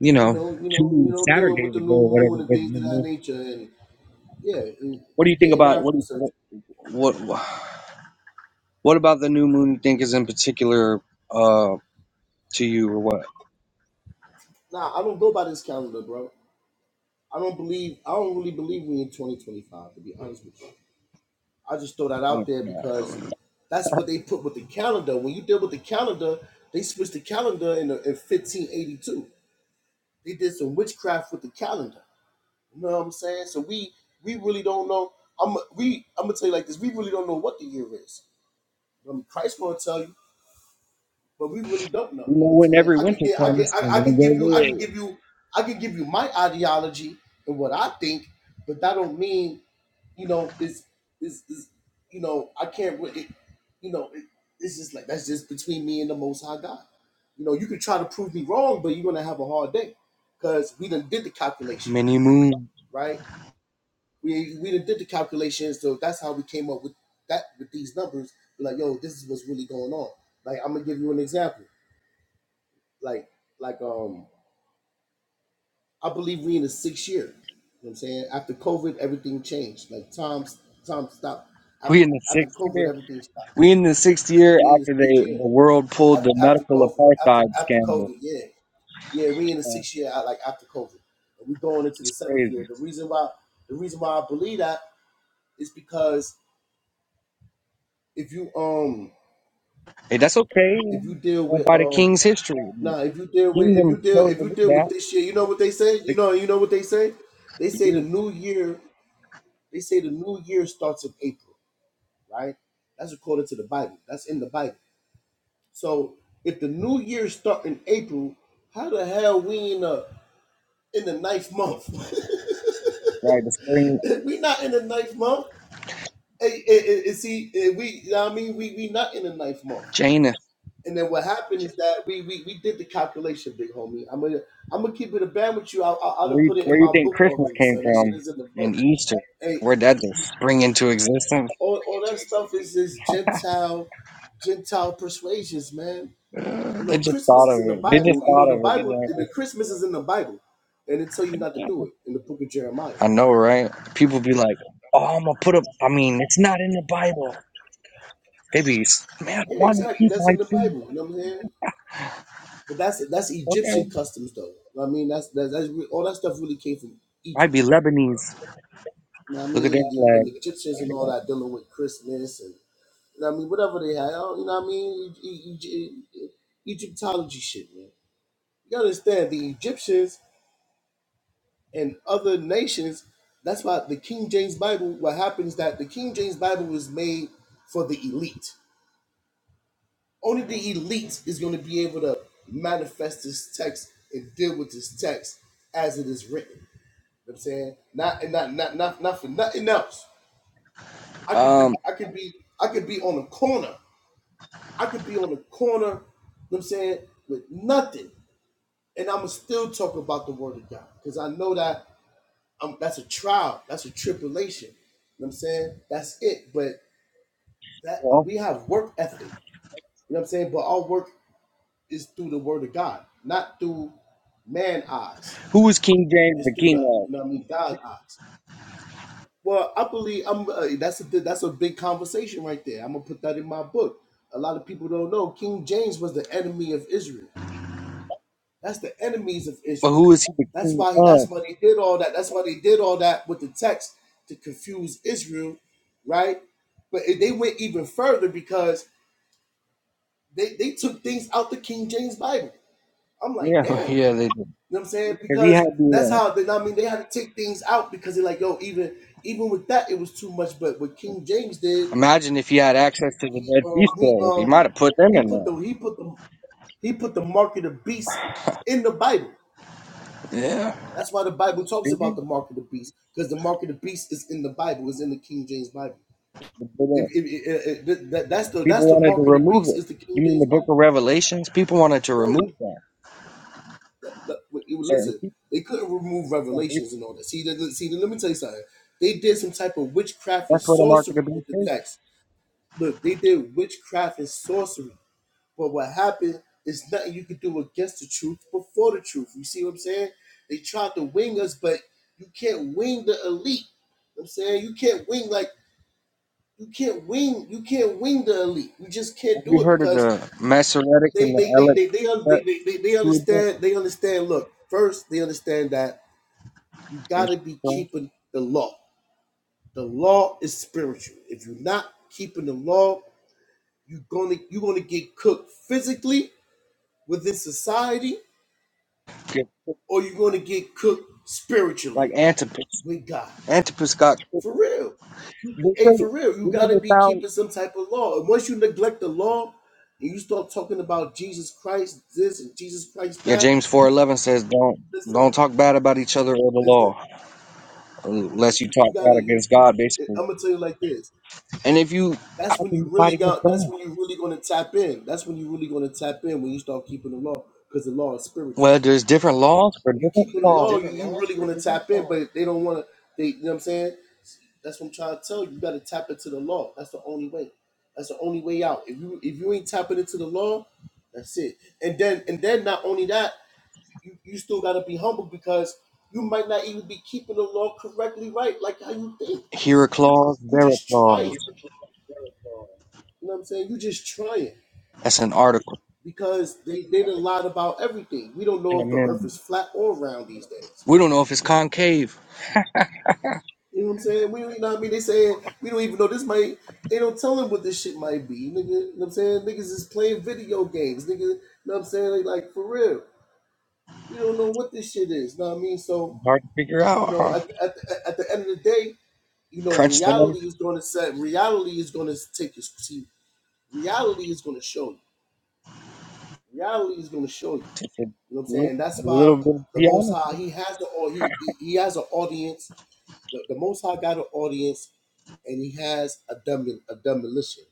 [SPEAKER 15] you
[SPEAKER 16] you
[SPEAKER 15] know,
[SPEAKER 16] know, you know, you
[SPEAKER 15] two
[SPEAKER 16] know, dealing with
[SPEAKER 15] Saturdays
[SPEAKER 16] the
[SPEAKER 15] ago
[SPEAKER 16] new
[SPEAKER 15] or whatever.
[SPEAKER 16] moon
[SPEAKER 15] it
[SPEAKER 16] and
[SPEAKER 15] was,
[SPEAKER 16] things
[SPEAKER 15] new
[SPEAKER 16] of that
[SPEAKER 15] moon.
[SPEAKER 16] nature and yeah, and
[SPEAKER 15] What do
[SPEAKER 16] you
[SPEAKER 15] you think
[SPEAKER 16] getting
[SPEAKER 15] about
[SPEAKER 16] that
[SPEAKER 15] what? do
[SPEAKER 16] research.
[SPEAKER 15] you- What? What, what about the new moon? You think is in particular uh, to you or what?
[SPEAKER 16] Nah, I don't go by this calendar, bro. I don't believe I don't really believe we in 2025 to be honest with you. I just throw that out there because that's what they put with the calendar. When you deal with the calendar, they switched the calendar in, in 1582. They did some witchcraft with the calendar. You know what I'm saying? So we we really don't know. I'm we I'm gonna tell you like this. We really don't know what the year is. Um, Christ gonna tell you. but we really don't know.
[SPEAKER 15] You know,
[SPEAKER 16] You know what I'm
[SPEAKER 15] when
[SPEAKER 16] saying
[SPEAKER 15] every
[SPEAKER 16] I can
[SPEAKER 15] winter
[SPEAKER 16] get I can
[SPEAKER 15] comes,
[SPEAKER 16] I,
[SPEAKER 15] I'm
[SPEAKER 16] I
[SPEAKER 15] gonna
[SPEAKER 16] can
[SPEAKER 15] go
[SPEAKER 16] give you I can
[SPEAKER 15] away.
[SPEAKER 16] give you I can give you my ideology and what I think, but that don't mean you know it's it's, is you know I can't re- it, you know it, it's just like that's just between me and the Most High God. You know you can try to prove me wrong, but you're gonna have a hard day because we done did the calculation,
[SPEAKER 15] Mini moon.
[SPEAKER 16] right? We we done did the calculation, so that's how we came up with that with these numbers. Like yo, this is what's really going on. Like I'm gonna give you an example like like um I believe we are in the sixth year. You know what I'm saying? After COVID, everything changed. Like Tom's Tom stopped. Af-
[SPEAKER 15] We in the
[SPEAKER 16] After
[SPEAKER 15] sixth
[SPEAKER 16] COVID,
[SPEAKER 15] year.
[SPEAKER 16] everything stopped.
[SPEAKER 15] We in the sixth year
[SPEAKER 16] We in the
[SPEAKER 15] after they
[SPEAKER 16] sixth year.
[SPEAKER 15] the world
[SPEAKER 16] Af-
[SPEAKER 15] pulled the
[SPEAKER 16] After
[SPEAKER 15] medical
[SPEAKER 16] COVID, after
[SPEAKER 15] apartheid
[SPEAKER 16] after
[SPEAKER 15] scandal.
[SPEAKER 16] COVID, yeah, yeah, we in the
[SPEAKER 15] Uh,
[SPEAKER 16] sixth year. uh, Like after COVID, and we going into the seventh
[SPEAKER 15] crazy.
[SPEAKER 16] year. The reason why the reason why I believe that is because if you um
[SPEAKER 15] Hey, that's okay.
[SPEAKER 16] if you deal
[SPEAKER 15] Going
[SPEAKER 16] with
[SPEAKER 15] by the king's
[SPEAKER 16] um
[SPEAKER 15] history,
[SPEAKER 16] nah if you deal with if you
[SPEAKER 15] kingdom
[SPEAKER 16] deal
[SPEAKER 15] chose
[SPEAKER 16] if
[SPEAKER 15] to
[SPEAKER 16] you
[SPEAKER 15] do
[SPEAKER 16] deal with
[SPEAKER 15] that
[SPEAKER 16] this year, you know what they say. You
[SPEAKER 15] six
[SPEAKER 16] know you know what they say. They say the
[SPEAKER 15] years
[SPEAKER 16] new year They say the new year starts in April, right? That's according to the Bible. That's in the Bible. So if the new year start in April, how the hell we in the in the ninth month?
[SPEAKER 15] by the spring.
[SPEAKER 16] (laughs) we not in the ninth month. Hey, hey, hey, hey, see, eh, we you know what I mean we we not in the ninth month. And then what happened is that we we, we did the calculation, big homie. I'm gonna I'm gonna keep it a band with you. I I, I done
[SPEAKER 15] Where you,
[SPEAKER 16] put it
[SPEAKER 15] where
[SPEAKER 16] in
[SPEAKER 15] you
[SPEAKER 16] my
[SPEAKER 15] think
[SPEAKER 16] book
[SPEAKER 15] Christmas
[SPEAKER 16] already,
[SPEAKER 15] came
[SPEAKER 16] so that shit
[SPEAKER 15] from
[SPEAKER 16] is in the book.
[SPEAKER 15] and Easter?
[SPEAKER 16] Hey,
[SPEAKER 15] Where'd that
[SPEAKER 16] you,
[SPEAKER 15] just spring into existence?
[SPEAKER 16] all, all that stuff is this
[SPEAKER 15] (laughs)
[SPEAKER 16] Gentile, Gentile persuasions, man. You
[SPEAKER 15] They
[SPEAKER 16] know,
[SPEAKER 15] just
[SPEAKER 16] Christmas
[SPEAKER 15] thought
[SPEAKER 16] is
[SPEAKER 15] of
[SPEAKER 16] in the
[SPEAKER 15] it. They just
[SPEAKER 16] Bible. You
[SPEAKER 15] thought
[SPEAKER 16] know, the
[SPEAKER 15] of it.
[SPEAKER 16] Bible,
[SPEAKER 15] You
[SPEAKER 16] the Christmas is in the Bible, and it tell you not to
[SPEAKER 15] know, just-
[SPEAKER 16] do it in the Book of Jeremiah.
[SPEAKER 15] I know, right? People be like, "Oh, I'm gonna put up." I mean, it's not in the Bible. They be, s- man, I
[SPEAKER 16] Yeah,
[SPEAKER 15] want to
[SPEAKER 16] exactly.
[SPEAKER 15] keep
[SPEAKER 16] That's
[SPEAKER 15] my
[SPEAKER 16] in the
[SPEAKER 15] truth.
[SPEAKER 16] Bible. You know what I'm saying? But that's that's Egyptian
[SPEAKER 15] Okay,
[SPEAKER 16] customs, though. I mean, that's that's, that's re- all that stuff really came from
[SPEAKER 15] I'd
[SPEAKER 16] Egypt,
[SPEAKER 15] be
[SPEAKER 16] bro.
[SPEAKER 15] Lebanese.
[SPEAKER 16] You know what I
[SPEAKER 15] Look at their
[SPEAKER 16] mean? The, the Egyptians and all
[SPEAKER 15] flag.
[SPEAKER 16] that dealing with Christmas and you know what I mean, whatever they had. oh, You know what I mean? E- e- e- E, Egyptology shit, man. You gotta understand the Egyptians. and other nations. That's why the King James Bible, what happens that the King James Bible was made for the elite. Only the elite is going to be able to manifest this text and deal with this text as it is written. You know what I'm saying? Not and not not not not for nothing else. I could be
[SPEAKER 15] Um,
[SPEAKER 16] I could be I could be on a corner. I could be on a corner, you know what I'm saying, with nothing. And I'ma still talk about the word of God. Because I know that um, that's a trial. That's a tribulation. You know what I'm saying? That's it. But that
[SPEAKER 15] well,
[SPEAKER 16] we have work ethic. You know what I'm saying? But our work is through the word of God, not through man eyes.
[SPEAKER 15] who was King James
[SPEAKER 16] It's
[SPEAKER 15] the
[SPEAKER 16] through the
[SPEAKER 15] king of?
[SPEAKER 16] you know what I mean God eyes. Well, I believe I'm. Uh, that's a that's a big conversation right there. I'm gonna put that in my book. A lot of people don't know King James was the enemy of Israel. That's the enemies of
[SPEAKER 15] But
[SPEAKER 16] Israel.
[SPEAKER 15] who is he the
[SPEAKER 16] That's
[SPEAKER 15] king
[SPEAKER 16] why that's
[SPEAKER 15] of?
[SPEAKER 16] why they did all that. That's why they did all that with the text to confuse Israel, right? But it- they went even further because they, they took things out the King James Bible. I'm like, damn. You
[SPEAKER 15] Yeah, (laughs) yeah,
[SPEAKER 16] know
[SPEAKER 15] they do.
[SPEAKER 16] what I'm saying?
[SPEAKER 15] Because he
[SPEAKER 16] Because
[SPEAKER 15] had the
[SPEAKER 16] that's
[SPEAKER 15] uh,
[SPEAKER 16] how they, I mean they had to take things out because they're like, yo, even even with that it was too much. But what King James did,
[SPEAKER 15] Imagine if he had access to the
[SPEAKER 16] he
[SPEAKER 15] Dead Sea
[SPEAKER 16] um he
[SPEAKER 15] Scrolls. He might
[SPEAKER 16] um
[SPEAKER 15] have put them
[SPEAKER 16] he
[SPEAKER 15] in
[SPEAKER 16] put the
[SPEAKER 15] there.
[SPEAKER 16] he put the he put the mark of the beast in the Bible.
[SPEAKER 15] Yeah.
[SPEAKER 16] That's why the Bible talks
[SPEAKER 15] Maybe.
[SPEAKER 16] about the mark of the beast, because the mark of the beast is in the Bible, is in the King James Bible. If, if, if- if- that, that's the that's
[SPEAKER 15] People
[SPEAKER 16] the
[SPEAKER 15] wanted to
[SPEAKER 16] mark of the
[SPEAKER 15] remove
[SPEAKER 16] beast
[SPEAKER 15] it.
[SPEAKER 16] is the King
[SPEAKER 15] You mean
[SPEAKER 16] James
[SPEAKER 15] the Book of
[SPEAKER 16] Bible.
[SPEAKER 15] Revelations? People wanted to
[SPEAKER 16] I'm telling you,
[SPEAKER 15] remove that.
[SPEAKER 16] Look, look,
[SPEAKER 15] Certain
[SPEAKER 16] listen.
[SPEAKER 15] people.
[SPEAKER 16] They couldn't remove
[SPEAKER 15] And they-
[SPEAKER 16] revelations and all that. See, that see, let me tell you something. They did some type of witchcraft and
[SPEAKER 15] That's where the mark of the
[SPEAKER 16] sorcery with
[SPEAKER 15] beast
[SPEAKER 16] the
[SPEAKER 15] is.
[SPEAKER 16] text. Look, they did witchcraft and sorcery. But what happened is nothing you could do against the truth before the truth. You see what I'm saying? They tried to wing us, but you can't wing the elite. You know what I'm saying you can't wing like you can't wing you can't wing the elite. You just can't
[SPEAKER 15] Have
[SPEAKER 16] do
[SPEAKER 15] you
[SPEAKER 16] it
[SPEAKER 15] heard of
[SPEAKER 16] because
[SPEAKER 15] the Masoretic and
[SPEAKER 16] they
[SPEAKER 15] the
[SPEAKER 16] they they they they they,
[SPEAKER 15] Alexet?
[SPEAKER 16] they, they, they understand they understand. Look, first they understand that you got
[SPEAKER 15] Yes.
[SPEAKER 16] to be
[SPEAKER 15] So,
[SPEAKER 16] keeping the law. The law is spiritual. If you're not keeping the law, you're gonna you're gonna get cooked physically within society
[SPEAKER 15] yeah,
[SPEAKER 16] or you're going to get cooked
[SPEAKER 15] Like
[SPEAKER 16] spiritually
[SPEAKER 15] Antipas.
[SPEAKER 16] with God.
[SPEAKER 15] Antipas got.
[SPEAKER 16] For real.
[SPEAKER 15] They say,
[SPEAKER 16] Hey, for real, you
[SPEAKER 15] you
[SPEAKER 16] got
[SPEAKER 15] know,
[SPEAKER 16] to
[SPEAKER 15] they
[SPEAKER 16] be
[SPEAKER 15] found.
[SPEAKER 16] keeping some type of law. And once you neglect the law and you start talking about Jesus Christ this and Jesus Christ
[SPEAKER 15] Yeah,
[SPEAKER 16] that,
[SPEAKER 15] James four eleven says don't
[SPEAKER 16] listen,
[SPEAKER 15] don't talk bad about each other or the
[SPEAKER 16] listen,
[SPEAKER 15] law unless you
[SPEAKER 16] you
[SPEAKER 15] talk
[SPEAKER 16] got
[SPEAKER 15] bad
[SPEAKER 16] to, you,
[SPEAKER 15] against
[SPEAKER 16] you,
[SPEAKER 15] God, basically.
[SPEAKER 16] I'm going to tell you like this.
[SPEAKER 15] And if you, how
[SPEAKER 16] That's when
[SPEAKER 15] can
[SPEAKER 16] you
[SPEAKER 15] you fight
[SPEAKER 16] really
[SPEAKER 15] against
[SPEAKER 16] got, that's
[SPEAKER 15] that?
[SPEAKER 16] when you really going to tap in. That's when you really going to tap in when you start keeping the law because the law is spiritual.
[SPEAKER 15] Well, there's different laws for
[SPEAKER 16] When you
[SPEAKER 15] different
[SPEAKER 16] keep it
[SPEAKER 15] laws.
[SPEAKER 16] alone, you, you really want to tap in, but they don't want to. They, you know what I'm saying? That's what I'm trying to tell you. You got to tap into the law. That's the only way. That's the only way out. If you if you ain't tapping into the law, that's it. And then and then not only that, you, you still got to be humble because you might not even be keeping the law correctly right, like how you think.
[SPEAKER 15] Here a clause,
[SPEAKER 16] You
[SPEAKER 15] there a
[SPEAKER 16] just trying. You
[SPEAKER 15] clause.
[SPEAKER 16] know what I'm saying? You just trying
[SPEAKER 15] That's an article,
[SPEAKER 16] because they they did a lot about everything. We don't know
[SPEAKER 15] an
[SPEAKER 16] if the earth
[SPEAKER 15] amendment.
[SPEAKER 16] is flat or round these days.
[SPEAKER 15] We don't know if it's concave.
[SPEAKER 16] You know what I'm saying? We, you know what I mean? They saying we don't even know this might. They don't tell them what this shit might be. Nigga, you know what I'm saying? Niggas is playing video games. Nigga, you know what I'm saying? Like, like, for real. We don't know what this shit is. You know what I mean? So,
[SPEAKER 15] Hard to figure
[SPEAKER 16] you
[SPEAKER 15] out,
[SPEAKER 16] know,
[SPEAKER 15] huh?
[SPEAKER 16] at, at, at the end of the day, you know,
[SPEAKER 15] Crunch the numbers.
[SPEAKER 16] reality is going to set, reality is going to take you. See, reality is going to show you. Reality is going to show you.
[SPEAKER 15] It's a
[SPEAKER 16] You know what I'm
[SPEAKER 15] little,
[SPEAKER 16] saying?
[SPEAKER 15] a
[SPEAKER 16] That's why
[SPEAKER 15] little bit of
[SPEAKER 16] the Most
[SPEAKER 15] geometry.
[SPEAKER 16] High, he has the, au- he, he, he has an audience The, the Most High got an audience and he has a, demol- a demolition.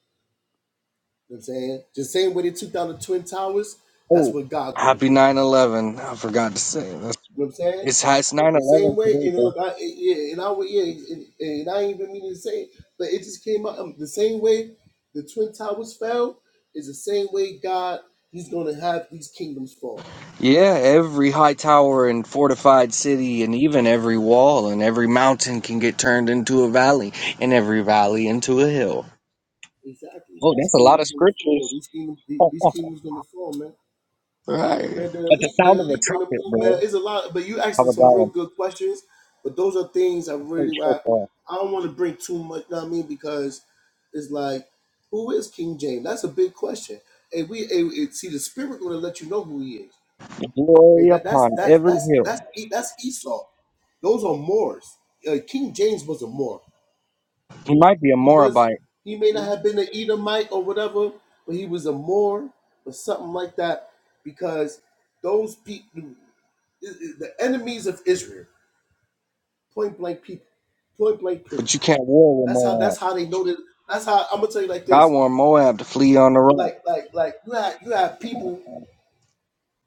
[SPEAKER 16] You know what I'm saying? The same way they took down the Twin Towers, that's
[SPEAKER 15] Oh,
[SPEAKER 16] what God gonna
[SPEAKER 15] happy
[SPEAKER 16] do. You know
[SPEAKER 15] nine eleven. I forgot to say that.
[SPEAKER 16] what I'm saying?
[SPEAKER 15] It's hi- it's nine
[SPEAKER 16] The same
[SPEAKER 15] eleven
[SPEAKER 16] way,
[SPEAKER 15] today,
[SPEAKER 16] and
[SPEAKER 15] bro.
[SPEAKER 16] look, I, yeah, and I would, yeah, and, and I ain't even meaning to say it, but it just came out um, the same way the Twin Towers fell is the same way God, he's gonna have these kingdoms fall.
[SPEAKER 15] Yeah, every high tower and fortified city, and even every wall and every mountain can get turned into a valley, and every valley into a hill.
[SPEAKER 16] Exactly.
[SPEAKER 15] Oh,
[SPEAKER 16] These
[SPEAKER 15] that's a lot of
[SPEAKER 16] kingdoms gonna fall.
[SPEAKER 15] scriptures.
[SPEAKER 16] These kingdoms, these kingdoms gonna fall, man.
[SPEAKER 15] Right.
[SPEAKER 16] Yeah, man, the
[SPEAKER 15] At the
[SPEAKER 16] elite,
[SPEAKER 15] sound
[SPEAKER 16] the
[SPEAKER 15] of a
[SPEAKER 16] elite on the
[SPEAKER 15] trumpet,
[SPEAKER 16] move, man.
[SPEAKER 15] bro.
[SPEAKER 16] It's a lot, but you
[SPEAKER 15] How
[SPEAKER 16] asked some real
[SPEAKER 15] about
[SPEAKER 16] good questions. But those are things I
[SPEAKER 15] a great
[SPEAKER 16] really, I,
[SPEAKER 15] shofar?
[SPEAKER 16] I don't want to bring too much. know what I mean, because it's like, who is King James? That's a big question. And we, and, and see, the spirit gonna let you know who he is. Like
[SPEAKER 15] Glory
[SPEAKER 16] that, that's
[SPEAKER 15] upon
[SPEAKER 16] that's
[SPEAKER 15] every
[SPEAKER 16] that's
[SPEAKER 15] hill.
[SPEAKER 16] that's E- that's Esau. Those are Moors. Uh, King James was a Moor.
[SPEAKER 15] He might be a
[SPEAKER 16] He was.
[SPEAKER 15] Moabite,
[SPEAKER 16] He may not have been an Edomite or whatever, but he was a Moor or something like that, because those people the enemies of Israel, point blank people, point blank period.
[SPEAKER 15] but you can't war with
[SPEAKER 16] That's how that's
[SPEAKER 15] Moab.
[SPEAKER 16] how they know that. That's how I'm gonna tell you like this.
[SPEAKER 15] God warned Moab to flee on the rock.
[SPEAKER 16] Like like like you had you had people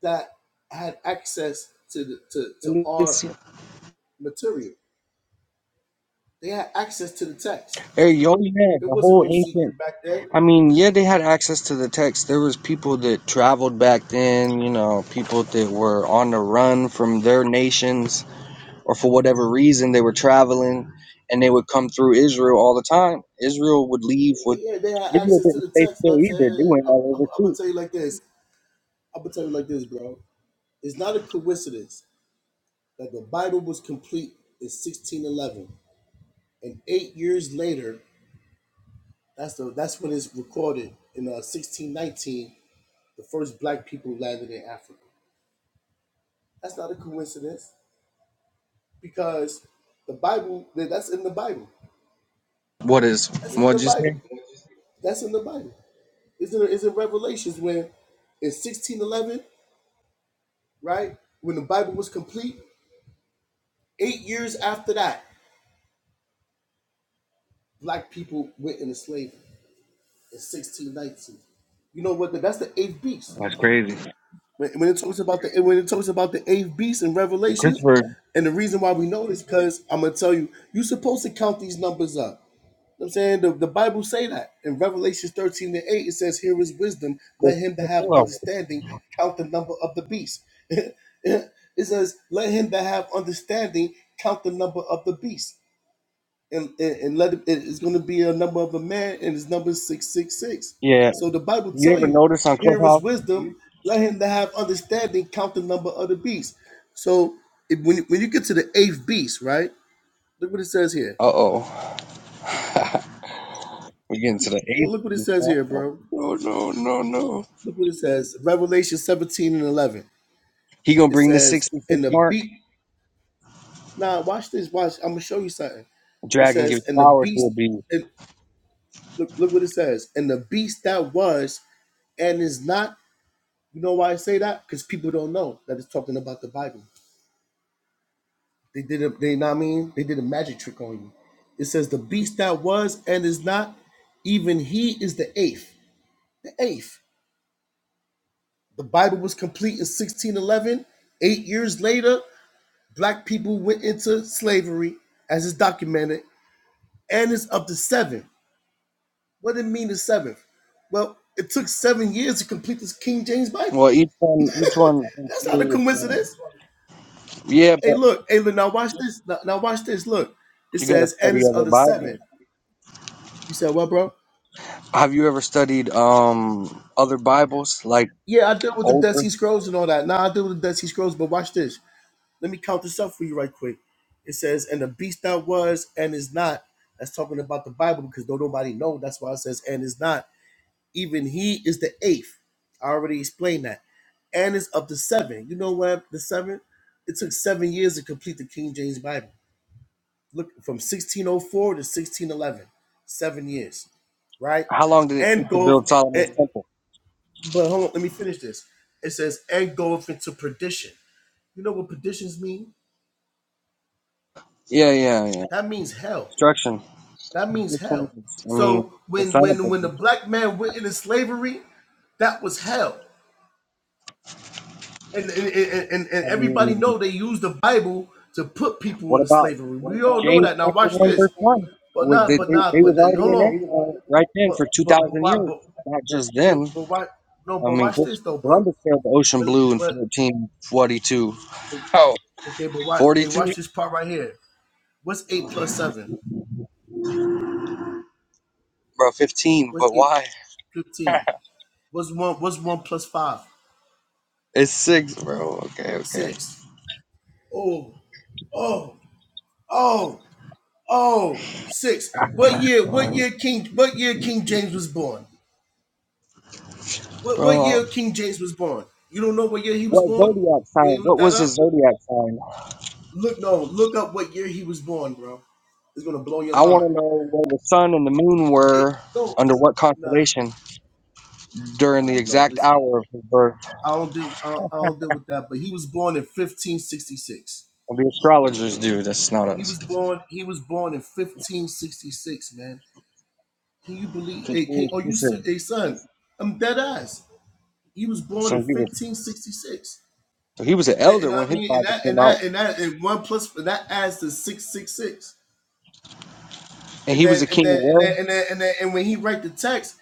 [SPEAKER 16] that had access to the, to to our
[SPEAKER 15] Listen,
[SPEAKER 16] material. They had access to the text.
[SPEAKER 15] hey, you only had
[SPEAKER 16] There
[SPEAKER 15] the
[SPEAKER 16] wasn't
[SPEAKER 15] whole
[SPEAKER 16] no
[SPEAKER 15] ancient.
[SPEAKER 16] secret back then.
[SPEAKER 15] I mean, yeah, they had access to the text. There was people that traveled back then. You know, people that were on the run from their nations. or for whatever reason they were traveling and they would come through Israel all the time. Israel would leave with
[SPEAKER 16] Yeah, yeah they had
[SPEAKER 15] Israel
[SPEAKER 16] access to
[SPEAKER 15] didn't
[SPEAKER 16] the
[SPEAKER 15] stay
[SPEAKER 16] text. I'm
[SPEAKER 15] still either. They
[SPEAKER 16] saying
[SPEAKER 15] went all
[SPEAKER 16] I'm,
[SPEAKER 15] over
[SPEAKER 16] I'm gonna
[SPEAKER 15] too.
[SPEAKER 16] tell you like this. I'm gonna tell you like this, bro. It's not a coincidence that the Bible was complete in 1611, and eight years later That's the that's when it's recorded in uh, 1619. The first black people landed in Africa. That's not a coincidence because the Bible that- that's in the Bible.
[SPEAKER 15] what is
[SPEAKER 16] That's in
[SPEAKER 15] what
[SPEAKER 16] the
[SPEAKER 15] just
[SPEAKER 16] Bible. That's in the Bible. Is it is it Revelations when in 1611, right when the Bible was complete? Eight years after that, black people went into slavery in 1619. You know what? That's the eighth beast.
[SPEAKER 15] Yeah.
[SPEAKER 16] When, when it talks about the when it talks about the eighth beast in Revelations,
[SPEAKER 15] Christopher,
[SPEAKER 16] and the reason why we know this because I'm gonna tell you, you're supposed to count these numbers up. You know what I'm saying the, the Bible say that in Revelations 13 and 8, it says, Here is wisdom, let him that
[SPEAKER 15] Christopher
[SPEAKER 16] have understanding count the number of the beast. (laughs) it says, Let him that have understanding count the number of the beast and, and, and let it, it's going to be a number of a man and his number is 666
[SPEAKER 15] Yeah.
[SPEAKER 16] so the bible
[SPEAKER 15] You
[SPEAKER 16] tell
[SPEAKER 15] ever
[SPEAKER 16] you
[SPEAKER 15] notice on
[SPEAKER 16] here is
[SPEAKER 15] Clubhouse?
[SPEAKER 16] wisdom let him that have understanding count the number of the beast so if, when, when you get to the eighth beast right look what it says here
[SPEAKER 15] uh oh. (laughs) we getting to the
[SPEAKER 16] look what it
[SPEAKER 15] eighth.
[SPEAKER 16] says here
[SPEAKER 15] Oh,
[SPEAKER 16] bro
[SPEAKER 15] No no no no.
[SPEAKER 16] look what it says revelation 17 and 11
[SPEAKER 15] He gonna
[SPEAKER 16] it
[SPEAKER 15] bring the
[SPEAKER 16] says
[SPEAKER 15] sixty six
[SPEAKER 16] and the
[SPEAKER 15] mark?
[SPEAKER 16] beast Nah, watch this watch i'm going to show you something it
[SPEAKER 15] Dragon
[SPEAKER 16] says
[SPEAKER 15] gives
[SPEAKER 16] and the
[SPEAKER 15] power to
[SPEAKER 16] beast
[SPEAKER 15] a beast.
[SPEAKER 16] and look, look what it says and the beast that was and is not You know why I say that? Because people don't know that it's talking about the Bible. They did a they know what I mean they did a magic trick on you. It says the beast that was and is not, even he is the eighth. The eighth. The Bible was complete in 1611. Eight years later, black people went into slavery, as is documented, and it's up to seven. What did it mean the seventh? Well, it took seven years to complete this King James Bible.
[SPEAKER 15] Well each one, each one is
[SPEAKER 16] That's not a
[SPEAKER 15] inferior to him.
[SPEAKER 16] coincidence.
[SPEAKER 15] yeah,
[SPEAKER 16] Hey, look. Hey, look. Now watch this. Now, now watch this. Look, it
[SPEAKER 15] You got to
[SPEAKER 16] says, "And
[SPEAKER 15] study
[SPEAKER 16] his
[SPEAKER 15] other
[SPEAKER 16] other
[SPEAKER 15] Bible.
[SPEAKER 16] seven. You said what, bro?
[SPEAKER 15] Have you ever studied um other Bibles like
[SPEAKER 16] Yeah, I deal with the Dead
[SPEAKER 15] older?
[SPEAKER 16] Sea Scrolls and all that. Now I deal with the Dead Sea Scrolls, but watch this. Let me count this up for you right quick. It says, "And the beast that was and is not." That's talking about the Bible because though nobody know, that's why it says, "And is not." Even he is the eighth. I already explained that. And is of the seven. You know what? The seven. It took seven years to complete the King James Bible. look from 1604 to 1611 seven years right
[SPEAKER 15] How long did it
[SPEAKER 16] and
[SPEAKER 15] take to
[SPEAKER 16] go
[SPEAKER 15] build Solomon's
[SPEAKER 16] and,
[SPEAKER 15] temple?
[SPEAKER 16] but hold on let me finish this it says and go into perdition you know what perditions mean
[SPEAKER 15] Yeah, yeah, yeah.
[SPEAKER 16] that means hell
[SPEAKER 15] Construction.
[SPEAKER 16] that means
[SPEAKER 15] Which one
[SPEAKER 16] hell
[SPEAKER 15] is- I mean,
[SPEAKER 16] so
[SPEAKER 15] the
[SPEAKER 16] when
[SPEAKER 15] son of
[SPEAKER 16] when when the
[SPEAKER 15] a.
[SPEAKER 16] black man went into slavery that was hell and and, and, and,
[SPEAKER 15] I
[SPEAKER 16] everybody
[SPEAKER 15] mean,
[SPEAKER 16] know they used the bible to put people
[SPEAKER 15] what
[SPEAKER 16] into
[SPEAKER 15] about
[SPEAKER 16] slavery we all know
[SPEAKER 15] James
[SPEAKER 16] that now
[SPEAKER 15] chapter
[SPEAKER 16] watch
[SPEAKER 15] one
[SPEAKER 16] this
[SPEAKER 15] verse one?
[SPEAKER 16] but
[SPEAKER 15] Was
[SPEAKER 16] not
[SPEAKER 15] they, they,
[SPEAKER 16] but not
[SPEAKER 15] they
[SPEAKER 16] but
[SPEAKER 15] was
[SPEAKER 16] then,
[SPEAKER 15] already
[SPEAKER 16] hold
[SPEAKER 15] in
[SPEAKER 16] on
[SPEAKER 15] exile right then for
[SPEAKER 16] but
[SPEAKER 15] two
[SPEAKER 16] but but
[SPEAKER 15] thousand
[SPEAKER 16] why
[SPEAKER 15] years?
[SPEAKER 16] but
[SPEAKER 15] Not just
[SPEAKER 16] you
[SPEAKER 15] then.
[SPEAKER 16] but why no
[SPEAKER 15] I
[SPEAKER 16] but
[SPEAKER 15] mean,
[SPEAKER 16] watch this
[SPEAKER 15] Christopher
[SPEAKER 16] though bro
[SPEAKER 15] Columbus sailed the ocean
[SPEAKER 16] but
[SPEAKER 15] blue in
[SPEAKER 16] but,
[SPEAKER 15] fourteen forty two.
[SPEAKER 16] but
[SPEAKER 15] Oh,
[SPEAKER 16] okay but why
[SPEAKER 15] Forty
[SPEAKER 16] hey
[SPEAKER 15] two,
[SPEAKER 16] watch this part right here what's eight plus seven
[SPEAKER 15] bro. Fifteen,
[SPEAKER 16] what's
[SPEAKER 15] but
[SPEAKER 16] eight
[SPEAKER 15] why? (laughs)
[SPEAKER 16] 15 what's one what's one plus five?
[SPEAKER 15] It's six, bro. Okay, okay,
[SPEAKER 16] Six. plus five six oh oh oh oh six what year what year king what year king james was born what what
[SPEAKER 15] bro.
[SPEAKER 16] year king james was born you don't know what year he was
[SPEAKER 15] What
[SPEAKER 16] born
[SPEAKER 15] zodiac
[SPEAKER 16] you
[SPEAKER 15] sign?
[SPEAKER 16] ain't look
[SPEAKER 15] What
[SPEAKER 16] that
[SPEAKER 15] was his
[SPEAKER 16] up
[SPEAKER 15] zodiac sign?
[SPEAKER 16] look no look up what year he was born bro it's gonna blow your
[SPEAKER 15] I
[SPEAKER 16] mind
[SPEAKER 15] want to know where the sun and the moon
[SPEAKER 16] it,
[SPEAKER 15] were
[SPEAKER 16] no
[SPEAKER 15] under what
[SPEAKER 16] Nah.
[SPEAKER 15] constellation during the
[SPEAKER 16] Alright, no,
[SPEAKER 15] exact
[SPEAKER 16] listen.
[SPEAKER 15] hour of his birth.
[SPEAKER 16] I don't deal. I don't, I don't deal with that. But he was born in 1566.
[SPEAKER 15] Well, the astrologers do. That's not
[SPEAKER 16] He
[SPEAKER 15] us.
[SPEAKER 16] was born. He was born in 1566, man. Can you believe? Hey, can,
[SPEAKER 15] Continue to
[SPEAKER 16] are you ser-
[SPEAKER 15] listen.
[SPEAKER 16] hey son? I'm dead ass. He was born
[SPEAKER 15] So
[SPEAKER 16] in
[SPEAKER 15] he was
[SPEAKER 16] 1566,
[SPEAKER 15] so he was an
[SPEAKER 16] and,
[SPEAKER 15] elder
[SPEAKER 16] and
[SPEAKER 15] when
[SPEAKER 16] I
[SPEAKER 15] his
[SPEAKER 16] mean, and
[SPEAKER 15] Bible
[SPEAKER 16] that, and
[SPEAKER 15] came out,
[SPEAKER 16] that, and that, and one plus and that adds to 666.
[SPEAKER 15] and
[SPEAKER 16] And
[SPEAKER 15] he was
[SPEAKER 16] then,
[SPEAKER 15] a
[SPEAKER 16] and
[SPEAKER 15] king of
[SPEAKER 16] then, and
[SPEAKER 15] where?
[SPEAKER 16] then, and then, and, then, and when he write the text,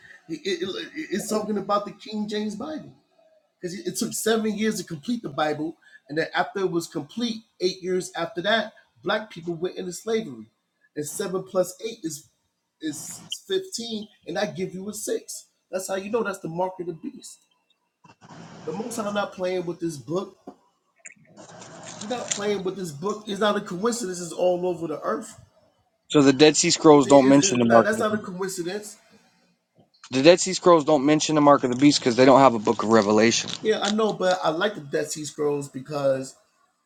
[SPEAKER 16] it, it- it's talking about the King James Bible. because it took seven years to complete the Bible, and then after it was complete, eight years after that, black people went into slavery, and seven plus eight is is fifteen, and I give you a six. That's how you know that's the mark of the beast. The Most High not playing with this book. He's not playing with this book. It's not a coincidence. It's all over the earth.
[SPEAKER 15] So the Dead Sea
[SPEAKER 16] It's,
[SPEAKER 15] Scrolls don't
[SPEAKER 16] it's,
[SPEAKER 15] mention
[SPEAKER 16] it's
[SPEAKER 15] the
[SPEAKER 16] not,
[SPEAKER 15] mark of
[SPEAKER 16] that's
[SPEAKER 15] the
[SPEAKER 16] not a
[SPEAKER 15] beast.
[SPEAKER 16] coincidence.
[SPEAKER 15] The Dead Sea Scrolls don't mention the mark of the beast because they don't have a book of Revelation.
[SPEAKER 16] Yeah, I know, but I like the Dead Sea Scrolls because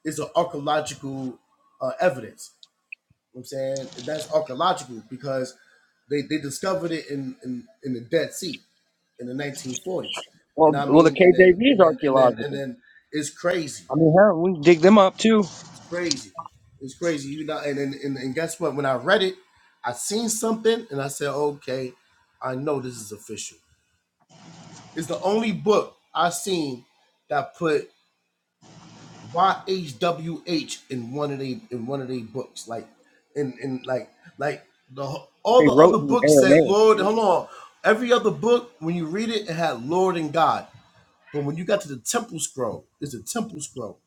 [SPEAKER 16] it's an archaeological uh, evidence I'm saying that's archaeological because they, they discovered it in, in, in the Dead Sea in the 1940s. And
[SPEAKER 15] Well,
[SPEAKER 16] I
[SPEAKER 15] well, the
[SPEAKER 16] mean, and then
[SPEAKER 15] KJV
[SPEAKER 16] and
[SPEAKER 15] is
[SPEAKER 16] then and then and
[SPEAKER 15] archaeological.
[SPEAKER 16] then it's crazy.
[SPEAKER 15] I mean, hell, we can dig them up too.
[SPEAKER 16] It's crazy. It's crazy. You know, and and, and, and guess what? When I read it, I seen something and I said, okay, I know this is official. It's the only book I seen that put YHWH in one of the in one of the books, like in in like like the all
[SPEAKER 15] They
[SPEAKER 16] the
[SPEAKER 15] wrote
[SPEAKER 16] other
[SPEAKER 15] in
[SPEAKER 16] books said
[SPEAKER 15] Aramaic.
[SPEAKER 16] Lord. Hold on, every other book when you read it, it had Lord and God, but when you got to the Temple Scroll, it's a Temple Scroll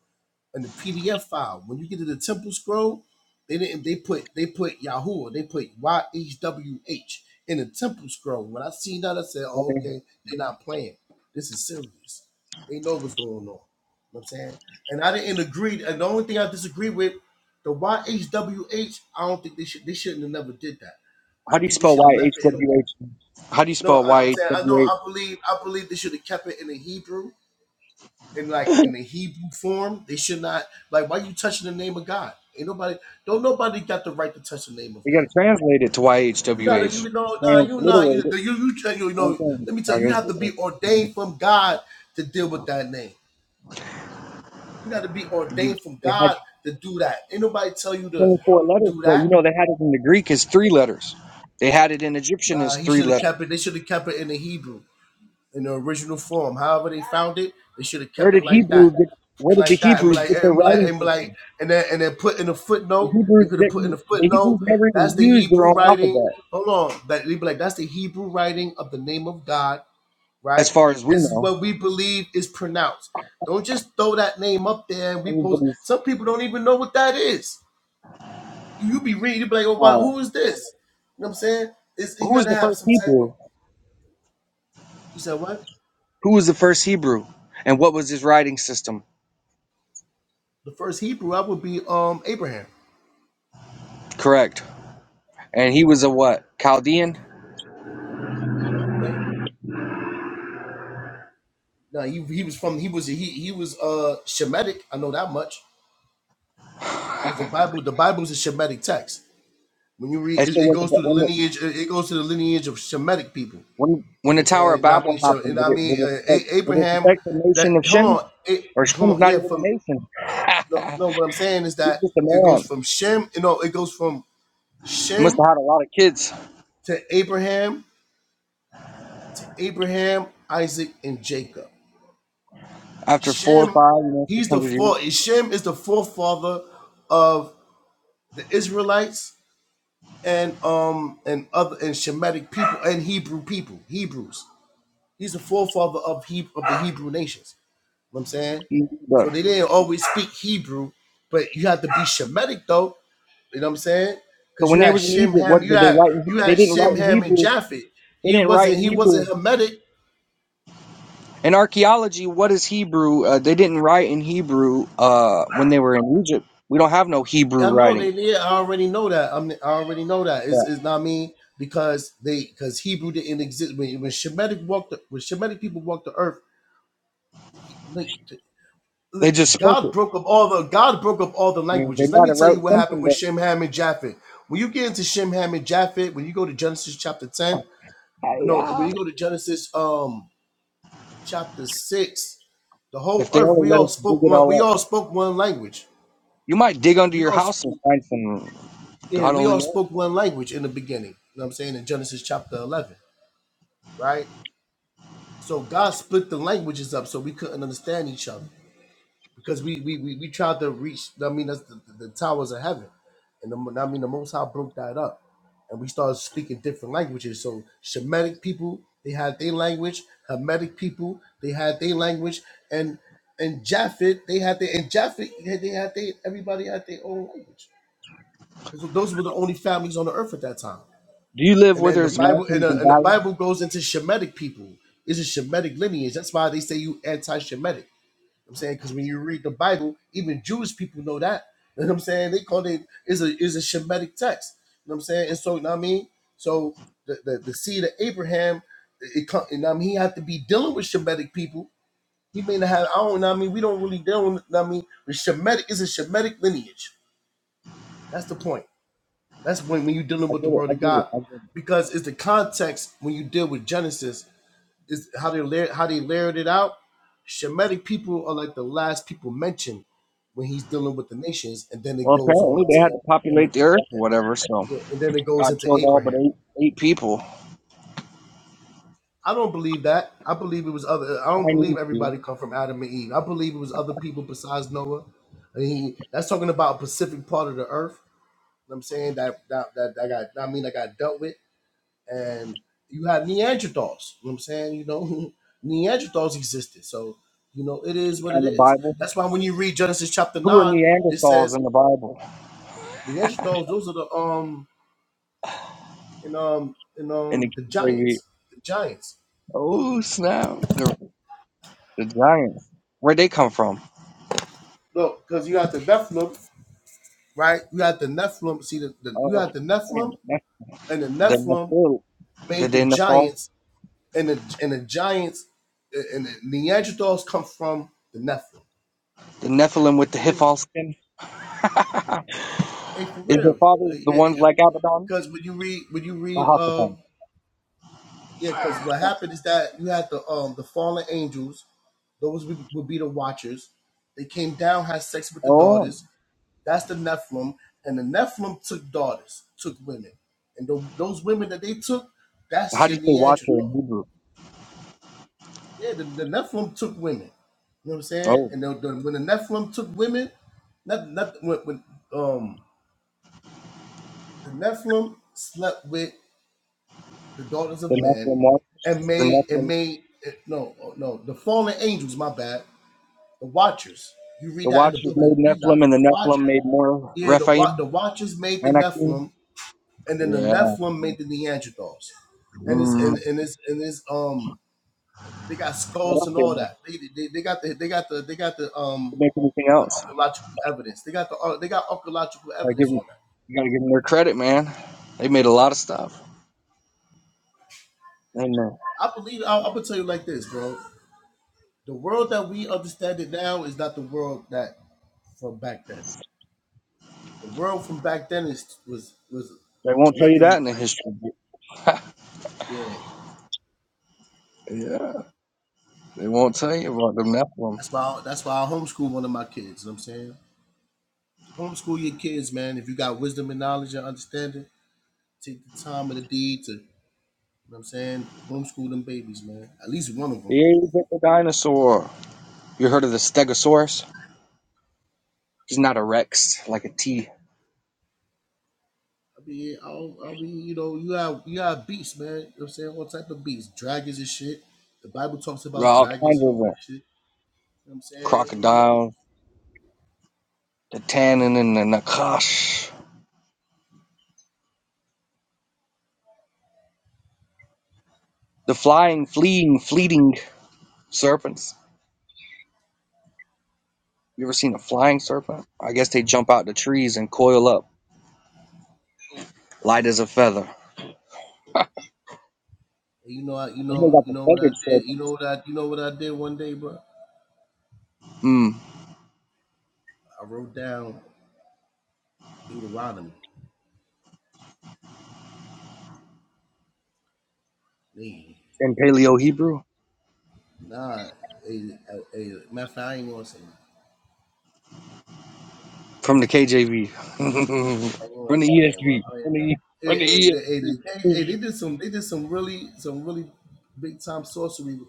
[SPEAKER 16] in the PDF file. When you get to the temple scroll, they didn't they put they put Yahoo, they put Y H W H in the temple scroll. When I seen that, I said, oh, okay, they're not playing. This is serious. They know what's going on. You know what I'm saying? And I didn't agree, and the only thing I disagree with, the Y H W H. I don't think they should they shouldn't have never did that.
[SPEAKER 15] How
[SPEAKER 16] I
[SPEAKER 15] do you
[SPEAKER 16] think they
[SPEAKER 15] spell
[SPEAKER 16] should
[SPEAKER 15] Y
[SPEAKER 16] have
[SPEAKER 15] H
[SPEAKER 16] left it in
[SPEAKER 15] W H? How do you
[SPEAKER 16] no,
[SPEAKER 15] spell
[SPEAKER 16] I-
[SPEAKER 15] Y
[SPEAKER 16] I'm
[SPEAKER 15] H
[SPEAKER 16] saying I know
[SPEAKER 15] W H?
[SPEAKER 16] I believe I believe they should have kept it in the Hebrew in like in the Hebrew form. They should not like why you touching the name of God? Ain't nobody don't nobody got the right to touch the name of
[SPEAKER 15] You got
[SPEAKER 16] God.
[SPEAKER 15] to translate it to Y H
[SPEAKER 16] You
[SPEAKER 15] W
[SPEAKER 16] gotta
[SPEAKER 15] H.
[SPEAKER 16] you know nah you not
[SPEAKER 15] Transliterate
[SPEAKER 16] you
[SPEAKER 15] it.
[SPEAKER 16] you you, you
[SPEAKER 15] Same
[SPEAKER 16] know
[SPEAKER 15] thing.
[SPEAKER 16] let me tell
[SPEAKER 15] I
[SPEAKER 16] you you
[SPEAKER 15] guess.
[SPEAKER 16] have to
[SPEAKER 15] it's just-
[SPEAKER 16] be ordained from God to deal with that name. You got to be
[SPEAKER 15] you-
[SPEAKER 16] ordained from
[SPEAKER 15] They had
[SPEAKER 16] God to do that. Ain't nobody tell you to
[SPEAKER 15] 24 letters,
[SPEAKER 16] do
[SPEAKER 15] but
[SPEAKER 16] that.
[SPEAKER 15] you know they had it in the Greek as three letters. They had it in Egyptian
[SPEAKER 16] Nah,
[SPEAKER 15] as
[SPEAKER 16] he
[SPEAKER 15] three
[SPEAKER 16] should have
[SPEAKER 15] letters.
[SPEAKER 16] kept it. They should have kept it in the Hebrew. in the original form. However they found it, they should have
[SPEAKER 15] Where
[SPEAKER 16] kept it
[SPEAKER 15] did
[SPEAKER 16] like that.
[SPEAKER 15] Hebrew get?
[SPEAKER 16] It
[SPEAKER 15] Where did the
[SPEAKER 16] like that and be
[SPEAKER 15] Hebrews
[SPEAKER 16] like
[SPEAKER 15] get their
[SPEAKER 16] and be like
[SPEAKER 15] writing
[SPEAKER 16] and be like
[SPEAKER 15] system?
[SPEAKER 16] and then and then put in a
[SPEAKER 15] The
[SPEAKER 16] footnote. They
[SPEAKER 15] Hebrews
[SPEAKER 16] could have put in a
[SPEAKER 15] didn't. The
[SPEAKER 16] footnote.
[SPEAKER 15] Hebrews never
[SPEAKER 16] That's
[SPEAKER 15] even
[SPEAKER 16] the
[SPEAKER 15] used their
[SPEAKER 16] Hebrew
[SPEAKER 15] own
[SPEAKER 16] writing.
[SPEAKER 15] alphabet,
[SPEAKER 16] Hold on. That they be like, that's the Hebrew writing of the name of God, right?
[SPEAKER 15] as far as we
[SPEAKER 16] This is
[SPEAKER 15] know.
[SPEAKER 16] what we believe is pronounced. Don't just throw that name up there and we post
[SPEAKER 15] Everybody's.
[SPEAKER 16] some people don't even know what that is. You, you be reading, you be like, oh wow,
[SPEAKER 15] Uh,
[SPEAKER 16] who is this? You know what I'm saying? It's, you
[SPEAKER 15] who was
[SPEAKER 16] gotta
[SPEAKER 15] the
[SPEAKER 16] have
[SPEAKER 15] first
[SPEAKER 16] some type of
[SPEAKER 15] Hebrew?
[SPEAKER 16] you said what?
[SPEAKER 15] Who was the first Hebrew? And what was his writing system?
[SPEAKER 16] The first Hebrew I would be um Abraham.
[SPEAKER 15] Correct. And he was a what? Chaldean.
[SPEAKER 16] Okay. Now he, he was from he was he he was uh Shemitic. I know that much because the Bible the Bible is a Shemitic text. When you read
[SPEAKER 15] And so
[SPEAKER 16] it, it
[SPEAKER 15] when the
[SPEAKER 16] goes through the
[SPEAKER 15] when the,
[SPEAKER 16] lineage it it goes to the lineage of Shemitic people. You
[SPEAKER 15] when, when
[SPEAKER 16] know what
[SPEAKER 15] the
[SPEAKER 16] I'm
[SPEAKER 15] Tower
[SPEAKER 16] saying,
[SPEAKER 15] of
[SPEAKER 16] you know what I mean,
[SPEAKER 15] Babel
[SPEAKER 16] Shem, you know
[SPEAKER 15] did
[SPEAKER 16] what I
[SPEAKER 15] it,
[SPEAKER 16] mean,
[SPEAKER 15] did
[SPEAKER 16] uh,
[SPEAKER 15] it, affect,
[SPEAKER 16] a-
[SPEAKER 15] did it
[SPEAKER 16] Abraham.
[SPEAKER 15] affect the
[SPEAKER 16] That
[SPEAKER 15] nation of
[SPEAKER 16] hold
[SPEAKER 15] Shem?
[SPEAKER 16] on, it,
[SPEAKER 15] Or
[SPEAKER 16] hold
[SPEAKER 15] Shem's
[SPEAKER 16] on,
[SPEAKER 15] not
[SPEAKER 16] yeah.
[SPEAKER 15] even a
[SPEAKER 16] From
[SPEAKER 15] nation.
[SPEAKER 16] no, no.
[SPEAKER 15] (laughs)
[SPEAKER 16] What I'm saying is
[SPEAKER 15] He's
[SPEAKER 16] that
[SPEAKER 15] just a
[SPEAKER 16] it goes
[SPEAKER 15] man.
[SPEAKER 16] from Shem. You know, it goes from
[SPEAKER 15] He must
[SPEAKER 16] Shem
[SPEAKER 15] have had a lot of kids
[SPEAKER 16] to Abraham to Abraham, Isaac, and Jacob.
[SPEAKER 15] after four, or
[SPEAKER 16] Shem,
[SPEAKER 15] five, you know, six
[SPEAKER 16] he's the
[SPEAKER 15] hundred years.
[SPEAKER 16] four. Shem is the forefather of the Israelites and um and other and Shemitic people and Hebrew people, Hebrews. He's the forefather of he of the Hebrew nations. You know what I'm saying,
[SPEAKER 15] But
[SPEAKER 16] so they
[SPEAKER 15] Egypt.
[SPEAKER 16] didn't always speak Hebrew, but you have to be Shemitic though. You know what I'm saying?
[SPEAKER 15] So
[SPEAKER 16] Because
[SPEAKER 15] when
[SPEAKER 16] you
[SPEAKER 15] they
[SPEAKER 16] had
[SPEAKER 15] was in
[SPEAKER 16] Shem,
[SPEAKER 15] Egypt, what
[SPEAKER 16] Ham, you
[SPEAKER 15] did they
[SPEAKER 16] had
[SPEAKER 15] write? In,
[SPEAKER 16] you
[SPEAKER 15] they
[SPEAKER 16] had
[SPEAKER 15] didn't write
[SPEAKER 16] Shem,
[SPEAKER 15] in
[SPEAKER 16] Ham, and
[SPEAKER 15] Hebrew.
[SPEAKER 16] Japhet.
[SPEAKER 15] They
[SPEAKER 16] He
[SPEAKER 15] didn't write
[SPEAKER 16] wasn't
[SPEAKER 15] in
[SPEAKER 16] he
[SPEAKER 15] Hebrew.
[SPEAKER 16] wasn't Hermetic,
[SPEAKER 15] In archaeology, what is Hebrew? Uh, they didn't write in Hebrew uh, when they were in Egypt. We don't have no
[SPEAKER 16] I
[SPEAKER 15] Hebrew
[SPEAKER 16] know
[SPEAKER 15] writing.
[SPEAKER 16] they did. I already know that. I'm, I already know that.
[SPEAKER 15] Yeah.
[SPEAKER 16] It's, it's not me because they because Hebrew didn't exist when when Shemitic walked the, when Shemitic people walked the earth. he- like, t- li-
[SPEAKER 15] They just spoke it.
[SPEAKER 16] God broke up all the God broke up all the
[SPEAKER 15] I mean, they
[SPEAKER 16] languages. Let
[SPEAKER 15] might
[SPEAKER 16] me
[SPEAKER 15] have
[SPEAKER 16] tell you
[SPEAKER 15] wrote
[SPEAKER 16] what happened
[SPEAKER 15] something,
[SPEAKER 16] with
[SPEAKER 15] but
[SPEAKER 16] Shem, Ham, and Japhet. When you get into Shem, Ham, and Japhet, when you go to Genesis chapter ten,
[SPEAKER 15] I,
[SPEAKER 16] no, when
[SPEAKER 15] uh,
[SPEAKER 16] you go to Genesis um chapter six, the whole
[SPEAKER 15] if they
[SPEAKER 16] earth
[SPEAKER 15] only
[SPEAKER 16] we all
[SPEAKER 15] let us dig
[SPEAKER 16] spoke
[SPEAKER 15] it
[SPEAKER 16] one. We
[SPEAKER 15] all up,
[SPEAKER 16] all spoke one language.
[SPEAKER 15] you might dig under
[SPEAKER 16] We
[SPEAKER 15] your
[SPEAKER 16] all.
[SPEAKER 15] house and
[SPEAKER 16] sp-
[SPEAKER 15] find some.
[SPEAKER 16] yeah,
[SPEAKER 15] God
[SPEAKER 16] we
[SPEAKER 15] only
[SPEAKER 16] all
[SPEAKER 15] knows.
[SPEAKER 16] spoke one language in the beginning. You know what I'm saying? In Genesis chapter 11, right? So God split the languages up so we couldn't understand each other because we we we, we tried to reach, I mean, that's the, the, the towers of heaven. And the, I mean, the Most High broke that up and we started speaking different languages. So Shemitic people, they had their language, Hermetic people, they had their language, and and Japhet, they had their and Japhet, they had their everybody had their own language. Because those were the only families on the earth at that time.
[SPEAKER 15] Do you live
[SPEAKER 16] And
[SPEAKER 15] where
[SPEAKER 16] then the
[SPEAKER 15] there's
[SPEAKER 16] Bible and
[SPEAKER 15] mountains
[SPEAKER 16] the,
[SPEAKER 15] and
[SPEAKER 16] and the
[SPEAKER 15] valleys?
[SPEAKER 16] Bible goes into Shemitic people. It's a Shemitic lineage. That's why they say you anti-Shemitic. I'm saying because when you read the Bible, even Jewish people know that. You know what I'm saying? They call it is a is a Shemitic text. You know what I'm saying? And so you know what I mean? So the, the, the seed of Abraham, it come and I mean he had to be dealing with Shemitic people. He may not have I don't know what I mean we don't really deal with you know what I mean with Shemitic is a Shemitic lineage. That's the point. That's when, when you're dealing
[SPEAKER 15] I
[SPEAKER 16] with the
[SPEAKER 15] get it.
[SPEAKER 16] word
[SPEAKER 15] I
[SPEAKER 16] of
[SPEAKER 15] get it.
[SPEAKER 16] God,
[SPEAKER 15] I get it.
[SPEAKER 16] because it's the context when you deal with Genesis is how they layer, how they layered it out. Shemitic people are like the last people mentioned when he's dealing with the nations, and then it
[SPEAKER 15] Well,
[SPEAKER 16] goes
[SPEAKER 15] apparently
[SPEAKER 16] on
[SPEAKER 15] they had
[SPEAKER 16] to
[SPEAKER 15] to
[SPEAKER 16] and, with-
[SPEAKER 15] populate the earth or whatever, so
[SPEAKER 16] and then it goes
[SPEAKER 15] God
[SPEAKER 16] into
[SPEAKER 15] killed all but
[SPEAKER 16] Abraham.
[SPEAKER 15] eight eight people.
[SPEAKER 16] I don't believe that. I believe it was other. I don't
[SPEAKER 15] Chinese
[SPEAKER 16] believe
[SPEAKER 15] people
[SPEAKER 16] everybody come from Adam and Eve. I believe it was other people besides Noah. I mean, that's talking about a specific part of the earth. You know what I'm saying that that that, that got I mean I got dealt with and you have Neanderthals. You know what I'm saying? You know, (laughs) Neanderthals existed. So, you know, it is what it
[SPEAKER 15] in the
[SPEAKER 16] is.
[SPEAKER 15] Bible.
[SPEAKER 16] That's why when you read Genesis chapter
[SPEAKER 15] Who are
[SPEAKER 16] nine, it
[SPEAKER 15] Neanderthals
[SPEAKER 16] says
[SPEAKER 15] in the Bible?
[SPEAKER 16] Neanderthals, those are the um and um and
[SPEAKER 15] And the
[SPEAKER 16] um the
[SPEAKER 15] kids they read,
[SPEAKER 16] giants. The giants.
[SPEAKER 15] oh snap, the the giants. Where'd they come from?
[SPEAKER 16] Look, because you got the Nephilim, right? You got the Nephilim. See the, the you
[SPEAKER 15] Oh,
[SPEAKER 16] got the
[SPEAKER 15] man,
[SPEAKER 16] Nephilim
[SPEAKER 15] that's
[SPEAKER 16] and the
[SPEAKER 15] the
[SPEAKER 16] Nephilim
[SPEAKER 15] Nephilim. Did
[SPEAKER 16] made the
[SPEAKER 15] they Nephil?
[SPEAKER 16] giants and the and the giants and the Neanderthals come from the Nephilim.
[SPEAKER 15] The Nephilim with the
[SPEAKER 16] Mm.
[SPEAKER 15] Hiphol skin?
[SPEAKER 16] Hey, for
[SPEAKER 15] Is your
[SPEAKER 16] real.
[SPEAKER 15] father
[SPEAKER 16] Yeah,
[SPEAKER 15] the
[SPEAKER 16] yeah,
[SPEAKER 15] one
[SPEAKER 16] yeah.
[SPEAKER 15] like Abaddon?
[SPEAKER 16] Because when you read, when you read,
[SPEAKER 15] Ahasaphan.
[SPEAKER 16] um, yeah, because what happened is that you had the um the fallen angels; those would would be the watchers. They came down, had sex with the
[SPEAKER 15] Oh.
[SPEAKER 16] daughters. That's the Nephilim, and the Nephilim took daughters, took women, and tho- those women that they took, that's
[SPEAKER 15] How do
[SPEAKER 16] your
[SPEAKER 15] you say watcher in
[SPEAKER 16] Neanderthal.
[SPEAKER 15] Hebrew?
[SPEAKER 16] Yeah, the, the Nephilim took women. You know what I'm saying?
[SPEAKER 15] Oh.
[SPEAKER 16] And the, the, when the Nephilim took women, not, not when, when um the Nephilim slept with the daughters
[SPEAKER 15] The
[SPEAKER 16] of
[SPEAKER 15] Nephilim
[SPEAKER 16] man,
[SPEAKER 15] watch.
[SPEAKER 16] and
[SPEAKER 15] The
[SPEAKER 16] made and
[SPEAKER 15] Nephilim.
[SPEAKER 16] made eh, no oh, no the fallen angels. My bad. The watchers. You read
[SPEAKER 15] The
[SPEAKER 16] that in the
[SPEAKER 15] watchers
[SPEAKER 16] book of
[SPEAKER 15] made
[SPEAKER 16] Enoch.
[SPEAKER 15] Nephilim, and the
[SPEAKER 16] The
[SPEAKER 15] Nephilim
[SPEAKER 16] watchers.
[SPEAKER 15] made more
[SPEAKER 16] Yeah, the wa-
[SPEAKER 15] Rephaim,
[SPEAKER 16] the watchers made the
[SPEAKER 15] Anakim.
[SPEAKER 16] Nephilim, and then the
[SPEAKER 15] Yeah.
[SPEAKER 16] Nephilim made the Neanderthals, and it's
[SPEAKER 15] Mm.
[SPEAKER 16] and and it's and it's um they got
[SPEAKER 15] What
[SPEAKER 16] skulls
[SPEAKER 15] else
[SPEAKER 16] and
[SPEAKER 15] they
[SPEAKER 16] all
[SPEAKER 15] make?
[SPEAKER 16] that. They they, they got the they got the they got the um
[SPEAKER 15] They make anything
[SPEAKER 16] the
[SPEAKER 15] else?
[SPEAKER 16] archaeological evidence. They got the ar- they got archaeological
[SPEAKER 15] I give
[SPEAKER 16] evidence
[SPEAKER 15] 'em-
[SPEAKER 16] on that.
[SPEAKER 15] you gotta give them their credit, man. They made a lot of stuff. And uh,
[SPEAKER 16] I believe I, I'm gonna tell you like this, bro. The world that we understand it now is not the world that from back then. The world from back then is was was
[SPEAKER 15] they won't tell you
[SPEAKER 16] nothing
[SPEAKER 15] that in the
[SPEAKER 16] like
[SPEAKER 15] history.
[SPEAKER 16] yeah.
[SPEAKER 15] Yeah, they won't tell you about the Nephilim.
[SPEAKER 16] That's why I, that's why I homeschool one of my kids. You know what I'm saying homeschool your kids, man. If you got wisdom and knowledge and understanding, take the time and the deed to. You know what I'm saying homeschool them babies, man. At least one of them.
[SPEAKER 15] Here's the dinosaur. You heard of the Stegosaurus? He's not a Rex, like a T
[SPEAKER 16] I mean, I'll, I'll be, you know, you have you have beasts, man. You know what I'm saying all type of beasts, dragons and shit. The Bible talks
[SPEAKER 15] There are
[SPEAKER 16] about
[SPEAKER 15] all
[SPEAKER 16] dragons
[SPEAKER 15] kinds
[SPEAKER 16] and
[SPEAKER 15] of
[SPEAKER 16] all
[SPEAKER 15] them.
[SPEAKER 16] that shit. You know what I'm saying, you know,
[SPEAKER 15] Crocodile, the tannin and the nakash, the flying, fleeing, fleeting serpents. You ever seen a flying serpent? I guess they jump out the trees and coil up, light as a feather.
[SPEAKER 16] You know, I, you
[SPEAKER 15] Then they
[SPEAKER 16] know,
[SPEAKER 15] got
[SPEAKER 16] you
[SPEAKER 15] the
[SPEAKER 16] know what I
[SPEAKER 15] feathered
[SPEAKER 16] did. You know
[SPEAKER 15] serpents.
[SPEAKER 16] what I, you know what I did one day, bro.
[SPEAKER 15] Mm.
[SPEAKER 16] I wrote down Deuteronomy. Man,
[SPEAKER 15] In Paleo Hebrew,
[SPEAKER 16] nah, hey, hey, hey, matter of fact, I ain't gonna say. nothing.
[SPEAKER 15] from the KJV, (laughs)
[SPEAKER 16] I ain't gonna
[SPEAKER 15] from
[SPEAKER 16] say
[SPEAKER 15] the
[SPEAKER 16] nothing, bro.
[SPEAKER 15] ESV,
[SPEAKER 16] Oh, yeah.
[SPEAKER 15] from the, E, from
[SPEAKER 16] Hey, hey,
[SPEAKER 15] the
[SPEAKER 16] they- hey, they, hey,
[SPEAKER 15] ESV.
[SPEAKER 16] they did some, they did some really, some really big time sorcery with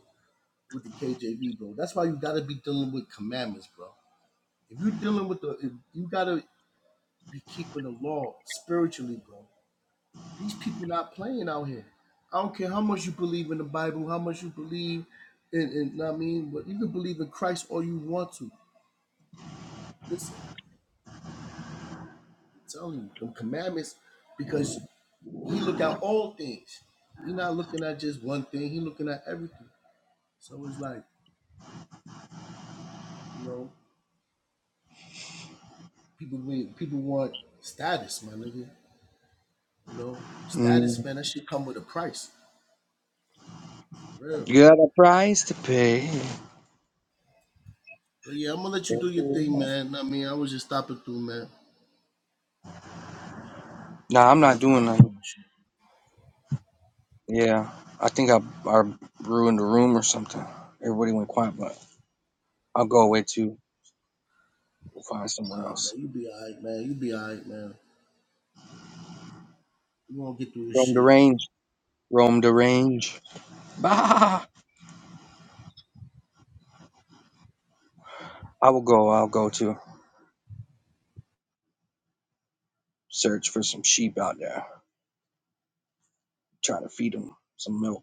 [SPEAKER 16] with the KJV, bro. That's why you gotta be dealing with commandments, bro. If you dealing with the, if you gotta be keeping the law spiritually, bro. These people not playing out here. I don't care how much you believe in the Bible, how much you believe in, in I mean, but you can believe in Christ all you want to. Listen, I'm telling you, them commandments, because he look at all things. He not looking at just one thing, he looking at everything. So it's like, you know, people we- people want status, my nigga. You know, status,
[SPEAKER 15] Mm.
[SPEAKER 16] man, that should come with a price. For real.
[SPEAKER 15] You got a price to pay.
[SPEAKER 16] But yeah, I'm gonna let you do your thing,
[SPEAKER 15] Nah,
[SPEAKER 16] man. I mean, I was just stopping through, man, trying
[SPEAKER 15] I'm
[SPEAKER 16] to
[SPEAKER 15] not
[SPEAKER 16] have
[SPEAKER 15] doing that.
[SPEAKER 16] convo and shit.
[SPEAKER 15] Yeah, I think I, I ruined the room or something. Everybody went quiet, but I'll go away too. We'll find somewhere
[SPEAKER 16] Nah, man,
[SPEAKER 15] else.
[SPEAKER 16] you be alright, man. You be alright, man. You gonna get through this
[SPEAKER 15] Roam the
[SPEAKER 16] shit.
[SPEAKER 15] range. Roam the range. (laughs) Bah! I will go. I'll go to search for some sheep out there. Try to feed them some milk.